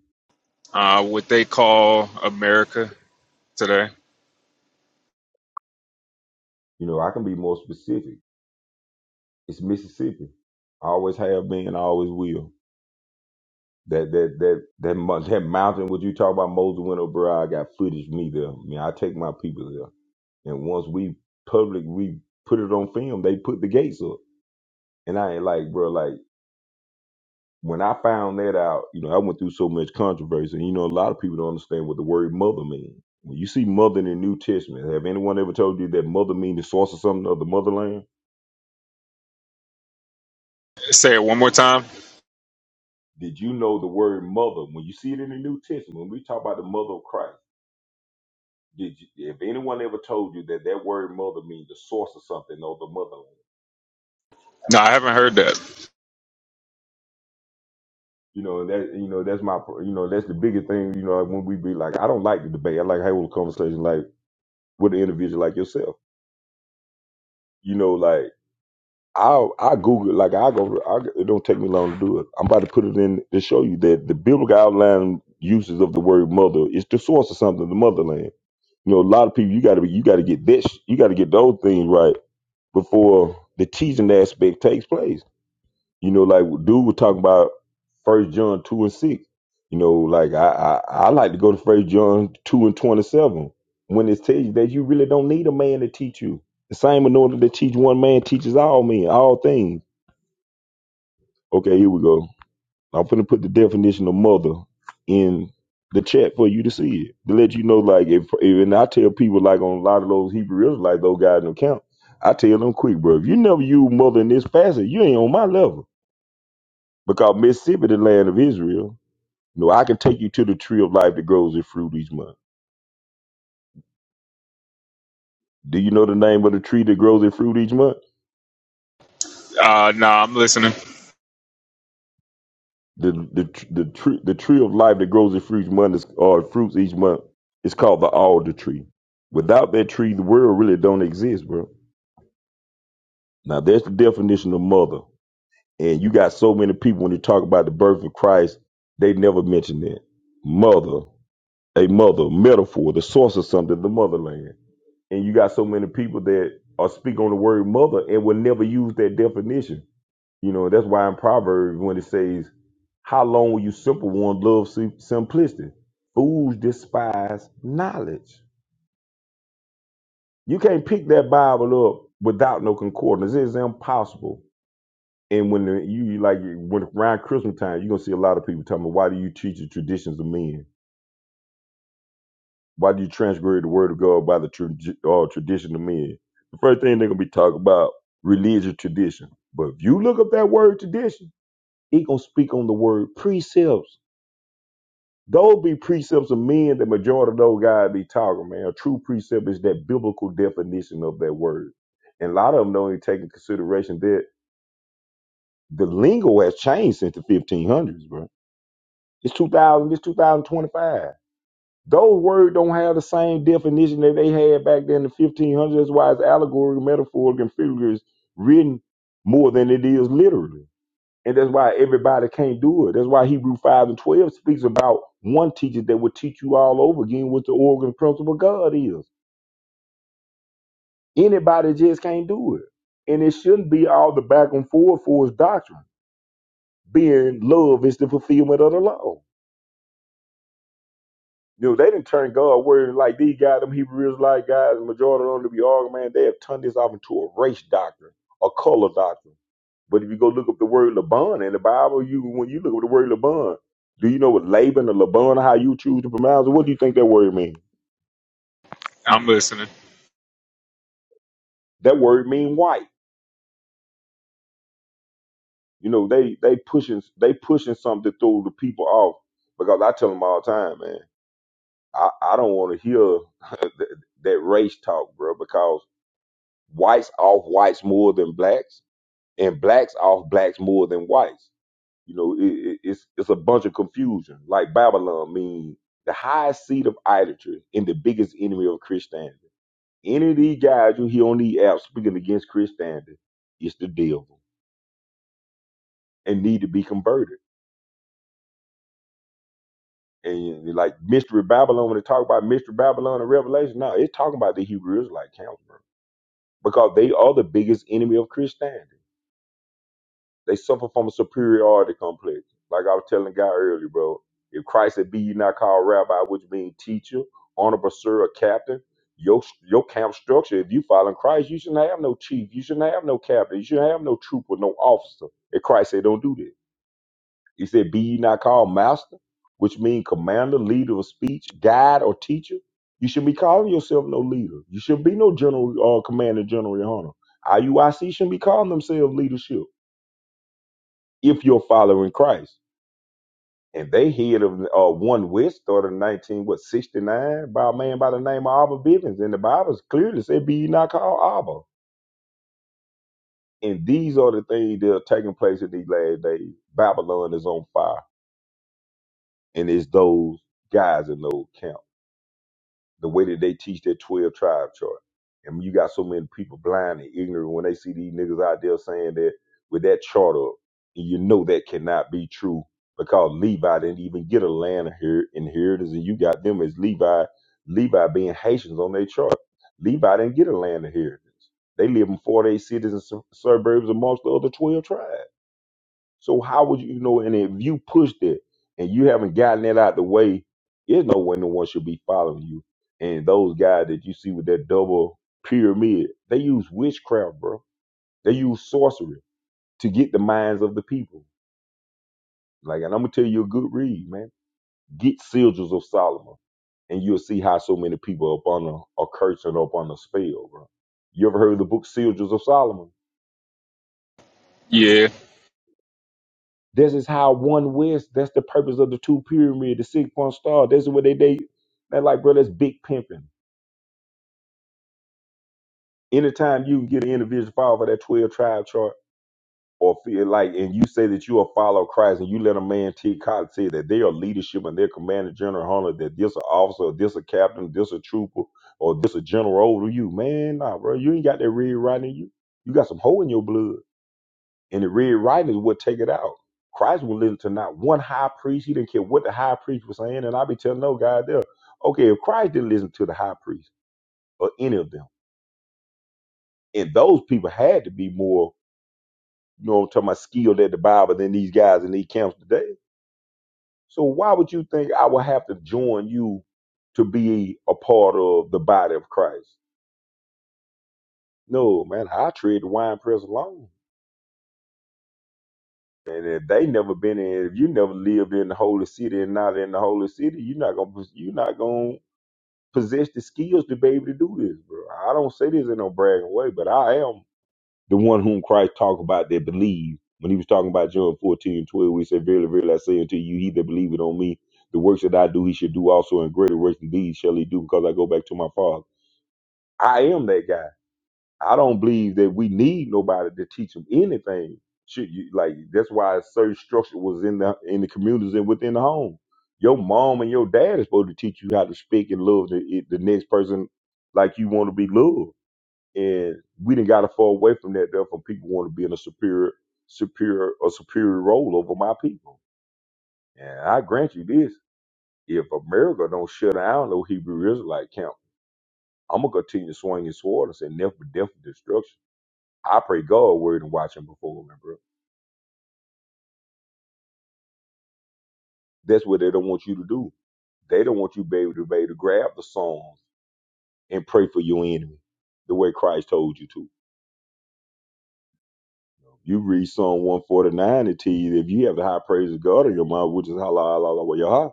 [SPEAKER 8] Uh, what they call America today?
[SPEAKER 7] You know, I can be more specific. It's Mississippi. I always have been. I always will. That that that that mo- that mountain. What you talk about, Moses went over. there, I got footage of me there. I mean, I take my people there, and once we public, we put it on film. They put the gates up, and I ain't like, bro, like when I found that out, you know, I went through so much controversy. And, you know, a lot of people don't understand what the word mother means. When you see mother in the New Testament, have anyone ever told you that mother means the source of something of the motherland?
[SPEAKER 8] Say it one more time.
[SPEAKER 7] Did you know the word mother? When you see it in the New Testament, when we talk about the mother of Christ. Did you, if anyone ever told you that that word mother means the source of something or the motherland?
[SPEAKER 8] No, I haven't heard that.
[SPEAKER 7] You know, and that you know that's my pr- you know that's the biggest thing. You know, when we be like, I don't like the debate. I like having a conversation like with an individual like yourself. You know, like I I Google it. like I go. I, it don't take me long to do it. I'm about to put it in to show you that the biblical outline uses of the word mother is the source of something, the motherland. You know, a lot of people you got to be you got to get this you got to get those things right before the teaching aspect takes place You know, like dude was talking about First John two and six. You know, like I, I I like to go to First John two and twenty seven when it tells you that you really don't need a man to teach you. The same in that teach one man teaches all men all things. Okay, here we go. I'm finna put the definition of mother in the chat for you to see it to let you know. Like if, if and I tell people like on a lot of those Hebrew Israelites, those guys in the camp, I tell them quick, bro. If you never use mother in this passage, you ain't on my level. Because Mississippi, the land of Israel, you know, I can take you to the tree of life that grows its fruit each month. Do you know the name of the tree that grows its fruit each month?
[SPEAKER 8] Uh, no, I'm listening.
[SPEAKER 7] The the tr- the tree the tree of life that grows its fruit each month is, or fruits each month is called the alder tree. Without that tree, the world really don't exist, bro. Now that's the definition of mother. And you got so many people when you talk about the birth of Christ, they never mention that. Mother, a mother, metaphor, the source of something, the motherland. and you got so many people that are speak on the word mother and will never use that definition. You know, that's why in Proverbs when it says, "How long will you simple one love sim- simplicity? Fools despise knowledge." You can't pick that Bible up without no concordance. It's impossible. And when the, you you like when around Christmas time, you're gonna see a lot of people talking about why do you teach the traditions of men? Why do you transgress the word of God by the tra- uh, tradition of men? The first thing they're gonna be talking about religious tradition. But if you look up that word tradition, it gonna speak on the word precepts. Those be precepts of men. The majority of those guys be talking, man. A true precept is that biblical definition of that word, and a lot of them don't even take into consideration that the lingo has changed since the 1500s, bro. It's 2000. It's 2025. Those words don't have the same definition that they had back then in the 1500s. That's why it's allegory, metaphor, and figures written more than it is literally. And that's why everybody can't do it. That's why Hebrew 5 and 12 speaks about one teacher that will teach you all over again what the organ principle of God is. Anybody just can't do it. And it shouldn't be all the back and forth for his doctrine, being love is the fulfillment of the law. You know, they didn't turn God word like these guys, them Hebrew Israelite guys, the majority of them to be arguing, man, they have turned this off into a race doctrine, a color doctrine. But if you go look up the word Laban in the Bible, you when you look up the word Laban, do you know what Laban or Laban, how you choose to pronounce it? What do you think that word means?
[SPEAKER 8] I'm listening.
[SPEAKER 7] That word mean white. You know, they they pushing they pushing something to throw the people off because I tell them all the time, man, I, I don't want to hear that, that race talk, bro, because whites off whites more than blacks and blacks off blacks more than whites. You know, it, it, it's it's a bunch of confusion. Like Babylon means the highest seat of idolatry and the biggest enemy of Christianity. Any of these guys you hear on these apps speaking against Christianity, it's the devil and need to be converted. And like Mystery Babylon, when they talk about Mystery Babylon and Revelation, no, it's talking about the Hebrew Israelite council because they are the biggest enemy of Christianity. They suffer from a superiority complex. Like I was telling the guy earlier, bro. If Christ said, be ye not called rabbi, which means teacher, honorable sir, or captain, your your camp structure, if you following Christ, you shouldn't have no chief. You shouldn't have no captain. You shouldn't have no trooper, no officer. And Christ said, don't do that. He said, be ye not called master, which means commander, leader of speech, guide, or teacher. You should be calling yourself no leader. You should be no general, uh, commander, general, your honor. IUIC shouldn't be calling themselves leadership if you're following Christ. And they heard of uh, one witch started in 19, what, 69 by a man by the name of Abba Bivens. And the Bible clearly said, be ye not called Abba. And these are the things that are taking place in these last days. Babylon is on fire. And it's those guys in those camps. the way that they teach that 12 tribe chart. And you got so many people blind and ignorant when they see these niggas out there saying that with that chart up, and you know that cannot be true because Levi didn't even get a land here inheritance, and you got them as Levi, Levi being Haitians on their chart. Levi didn't get a land inheritance. They live in 48 cities and su- suburbs amongst the other 12 tribes. So how would you you know? And if you pushed it and you haven't gotten it out the way, there's no way no one should be following you. And those guys that you see with that double pyramid, they use witchcraft, bro. They use sorcery to get the minds of the people. Like, and I'm gonna tell you a good read, man. Get Sigils of Solomon, and you'll see how so many people up on a, a curse and up on a spell, bro. You ever heard of the book Sigils of Solomon?
[SPEAKER 8] Yeah.
[SPEAKER 7] This is how one wins. That's the purpose of the two pyramid, the six point star. This is what they they they're like, bro. That's big pimping. Anytime you can get an individual follow for that twelve tribe chart, or feel like, and you say that you are follow Christ, and you let a man T. Cotton say that they are leadership and their commander general hunter, that this a officer, this a captain, this a trooper, or this a general over you, man. Nah, bro, you ain't got that red right in you. You got some hole in your blood. And the red writings would take it out. Christ would listen to not one high priest. He didn't care what the high priest was saying. And i be telling no guy there, okay, if Christ didn't listen to the high priest or any of them, and those people had to be more, you know, what I'm talking about skilled at the Bible than these guys in these camps today. So why would you think I would have to join you to be a part of the body of Christ? No, man, I tread the wine press alone. And if they never been in, if you never lived in the holy city and not in the holy city, you're not gonna you're not gonna possess the skills to be able to do this, bro. I don't say this in no bragging way, but I am the one whom Christ talked about that believe. When he was talking about John 14 and 12, we said, Verily, verily, I say unto you, he that believeth on me, the works that I do, he should do also, and greater works than these shall he do, because I go back to my Father. I am that guy. I don't believe that we need nobody to teach them anything. Should you like that's why a certain structure was in the in the communities and within the home. Your mom and your dad is supposed to teach you how to speak and love the the next person like you want to be loved. And we didn't got to fall away from that. Therefore, people want to be in a superior superior a superior role over my people. And I grant you this: if America don't shut down no Hebrew Israelite camp, I'm gonna continue swinging sword and say never, death, and destruction I pray God word and watch him perform, man, bro. That's what they don't want you to do. They don't want you to be able to, be able to grab the songs and pray for your enemy the way Christ told you to. You read Psalm 149 and tell you that if you have the high praise of God in your mouth, which is halal, halal, yah,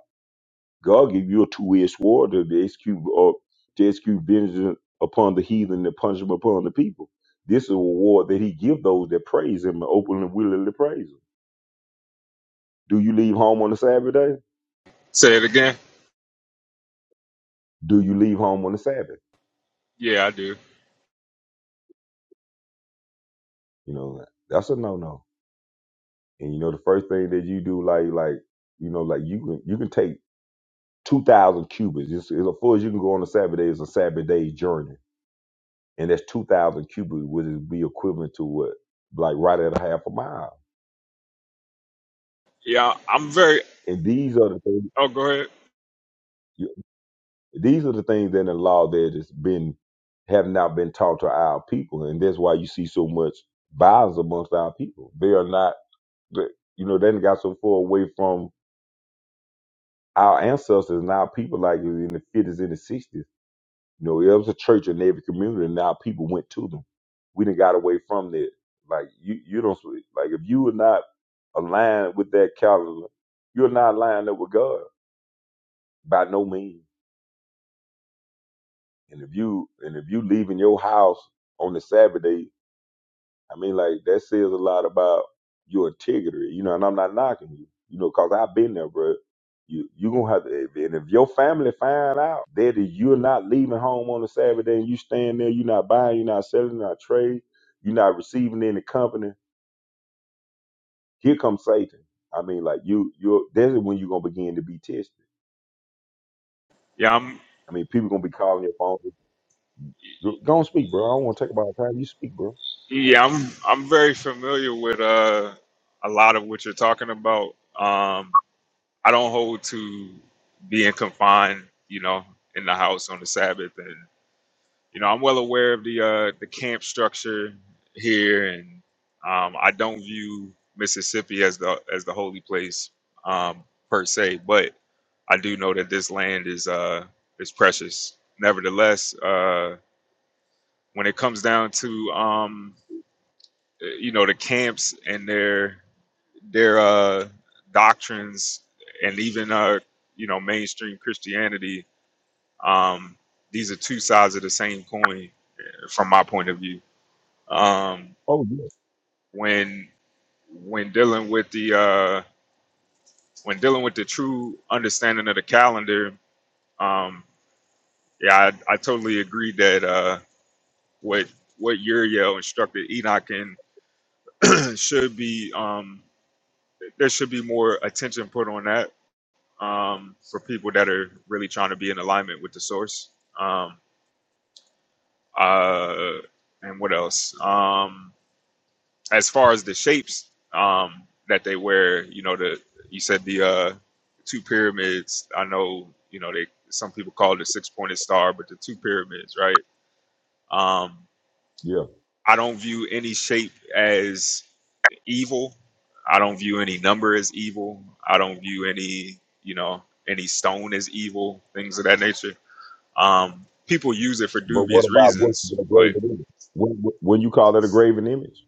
[SPEAKER 7] God give you a two-edged sword to execute, uh, to execute vengeance upon the heathen and punishment upon the people. This is a reward that he give those that praise him and openly and willingly praise him. Do you leave home on the Sabbath day?
[SPEAKER 8] Say it again.
[SPEAKER 7] Do you leave home on the Sabbath?
[SPEAKER 8] Yeah, I do.
[SPEAKER 7] You know, that's a no no. And you know, the first thing that you do, like like you know, like you can you can take two thousand cubits. It's, it's as far as you can go on a Sabbath day. It's a Sabbath day's journey, and that's two thousand cubits, which would be equivalent to what, like right at a half a mile.
[SPEAKER 8] Yeah, I'm very.
[SPEAKER 7] And these are the things.
[SPEAKER 8] Oh, go ahead.
[SPEAKER 7] These are the things in the law that has been have not been taught to our people, and that's why you see so much violence amongst our people. They are not. They, you know, they done got so far away from our ancestors and our people, like in the fifties and the sixties, you know, there was a church in every community, and our people went to them. We didn't got away from that. Like you, you don't like if you are not aligned with that calendar, you're not lined up with God by no means. And if you and if you leaving your house on the Saturday I mean, like that says a lot about your integrity, you know. And I'm not knocking you, you know, because I've been there, bro. You you gonna have to, and if your family find out that you're not leaving home on a Saturday and you stand there, you're not buying, you're not selling, you're not trading, you're not receiving any company. Here comes Satan. I mean, like you, you. That's when you're gonna begin to be tested.
[SPEAKER 8] Yeah, I'm.
[SPEAKER 7] I mean, people gonna be calling your phone. Go go and speak, bro. I don't want to take about time. You speak, bro.
[SPEAKER 8] Yeah, I'm. I'm very familiar with uh a lot of what you're talking about. Um, I don't hold to being confined, you know, in the house on the Sabbath you know, I'm well aware of the uh, the camp structure here, and um, I don't view Mississippi as the as the holy place um, per se, but I do know that this land is uh, is precious. Nevertheless, uh, when it comes down to um, you know the camps and their their uh, doctrines, and even uh, you know mainstream Christianity, um, these are two sides of the same coin from my point of view um,
[SPEAKER 7] Oh yeah,
[SPEAKER 8] when when dealing with the uh, when dealing with the true understanding of the calendar, um, yeah, I, I totally agree that uh, what what Uriel instructed Enoch in should be um, there should be more attention put on that um, for people that are really trying to be in alignment with the source. Um, uh, and what else? Um, as far as the shapes um, that they wear, you know, the you said the uh, two pyramids. I know, you know, they some people call it a six pointed star, but the two pyramids, right? Um,
[SPEAKER 7] yeah.
[SPEAKER 8] I don't view any shape as evil. I don't view any number as evil. I don't view any, you know, any stone as evil. Things of that nature. Um, people use it for
[SPEAKER 7] But what
[SPEAKER 8] dubious
[SPEAKER 7] about what's
[SPEAKER 8] reasons,
[SPEAKER 7] the
[SPEAKER 8] but
[SPEAKER 7] graven image? When, when you call that a graven image?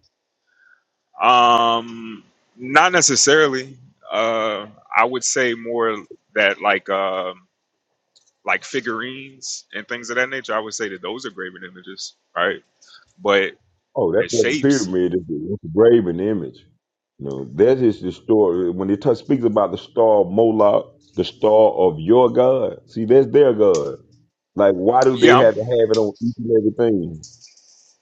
[SPEAKER 8] Um, not necessarily. Uh, I would say more that like um like figurines and things of that nature. I would say that those are graven images, right? But
[SPEAKER 7] Oh, that's
[SPEAKER 8] the
[SPEAKER 7] what the
[SPEAKER 8] shapes,
[SPEAKER 7] pyramid is. It's a graven image. You know, that is the story. When it t- speaks about the star of Moloch, the star of your God, see, that's their God. Like, why do they
[SPEAKER 8] yeah, I'm
[SPEAKER 7] have to have it on each and everything?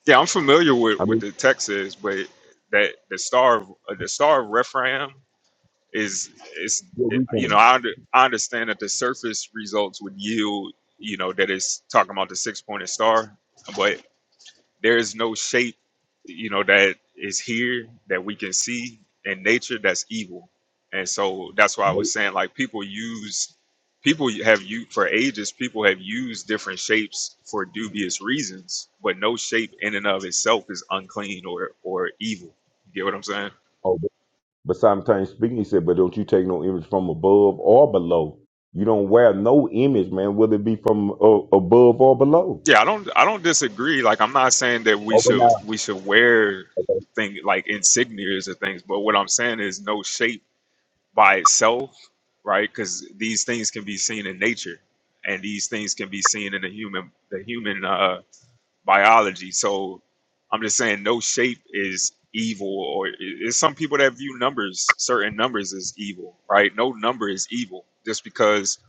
[SPEAKER 8] yeah I'm familiar with
[SPEAKER 7] I
[SPEAKER 8] what
[SPEAKER 7] mean,
[SPEAKER 8] the text is, but that the star of uh, the star of Rephaim is is
[SPEAKER 7] what we
[SPEAKER 8] you know
[SPEAKER 7] can.
[SPEAKER 8] I, under, I understand that the surface results would yield you know that it's talking about the six pointed star, but. There is no shape, you know, that is here that we can see in nature that's evil. And so that's why I
[SPEAKER 7] But,
[SPEAKER 8] was saying like people use people have you for ages people have used different shapes for dubious reasons, but no shape in and of itself is unclean or or evil. You get what I'm saying?
[SPEAKER 7] oh, but, but sometimes speaking, he said, but don't you take no image from above or below. You don't wear no image, man, whether it be from uh, above or below.
[SPEAKER 8] Yeah, I don't I don't disagree. Like I'm not saying that we
[SPEAKER 7] Open
[SPEAKER 8] should
[SPEAKER 7] out,
[SPEAKER 8] we should wear thing like insignias or things, but what I'm saying is no shape by itself, right? Because these things can be seen in nature, and these things can be seen in the human the human uh, biology. So I'm just saying, no shape is evil, or it's some people that view numbers, certain numbers, as evil, right? No number is evil just because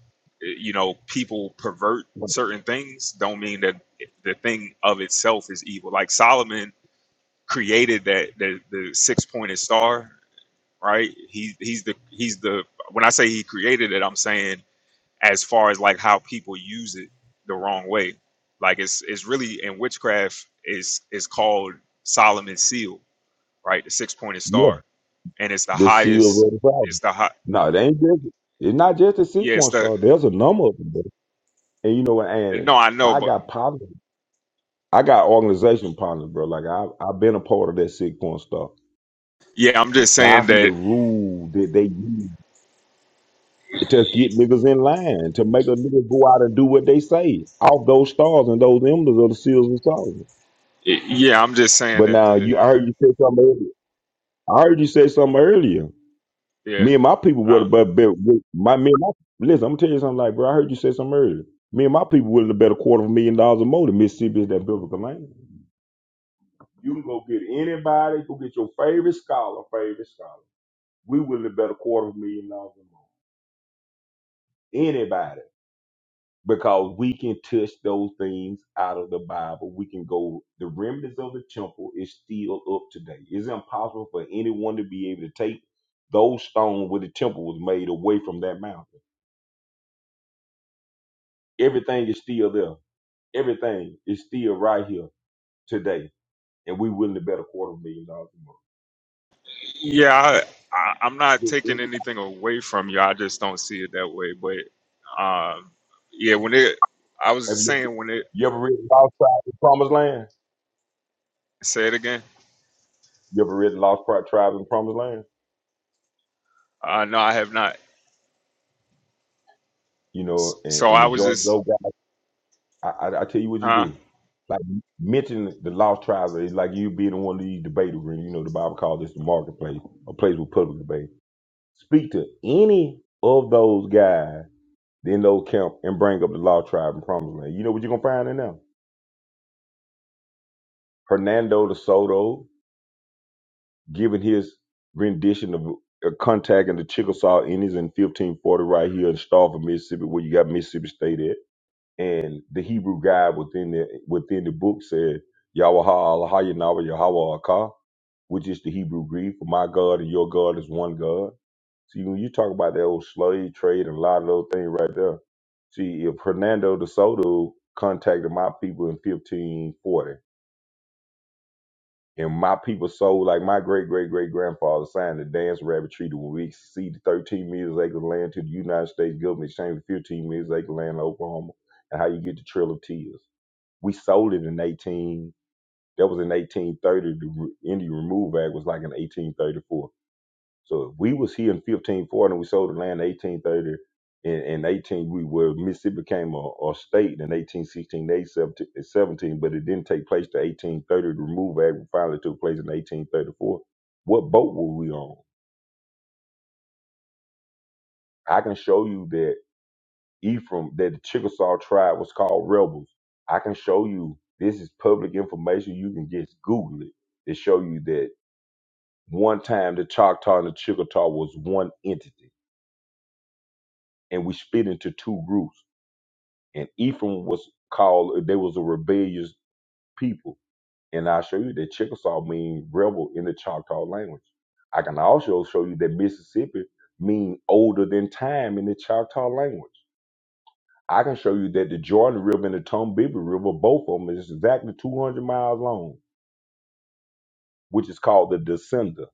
[SPEAKER 8] eh, you know people pervert certain things don't mean that the thing of itself is evil like solomon created that the, the six-pointed star right? He he's the he's the when I say he created it, I'm saying as far as like how people use it the wrong way. Like it's it's really in witchcraft is is called Solomon's seal, right? The six pointed
[SPEAKER 7] yeah,
[SPEAKER 8] star. And it's the
[SPEAKER 7] the seals
[SPEAKER 8] highest
[SPEAKER 7] of the Father.
[SPEAKER 8] it's the high
[SPEAKER 7] No, they ain't just it's not just a
[SPEAKER 8] yeah, it's
[SPEAKER 7] sequence
[SPEAKER 8] the
[SPEAKER 7] star. There's a number of them, bro. And you know what?
[SPEAKER 8] no,
[SPEAKER 7] And
[SPEAKER 8] I know,
[SPEAKER 7] I
[SPEAKER 8] but
[SPEAKER 7] got problems. I got organization problems, bro. Like I I've been a part of that sequence star.
[SPEAKER 8] yeah, I'm just
[SPEAKER 7] And I
[SPEAKER 8] saying
[SPEAKER 7] see the
[SPEAKER 8] that
[SPEAKER 7] rule that they use to get niggas in line, to make a nigga go out and do what they say. Off those stars and those emblems of the seals and stars.
[SPEAKER 8] yeah, I'm just saying
[SPEAKER 7] But
[SPEAKER 8] that
[SPEAKER 7] now you
[SPEAKER 8] the
[SPEAKER 7] I heard you say something earlier. I heard you say something earlier.
[SPEAKER 8] yeah.
[SPEAKER 7] Me and my people would
[SPEAKER 8] uh,
[SPEAKER 7] have but bet my me and my listen, I'm gonna tell you something like bro, I heard you say something earlier. Me and my people would have bet a quarter of a million dollars or more to Mississippi's that biblical land. You can go get anybody, go get your favorite scholar, favorite scholar. We would have bet a quarter of a million dollars or more. Anybody. Because we can touch those things out of the Bible. We can go the remnants of the temple is still up today. It's impossible for anyone to be able to take those stones where the temple was made away from that mountain Everything is still there. Everything is still right here today. And we willing to bet a quarter of a million dollars a
[SPEAKER 8] Yeah, I, I, I'm not
[SPEAKER 7] month.
[SPEAKER 8] taking anything away from you. I just don't see it that way. But um, yeah, when it, I was
[SPEAKER 7] Have you,
[SPEAKER 8] saying when it,
[SPEAKER 7] you ever read Lost Tribe in Promised Land?
[SPEAKER 8] say it again.
[SPEAKER 7] You ever read Lost Pri- Tribe in Promised Land?
[SPEAKER 8] Uh, no, I have not.
[SPEAKER 7] You
[SPEAKER 8] S-
[SPEAKER 7] know, and,
[SPEAKER 8] So
[SPEAKER 7] and
[SPEAKER 8] I was
[SPEAKER 7] majority of
[SPEAKER 8] just,
[SPEAKER 7] those guys, I, I, I tell you what you
[SPEAKER 8] huh?
[SPEAKER 7] do. Like mention the Lost Tribe, it's like you being in one of these debate arenas. You know, the Bible calls this the marketplace, a place with public debate. Speak to any of those guys in those camp and bring up the Lost Tribe in Promised Land. You know what you're gonna find in them? Hernando de Soto, giving his rendition of uh, Contact and the Chickasaw Indians in 1540 right here in Stafford, Mississippi, where you got Mississippi State at. And the Hebrew guy within the within the book said, Yahweh Allah Yahweh Yahweh Akah, which is the Hebrew Greek for my God and your God is one God. See, when you talk about that old slave trade and a lot of those things right there, see, if Hernando de Soto contacted my people in 1540, And my people sold like my great great great grandfather signed the Dance Rabbit Treaty when we ceded 13 million acres of land to the United States government in exchange for 15 million acres of land in Oklahoma. And how you get the Trail of Tears? We sold it in 18. That was in 1830. The Re- Indian Remove Act was like in 1834. So if we was here in 1540 and we sold the land in 1830, in, in 18, we were, Mississippi became a, a state in 1816, 17, but it didn't take place to 1830. The removal act finally took place in 1834. What boat were we on? I can show you that Ephraim, that the Chickasaw tribe was called rebels. I can show you, this is public information. You can just Google it to show you that one time the Choctaw and the Chickasaw was one entity and we split into two groups and Ephraim was called they was a rebellious people. And I'll show you that Chickasaw means rebel in the Choctaw language. I can also show you that Mississippi means older than time in the Choctaw language. I can show you that the Jordan River and the Tombigbee River, both of them, is exactly 200 miles long, which is called the Descender.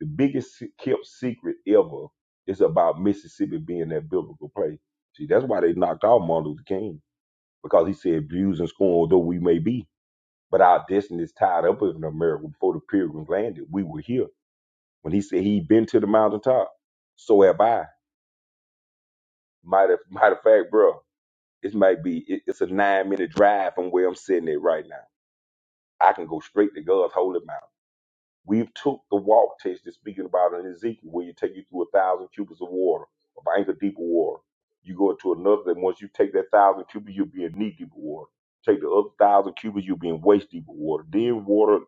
[SPEAKER 7] The biggest se- kept secret ever is about Mississippi being that biblical place. See, that's why they knocked out Martin Luther King because he said, "Views and scorn though we may be." But our destiny is tied up in America. Before the pilgrims landed, we were here. When he said he'd been to the mountaintop, so have I. Matter, matter of fact, bro, it might be it- it's a nine minute drive from where I'm sitting at right now. I can go straight to God's holy mountain. We've took the walk test that's speaking about in Ezekiel, where you take you through a thousand cubits of water, of ankle deep of water. You go into another, and once you take that thousand cubits, you'll be in knee deep of water. Take the other thousand cubits, you'll be in waist deep of water. Then water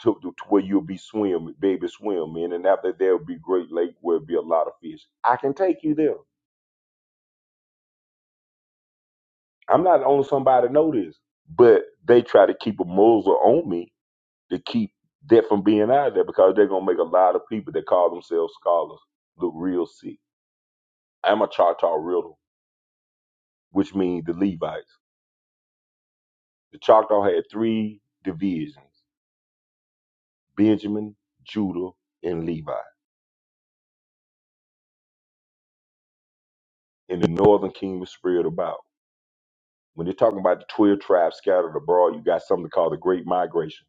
[SPEAKER 7] took to, to where you'll be swim, baby swim in, and after there'll be great lake where there'll be a lot of fish. I can take you there. I'm not the only somebody to know this, but they try to keep a muzzle on me to keep that from being out there because they're gonna make a lot of people that call themselves scholars look real sick. I'm a Choctaw riddle, which means the Levites. The Choctaw had three divisions: Benjamin, Judah, and Levi. And the northern kingdom spread about. When they're talking about the twelve tribes scattered abroad, you got something called the Great Migration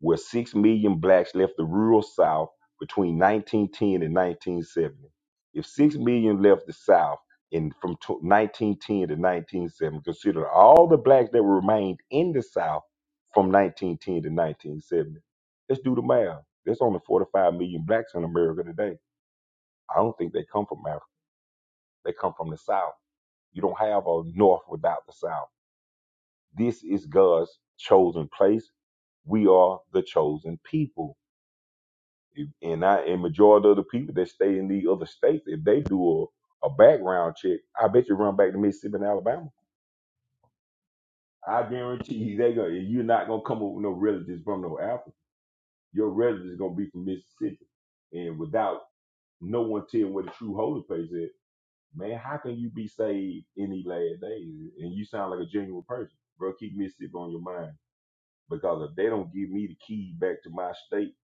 [SPEAKER 7] where 6 million blacks left the rural South between 1910 and 1970. If 6 million left the South in from tw 1910 to 1970, consider all the blacks that remained in the South from 1910 to 1970. Let's do the math. There's only 45 million blacks in America today. I don't think they come from Africa. They come from the South. You don't have a North without the South. This is God's chosen place. We are the chosen people and I and majority of the people that stay in the other states, if they do a, a background check, I bet you run back to Mississippi and Alabama. I guarantee you they gonna you're not gonna come up with no relatives from no Alabama. Your relatives gonna be from Mississippi. And without no one telling where the true holy place is, man, how can you be saved in these last days? And you sound like a genuine person. Bro, keep Mississippi on your mind. Because if they don't give me the key back to my state,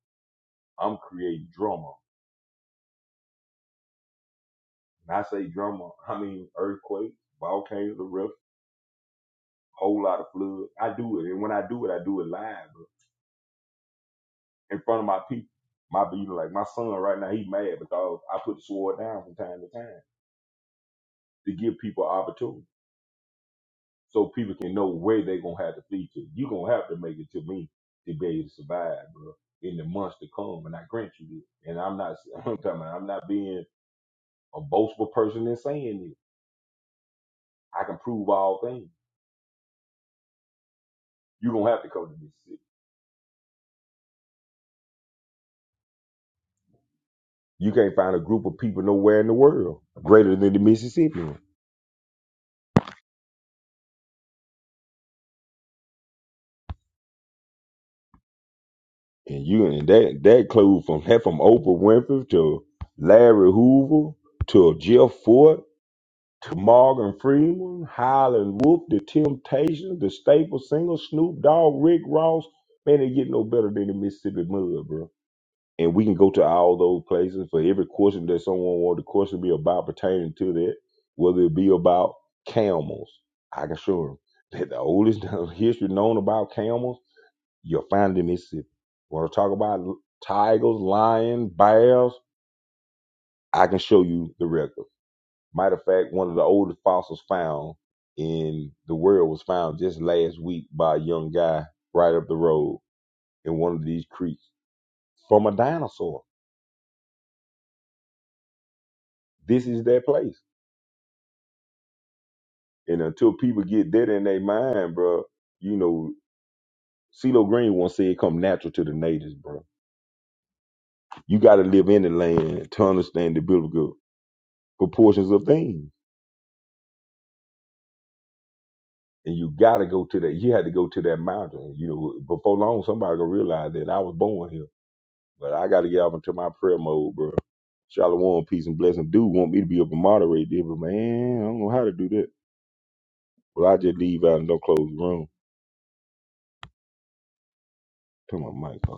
[SPEAKER 7] I'm creating drama And I say drama, I mean earthquakes, volcanoes, erupts, whole lot of flood. I do it. And when I do it, I do it live, bro. In front of my people. My you know, like my son right now, he mad because I put the sword down from time to time to give people opportunity. So people can know where they gonna have to flee to. you gonna have to make it to me to be able to survive, bro, in the months to come. And I grant you this. And I'm not I'm talking about, I'm not being a boastful person in saying this. I can prove all things. You're gonna have to come to this city You can't find a group of people nowhere in the world greater than the Mississippians. And you and that that includes from that from Oprah Winfrey to Larry Hoover to Jeff Ford to Morgan Freeman, Highland Wolf, The Temptations, The Staple Singers, Snoop Dogg, Rick Ross. Man, they get no better than the Mississippi mud, bro. and we can go to all those places for every question that someone wants the question to be about pertaining to that, whether it be about camels. I can show them that the oldest history known about camels, you'll find it in Mississippi. Want to talk about l- tigers, lions, bears? I can show you the record. Matter of fact, one of the oldest fossils found in the world was found just last week by a young guy right up the road in one of these creeks from a dinosaur. This is that place. And until people get that in their mind, bro, you know, CeeLo Green once said it come natural to the natives, bro. You gotta live in the land to understand the biblical proportions of things. And you gotta go to that you had to go to that mountain. You know, before long somebody gonna realize that I was born here. But I gotta get off into my prayer mode, bro. Shalom, peace and blessing. Dude want me to be up and moderate there, but man, I don't know how to do that. Well, I just leave out and don't close the room. Turn my mic off.